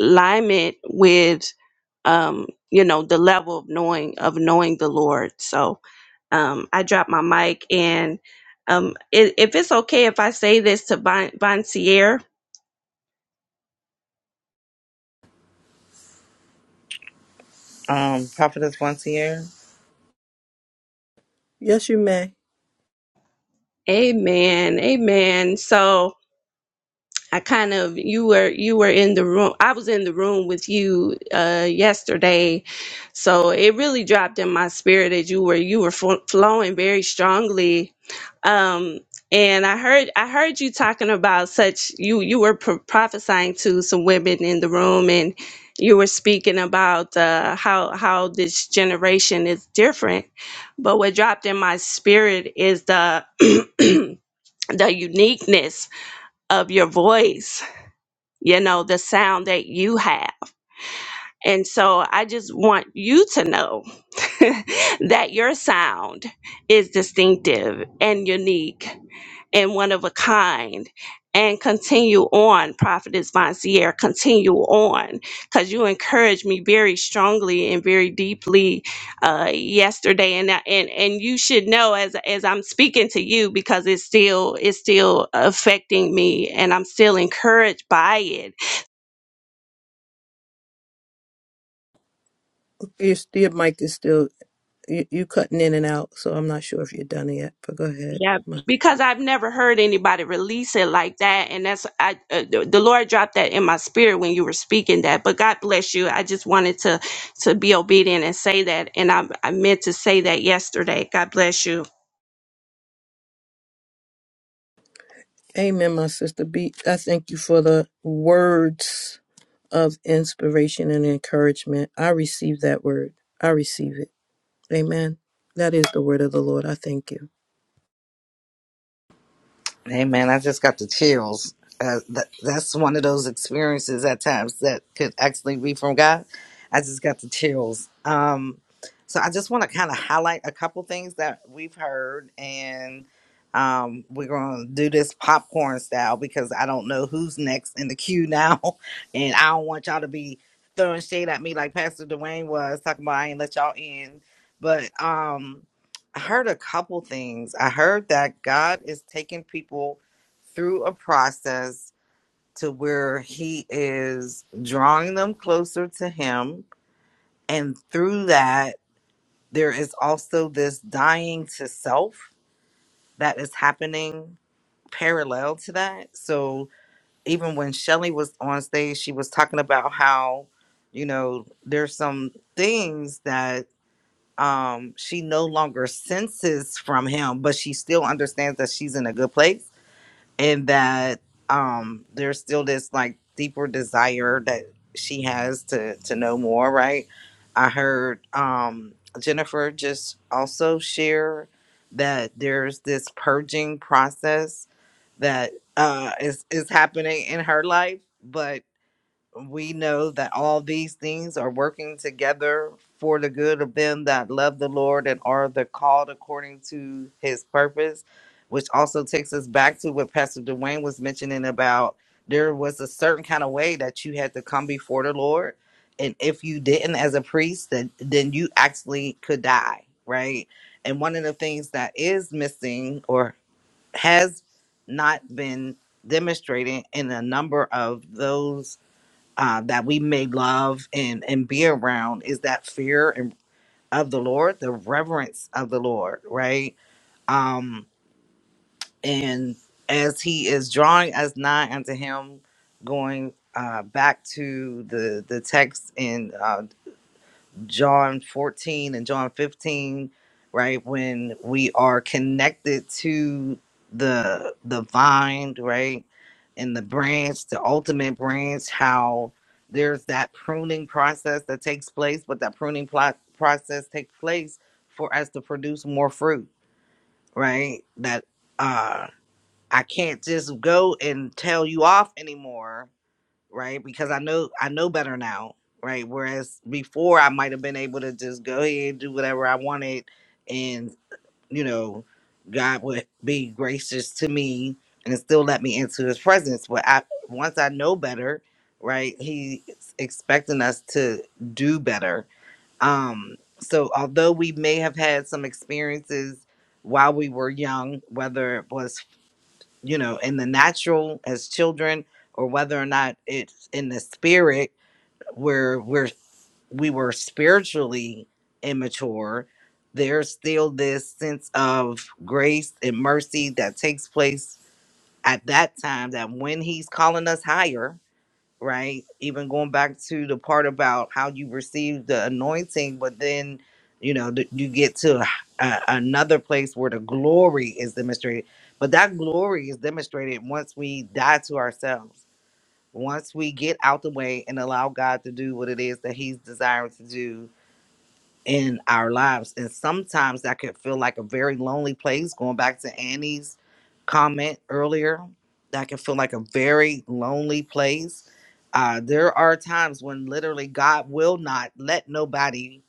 Speaker 15: alignment with um, you know the level of knowing of knowing the Lord. So um, I dropped my mic, and um, i if it's okay if I say this to Von, Von Sierra,
Speaker 9: Um, Prophetess once
Speaker 8: yes you may
Speaker 15: Amen, Amen. So I kind of you were you were in the room. I was in the room with you uh yesterday. So it really dropped in my spirit that you were you were fl- flowing very strongly. Um and I heard I heard you talking about such you you were pro- prophesying to some women in the room and you were speaking about uh how how this generation is different. But what dropped in my spirit is the the uniqueness of your voice you know, the sound that you have. And so I just want you to know that your sound is distinctive and unique and one of a kind. And continue on, Prophetess Vonsier, continue on, because you encouraged me very strongly and very deeply uh, yesterday, and I- and and you should know as as I'm speaking to you because it's still it's still affecting me, and I'm still encouraged by it
Speaker 8: your, your mic is still you, you cutting in and out so i'm not sure if you're done yet but go ahead
Speaker 15: Yeah,
Speaker 8: Ma.
Speaker 15: because I've never heard anybody release it like that, and that's I uh, the the Lord dropped that in my spirit when you were speaking that. But God bless you. I just wanted to to be obedient and say that, and I I meant to say that yesterday. God bless you.
Speaker 8: Amen, my sister B. I thank you for the words of inspiration and encouragement. I receive that word. I receive it. Amen. That is the word of the Lord. I thank you.
Speaker 9: Hey man, I just got the chills. Uh, that, that's one of those experiences at times that could actually be from God. I just got the chills. Um, so I just want to kind of highlight a couple things that we've heard, and um, we're going to do this popcorn style because I don't know who's next in the queue now, and I don't want y'all to be throwing shade at me like Pastor Dwayne was talking about. I ain't let y'all in, but um. I heard a couple things. I heard that God is taking people through a process to where He is drawing them closer to Him. And through that, there is also this dying to self that is happening parallel to that. So even when Shelly was on stage, she was talking about how, you know, there's some things that um she no longer senses from him but she still understands that she's in a good place and that um there's still this like deeper desire that she has to to know more right i heard um jennifer just also share that there's this purging process that uh is is happening in her life but we know that all these things are working together for the good of them that love the Lord and are the called according to his purpose, which also takes us back to what Pastor Dwayne was mentioning about there was a certain kind of way that you had to come before the Lord. And if you didn't as a priest, then then you actually could die, right? And one of the things that is missing or has not been demonstrated in a number of those uh, that we may love and and be around is that fear and of the Lord, the reverence of the Lord, right? Um, and as He is drawing us nigh unto Him, going uh, back to the the text in uh, John 14 and John 15, right? When we are connected to the the vine, right? And the branch, the ultimate branch, how there's that pruning process that takes place, but that pruning plot process takes place for us to produce more fruit, right? That uh I can't just go and tell you off anymore right? Because I know I know better now, right? Whereas before I might have been able to just go ahead and do whatever I wanted and, you know, God would be gracious to me and still let me into his presence. But I once I know better, right, he's expecting us to do better. Um so although we may have had some experiences while we were young, whether it was you know, in the natural as children, or whether or not it's in the spirit where we're we were spiritually immature, there's still this sense of grace and mercy that takes place at that time that when he's calling us higher, right? Even going back to the part about how you receive the anointing, but then, you know, th- you get to a, another place where the glory is demonstrated. But that glory is demonstrated once we die to ourselves, once we get out the way and allow God to do what it is that He's desiring to do in our lives. And sometimes that could feel like a very lonely place. Going back to Annie's comment earlier, that can feel like a very lonely place. Uh, there are times when literally God will not let nobody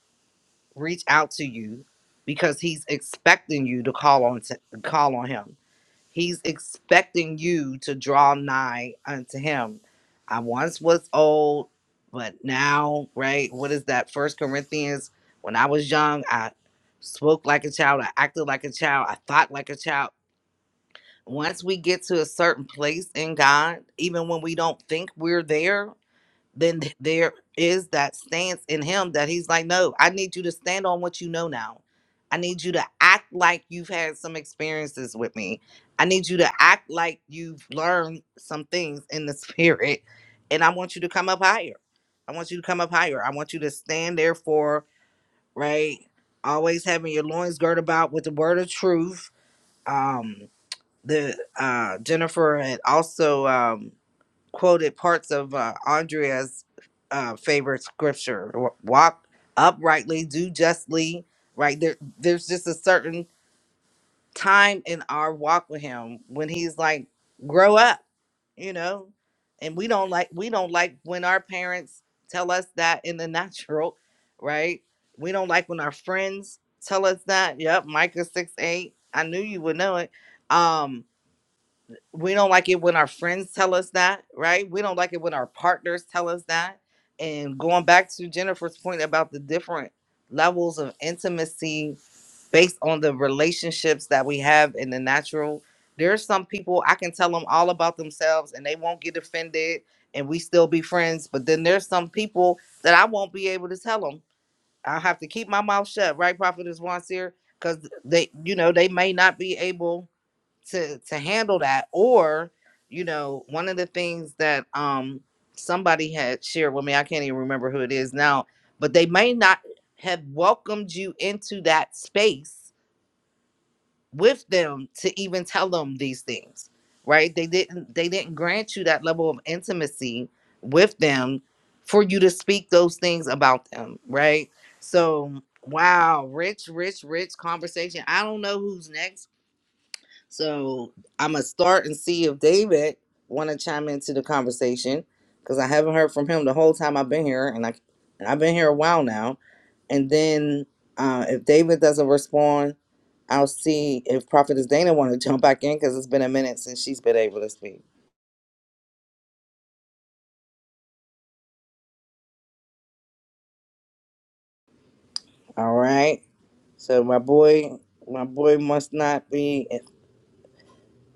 Speaker 9: reach out to you because He's expecting you to call on to call on Him He's expecting you to draw nigh unto him. I once was old, but now, right? What is that? First Corinthians. When I was young, I spoke like a child, I acted like a child, I thought like a child. Once we get to a certain place in God, even when we don't think we're there, then th- there is that stance in him that he's like, no, I need you to stand on what you know now. I need you to act like you've had some experiences with me. I need you to act like you've learned some things in the spirit. And I want you to come up higher. I want you to come up higher. I want you to stand there for, right? Always having your loins girt about with the word of truth. Um, the uh Jennifer had also um quoted parts of uh, Andrea's uh, favorite scripture: "Walk uprightly, do justly." Right there, there's just a certain time in our walk with Him when He's like, "Grow up," you know. And we don't like we don't like when our parents tell us that in the natural, right? We don't like when our friends tell us that. Yep, Micah six eight. I knew you would know it. Um, we don't like it when our friends tell us that, right? We don't like it when our partners tell us that. And going back to Jennifer's point about the different levels of intimacy based on the relationships that we have in the natural, there's some people I can tell them all about themselves and they won't get offended and we still be friends. But then there's some people that I won't be able to tell them. I'll have to keep my mouth shut, right, Prophet is once here, because they, you know, they may not be able to to handle that or you know one of the things that um somebody had shared with me i can't even remember who it is now but they may not have welcomed you into that space with them to even tell them these things right they didn't they didn't grant you that level of intimacy with them for you to speak those things about them right so wow rich rich rich conversation i don't know who's next so I'm gonna start and see if David want to chime into the conversation because I haven't heard from him the whole time I've been here, and I and I've been here a while now. And then uh, if David doesn't respond, I'll see if Prophetess Dana want to jump back in because it's been a minute since she's been able to speak. All right. So my boy, my boy must not be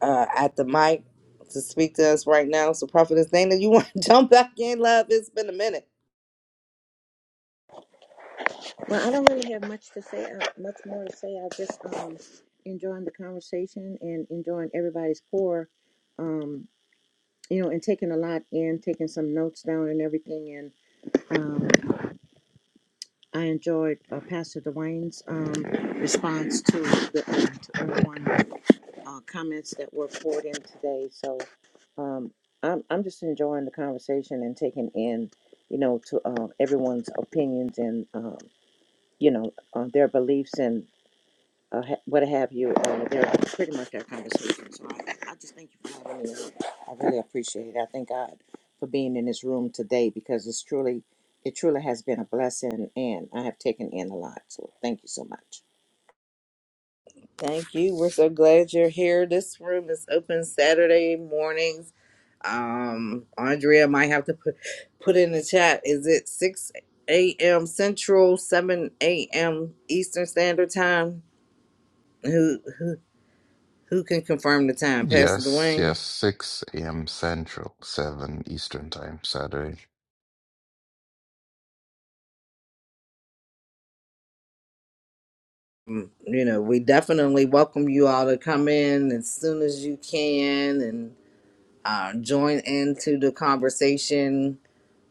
Speaker 9: uh, at the mic to speak to us right now. So Prophetess Dana, you want to jump back in, love? It's been a minute.
Speaker 12: Well, I don't really have much to say, uh, much more to say. I just um, enjoying the conversation and enjoying everybody's pour, um, you know, and taking a lot in, taking some notes down and everything. and. um, I enjoyed uh, Pastor Dwayne's um, response to the uh, to everyone uh, comments that were poured in today. So um, I'm I'm just enjoying the conversation and taking in, you know, to uh, everyone's opinions and um, you know uh, their beliefs and uh, ha- what have you. Uh, they're pretty much our conversation. So I, I just thank you for having me. I really appreciate it. I thank God for being in this room today because it's truly, it truly has been a blessing, and I have taken in a lot. So thank you so much.
Speaker 9: Thank you. We're so glad you're here. This room is open Saturday mornings. Um, Andrea might have to put put in the chat. Is it six a.m. Central, seven a.m. Eastern Standard Time? Who who who can confirm the time, Pastor
Speaker 7: Yes,
Speaker 9: Dwayne?
Speaker 7: yes, 6 a.m. Central, 7 Eastern Time, Saturday.
Speaker 9: Mm, You know, we definitely welcome you all to come in as soon as you can and uh, join into the conversation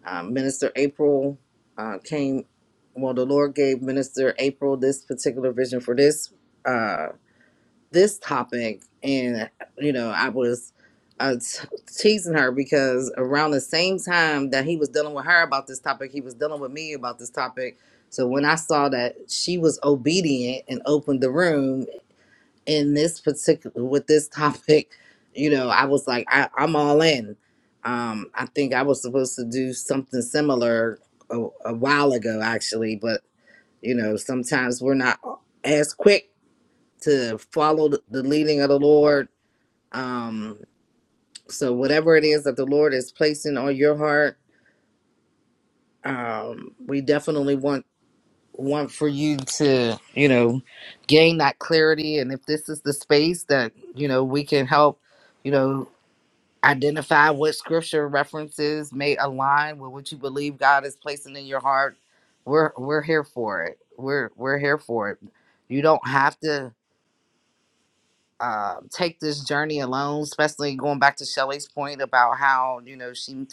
Speaker 9: Um, Minister April uh, came. Well, the Lord gave Minister April this particular vision for this uh, this topic, and you know, I was uh, t- teasing her because around the same time that he was dealing with her about this topic, he was dealing with me about this topic. So when I saw that she was obedient and opened the room, in this particular with this topic, you know, I was like, I, I'm all in. Um, I think I was supposed to do something similar a, a while ago, actually, but you know, sometimes we're not as quick to follow the the leading of the Lord. Um, so whatever it is that the Lord is placing on your heart, um, we definitely want want for you to, you know, gain that clarity. And if this is the space that you know we can help you know identify what scripture references may align with what you believe God is placing in your heart. We're we're here for it. We're we're here for it. You don't have to uh, take this journey alone. Especially going back to Shelley's point about how you know she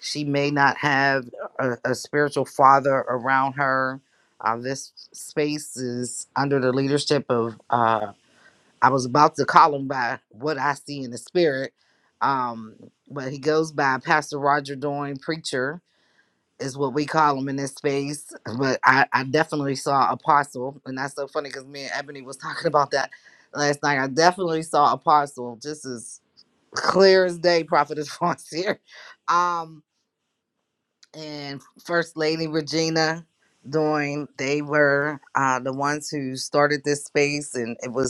Speaker 9: she may not have a, a spiritual father around her. Uh, this space is under the leadership of uh, I was about to call him by what I see in the spirit. Um, but he goes by Pastor Roger Doyne, preacher is what we call him in this space. But I, I definitely saw apostle, and that's so funny because me and Ebony was talking about that last night. I definitely saw apostle, just as clear as day, prophetess Fonts here. Um, and First Lady Regina Doyne, they were uh, the ones who started this space, and it was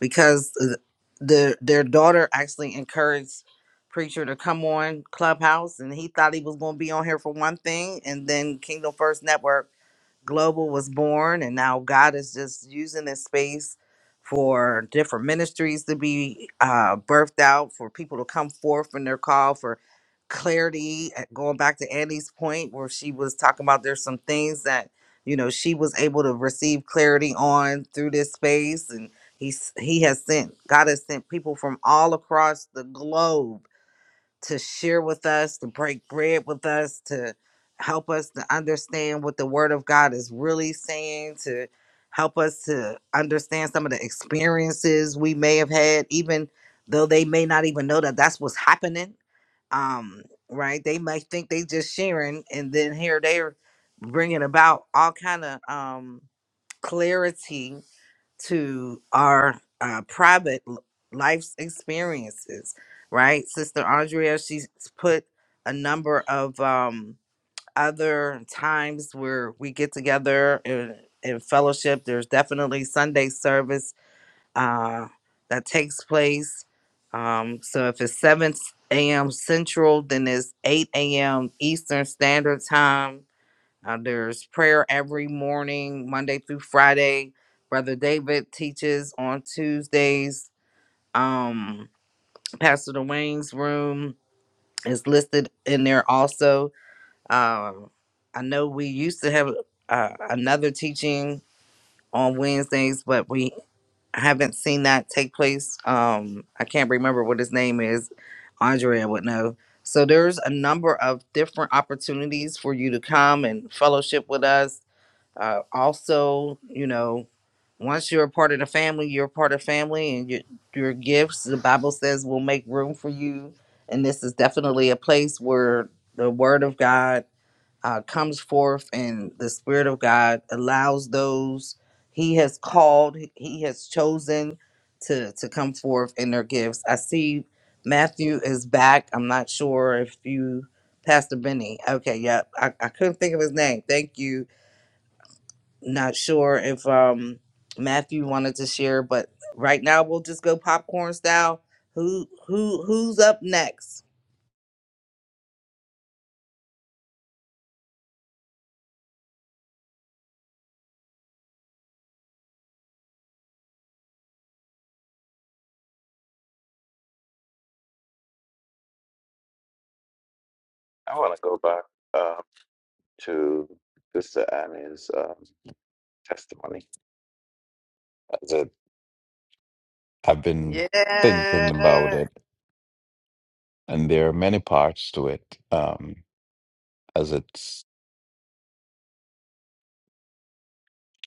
Speaker 9: because th- their their daughter actually encouraged preacher to come on clubhouse and he thought he was going to be on here for one thing and then kingdom first network Global was born, and now God is just using this space for different ministries to be uh, birthed out, for people to come forth in their call, for clarity. uh, Going back to Annie's point, where she was talking about there's some things that you know she was able to receive clarity on through this space, and he's he has sent God has sent people from all across the globe to share with us, to break bread with us, to help us to understand what the Word of God is really saying, to help us to understand some of the experiences we may have had, even though they may not even know that that's what's happening. Um, right? They might think they just sharing, and then here they're bringing about all kind of um clarity to our uh, private l- life's experiences, right? Sister Andrea, she's put a number of um, other times where we get together in, in fellowship. There's definitely Sunday service uh, that takes place. Um, so if it's 7 a.m. Central, then it's 8 a.m. Eastern Standard Time uh, there's prayer every morning, Monday through Friday. Brother David teaches on Tuesdays. Um, Pastor Dwayne's room is listed in there also. Um, I know we used to have uh, another teaching on Wednesdays, but we haven't seen that take place. Um, I can't remember what his name is. Andrea would know. So there's a number of different opportunities for you to come and fellowship with us uh, also, you know, once you're a part of the family, you're a part of family, and your your gifts. The Bible says will make room for you, and this is definitely a place where the Word of God uh, comes forth, and the Spirit of God allows those He has called, He has chosen to to come forth in their gifts. I see Matthew is back. I'm not sure if you. Pastor Benny. Okay, yep. I, I couldn't think of his name. Thank you not sure if um Matthew wanted to share, but right now we'll just go popcorn style. Who who who's up next?
Speaker 7: I want to go back. to Sister Annie's um, testimony. As it, I've been thinking about
Speaker 9: Yeah.
Speaker 7: it, and there are many parts to it. Um, as it's,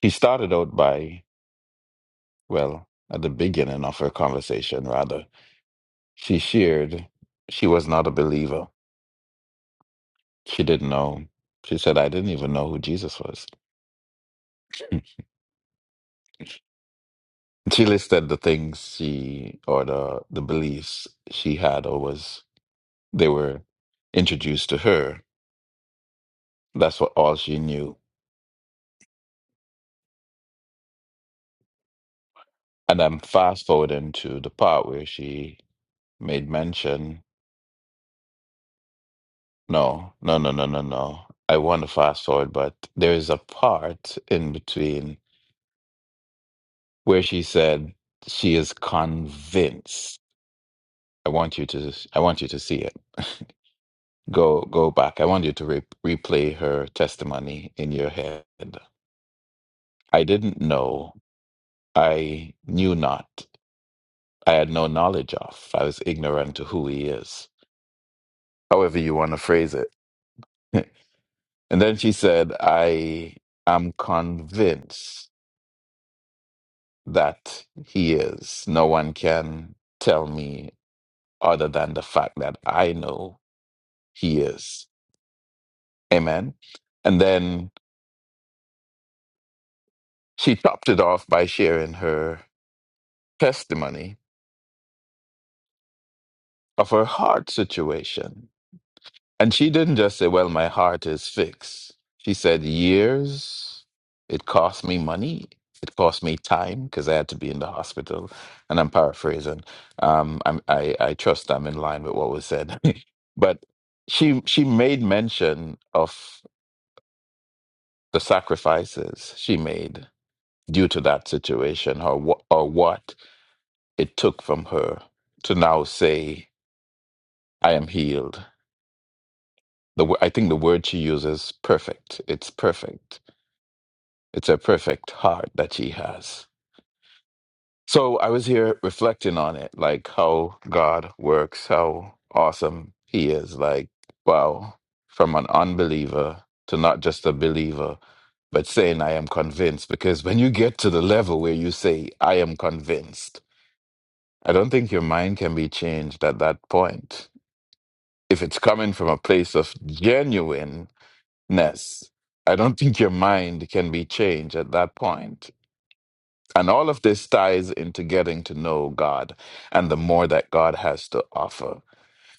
Speaker 7: she started out by, well, at the beginning of her conversation, rather, she shared she was not a believer. She didn't know. She said, I didn't even know who Jesus was. She listed the things she, or the, the beliefs she had, or was, they were introduced to her. That's what all she knew. And I'm fast forwarding to the part where she made mention. No, no, no, no, no, no. I want to fast forward, but there is a part in between where she said she is convinced. I want you to. I want you to see it. Go, go back. I want you to re- replay her testimony in your head. I didn't know. I knew not. I had no knowledge of. I was ignorant to who he is. However you want to phrase it. And then she said, I am convinced that he is. No one can tell me other than the fact that I know he is. Amen. And then she topped it off by sharing her testimony of her hard situation And she didn't just say, Well, my heart is fixed. She said, Years. It cost me money. It cost me time because I had to be in the hospital. And I'm paraphrasing. Um, I'm, I, I trust I'm in line with what was said. but she, she made mention of the sacrifices she made due to that situation or, wh- or what it took from her to now say, I am healed. The, wo- I think the word she uses, perfect. It's perfect It's a perfect heart that she has. So I was here reflecting on it, like how God works, how awesome He is. Like, wow, from an unbeliever to not just a believer, but saying, I am convinced. Because when you get to the level where you say, I am convinced, I don't think your mind can be changed at that point. If it's coming from a place of genuineness, I don't think your mind can be changed at that point And all of this ties into getting to know God and the more that God has to offer.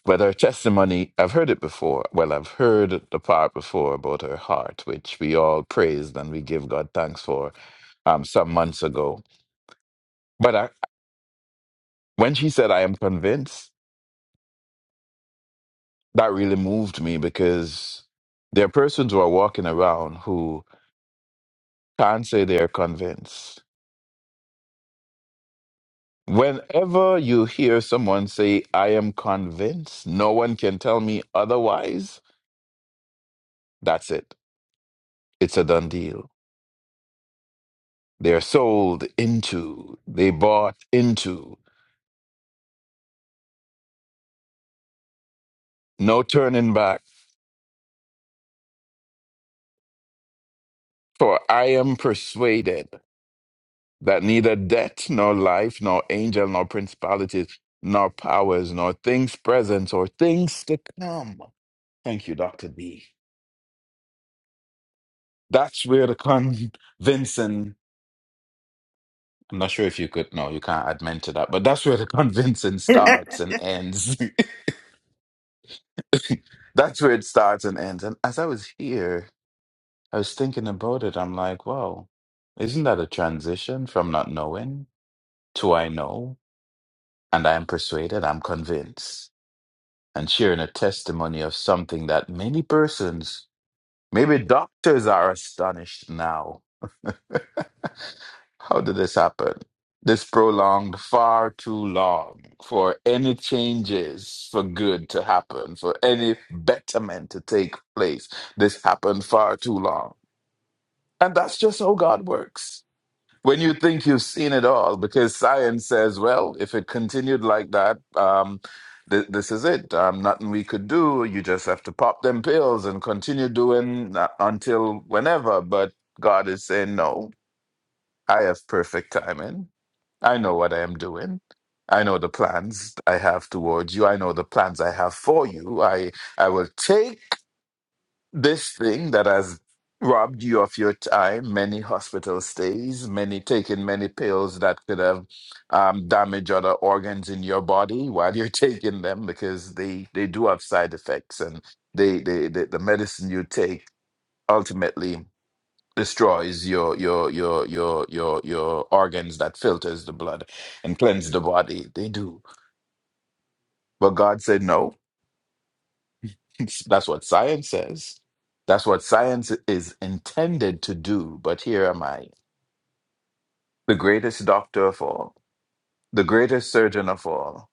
Speaker 7: Whether her testimony, I've heard it before. Well, I've heard the part before about her heart, which we all praised and we give God thanks for um, some months ago. But I, when she said, I am convinced, that really moved me because there are persons who are walking around who can't say they're convinced Whenever you hear someone say, I am convinced, no one can tell me otherwise, that's it. It's a done deal. They're sold into, they bought into, no turning back. For I am persuaded that neither death, nor life, nor angel, nor principalities, nor powers, nor things present, or things to come. Thank you, Dr. B. That's where the convincing I'm not sure if you could. No, you can't add men to that. But that's where the convincing starts and ends. that's where it starts and ends. And as I was here, I was thinking about it. I'm like, wow, isn't that a transition from not knowing to I know and I am persuaded, I'm convinced, and sharing a testimony of something that many persons Maybe doctors are astonished now. How did this happen? This prolonged far too long for any changes for good to happen, for any betterment to take place. This happened far too long. And that's just how God works when you think you've seen it all, because science says, well, if it continued like that, um, th- this is it. Um, nothing we could do. You just have to pop them pills and continue doing uh, until whenever. But God is saying, no, I have perfect timing. I know what I am doing. I know the plans I have towards you. I know the plans I have for you. I I will take this thing that has robbed you of your time, many hospital stays, many taking many pills that could have um, damaged other organs in your body while you're taking them because they, they do have side effects and they, they, the the medicine you take ultimately destroys your your your your your your organs that filters the blood and cleanse the body. They do. But God said no. That's what science says. That's what science is intended to do. But here am I, the greatest doctor of all, the greatest surgeon of all.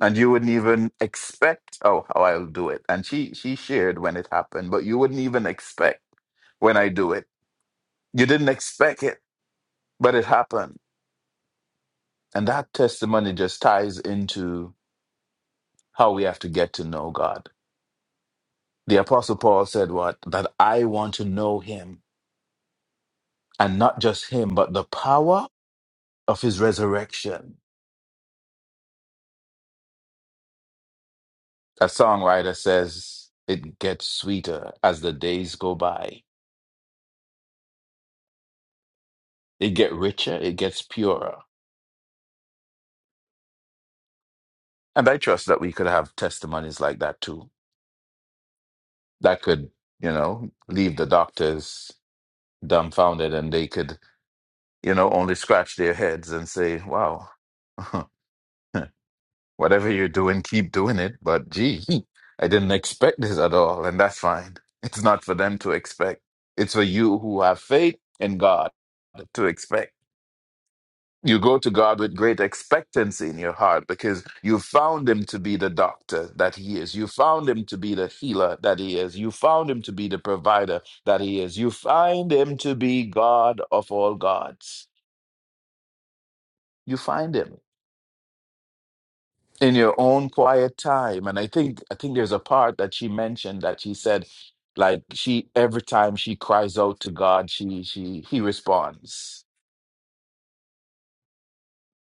Speaker 7: And you wouldn't even expect, oh, how I'll do it. And she, she shared when it happened, but you wouldn't even expect when I do it. You didn't expect it, but it happened. And that testimony just ties into how we have to get to know God. The Apostle Paul said, What? That I want to know him and not just him, but the power of his resurrection. A songwriter says it gets sweeter as the days go by. It get richer, it gets purer. And I trust that we could have testimonies like that too. That could, you know, leave the doctors dumbfounded and they could, you know, only scratch their heads and say, wow, Whatever you're doing, keep doing it. But gee, I didn't expect this at all, and that's fine. It's not for them to expect. It's for you who have faith in God to expect. You go to God with great expectancy in your heart because you found him to be the doctor that he is. You found him to be the healer that he is. You found him to be the provider that he is. You find him to be God of all gods. You find him. in your own quiet time and i think i think there's a part that she mentioned that she said like she every time she cries out to god she she he responds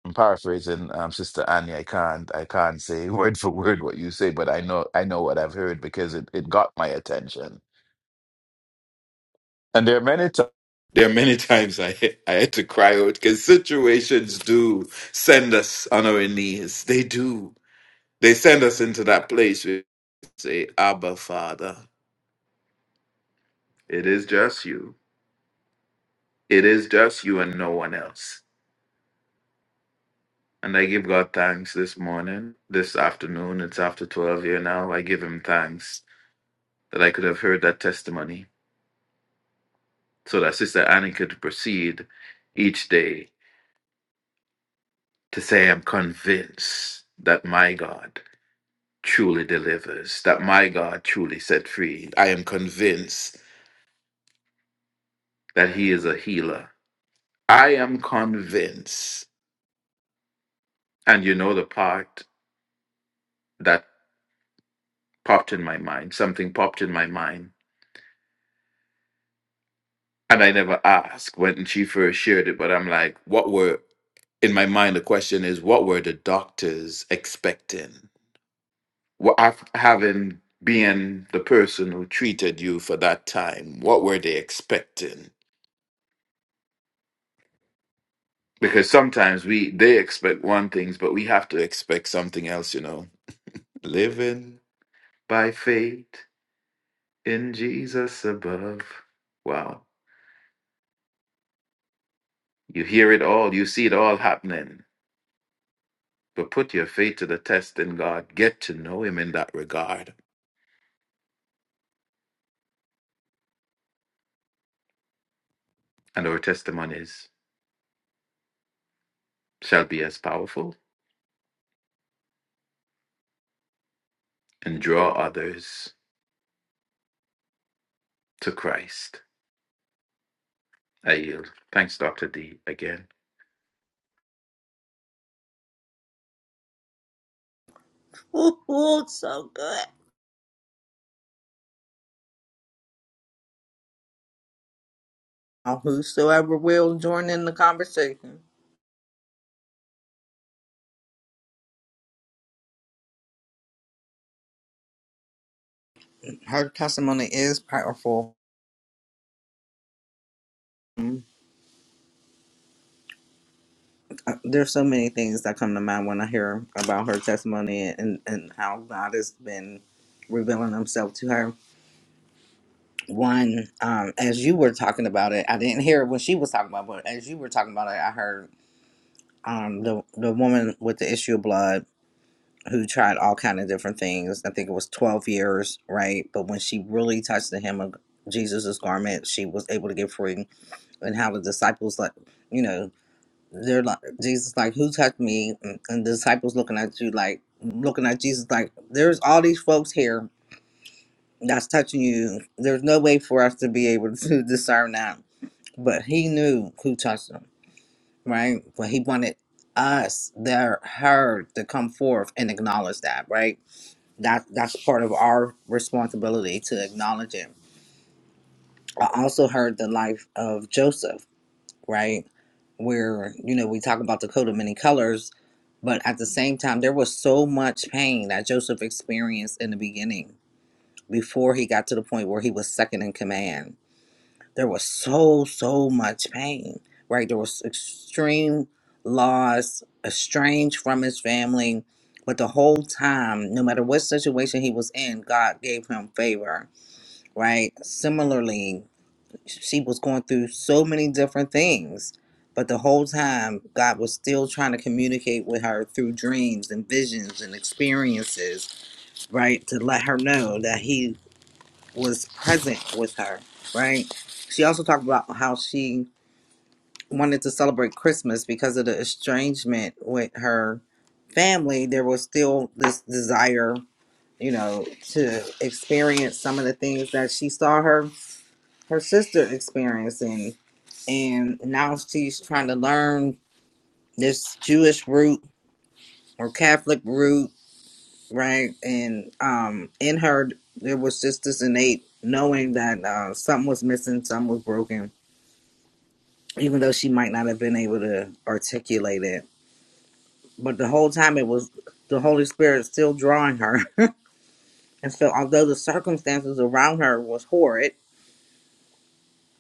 Speaker 7: i'm paraphrasing um sister annie i can't i can't say word for word what you say but i know i know what i've heard because it, it got my attention and there are many times There are many times I I had to cry out because situations do send us on our knees. They do. They send us into that place where we say, Abba, Father. It is just you. It is just you and no one else. And I give God thanks this morning, this afternoon. It's after 12 here now. I give him thanks that I could have heard that testimony so that Sister Annie could proceed each day to say, I'm convinced that my God truly delivers, that my God truly set free. I am convinced that he is a healer. I am convinced. And you know the part that popped in my mind. Something popped in my mind. And I never asked when she first shared it, but I'm like, what were, in my mind, the question is, what were the doctors expecting? What, af- having been the person who treated you for that time, what were they expecting? Because sometimes we they expect one things, but we have to expect something else, you know. Living by faith in Jesus above. Wow. You hear it all, you see it all happening But put your faith to the test in God. Get to know Him in that regard. And our testimonies shall be as powerful and draw others to Christ. I yield. Thanks, Dr. D, again.
Speaker 9: Ooh, so good. Uh, Whosoever will join in the conversation. Her testimony is powerful. Mm, uh, There's so many things that come to mind when I hear about her testimony and, and how God has been revealing Himself to her. one um as you were talking about it i didn't hear it when she was talking about it, but as you were talking about it i heard um the the woman with the issue of blood who tried all kind of different things i think it was 12 years right but when she really touched the hem of jesus's garment she was able to get free and how the disciples like you know they're like jesus like who touched me and and the disciples looking at you like looking at jesus like there's all these folks here that's touching you there's no way for us to be able to discern that but he knew who touched him, right? But he wanted us, their her, to come forth and acknowledge that, right? That that's part of our responsibility to acknowledge it. I also heard the life of Joseph, right? Where, you know, we talk about the coat of many colors, but at the same time there was so much pain that Joseph experienced in the beginning before he got to the point where he was second in command there was so so much pain right there was extreme loss estranged from his family but the whole time no matter what situation he was in god gave him favor right similarly she was going through so many different things but the whole time god was still trying to communicate with her through dreams and visions and experiences right to let her know that he was present with her, right? She also talked about how she wanted to celebrate Christmas because of the estrangement with her family. There was still this desire, you know, to experience some of the things that she saw her her sister experiencing, and now she's trying to learn this Jewish root or Catholic root right? And um, in her, there was just this innate knowing that uh, something was missing, something was broken, even though she might not have been able to articulate it. But the whole time, it was the Holy Spirit still drawing her. And so, although the circumstances around her was horrid,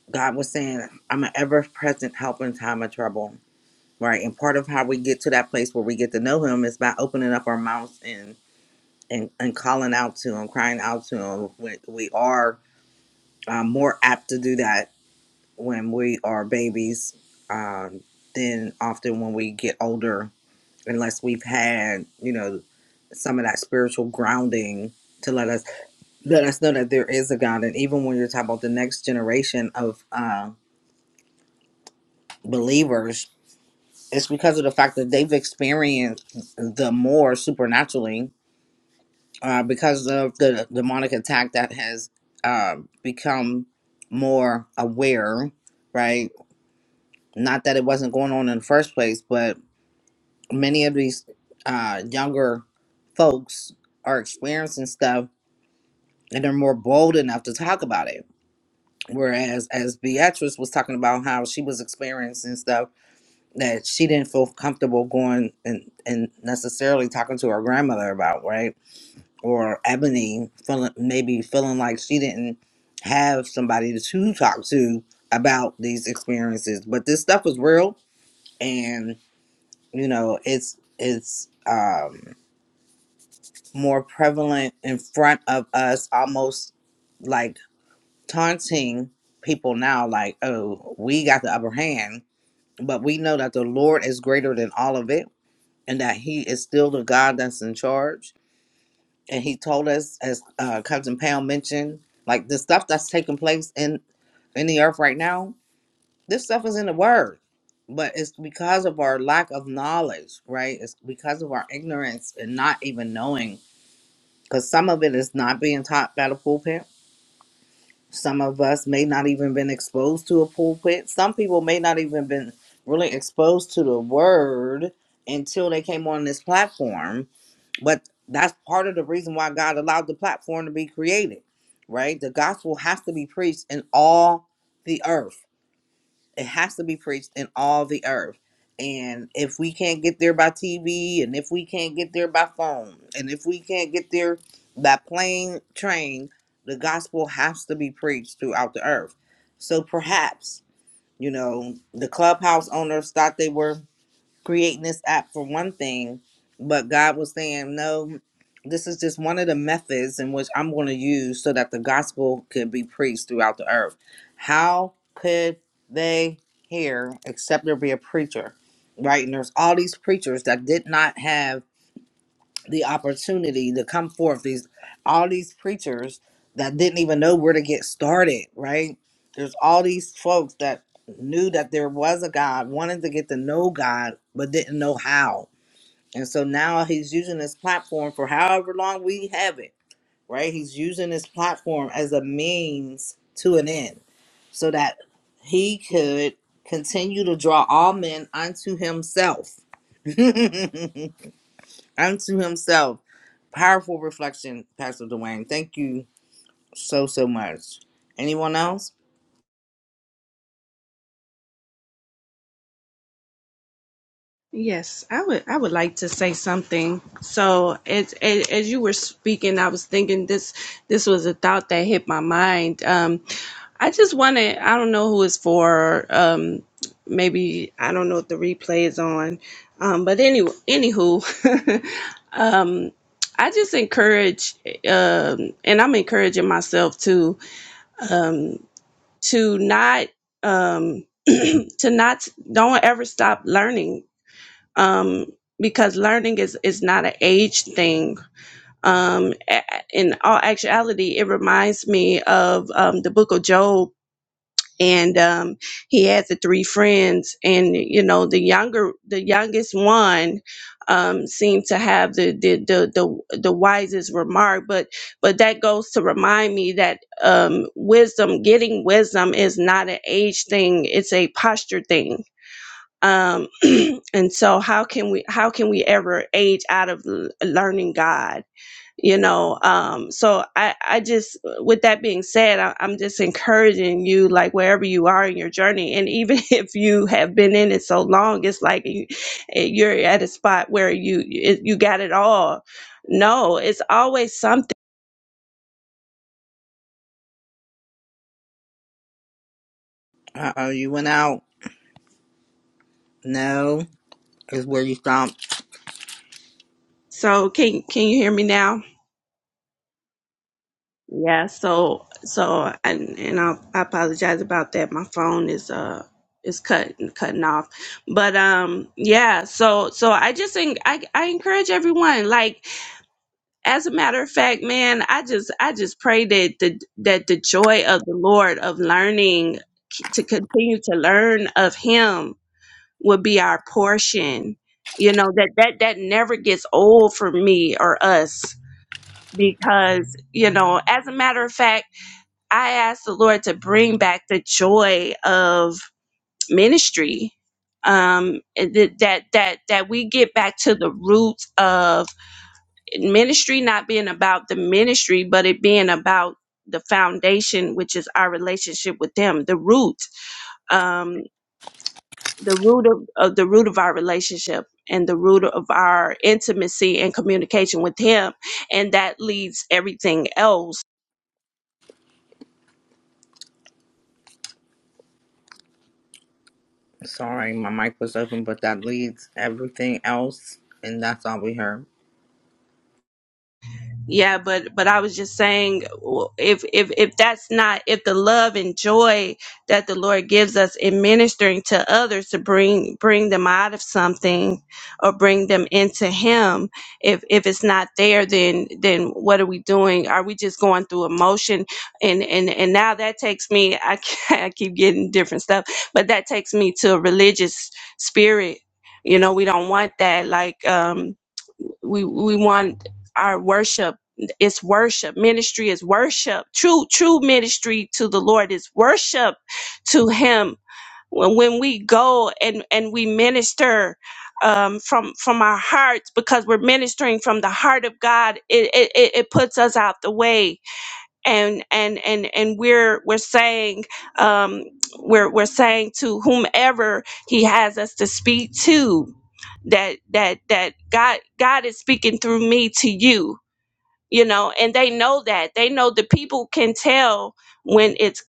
Speaker 9: God was saying, "I'm an ever-present help in time of trouble." Right, and part of how we get to that place where we get to know Him is by opening up our mouths and and, and calling out to Him, crying out to Him. We, we are uh, more apt to do that when we are babies um, than often when we get older, unless we've had you know some of that spiritual grounding to let us let us know that there is a God. And even when you're talking about the next generation of uh, believers, it's because of the fact that they've experienced the more supernaturally uh, because of the demonic attack that has uh, become more aware, right? Not that it wasn't going on in the first place, but many of these uh, younger folks are experiencing stuff and they're more bold enough to talk about it. Whereas, as Beatrice was talking about how she was experiencing stuff that she didn't feel comfortable going and, and necessarily talking to her grandmother about, right? Or Ebony feeling maybe feeling like she didn't have somebody to talk to about these experiences. But this stuff was real, and. you know it's it's um more prevalent in front of us almost like taunting people now like oh we got the upper hand but we know that the lord is greater than all of it and that he is still the god that's in charge and he told us as uh cousin pound mentioned like the stuff that's taking place in in the earth right now This stuff is in the word, but it's because of our lack of knowledge, right? It's because of our ignorance and not even knowing. Because some of it is not being taught by the pulpit. Some of us may not even been exposed to a pulpit. Some people may not even been really exposed to the word until they came on this platform. But that's part of the reason why God allowed the platform to be created, right? The gospel has to be preached in all the earth it has to be preached in all the earth. And if we can't get there by TV, and if we can't get there by phone, and if we can't get there by plane, train, the gospel has to be preached throughout the earth. So perhaps, you know, the clubhouse owners thought they were creating this app for one thing, but God was saying, no, this is just one of the methods in which I'm going to use so that the gospel could be preached throughout the earth. How could they hear except there be a preacher, right? And there's all these preachers that did not have the opportunity to come forth these all these preachers that didn't even know where to get started right there's all these folks that knew that there was a god wanted to get to know god but didn't know how and so now he's using this platform for however long we have it right he's using this platform as a means to an end so that he could continue to draw all men unto himself unto himself. Powerful reflection, Pastor Dwayne. Thank you so, so much. Anyone else?
Speaker 15: Yes, I would. I would like to say something. So, as, as as you were speaking, I was thinking this. This was a thought that hit my mind. Um, I just wanted. I don't know who it's for. Um, maybe I don't know if the replay is on. Um, but anyway, anywho, um, I just encourage, um, and I'm encouraging myself to um, to not um, to not don't ever stop learning um, because learning is is not an age thing. Um, a- in all actuality, it reminds me of um, the Book of Job, and um, he had the three friends, and you know the younger the youngest one um, seemed to have the the, the the the wisest remark, but but that goes to remind me that um, wisdom, getting wisdom, is not an age thing; it's a posture thing um, and so how can we how can we ever age out of l- learning god you know um so i i just with that being said I, i'm just encouraging you like wherever you are in your journey and even if you have been in it so long it's like you, eh, you're at a spot where you it, you got it all no it's always something
Speaker 9: Uh oh, you went out. No, is where you stopped.
Speaker 15: so can can you hear me now Yeah, so so and and I, I apologize about that. My phone is uh is cutting cutting off. But um yeah, so so I just en- I I encourage everyone like as a matter of fact, man, I just I just pray that the that the joy of the Lord of learning to continue to learn of him would be our portion. You know, that that that never gets old for me or us because, you know, as a matter of fact, I asked the Lord to bring back the joy of ministry. Um, and th- that that that we get back to the roots of ministry not being about the ministry, but it being about the foundation, which is our relationship with them, the root, um, the root of, of the root of our relationship and the root of our intimacy and communication with Him, and that leads everything else
Speaker 9: Sorry, my mic was open, but that leads everything else, and that's all we heard.
Speaker 15: Yeah, but but I was just saying, w- if if if that's not if the love and joy that the Lord gives us in ministering to others to bring bring them out of something or bring them into Him, if if it's not there, then then what are we doing? Are we just going through emotion? And and and now that takes me. I I keep getting different stuff, but that takes me to a religious spirit. You know, we don't want that. Like um we we want our worship it's worship ministry is worship true true ministry to the lord is worship to him when when we go and and we minister um from from our hearts because we're ministering from the heart of god it it, it it puts us out the way and and and and we're we're saying um we're we're saying to whomever he has us to speak to that that that god god is speaking through me to you you know and they know that they know the people can tell when it's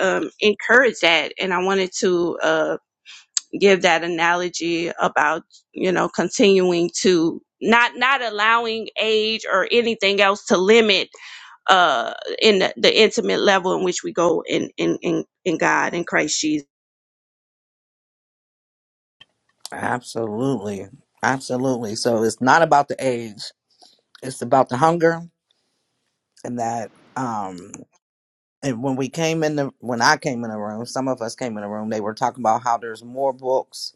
Speaker 15: um encouraged that and i wanted to uh give that analogy about you know continuing to not not allowing age or anything else to limit uh, in the the intimate level in which we go in in in, in God in Christ Jesus.
Speaker 9: Absolutely. Absolutely. So it's not about the age, it's about the hunger and that um and when we came in the when I came in the room, some of us came in the room, they were talking about how there's more books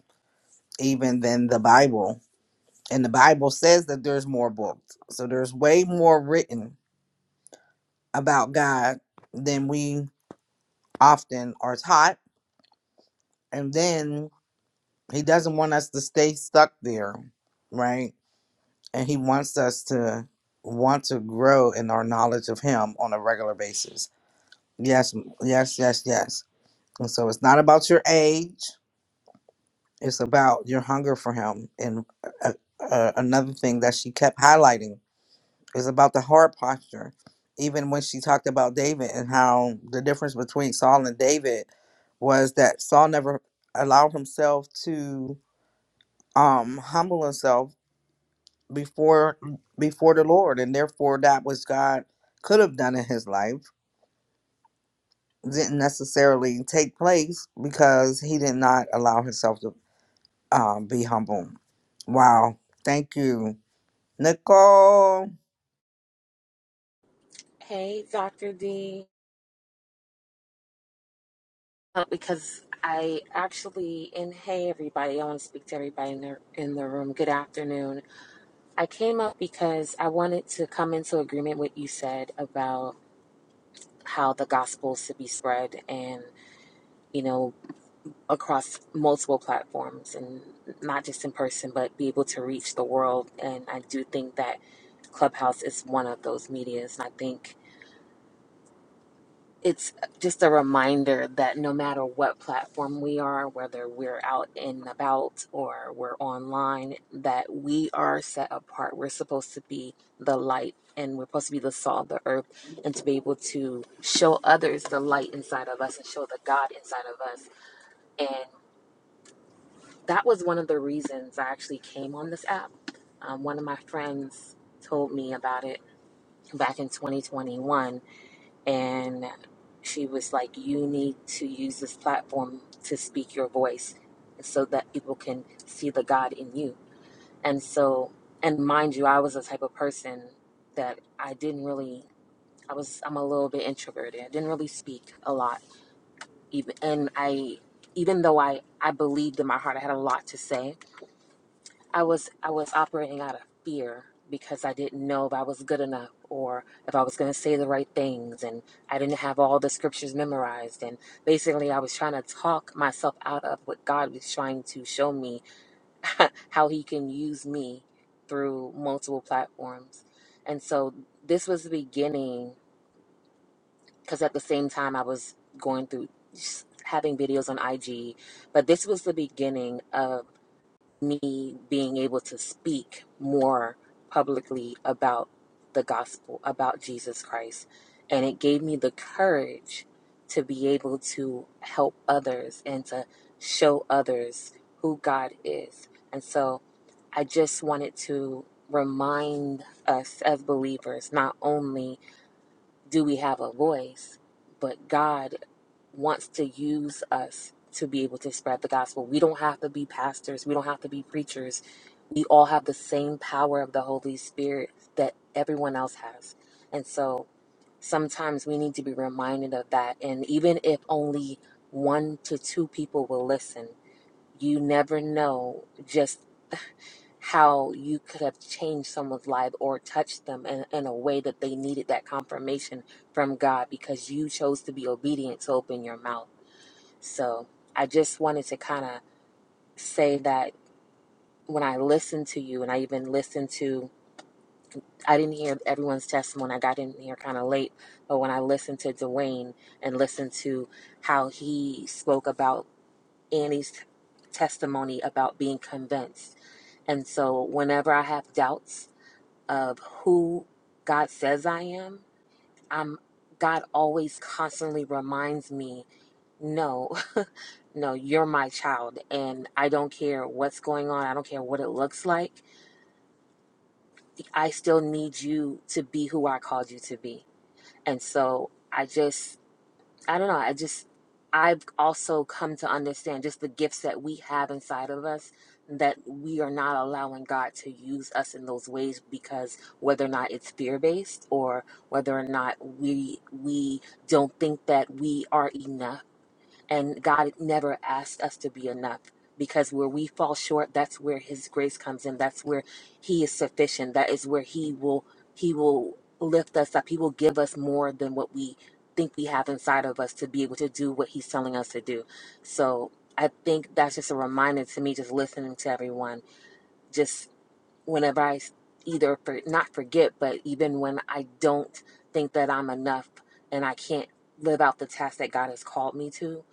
Speaker 9: even than the Bible And the Bible says that there's more books. So there's way more written about God than we often are taught. And then he doesn't want us to stay stuck there, right? And he wants us to want to grow in our knowledge of him on a regular basis. Yes, m- yes, yes, yes. And so it's not about your age, it's about your hunger for him. And uh, uh, another thing that she kept highlighting It's about the heart posture. Even when she talked about David and how the difference between Saul and David was that Saul never allowed himself to um, humble himself before before the Lord, and therefore that which God could have done in his life didn't necessarily take place because he did not allow himself to um, be humble. Wow! Thank you, Nicole.
Speaker 16: Hey, Dr. D. Uh, Because I actually, and hey, everybody, I want to speak to everybody in the, in the room. Good afternoon. I came up because I wanted to come into agreement with what you said about how the gospel should be spread and, you know, across multiple platforms and not just in person, but be able to reach the world. And I do think that Clubhouse is one of those medias. And I think it's just a reminder that no matter what platform we are, whether we're out and about or we're online, that we are set apart. We're supposed to be the light and we're supposed to be the salt of the earth and to be able to show others the light inside of us and show the God inside of us. And that was one of the reasons I actually came on this app. Um, one of my friends told me about it back in 2021 and she was like, "You need to use this platform to speak your voice, so that people can see the God in you." And so, and mind you, I was the type of person that I didn't really. I was. I'm a little bit introverted. I didn't really speak a lot, even. And I, even though I, I believed in my heart, I had a lot to say I was I was operating out of fear because I didn't know if I was good enough or if I was going to say the right things and I didn't have all the scriptures memorized and basically I was trying to talk myself out of what God was trying to show me how he can use me through multiple platforms. And so this was the beginning cuz at the same time I was going through just having videos on IG, but this was the beginning of me being able to speak more publicly about the gospel, about Jesus Christ. And it gave me the courage to be able to help others and to show others who God is. And so I just wanted to remind us as believers not only do we have a voice, but God wants to use us to be able to spread the gospel. We don't have to be pastors, we don't have to be preachers. We all have the same power of the Holy Spirit that everyone else has. And so sometimes we need to be reminded of that. And even if only one to two people will listen, you never know just how you could have changed someone's life or touched them in, in a way that they needed that confirmation from God because you chose to be obedient to open your mouth. So I just wanted to kind of say that when I listened to you, and I even listened to, I didn't hear everyone's testimony. I got in here kind of late, but when I listened to Dwayne and listened to how he spoke about Annie's testimony about being convinced. And so whenever I have doubts of who God says I am, I'm God always constantly reminds me, no, No, you're my child, and I don't care what's going on. I don't care what it looks like. I still need you to be who I called you to be. And so I just, I don't know. I just, I've also come to understand just the gifts that we have inside of us that we are not allowing God to use us in those ways because whether or not it's fear based or whether or not we we don't think that we are enough And God never asked us to be enough because where we fall short, that's where his grace comes in. That's where he is sufficient. That is where he will he will lift us up. He will give us more than what we think we have inside of us to be able to do what he's telling us to do. So I think that's just a reminder to me just listening to everyone. Just whenever I s- either for, not forget, but even when I don't think that I'm enough and I can't live out the task that God has called me to,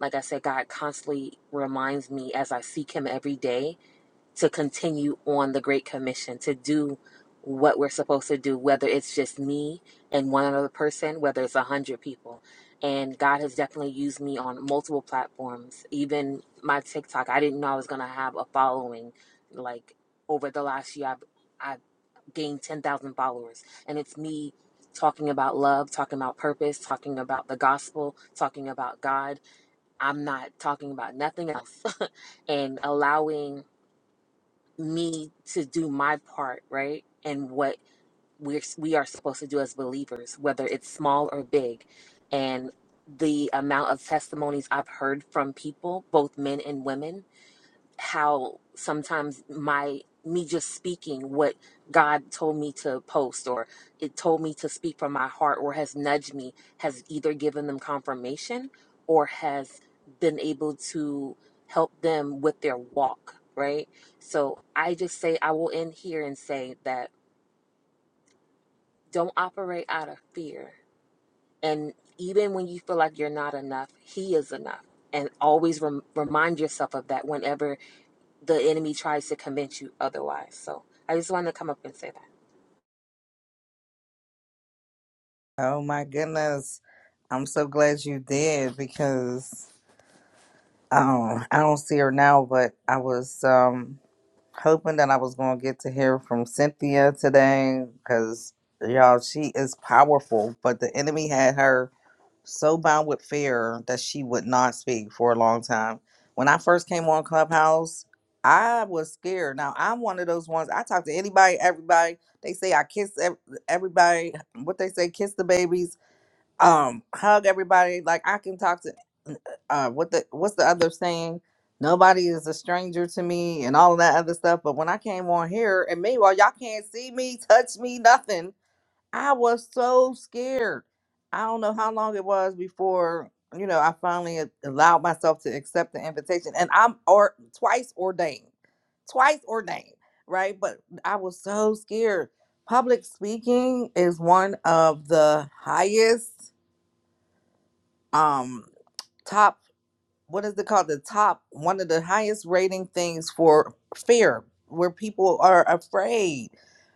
Speaker 16: like I said, God constantly reminds me as I seek Him every day to continue on the Great Commission, to do what we're supposed to do, whether it's just me and one other person, whether it's a hundred people. And God has definitely used me on multiple platforms, even my TikTok. I didn't know I was going to have a following. Like over the last year, I've, I've gained 10,000 followers. And it's me talking about love, talking about purpose, talking about the gospel, talking about God I'm not talking about nothing else and allowing me to do my part, right? And what we're we are supposed to do as believers, whether it's small or big. And the amount of testimonies I've heard from people, both men and women, how sometimes my me just speaking what God told me to post or it told me to speak from my heart or has nudged me has either given them confirmation or has been able to help them with their walk, right? So I just say I will end here and say that don't operate out of fear. And even when you feel like you're not enough, he is enough. And always rem- remind yourself of that whenever the enemy tries to convince you otherwise. So I just wanted to come up and say that.
Speaker 9: Oh my goodness. I'm so glad you did because um I don't see her now, but I was um hoping that I was going to get to hear from Cynthia today cuz y'all she is powerful, but the enemy had her so bound with fear that she would not speak for a long time. When I first came on Clubhouse, I was scared. Now, I'm one of those ones. I talk to anybody, everybody. They say I kiss ev- everybody. What they say, kiss the babies um hug everybody like i can talk to uh what the what's the other saying nobody is a stranger to me and all of that other stuff but when i came on here and meanwhile y'all can't see me touch me nothing i was so scared i don't know how long it was before you know i finally a- allowed myself to accept the invitation and i'm or twice ordained twice ordained right but i was so scared public speaking is one of the highest um top what is it called the top one of the highest rating things for fear where people are afraid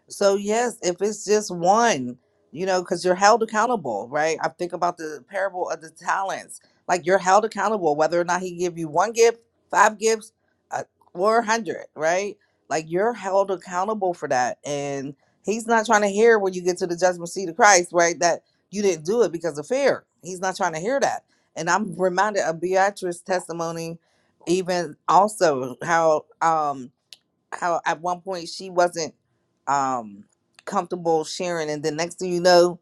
Speaker 9: so yes if it's just one you know because you're held accountable right i think about the parable of the talents like you're held accountable whether or not he give you one gift five gifts uh, or a hundred right like you're held accountable for that and he's not trying to hear when you get to the judgment seat of christ right that you didn't do it because of fear he's not trying to hear that and I'm reminded of Beatrice's testimony, even also how um how at one point she wasn't um comfortable sharing, and then next thing you know,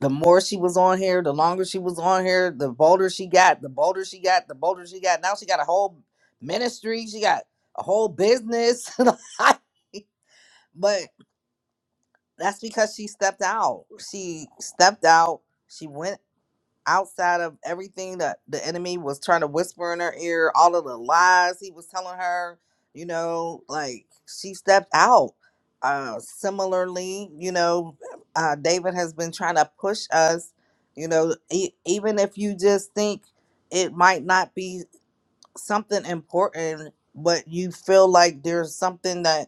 Speaker 9: the more she was on here, the longer she was on here, the bolder she got, the bolder she got, the bolder she got. Now she got a whole ministry, she got a whole business, but that's because she stepped out. She stepped out. She went. outside of everything that the enemy was trying to whisper in her ear, all of the lies he was telling her, you know, like she stepped out. Uh, similarly, you know, uh, David has been trying to push us, you know, e- even if you just think it might not be something important, but you feel like there's something that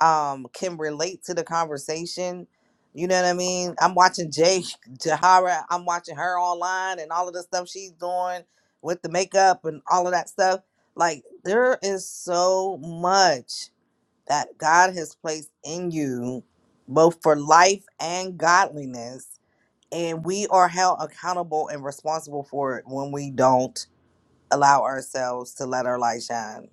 Speaker 9: um can relate to the conversation. You know what I mean? I'm watching Jay Jahara. I'm watching her online and all of the stuff she's doing with the makeup and all of that stuff. Like there is so much that God has placed in you, both for life and godliness, and we are held accountable and responsible for it when we don't allow ourselves to let our light shine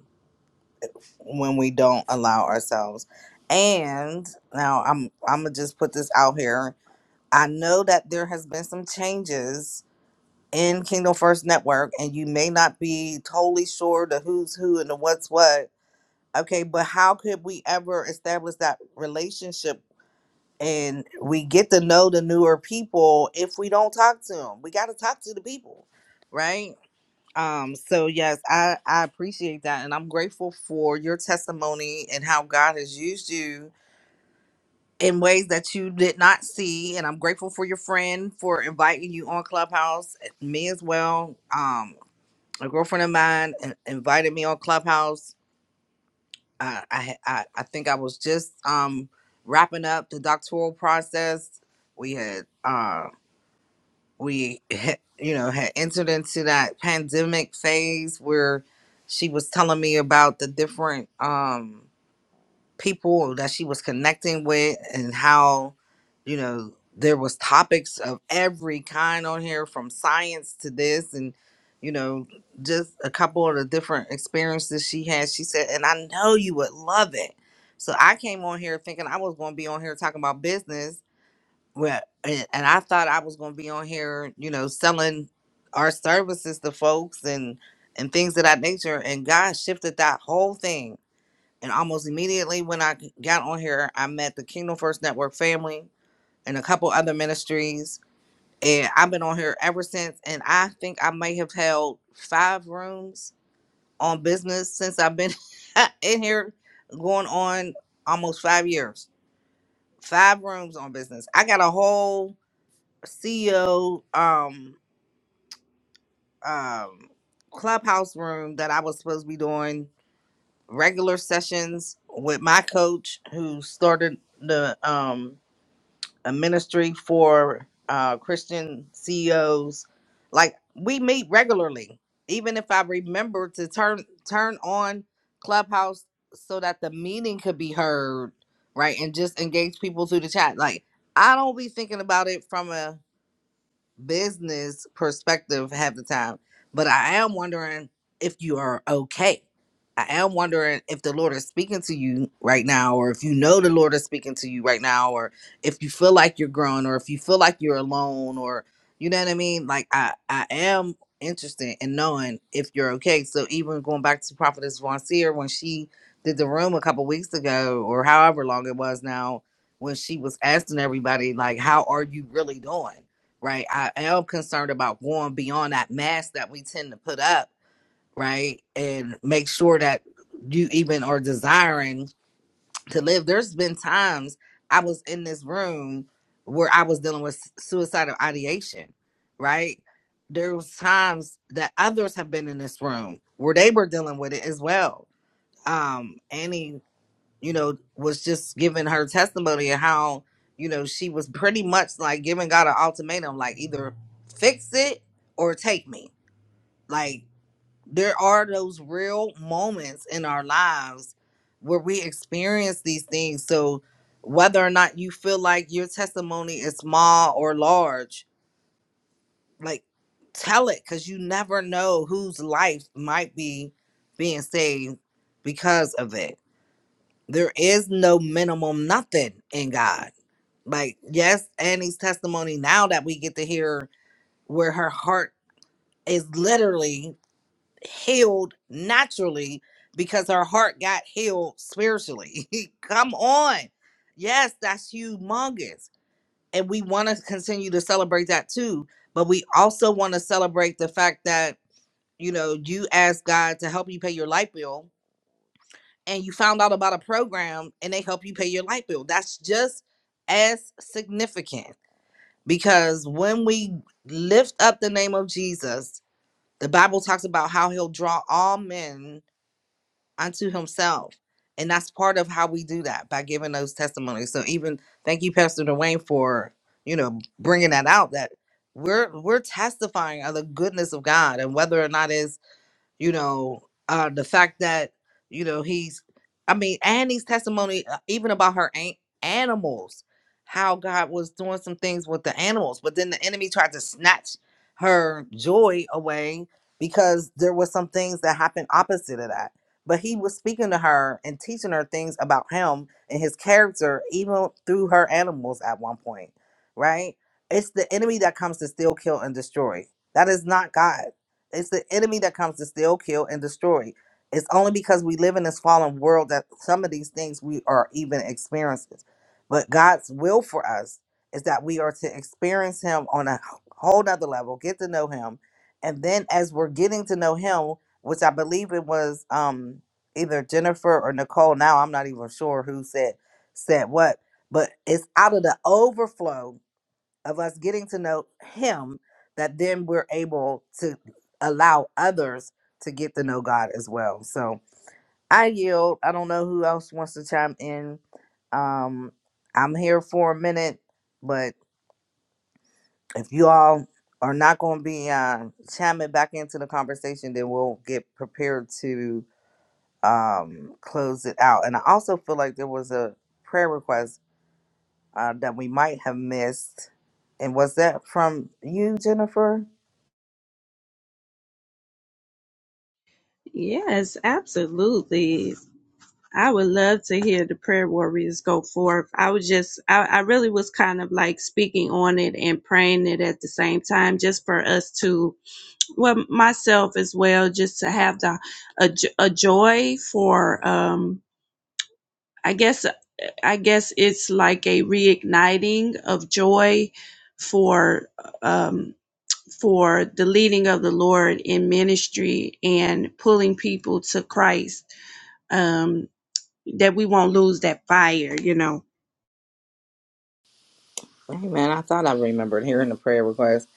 Speaker 9: when we don't allow ourselves. And now I'm I'm gonna just put this out here. I know that there has been some changes in Kingdom First Network, and you may not be totally sure the who's who and the what's what. Okay, but how could we ever establish that relationship? And we get to know the newer people if we don't talk to them. We got to talk to the people, right? Um, so yes, I, I appreciate that and I'm grateful for your testimony and how God has used you in ways that you did not see. And I'm grateful for your friend for inviting you on Clubhouse, eh, me as well. Um, a girlfriend of mine in- invited me on Clubhouse. Uh, I, ha- I I think I was just um wrapping up the doctoral process. We had uh we had, you know had entered into that pandemic phase where she was telling me about the different um people that she was connecting with and how you know there was topics of every kind on here from science to this and you know just a couple of the different experiences she had she said and i know you would love it so i came on here thinking i was going to be on here talking about business well, and, and I thought I was going to be on here, you know, selling our services to folks and and things of that nature. And God shifted that whole thing. And almost immediately when I got on here, I met the Kingdom First Network family and a couple other ministries. And I've been on here ever since. And I think I may have held five rooms on business since I've been in here going on almost five years. Five rooms on business. I got a whole CEO um um clubhouse room that I was supposed to be doing regular sessions with my coach who started the um a ministry for uh Christian CEOs. Like we meet regularly. Even if I remember to turn turn on Clubhouse so that the meeting could be heard, right? And just engage people through the chat. Like I don't be thinking about it from a business perspective half the time, but I am wondering if you are okay. I am wondering if the Lord is speaking to you right now, or if you know the Lord is speaking to you right now, or if you feel like you're growing, or if you feel like you're alone, or you know what I mean. Like I, I am interested in knowing if you're okay. So even going back to Prophetess Von Seer when she did the room a couple weeks ago, or however long it was now, when she was asking everybody like, "How are you really doing?" right? I am concerned about going beyond that mask that we tend to put up, right? And make sure that you even are desiring to live. There's been times I was in this room where I was dealing with suicidal ideation, right? There was times that others have been in this room where they were dealing with it as well. Um, Annie you know, was just giving her testimony of how, you know, she was pretty much like giving God an ultimatum, like either fix it or take me. Like there are those real moments in our lives where we experience these things. So whether or not you feel like your testimony is small or large, like tell it because you never know whose life might be being saved because of it there is no minimum nothing in God. Like, yes, Annie's testimony now that we get to hear where her heart is literally healed naturally because her heart got healed spiritually. Come on. Yes, that's humongous. And we want to continue to celebrate that too. But we also want to celebrate the fact that, you know, you asked God to help you pay your light bill and you found out about a program and they help you pay your light bill. That's just as significant because when we lift up the name of Jesus, the Bible talks about how he'll draw all men unto himself. And that's part of how we do that by giving those testimonies. So even thank you Pastor Dwayne for, you know, bringing that out that we're we're testifying of the goodness of God and whether or not is you know uh the fact that you know he's i mean annie's testimony uh, even about her an- animals how god was doing some things with the animals but then the enemy tried to snatch her joy away because there was some things that happened opposite of that but he was speaking to her and teaching her things about him and his character even through her animals at one point right it's the enemy that comes to steal kill and destroy that is not god it's the enemy that comes to steal, kill, and destroy. It's only because we live in this fallen world that some of these things we are even experiencing. But God's will for us is that we are to experience Him on a whole nother level, get to know Him. And then as we're getting to know Him, which I believe it was um, either Jennifer or Nicole, now I'm not even sure who said said what, but it's out of the overflow of us getting to know him that then we're able to allow others to get to know God as well. So I yield. I don't know who else wants to chime in. Um, I'm here for a minute, but if you all are not going to be uh, chiming back into the conversation, then we'll get prepared to um, close it out. And I also feel like there was a prayer request uh, that we might have missed. And was that from you, Jennifer?
Speaker 15: Yes, absolutely. I would love to hear the prayer warriors go forth. I was just, I, I really was kind of like speaking on it and praying it at the same time, just for us to, well, myself as well, just to have the a, j- a joy for, um, I guess, I guess it's like a reigniting of joy for, um, for the leading of the Lord in ministry and pulling people to Christ, um, that we won't lose that fire, you know.
Speaker 9: Amen. I thought I remembered hearing the prayer request.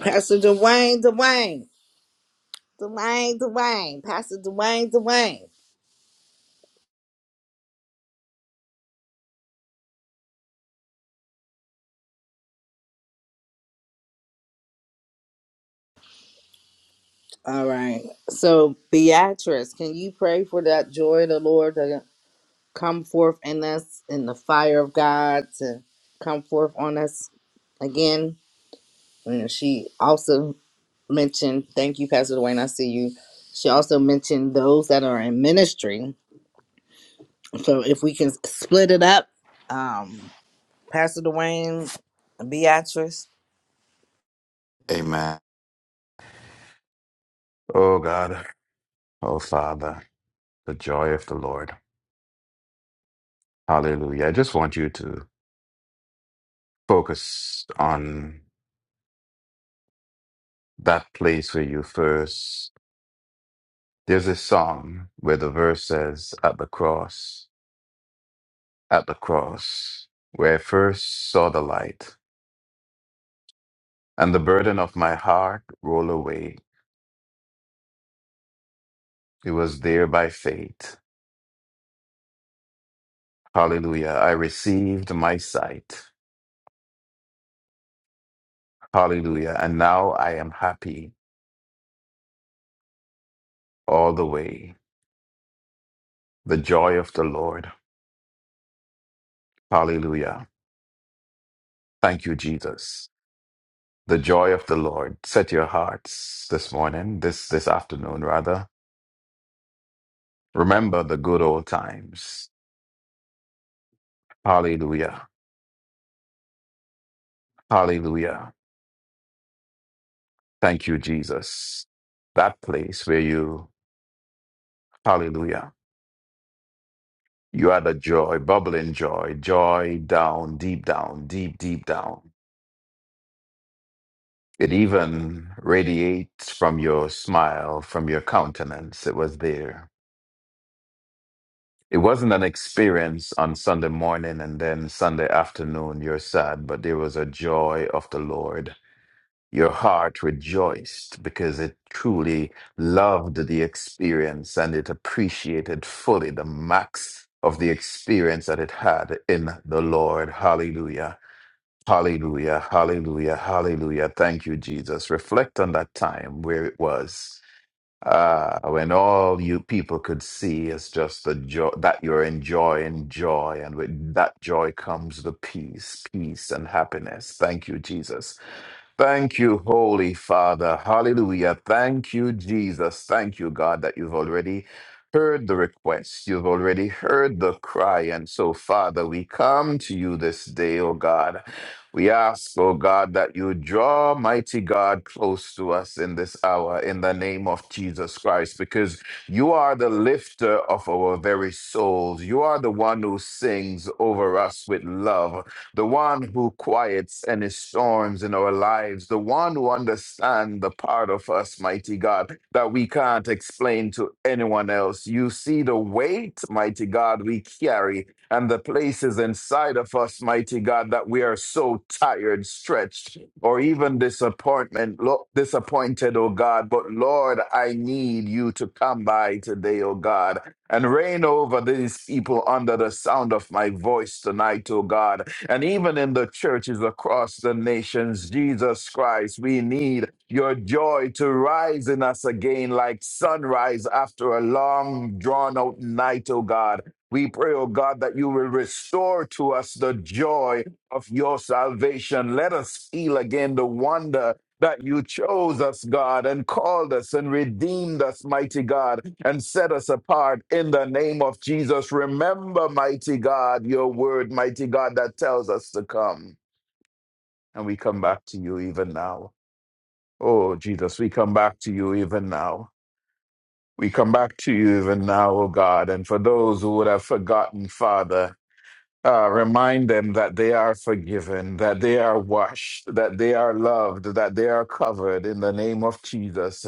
Speaker 9: Pastor Dwayne, Dwayne, Dwayne, Dwayne, Pastor Dwayne, Dwayne. All right. So, Beatrice, can you pray for that joy of the Lord to come forth in us in the fire of God to come forth on us again? And she also mentioned, thank you, Pastor Dwayne. I see you. She also mentioned those that are in ministry. So, if we can split it up. um, Pastor Dwayne, Beatrice.
Speaker 7: Amen. Oh God, oh Father, the joy of the Lord. Hallelujah. I just want you to focus on that place where you first. There's a song where the verse says, At the cross, at the cross, where I first saw the light. and the burden of my heart roll away. It was there by faith. Hallelujah. I received my sight. Hallelujah. And now I am happy all the way. The joy of the Lord. Hallelujah. Thank you, Jesus. The joy of the Lord. Set your hearts this morning, this this afternoon rather. Remember the good old times. Hallelujah. Hallelujah. Thank you, Jesus. That place where you, hallelujah You are the joy, bubbling joy, joy down, deep down, deep, deep down. It even radiates from your smile, from your countenance. It was there. It wasn't an experience on Sunday morning and then Sunday afternoon, you're sad, but there was a joy of the Lord. Your heart rejoiced because it truly loved the experience and it appreciated fully the max of the experience that it had in the Lord. Hallelujah. Hallelujah, hallelujah, hallelujah. Thank you, Jesus. Reflect on that time where it was uh, when all you people could see is just the joy that you're enjoying joy, and with that joy comes the peace, peace, and happiness. Thank you, Jesus. Thank you, Holy Father. Hallelujah. Thank you, Jesus. Thank you, God, that you've already heard the request. You've already heard the cry. And so, Father, we come to you this day, O God. We ask, O God, that you draw mighty God close to us in this hour in the name of Jesus Christ, because you are the lifter of our very souls. You are the one who sings over us with love the one who quiets any storms in our lives, the one who understands the part of us, mighty God, that we can't explain to anyone else. You see the weight, mighty God, we carry and the places inside of us, mighty God, that we are so tired, stretched, or even disappointment, lo- disappointed, oh God. But Lord, I need you to come by today, oh God, and reign over these people under the sound of my voice tonight, oh God. And even in the churches across the nations, Jesus Christ, we need your joy to rise in us again like sunrise after a long, drawn out night, oh God. We pray, oh God, that you will restore to us the joy of your salvation. Let us feel again the wonder that you chose us, God, and called us and redeemed us, mighty God, and set us apart in the name of Jesus. Remember, mighty God, your word, mighty God, that tells us to come. And we come back to you even now. Oh, Jesus, we come back to you even now. We come back to you even now, oh God. And for those who would have forgotten, Father, uh, remind them that they are forgiven, that they are washed, that they are loved, that they are covered in the name of Jesus.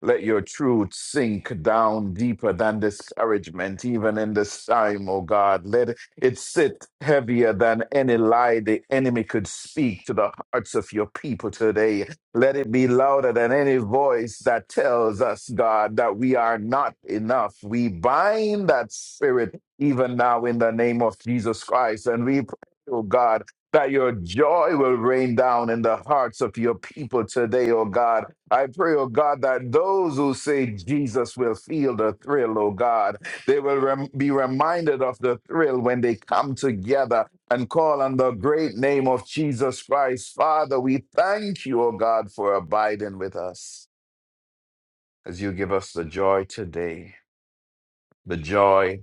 Speaker 7: Let your truth sink down deeper than discouragement, even in this time, oh God. Let it sit heavier than any lie the enemy could speak to the hearts of your people today. Let it be louder than any voice that tells us, God, that we are not enough. We bind that spirit even now in the name of Jesus Christ. And we pray, oh God, that your joy will rain down in the hearts of your people today, oh God. I pray, oh God, that those who say Jesus will feel the thrill, oh God. They will rem- be reminded of the thrill when they come together and call on the great name of Jesus Christ. Father, we thank you, oh God, for abiding with us as you give us the joy today, the joy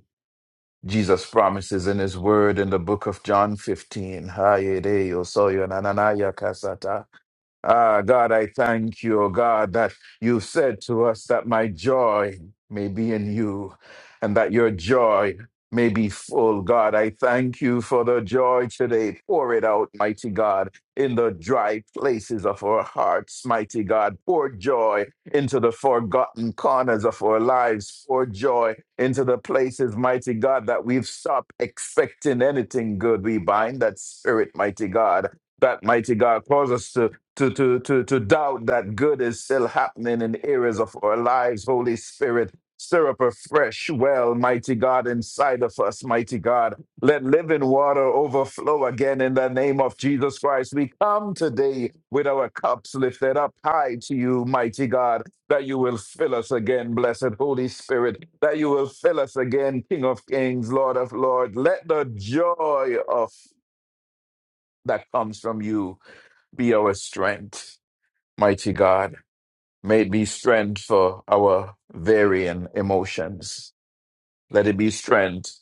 Speaker 7: Jesus promises in his word in the book of John 15, "Haye yo soy yo kasata." Ah, God, I thank you, oh God, that you said to us that my joy may be in you and that your joy may be full. God, I thank you for the joy today. Pour it out, mighty God, in the dry places of our hearts, mighty God. Pour joy into the forgotten corners of our lives. Pour joy into the places, mighty God, that we've stopped expecting anything good. We bind that spirit, mighty God. That mighty God cause us to to, to, to, to doubt that good is still happening in the areas of our lives. Holy Spirit, stir up a fresh well, mighty God, inside of us, mighty God. Let living water overflow again in the name of Jesus Christ. We come today with our cups lifted up high to you, mighty God, that you will fill us again, blessed Holy Spirit, that you will fill us again, King of Kings, Lord of Lords. Let the joy of that comes from you be our strength. Mighty God, may it be strength for our varying emotions. Let it be strength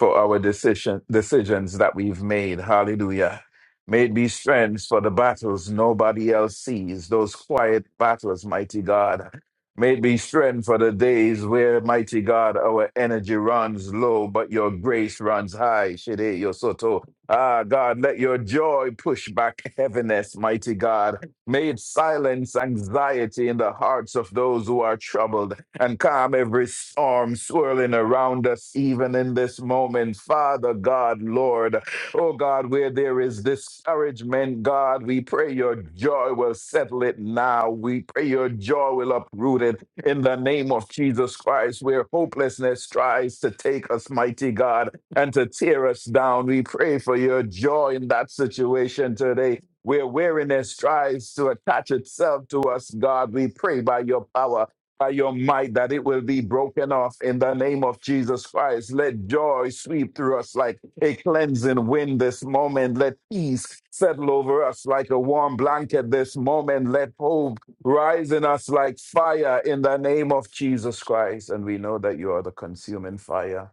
Speaker 7: for our decision, decisions that we've made. Hallelujah. May it be strength for the battles nobody else sees, those quiet battles, mighty God. May it be strength for the days where, mighty God, our energy runs low, but your grace runs high. Shede Yosoto. Ah, God, let your joy push back heaviness, mighty God. May it silence anxiety in the hearts of those who are troubled and calm every storm swirling around us, even in this moment. Father God, Lord, oh God, where there is discouragement, God, we pray your joy will settle it now. We pray your joy will uproot it in the name of Jesus Christ, where hopelessness tries to take us, mighty God, and to tear us down. We pray for your joy in that situation today where weariness tries to attach itself to us, God, we pray by your power, by your might, that it will be broken off in the name of Jesus Christ. Let joy sweep through us like a cleansing wind this moment. Let peace settle over us like a warm blanket this moment. Let hope rise in us like fire in the name of Jesus Christ. And we know that you are the consuming fire.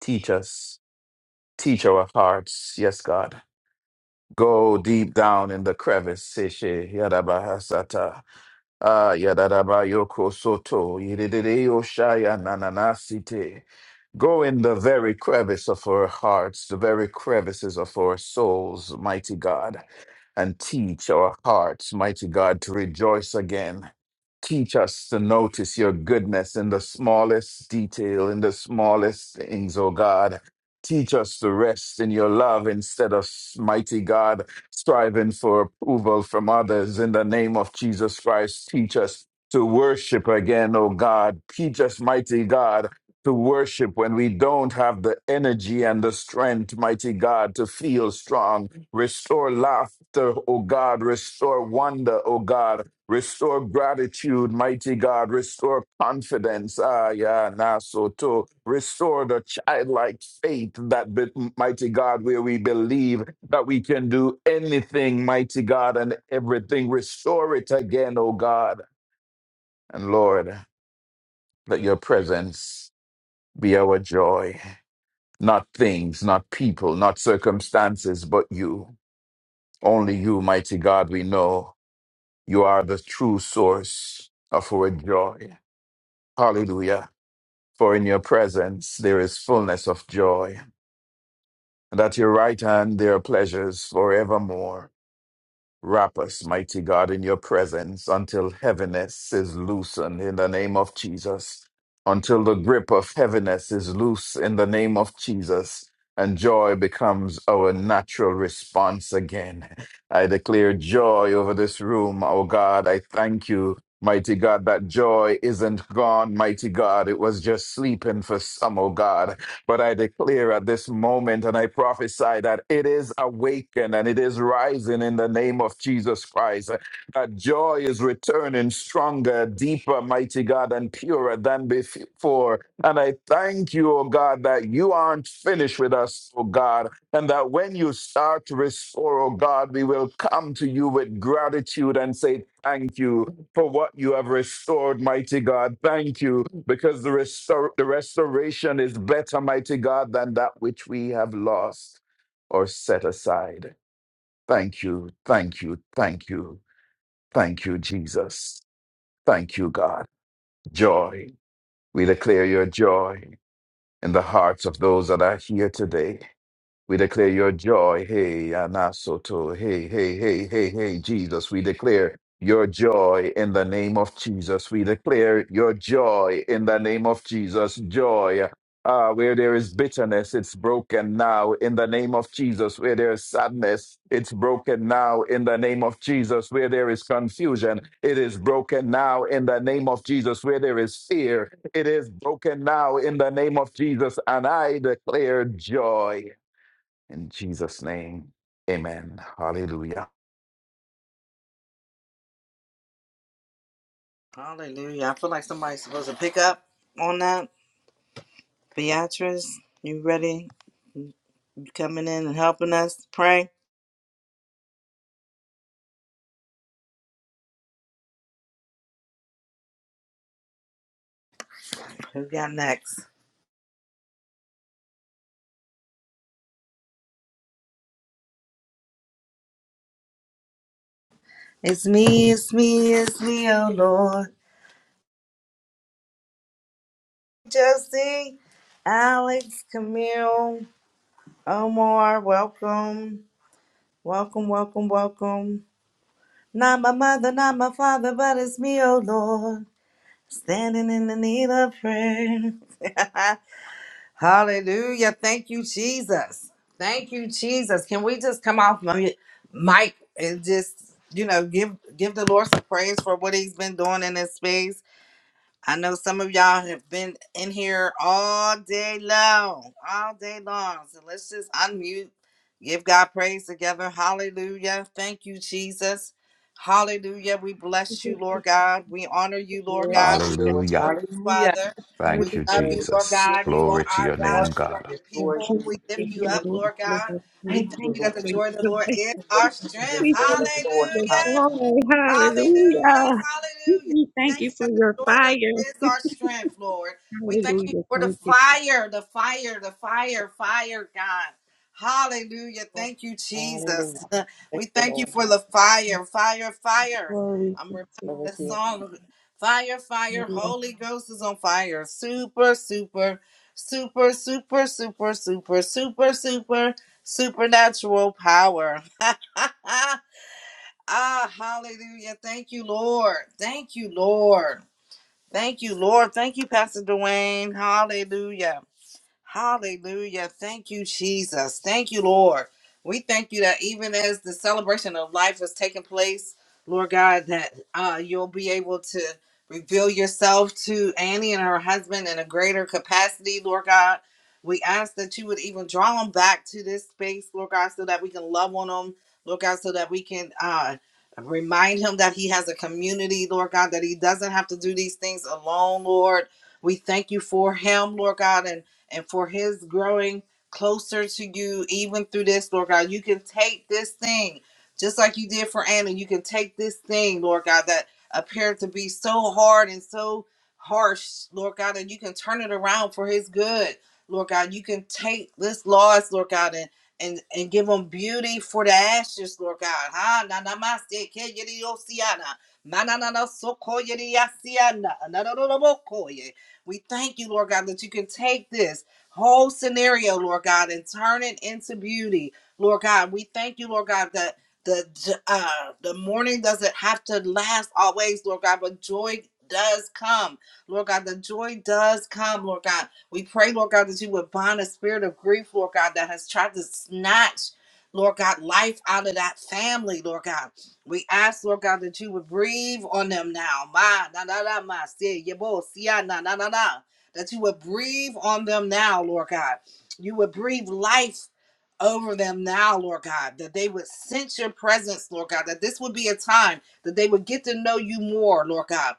Speaker 7: Teach us, teach our hearts. Yes, God Go deep down in the crevice, Sishe, Yadabahasata, Ah, Yadadabayoko Soto, Yedideyo Shaya Nananasite. Go in the very crevice of our hearts, the very crevices of our souls, mighty God, and teach our hearts, mighty God, to rejoice again. Teach us to notice your goodness in the smallest detail, in the smallest things, O God. Teach us to rest in your love instead of, mighty God, striving for approval from others. In the name of Jesus Christ, teach us to worship again, O God. Teach us, mighty God to worship when we don't have the energy and the strength, mighty God, to feel strong. Restore laughter, O God. Restore wonder, O God. Restore gratitude, mighty God. Restore confidence. Ah, yeah, nah, so too. Restore the childlike faith that, be, mighty God, where we believe that we can do anything, mighty God, and everything. Restore it again, O God. And Lord, let your presence be our joy. Not things, not people, not circumstances, but you. Only you, mighty God, we know you are the true source of our joy. Hallelujah. For in your presence there is fullness of joy, and at your right hand there are pleasures forevermore. Wrap us, mighty God, in your presence until heaviness is loosened in the name of Jesus, until the grip of heaviness is loose in the name of Jesus, and joy becomes our natural response again. I declare joy over this room, oh God. I thank you. Mighty God, that joy isn't gone, mighty God. It was just sleeping for some, oh God. But I declare at this moment and I prophesy that it is awakened and it is rising in the name of Jesus Christ. That joy is returning stronger, deeper, mighty God, and purer than before. And I thank you, oh God, that you aren't finished with us, oh God. And that when you start to restore, oh God, we will come to you with gratitude and say, Thank you for what you have restored, mighty God. Thank you because the, restor- the restoration is better, mighty God, than that which we have lost or set aside. Thank you, thank you, thank you, thank you, Jesus. Thank you, God. Joy. We declare your joy in the hearts of those that are here today. We declare your joy. Hey, Anasoto. Hey, hey, hey, hey, hey, Jesus. We declare your joy in the name of Jesus. We declare your joy in the name of Jesus. Joy. Ah, where there is bitterness, it's broken now in the name of Jesus. Where there is sadness, it's broken now in the name of Jesus. Where there is confusion, it is broken now in the name of Jesus. Where there is fear, it is broken now in the name of Jesus. And I declare joy. In Jesus' name, amen. Hallelujah.
Speaker 9: Hallelujah. I feel like somebody's supposed to pick up on that. Beatrice, you ready? You coming in and helping us pray? Who got next? It's me, it's me, it's me, oh Lord. Justin, Alex, Camille, Omar, welcome. Welcome, welcome, welcome. Not my mother, not my father, but it's me, oh Lord. Standing in the need of prayer. Hallelujah. Thank you, Jesus. Thank you, Jesus. Can we just come off mi- mic and just, you know, give give the Lord some praise for what he's been doing in this space? I know some of y'all have been in here all day long, all day long. So let's just unmute, give God praise together. Hallelujah. Thank you, Jesus. Hallelujah. We bless you, Lord God. We honor you, Lord
Speaker 10: Yes,
Speaker 9: God. We
Speaker 7: Hallelujah.
Speaker 9: adore you, Father. We
Speaker 7: Thank
Speaker 15: Worthy
Speaker 7: you,
Speaker 9: love
Speaker 15: is
Speaker 9: you, Lord
Speaker 7: Jesus.
Speaker 9: God. You are
Speaker 7: Glory to
Speaker 9: our
Speaker 7: your
Speaker 9: God
Speaker 7: name,
Speaker 9: and we are
Speaker 7: God.
Speaker 9: your
Speaker 15: the
Speaker 9: people.
Speaker 15: King,
Speaker 9: We lift
Speaker 15: King
Speaker 9: you
Speaker 15: and
Speaker 9: up,
Speaker 15: Lord,
Speaker 9: Lord
Speaker 15: Lord.
Speaker 9: God. We
Speaker 15: We
Speaker 9: thank
Speaker 15: thank
Speaker 9: you
Speaker 15: you
Speaker 9: that the
Speaker 15: for
Speaker 9: joy of the
Speaker 15: your
Speaker 9: Lord is our
Speaker 15: joy.
Speaker 9: strength.
Speaker 15: We thank you for
Speaker 9: Hallelujah.
Speaker 15: your joy. Hallelujah.
Speaker 9: Hallelujah. Hallelujah.
Speaker 15: We thank
Speaker 9: Thank
Speaker 15: you
Speaker 9: you
Speaker 15: for
Speaker 9: that the
Speaker 15: your
Speaker 9: joy that
Speaker 15: fire.
Speaker 9: is our strength, Lord. We thank you
Speaker 15: Hallelujah.
Speaker 9: for the
Speaker 15: Thank you
Speaker 9: fire, the fire, the fire, fire, God. Hallelujah.
Speaker 15: for
Speaker 9: Thank you,
Speaker 12: Hallelujah.
Speaker 9: Jesus.
Speaker 12: Thank
Speaker 9: We
Speaker 12: you,
Speaker 9: thank you
Speaker 12: Lord.
Speaker 9: for the fire, fire, fire.
Speaker 15: glory.
Speaker 9: I'm reminded
Speaker 12: Over
Speaker 9: of the
Speaker 12: to you.
Speaker 9: song Fire, Fire, Holy Ghost is on fire. Super, super, super, super, super, super, super, super, supernatural power. Ah, hallelujah. Thank you, Lord. Thank you, Lord. Thank you, Lord. Thank you, Pastor Dwayne. Hallelujah. Hallelujah. Thank you, Jesus. Thank you, Lord. We thank you that even as the celebration of life is taking place, Lord God, that uh, you'll be able to reveal yourself to Annie and her husband in a greater capacity, Lord God. We ask that you would even draw them back to this space, Lord God, so that we can love on them, Lord God, so that we can uh, remind him that he has a community, Lord God, that he doesn't have to do these things alone, Lord. We thank you for him, Lord God, and and for his growing closer to you, even through this, Lord God. You can take this thing, just like you did for Anna. You can take this thing, Lord God, that appeared to be so hard and so harsh, Lord God, and you can turn it around for his good, Lord God. You can take this loss, Lord God, and and, and give them beauty for the ashes, Lord God. Ha na na ma se ke yedi osiana. Ma na na na so ko yedi asiana. Na na na na mo ko ye. We thank you, Lord God, that you can take this whole scenario, Lord God, and turn it into beauty, Lord God. We thank you, Lord God, that the uh, the morning doesn't have to last always, Lord God, but joy does come, Lord God. The joy does come, Lord God. We pray, Lord God, that you would bind a spirit of grief, Lord God, that has tried to snatch. Lord God, life out of that family, Lord God. We ask, Lord God, that you would breathe on them now. Ma, na, na, na, ma, si, yebo, siya, na, na, na, na. That you would breathe on them now, Lord God. You would breathe life over them now, Lord God. That they would sense your presence, Lord God. That this would be a time that they would get to know you more, Lord God.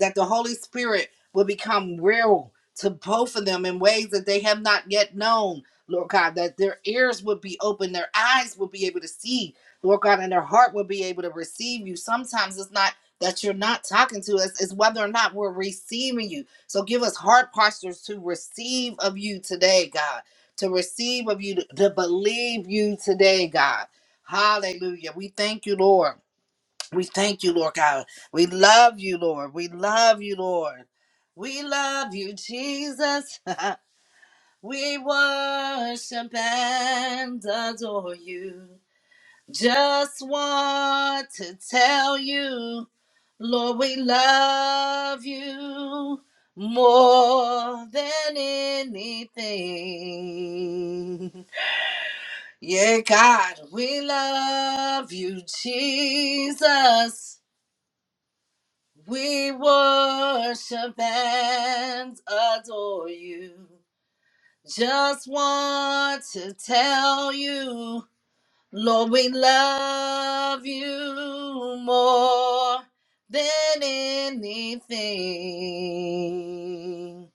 Speaker 9: That the Holy Spirit will become real to both of them in ways that they have not yet known, Lord God. That their ears would be open, their eyes would be able to see Lord God, and their heart will be able to receive you. Sometimes it's not that you're not talking to us, it's whether or not we're receiving you. So give us heart postures to receive of you today, God, to receive of you, to, to believe you today, God. Hallelujah. We thank you, Lord. We thank you, Lord God. We love you, Lord. We love you, Lord. We love you, Jesus. We worship and adore you. Just want to tell you, Lord, we love you more than anything. Yeah, God, we love you, Jesus. We worship and adore you. Just want to tell you. Lord, we love you more than anything.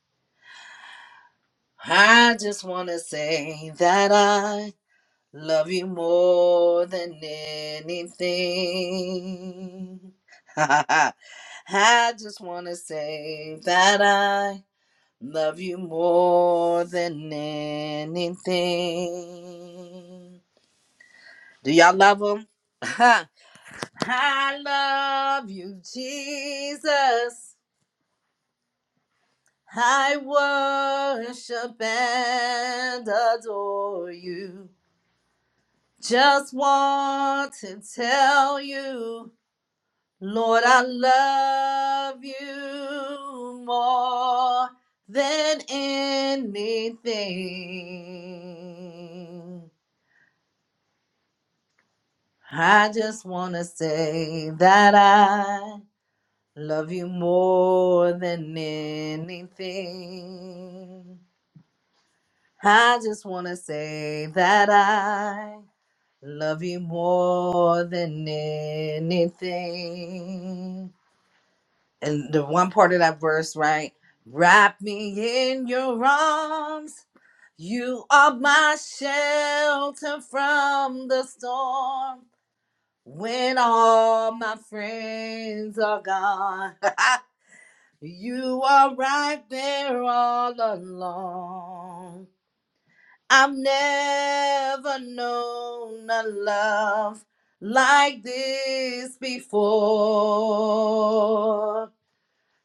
Speaker 9: I just want to say that I love you more than anything. I just want to say that I love you more than anything. Do y'all love him? I love you, Jesus. I worship and adore you. Just want to tell you, Lord, I love you more than anything. I just want to say that I. Love you more than anything. I just want to say that I love you more than anything. And the one part of that verse, right? Wrap me in your arms. You are my shelter from the storm when all my friends are gone. You are right there all along. I've never known a love like this before.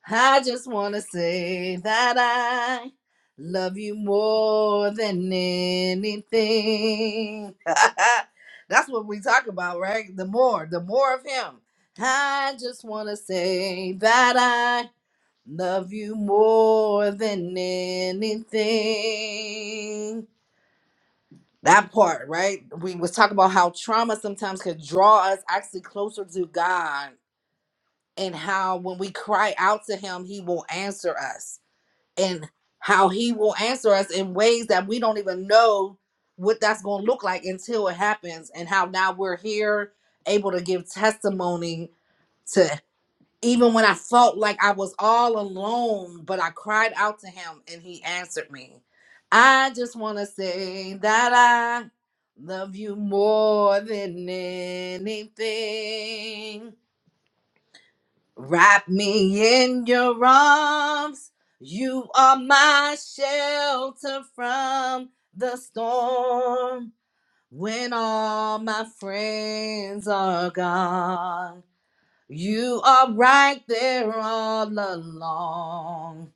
Speaker 9: I just want to say that I love you more than anything. That's what we talk about, right? The more, the more of him. I just want to say that I. Love you more than anything. That part, right? We was talking about how trauma sometimes could draw us actually closer to God and how when we cry out to him, he will answer us and how he will answer us in ways that we don't even know what that's going to look like until it happens and how now we're here able to give testimony to. Even when I felt like I was all alone, but I cried out to him and he answered me. I just want to say that I love you more than anything. Wrap me in your arms. You are my shelter from the storm when all my friends are gone. You are right there all along.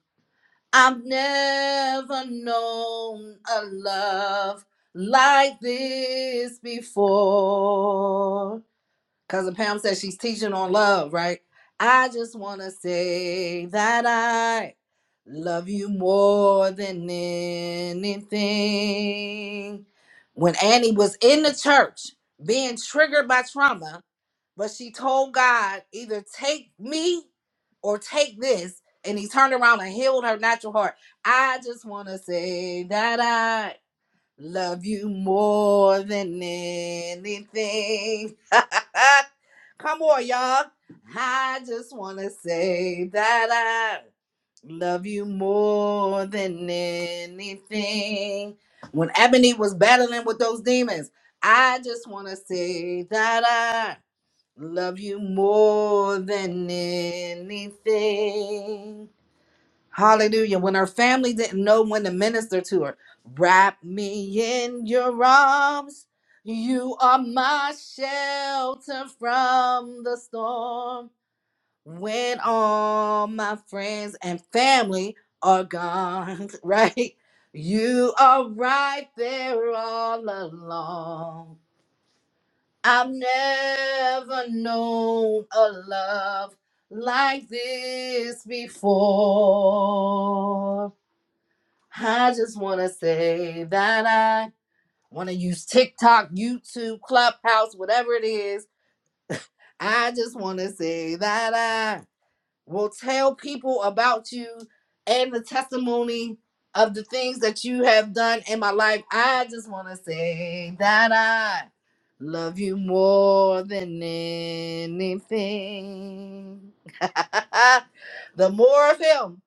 Speaker 9: I've never known a love like this before. Cousin Pam says she's teaching on love, right? I just want to say that I love you more than anything. When Annie was in the church being triggered by trauma, but she told God, either take me or take this. And he turned around and healed her natural heart. I just want to say that I love you more than anything. Come on, y'all. I just want to say that I love you more than anything. When Ebony was battling with those demons, I just want to say that I. Love you more than anything. Hallelujah. When her family didn't know when to minister to her, wrap me in your arms. You are my shelter from the storm. When all my friends and family are gone, right? You are right there all along. I've never known a love like this before. I just want to say that I want to use TikTok, YouTube, Clubhouse, whatever it is. I just want to say that will tell people about you and the testimony of the things that you have done in my life. I just want to say that I love you more than anything. the more of him,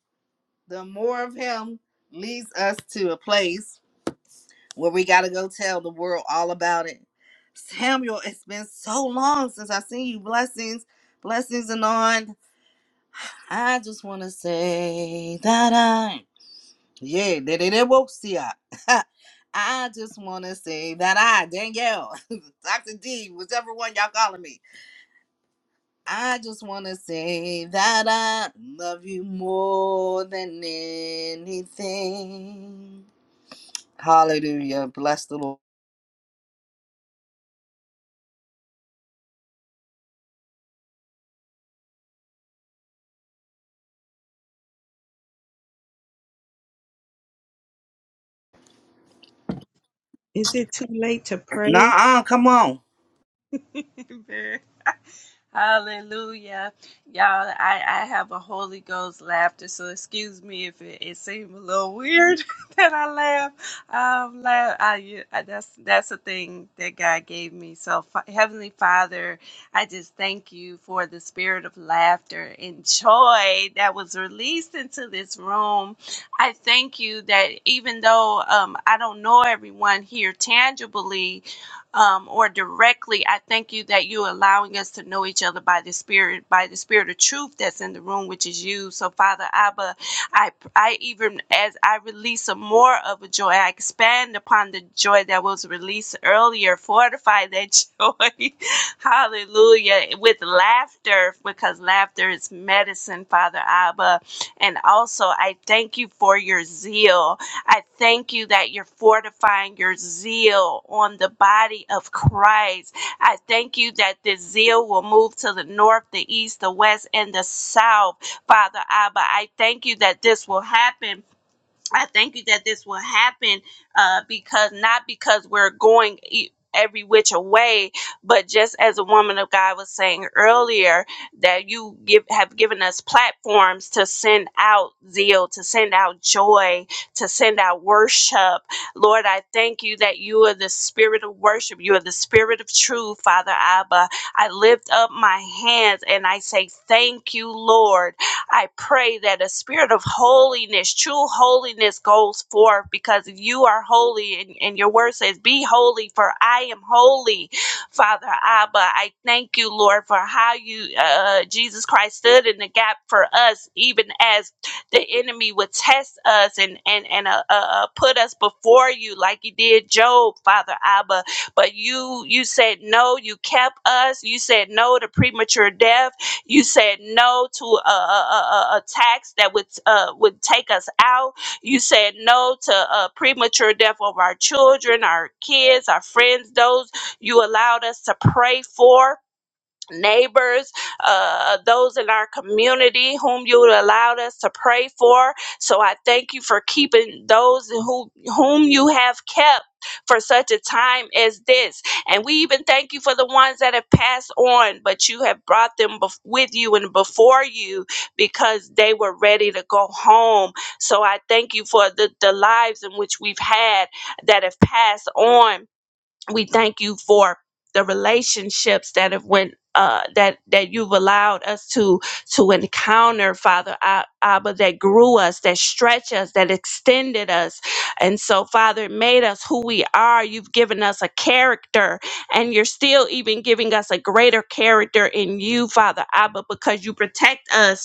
Speaker 9: the more of him leads us to a place where we got to go tell the world all about it. Samuel, it's been so long since I've seen you. Blessings, blessings and on. I just want to say that I, yeah, that it it woke see I. I just want to say that I, Danielle, Dr. D, whichever one y'all calling me, I just want to say that I love you more than anything. Hallelujah. Bless the Lord.
Speaker 15: Is it too late to pray?
Speaker 9: Nah, come on.
Speaker 15: Hallelujah. Y'all, I, I have a Holy Ghost laughter, so excuse me if it, it seemed a little weird that I laugh. Um, laugh I, you- I, that's, that's the thing that God gave me. So, Fa- Heavenly Father, I just thank you for the spirit of laughter and joy that was released into this room. I thank you that even though um, I don't know everyone here tangibly, um, or directly. I thank you that you're allowing us to know each other by the Spirit, by the Spirit of truth that's in the room, which is you. So, Father Abba, I, I even as I release some more of a joy, I expand upon the joy that was released earlier. Fortify that joy, hallelujah, with laughter, because laughter is medicine, Father Abba. And also, I thank you for your zeal. I thank you that you're fortifying your zeal on the body of Christ. I thank you that the zeal will move to the north, the east, the west, and the south, Father Abba. I thank you that this will happen I thank you that this will happen uh, because not because we're going e- every which away, but just as a woman of God was saying earlier, that you give, have given us platforms to send out zeal, to send out joy, to send out worship. Lord, I thank you that you are the spirit of worship. You are the spirit of truth, Father Abba. I lift up my hands and I say, Thank you, Lord I pray that a spirit of holiness, true holiness, goes forth because you are holy and, and your word says, Be holy, for I am holy, Father Abba. I thank you, Lord, for how you, uh, Jesus Christ, stood in the gap for us, even as the enemy would test us and, and, and uh, uh, uh, put us before you, like you did Job, Father Abba. But you, you said no, you kept us, you said no to premature death you said no to a, a, a, a tax that would uh, would take us out. You said no to uh, premature death of our children, our kids, our friends, those you allowed us to pray for neighbors, uh, those in our community whom you allowed us to pray for. So I thank you for keeping those who whom you have kept for such a time as this. And we even thank you for the ones that have passed on, but you have brought them bef- with you and before you because they were ready to go home. So I thank you for the, the lives in which we've had that have passed on we thank you for the relationships that have went uh, that that you've allowed us to to encounter, Father Ab- Abba, that grew us, that stretched us, that extended us, and so Father it made us who we are. You've given us a character, and you're still even giving us a greater character in you, Father Abba, because you protect us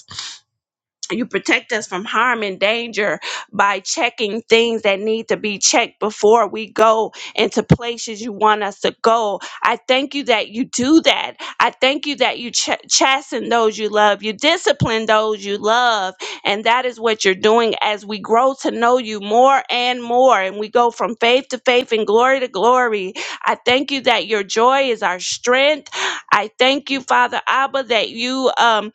Speaker 15: you protect us from harm and danger by checking things that need to be checked before we go into places you want us to go. I thank you that you do that. I thank you that you ch- chasten those you love, you discipline those you love, and that is what you're doing as we grow to know you more and more, and we go from faith to faith and glory to glory. I thank you that your joy is our strength. I thank you, Father Abba, that you um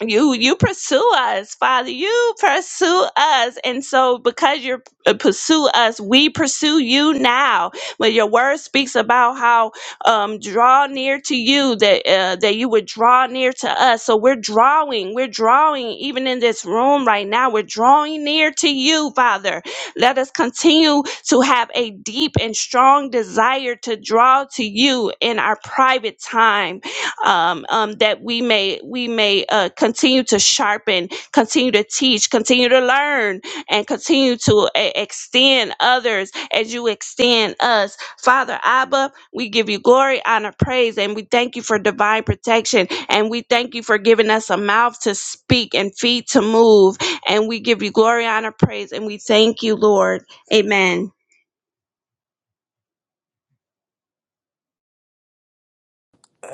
Speaker 15: you you pursue us father you pursue us and so because you uh, pursue us we pursue you now when your word speaks about how um draw near to you that uh, that you would draw near to us so we're drawing we're drawing even in this room right now we're drawing near to you father let us continue to have a deep and strong desire to draw to you in our private time um, um, that we may we may uh, continue to sharpen, continue to teach, continue to learn, and continue to e- extend others as you extend us. Father Abba, we give you glory, honor, praise, and we thank you for divine protection, and we thank you for giving us a mouth to speak and feet to move, and we give you glory, honor, praise, and we thank you, Lord. Amen.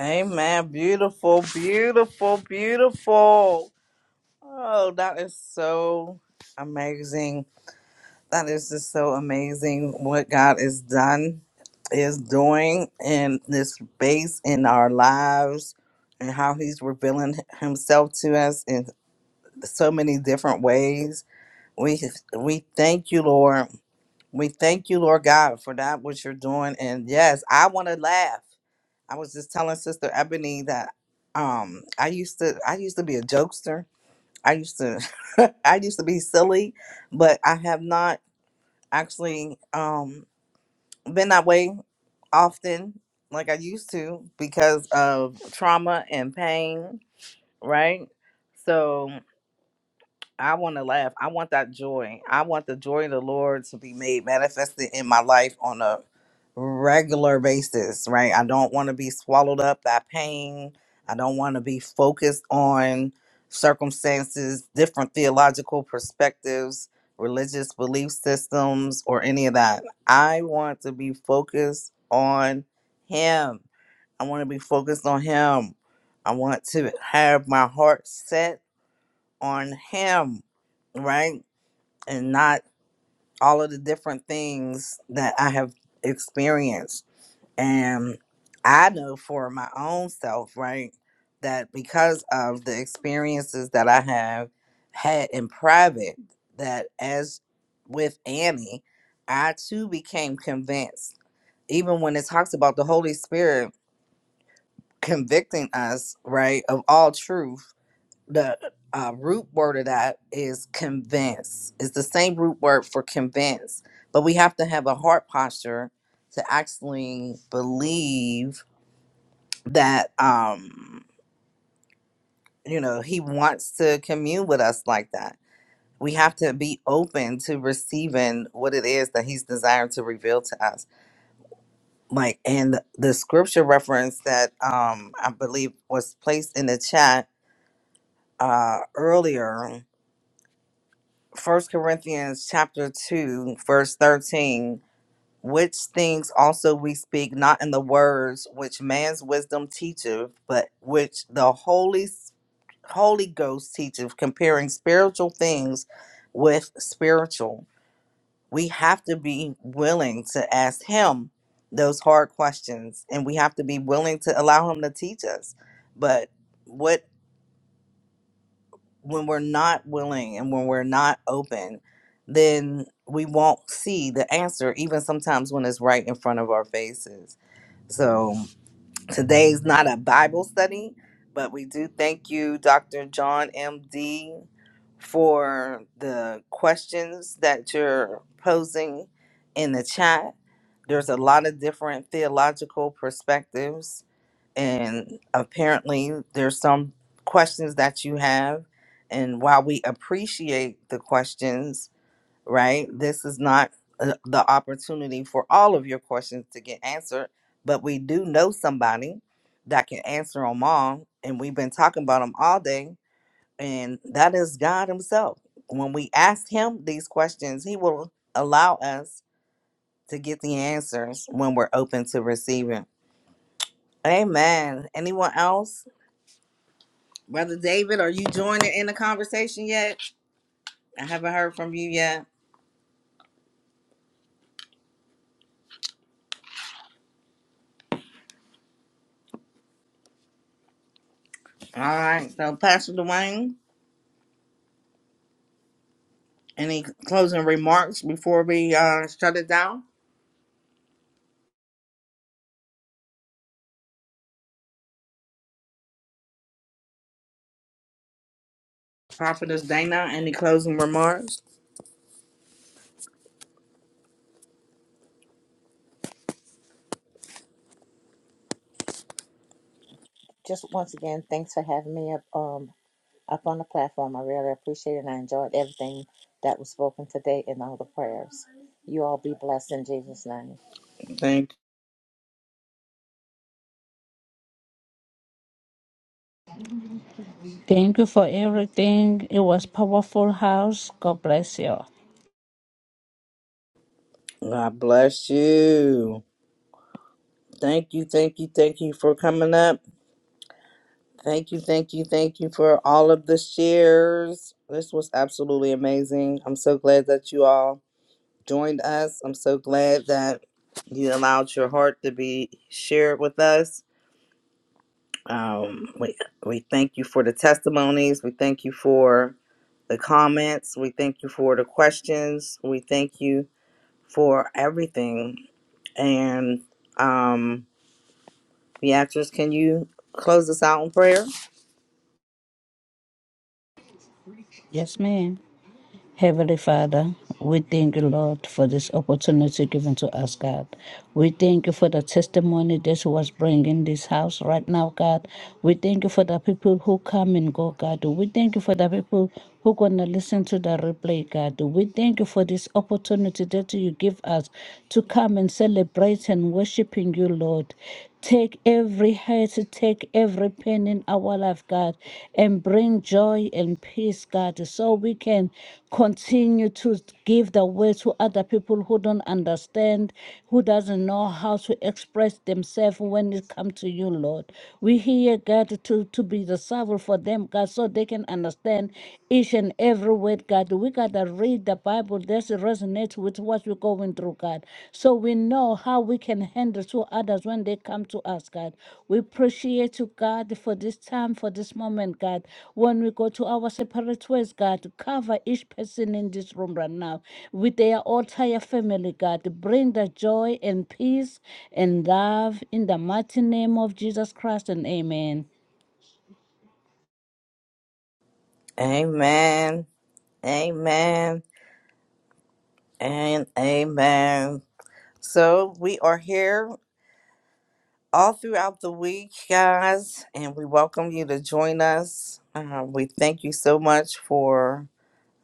Speaker 9: Amen. Beautiful, beautiful, beautiful. Oh, that is so amazing. That is just so amazing what God has done, is doing in this space in our lives, and how He's revealing Himself to us in so many different ways. We we thank you, Lord. We thank you, Lord God, for that what you're doing. And yes, I want to laugh. I was just telling Sister Ebony that um I used to I used to be a jokester. I used to I used to be silly, but I have not actually um been that way often like I used to because of trauma and pain, right? So I want to laugh. I want that joy. I want the joy of the Lord to be made manifested in my life on a regular basis, right? I don't want to be swallowed up by pain. I don't want to be focused on circumstances, different theological perspectives, religious belief systems, or any of that. I want to be focused on Him. I want to be focused on Him. I want to have my heart set on him, right? And not all of the different things that I have experienced. And I know for my own self, right, that because of the experiences that I have had in private, that as with Annie, I too became convinced, even when it talks about the Holy Spirit convicting us, right, of all truth the uh, root word of that is convince. It's the same root word for convince, but we have to have a heart posture to actually believe that um, you know He wants to commune with us like that. We have to be open to receiving what it is that He's desired to reveal to us. Like, and the scripture reference that um, I believe was placed in the chat uh, earlier First Corinthians chapter two, verse thirteen, which things also we speak not in the words which man's wisdom teacheth, but which the Holy Holy Ghost teacheth, comparing spiritual things with spiritual. We have to be willing to ask him those hard questions and we have to be willing to allow him to teach us. But what when we're not willing and when we're not open, then we won't see the answer, even sometimes when it's right in front of our faces. So today's not a Bible study, but we do thank you, Dr. John M.D., for the questions that you're posing in the chat. There's a lot of different theological perspectives and apparently there's some questions that you have and while we appreciate the questions right this is not uh, the opportunity for all of your questions to get answered but we do know somebody that can answer them all and we've been talking about them all day and that is god himself when we ask him these questions he will allow us to get the answers when we're open to receiving amen anyone else Brother David, are you joining in the conversation yet? I haven't heard from you yet. All right. So, Pastor Dwayne, any closing remarks before we uh, shut it down? Prophetess Dana, any closing remarks?
Speaker 12: Just once again, thanks for having me up um up on the platform. I really appreciate it. And I enjoyed everything that was spoken today and all the prayers. You all be blessed in Jesus' name.
Speaker 9: Thank
Speaker 11: Thank you for everything. It was powerful house. God bless you.
Speaker 9: God bless you. Thank you, thank you, thank you for coming up. Thank you, thank you, thank you for all of the shares. This was absolutely amazing. I'm so glad that you all joined us. I'm so glad that you allowed your heart to be shared with us. Um, we, we thank you for the testimonies. We thank you for the comments. We thank you for the questions. We thank you for everything. And um, Beatrice, can you close us out in prayer?
Speaker 11: Yes, ma'am. Heavenly Father, we thank you, Lord, for this opportunity given to us, God. We thank you for the testimony that was bringing in this house right now, God. We thank you for the people who come and go, God. We thank you for the people who gonna listen to the replay, God. We thank you for this opportunity that you give us to come and celebrate and worshiping you, Lord. Take every hurt, take every pain in our life, God, and bring joy and peace, God, so we can continue to give the word to other people who don't understand, who doesn't know how to express themselves when it comes to you, Lord. We hear God to, to be the servant for them, God, so they can understand each and every word, God. We gotta read the Bible that resonates with what we're going through, God. So we know or how we can handle to others when they come to us, God. We appreciate you, God, for this time, for this moment, God. When we go to our separate ways, God, to cover each person in this room right now with their entire family, God. Bring the joy and peace and love in the mighty name of Jesus Christ and amen.
Speaker 9: Amen. Amen. And amen. So we are here all throughout the week, guys, and we welcome you to join us. Uh, we thank you so much for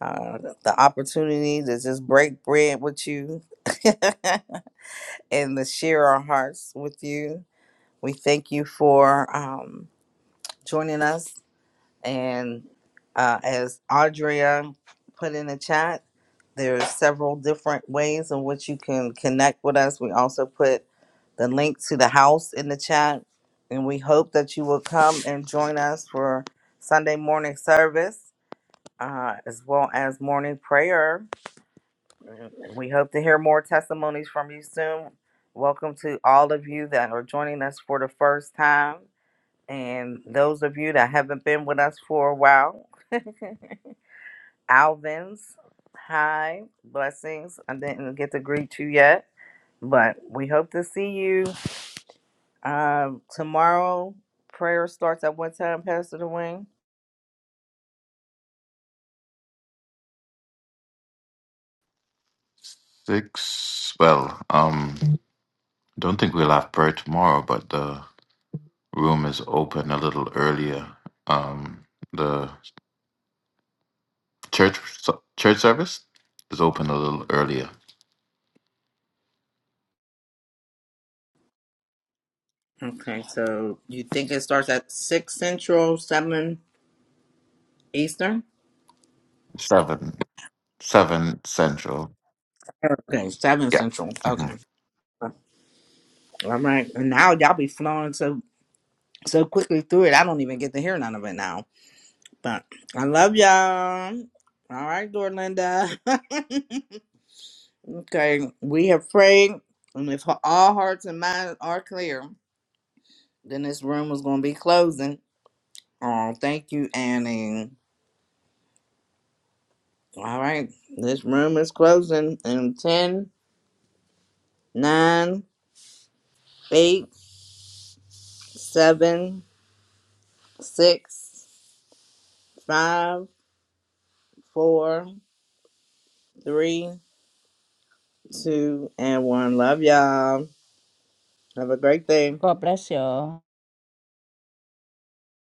Speaker 9: uh, the opportunity to just break bread with you and to share our hearts with you. We thank you for um, joining us and uh, as Audria put in the chat, there's several different ways in which you can connect with us. We also put the link to the house in the chat. And we hope that you will come and join us for Sunday morning service uh, as well as morning prayer. We hope to hear more testimonies from you soon. Welcome to all of you that are joining us for the first time. And those of you that haven't been with us for a while, Alvin's. Hi, blessings. I didn't get to greet you yet, but we hope to see you um, tomorrow. Prayer starts at what time, Pastor Dwayne?
Speaker 7: Six. Well, um, don't think we'll have prayer tomorrow, but the room is open a little earlier. Um, the church so, church service is open a little earlier.
Speaker 9: Okay, so you think it starts at six central, seven eastern?
Speaker 7: Seven, seven central.
Speaker 9: Okay, seven
Speaker 7: Yeah.
Speaker 9: central.
Speaker 7: Mm-hmm.
Speaker 9: Okay, all right. And now y'all be flowing so so quickly through it. I don't even get to hear none of it now. But I love y'all. All right, Dorlinda. Okay, we have prayed, and if all hearts and minds are clear, then this room is going to be closing. Oh, thank you, Annie. All right, this room is closing in ten, nine, eight, seven, six, five, four, three, two, and 1. Love y'all. Have a great day.
Speaker 11: God bless you. all.